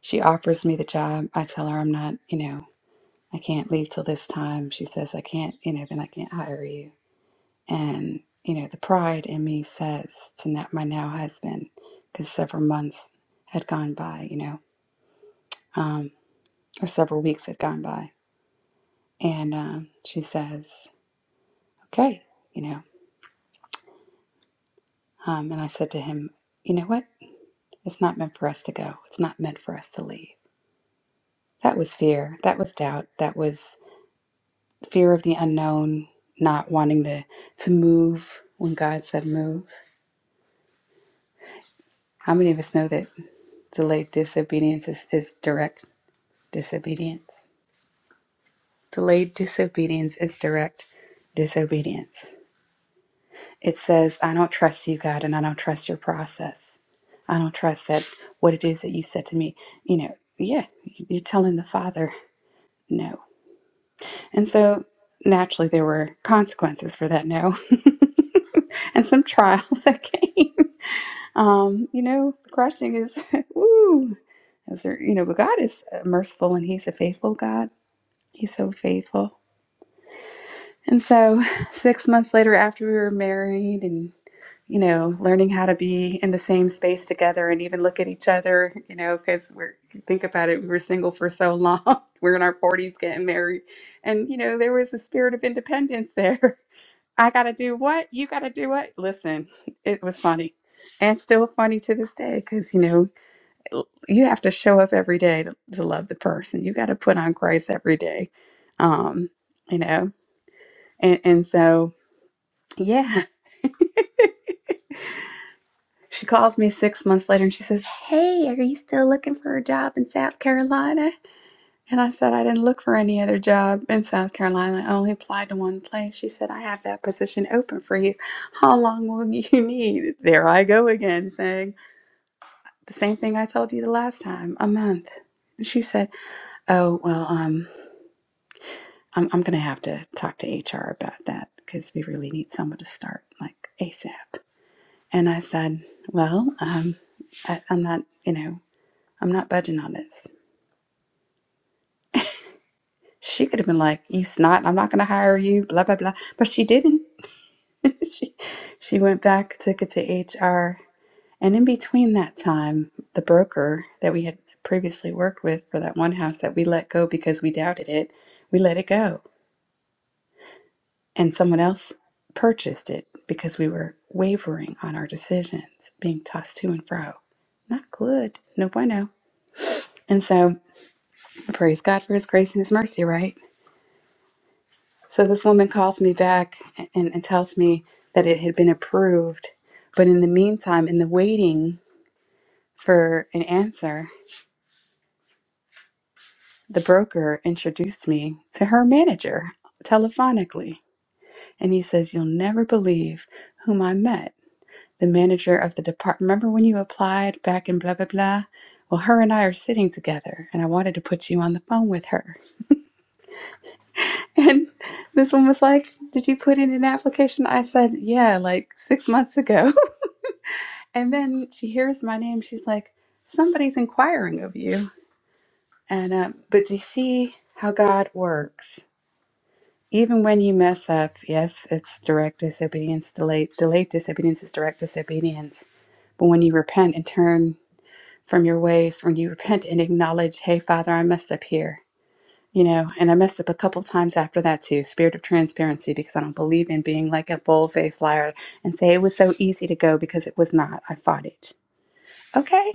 D: she offers me the job. I tell her I'm not, you know, I can't leave till this time. She says, I can't, you know, then I can't hire you. And, you know, the pride in me says to not my now husband, because several months had gone by, you know, um, or several weeks had gone by. And um, she says, okay, you know. Um, and I said to him, you know what? It's not meant for us to go. It's not meant for us to leave. That was fear. That was doubt. That was fear of the unknown, not wanting to to move when God said move. How many of us know that delayed disobedience is, is direct disobedience? Delayed disobedience is direct disobedience. It says, I don't trust you, God, and I don't trust your process. I don't trust that what it is that you said to me. You know, yeah, you're telling the Father no. And so naturally, there were consequences for that no <laughs> and some trials <laughs> that came. Um, you know, the question is, <laughs> woo, is there, you know, but God is merciful and He's a faithful God. He's so faithful. And so, <sighs> six months later, after we were married and, you know, learning how to be in the same space together and even look at each other, you know, because we're, think about it, we were single for so long. <laughs> we're in our 40s getting married. And, you know, there was a spirit of independence there. <laughs> I got to do what? You got to do what? Listen, <laughs> it was funny and still funny to this day because, you know, you have to show up every day to, to love the person. You got to put on Christ every day, um, you know. And, and so, yeah, <laughs> she calls me six months later and she says, "Hey, are you still looking for a job in South Carolina?" And I said, "I didn't look for any other job in South Carolina. I only applied to one place." She said, "I have that position open for you. How long will <laughs> you need?" There I go again, saying the same thing I told you the last time, a month. And she said, "Oh well, um." I'm, I'm going to have to talk to HR about that because we really need someone to start like ASAP. And I said, Well, um, I, I'm not, you know, I'm not budging on this. She could have been like, You snot, I'm not going to hire you, blah, blah, blah. But she didn't. <laughs> she, she went back, took it to HR. And in between that time, the broker that we had previously worked with for that one house that we let go because we doubted it, we let it go and someone else purchased it because we were wavering on our decisions, being tossed to and fro. Not good. No bueno. And so, praise God for his grace and his mercy, right? So, this woman calls me back and, and tells me that it had been approved. But in the meantime, in the waiting for an answer, the broker introduced me to her manager telephonically. And he says, You'll never believe whom I met. the manager of the department. Remember when you applied back in blah, blah, blah? Well, her and I are sitting together, and I wanted to put you on the phone with her. <laughs> And this one was like, Did you put in an application? I said, Yeah, like six months ago. <laughs> And then she hears my name. She's like, Somebody's inquiring of you. And, um, but do you see how God works? Even when you mess up, yes, it's direct disobedience, delayed, delayed disobedience is direct disobedience. But when you repent and turn from your ways when you repent and acknowledge, hey, Father, I messed up here. You know, and I messed up a couple times after that too. Spirit of transparency, because I don't believe in being like a bold faced liar and say it was so easy to go because it was not. I fought it. Okay.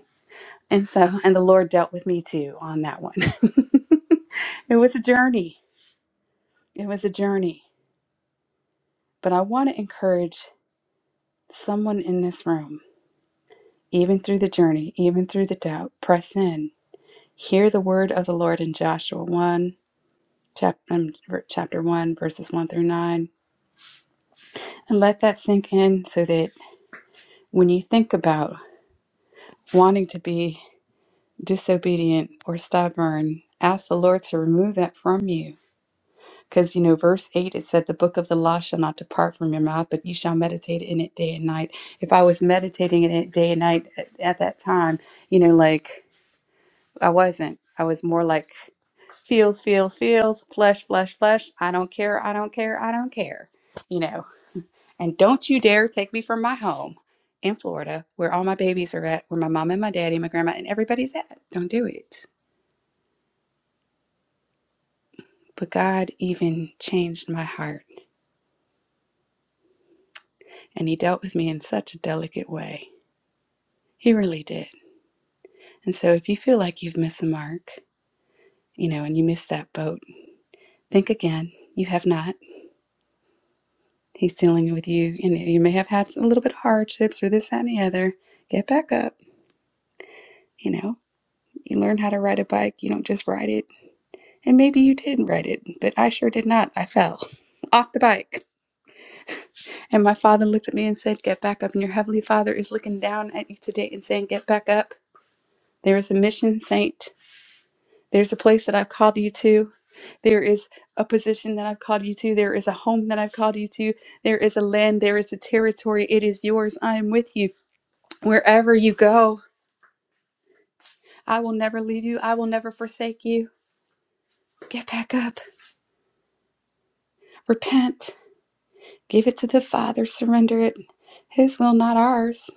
D: And so, and the Lord dealt with me too on that one. <laughs> it was a journey. It was a journey. But I want to encourage someone in this room, even through the journey, even through the doubt, press in. Hear the word of the Lord in Joshua 1 chapter, um, chapter 1, verses 1 through 9. And let that sink in so that when you think about wanting to be disobedient or stubborn, ask the Lord to remove that from you. Because, you know, verse 8, it said, The book of the law shall not depart from your mouth, but you shall meditate in it day and night. If I was meditating in it day and night at, at that time, you know, like I wasn't. I was more like feels, feels, feels, flesh, flesh, flesh. I don't care. I don't care. I don't care. You know, And don't you dare take me from my home in Florida, where all my babies are at, where my mom and my daddy, my grandma, and everybody's at. Don't do it. But God even changed my heart, and He dealt with me in such a delicate way. He really did. And so if you feel like you've missed the mark, you know, and you missed that boat, think again. You have not. He's dealing with you, and you may have had a little bit of hardships or this, that, and the other. Get back up. You know, you learn how to ride a bike. You don't just ride it And maybe you didn't write it, but I sure did not. I fell <laughs> off the bike. And my father looked at me and said, Get back up. And your heavenly father is looking down at you today and saying, Get back up. There is a mission, saint. There's a place that I've called you to. There is a position that I've called you to. There is a home that I've called you to. There is a land. There is a territory. It is yours. I am with you wherever you go. I will never leave you. I will never forsake you. Get back up. Repent. Give it to the Father, surrender it. His will, not ours.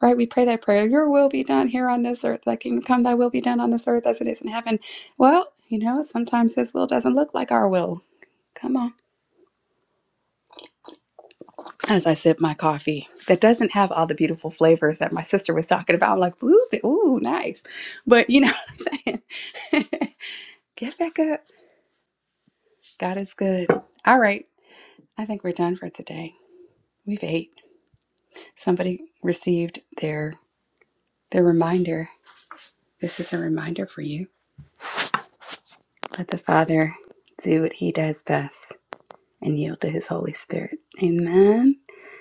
D: Right? We pray that prayer. Your will be done here on this earth. Thy kingdom come, thy will be done on this earth as it is in heaven. Well, you know, sometimes his will doesn't look like our will. Come on. As I sip my coffee that doesn't have all the beautiful flavors that my sister was talking about. I'm like, blueberry, ooh, nice. But you know what I'm saying? <laughs> Get back up. God is good. All right. I think we're done for today. We've ate. Somebody received their their reminder This is a reminder for you. Let the Father do what He does best and yield to His Holy Spirit. Amen.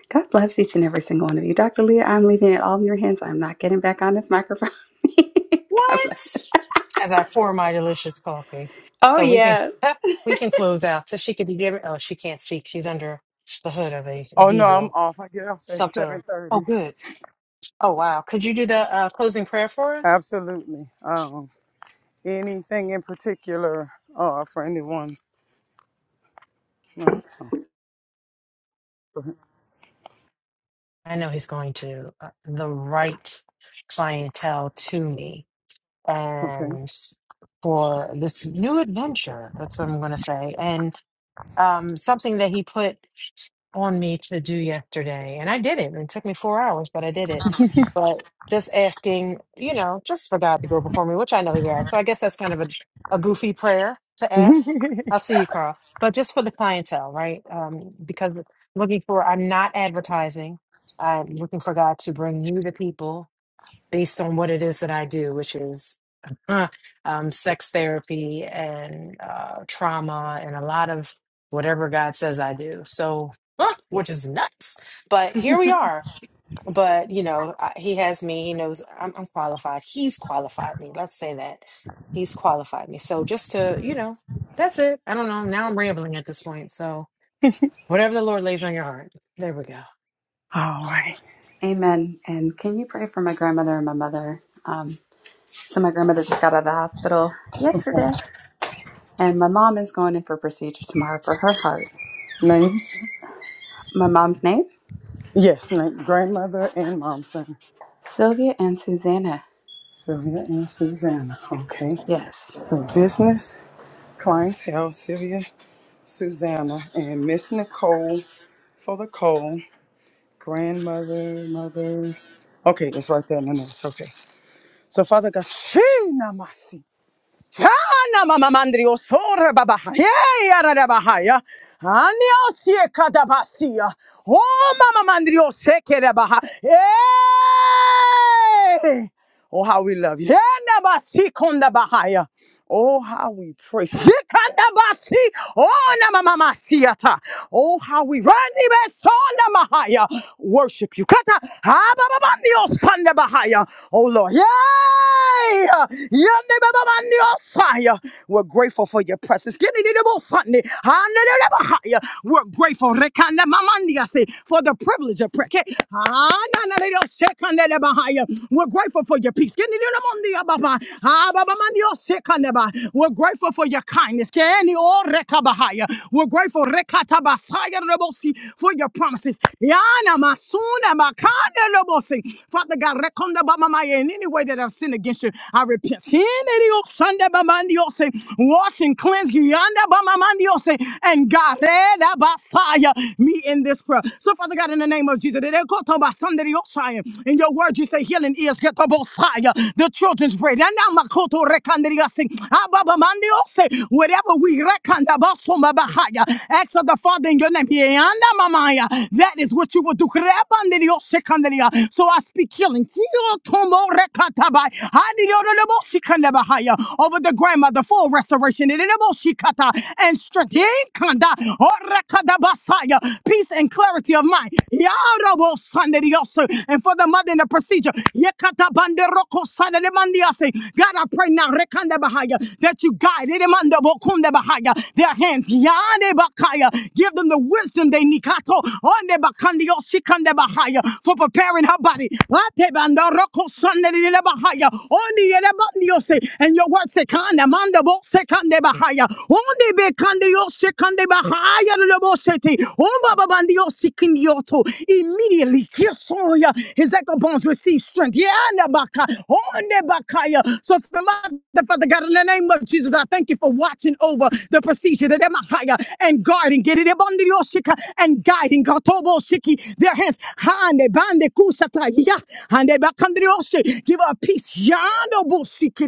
D: God bless each and every single one of you. Dr. Leah, I'm leaving it all in your hands. I'm not getting back on this microphone. <laughs> God
H: What?
D: bless.
H: As I pour my delicious coffee.
D: Oh,
H: So we can
D: yes.
H: <laughs> we can close out. So she could be given oh, she can't speak. She's under the hood of a diesel something. Oh good. Oh, wow. Could you do the uh, closing prayer for us? I know he's going to uh, the right clientele to me and for this new adventure. That's what I'm going to say. um, something that he put on me to do yesterday. And I did it. And it took me four hours, but I did it. But just asking, you know, just for God to go before me, which I know he has. So I guess that's kind of a, a goofy prayer to ask. I'll see you, Carl. But just for the clientele, right? Um, because looking for, I'm not advertising. I'm looking for God to bring you the people based on what it is that I do, which is uh, um, sex therapy and uh, trauma and a lot of whatever God says I do. So, huh, which is nuts. But here we are. But, you know, I, he has me. He knows I'm, I'm qualified. He's qualified me. Let's say that. He's qualified me. So, just to, you know, that's it. I don't know. Now I'm rambling at this point. So, whatever the Lord lays on your heart, there we go.
D: Amen. And can you pray for my grandmother and my mother? Um, so, my grandmother just got out of the hospital yesterday, and my mom is going in for a procedure tomorrow for her heart. My mom's name? Sylvia and Susanna. Yes.
M: Mahaya. Worship you. Kata. Abababandios Kanda Bahaya. Oh Lord. Yay! Yandebabandios Fire. We're grateful for your presence. Give me the double Sunday. Handelebahaya. We're grateful Rekanda Mamandiase, for the privilege of prayer. Okay. Hananadios bahaya. We're grateful for your peace. Give me the double Monday, Ababa. Ah, Babamandi, oh, shekanda ba. We're grateful for your kindness. O Rekabahaya. We're grateful Rekatabasaya Rebosi, for your promises. Yana Masuna Makanda Rebosi. Father God, Rekonda Bamamaya, in any way that I've sinned against you, I repent. Sin any old Sunday wash and cleanse Yanda Bamamandiose, and God, Reda me in this prayer. So, Father God, in the name of Jesus, they go to Basandariosaya. in your word, you say healing is get the truth children's bread. And now Makoto rekandiriasi. Ababa mandiose. Wherever we rekanda baso bahaya. Ask of the Father in your name. Yeanda mamaya. That is what you will do. Krepandiriose kandiria. So I speak healing. Heal tomo rekatabai. Hadirodolobosi kandabahaya. Over the grandmother, full restoration. Idolobosi kata. And strength. Yekanda. Orekadabasaya. Peace and clarity of mind. Yara and for the mother in the procedure. Yekata bande roko sada de mandiase. God, I pray now rekanda bahaya, that you guide it, emanda bokunde bahaya, their hands. Yane bakaya. Give them the wisdom they nikato onde bakandi osikande bahaya for preparing her body. Late bande roko sada de le bahaya. Oni yele bandiose. And your word sekanda manda bo sekande bahaya. Onde bekandi Shekande Bahaya Loboseti. Ombabandio Sikindioto. Immediately, Kirsoya. His ankle bones receive strength. Yana Baka. Onde Bakaya. So, Father Father God, in the name of Jesus, I thank you for watching over the procedure that Emahaya and guarding. Get it Abandio Shika and guiding. Gotobo Shiki. Their hands. Hande Bande Kusata. Ya. Hande Bakandrioshi. Give her peace. Yando Bosiki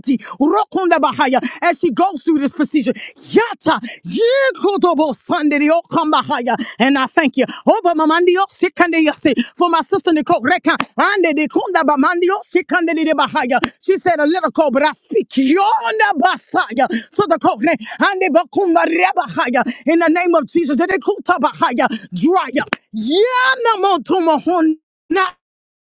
M: as she goes through this procedure. Yata Yikodobo Sunday Okambahaya. And I thank you. Oba Mamandio Sikandeyase for my sister Nicole Reka. Ande de Kunda Bamandio Sikandey de Bahaya. She said a little cold, but I speak Yonda Basaya. So the cold Ande Bakunda Rebahaya. In the name of Jesus. Dede Kuta Bahaya. Dry up. Yana Motomahon.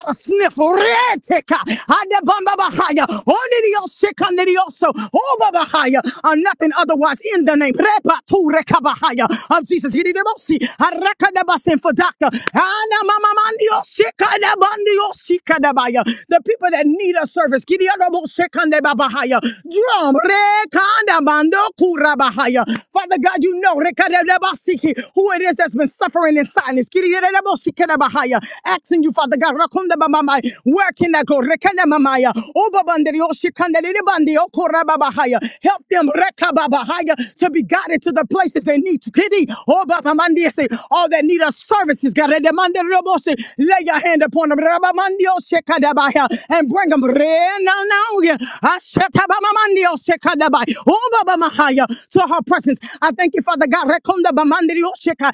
M: Sniffletica, Anda Bamba Bahaya, Onidio Sikanidioso, Over Bahaya, and nothing otherwise in the name, Repa Tureka Bahaya of Jesus. Hidibosi, Arakadabasin for doctor, Ana Mama Mandio Sikanabandio Sikanabaya, the people that need a service, Gidiabo Sikaneba Bahaya, Drum Rekanda bando Kura Bahaya. Father God, you know Rekadabasiki, who it is that's been suffering in silence. Bahaya. Asking you, Father God, Rakunda Bamamai, working that go Rekana Mamaya, Obabandri Oshikandeliri Bandi Okoraba Bahaya. Help them Rekaba Bahaya to be guided to the places they need to kiddy. Obabamandi all that need are services. God Redemande Roboshi. Lay your hand upon them. Rabamandi Oshikadabaya and bring them re now now. yeah. Ashetabamamandi Oshikadabai. Obabamahaya to her presence. I thank you, Father God. Rekunda Bamandi Oshika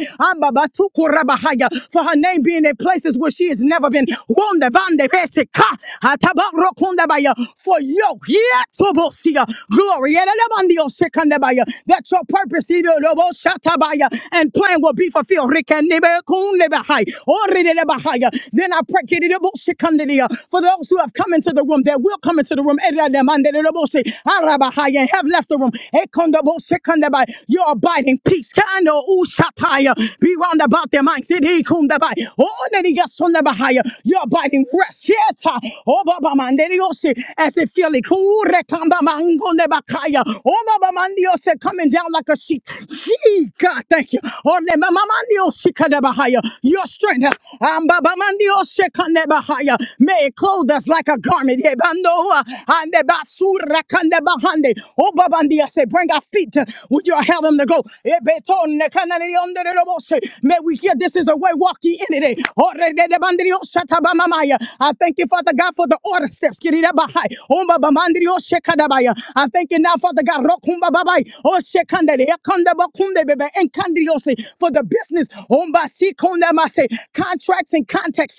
M: for her name being in places where she has never been. Wonde bande bese ka, atabarokundabaya, For yoke, yetobosia, glory, elebandio sekandabaya, that your purpose idoloboshatabaya, and plan will be fulfilled. Rikenebekundebahai, oridebahaya. Then I pray kididobosekandelia, for those who have come into the room, that will come into the room, erademandedobose, arabahaya, and have left the room. Ekondobosekanebai, Your abiding peace. Ushataya. Be round about their minds. Sidi kundabai. Oh, nani gasundabahaya. You're abiding rest. Yes. ah. Oh, baba manderiosi. As they feel it. Kure kamba mangondebakaya. Oh, baba mandiosi coming down like a sheep. She God, thank you. Oh, ne mama mandiosi kadabahaya. Your strength. ah. Um, baba mandiosi kandabahaya. May it clothe us like a garment. Yeah, bando, ah. Ande basura kandabahande. Oh, baba ndia say, bring our feet. We you're having them to go. May we hear this is the way, walk ye in it. eh. I thank you, Father God, for the order steps. I thank you now, Father God, for the business. si Contracts and contacts.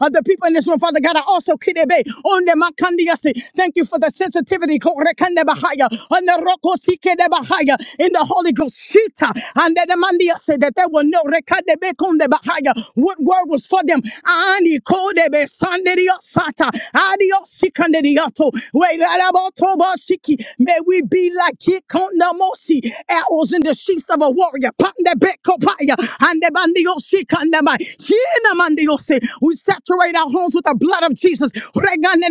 M: Of the people in this room, Father God, I also Thank you for for the sensitivity korekande bahaya, on the roko sike de bahaya, in the Holy Ghost. Shita, And then the mandia said that they will know rekande bekonde bahaya, what word was for them. Ani kode be sanderio sata, adio sikanderiato, we lalaboto bosiki. May we be like Kikonda Mosi, arrows in the sheath of a warrior. Pande beko paya, and the bandio sikandamai. Kina mandio se. We saturate our homes with the blood of Jesus. May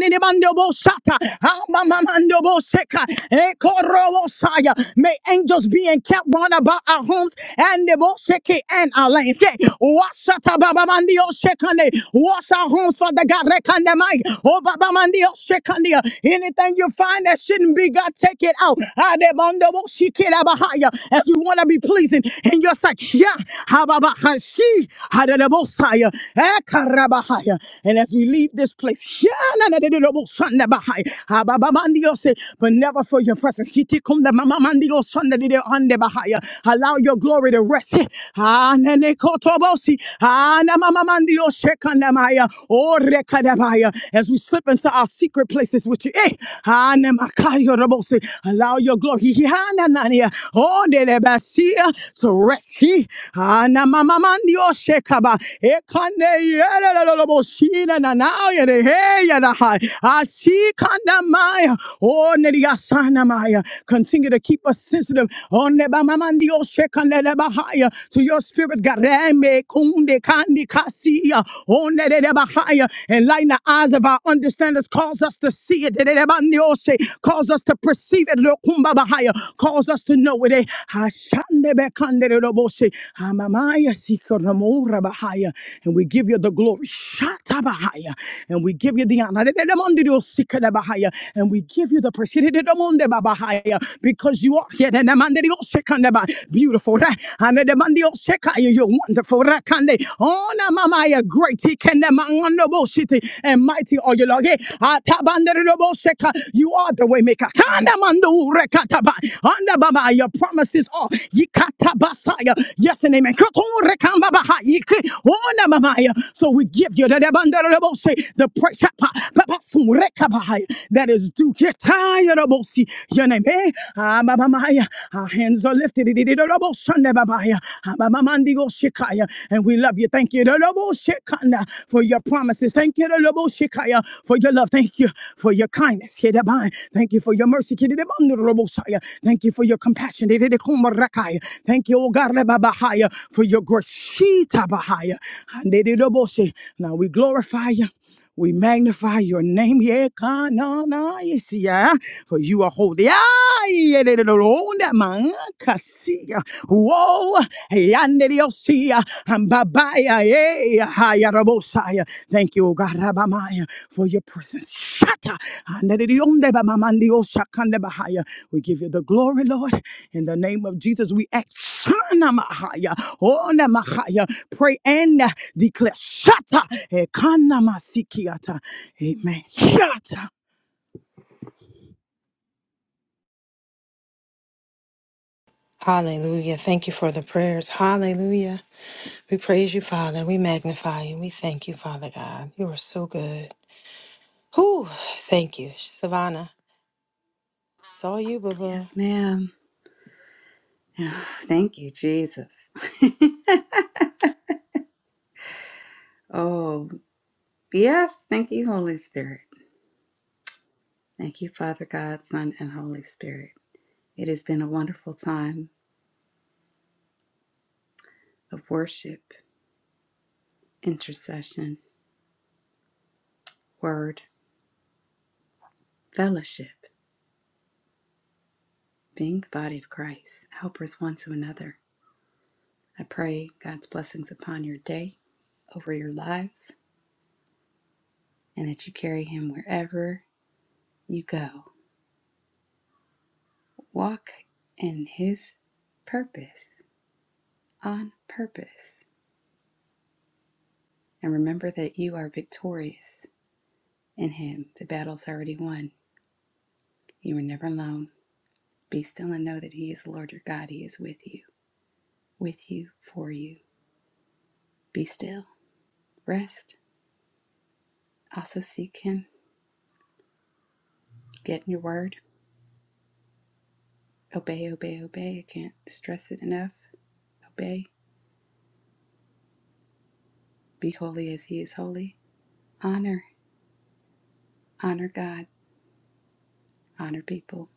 M: angels be encamped round about our homes and the Bosheke and our landscape. Washata Baba Mandio Shekane. Wash our homes, Father God. Rekandamai. Oh Baba Mandio Shekane. Anything you find that shouldn't be, God, take it out. Adebondo Boshikira Bahaya. As we want to be pleasing in your sight. Yeah. Hababa Hashi. Hadadabosaya. Ekarabahaya. And as we leave this place, <laughs> shanadadadadabosandabahai, abababandiose, but never for your presence. Kitikumdamamamandiosandadedeandebahai. Allow your glory to rest. Anenekotobosi, anamamamandiosekandamaya, orekadabaya. As we slip into our secret places with you, eh, anemakayorabosi, allow your glory hihananania, onedebasia, to rest. He, anamamamandiosekaba, kane yere la la la bo shina na na yere he yere hai. Ashi kanda maya. Oh, neri asana maya. Continue to keep us sensitive. Oh, neba mamandi o shekane leba haya. To your spirit, gareme kunde kandi kasiya. Oh, nere leba haya. Enlighten the eyes of our understanders. Cause us to see it. Nere leba Cause us to perceive it. Lo kumba bahaya. Cause us to know it. Eh, Andebe kandere robose. Amamaya sikoromora bahaya. And we give you the glory. Shata bahaya. And we give you the honor. Dedemondio sikere bahaya. And we give you the praise. Dedemonde babahaya. Because you are here. Dedemandio sekande ba- beautiful. Re- and Dedemandio sekaya. You're wonderful. Rekande. Ona mamaya great. Ikende mangondo city and mighty are you, Lord. Yeah. Atabandere robose ka. You are the way maker. Tanda mando rekataba. Anda baba. Your promises are. Yikatabasaya. Yes and amen. Kotorekambabahaya. Onamamaya. So we give you the debandarabose, the praise pa- pa- pasurekabahaya that is due. Kitayarabose. Your name. eh? Ah, Amamamaya. Our hands are lifted. Idididarabosandababaya. shikaya, And we love you. Thank you Ididaroboshikanda, for your promises. Thank you Ididaroboshikaya, for your love. Thank you for your kindness. Kidabai. Thank you for your mercy. Kididabandarabosaya. Thank you Thank you for your compassion. Thank you, O God, for your grace. Now we glorify you. We magnify your name, yeah, yes, yeah, for you are holy. Ah, yeah, oh, yeah, ah, yeah, Thank you, O God, for your presence. Shata, oh, we give you the glory, Lord. In the name of Jesus, we act. Shanamahaya, onamahaya. Pray and declare. Shata. Ekanamasikiata. Amen. Shata.
H: Yeah. We praise you, Father. We magnify you. We thank you, Father. You are so good. Whew, thank you. Anna. It's all you.
D: Yes, ma'am. <sighs> Oh, Thank you, Jesus. <laughs> oh, yes. Thank you, Holy Spirit. Thank you, Father God, Son, and Holy Spirit. It has been a wonderful time of worship, intercession, word, fellowship, being the body of Christ, helpers one to another. I pray God's blessings upon your day, over your lives, and that you carry Him wherever you go. Walk in His purpose, on purpose. And remember that you are victorious in Him. The battle's already won. You are never alone. Be still and know that He is the Lord your God. He is with you, with you, for you. Be still. Rest. Also seek Him. Get in your word. Obey, obey, obey. I can't stress it enough. Obey. Be holy as He is holy. Honor. Honor God. Honor people.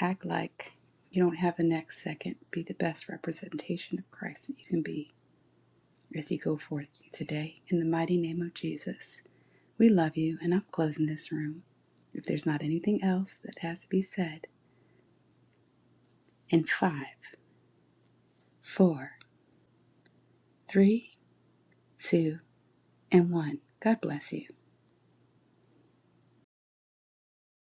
D: Act like you don't have the next second. Be the best representation of Christ that you can be as you go forth today. In the mighty name of Jesus, we love you, and I'm closing this room. If there's not anything else that has to be said, in five, four, three, two, and one, God bless you.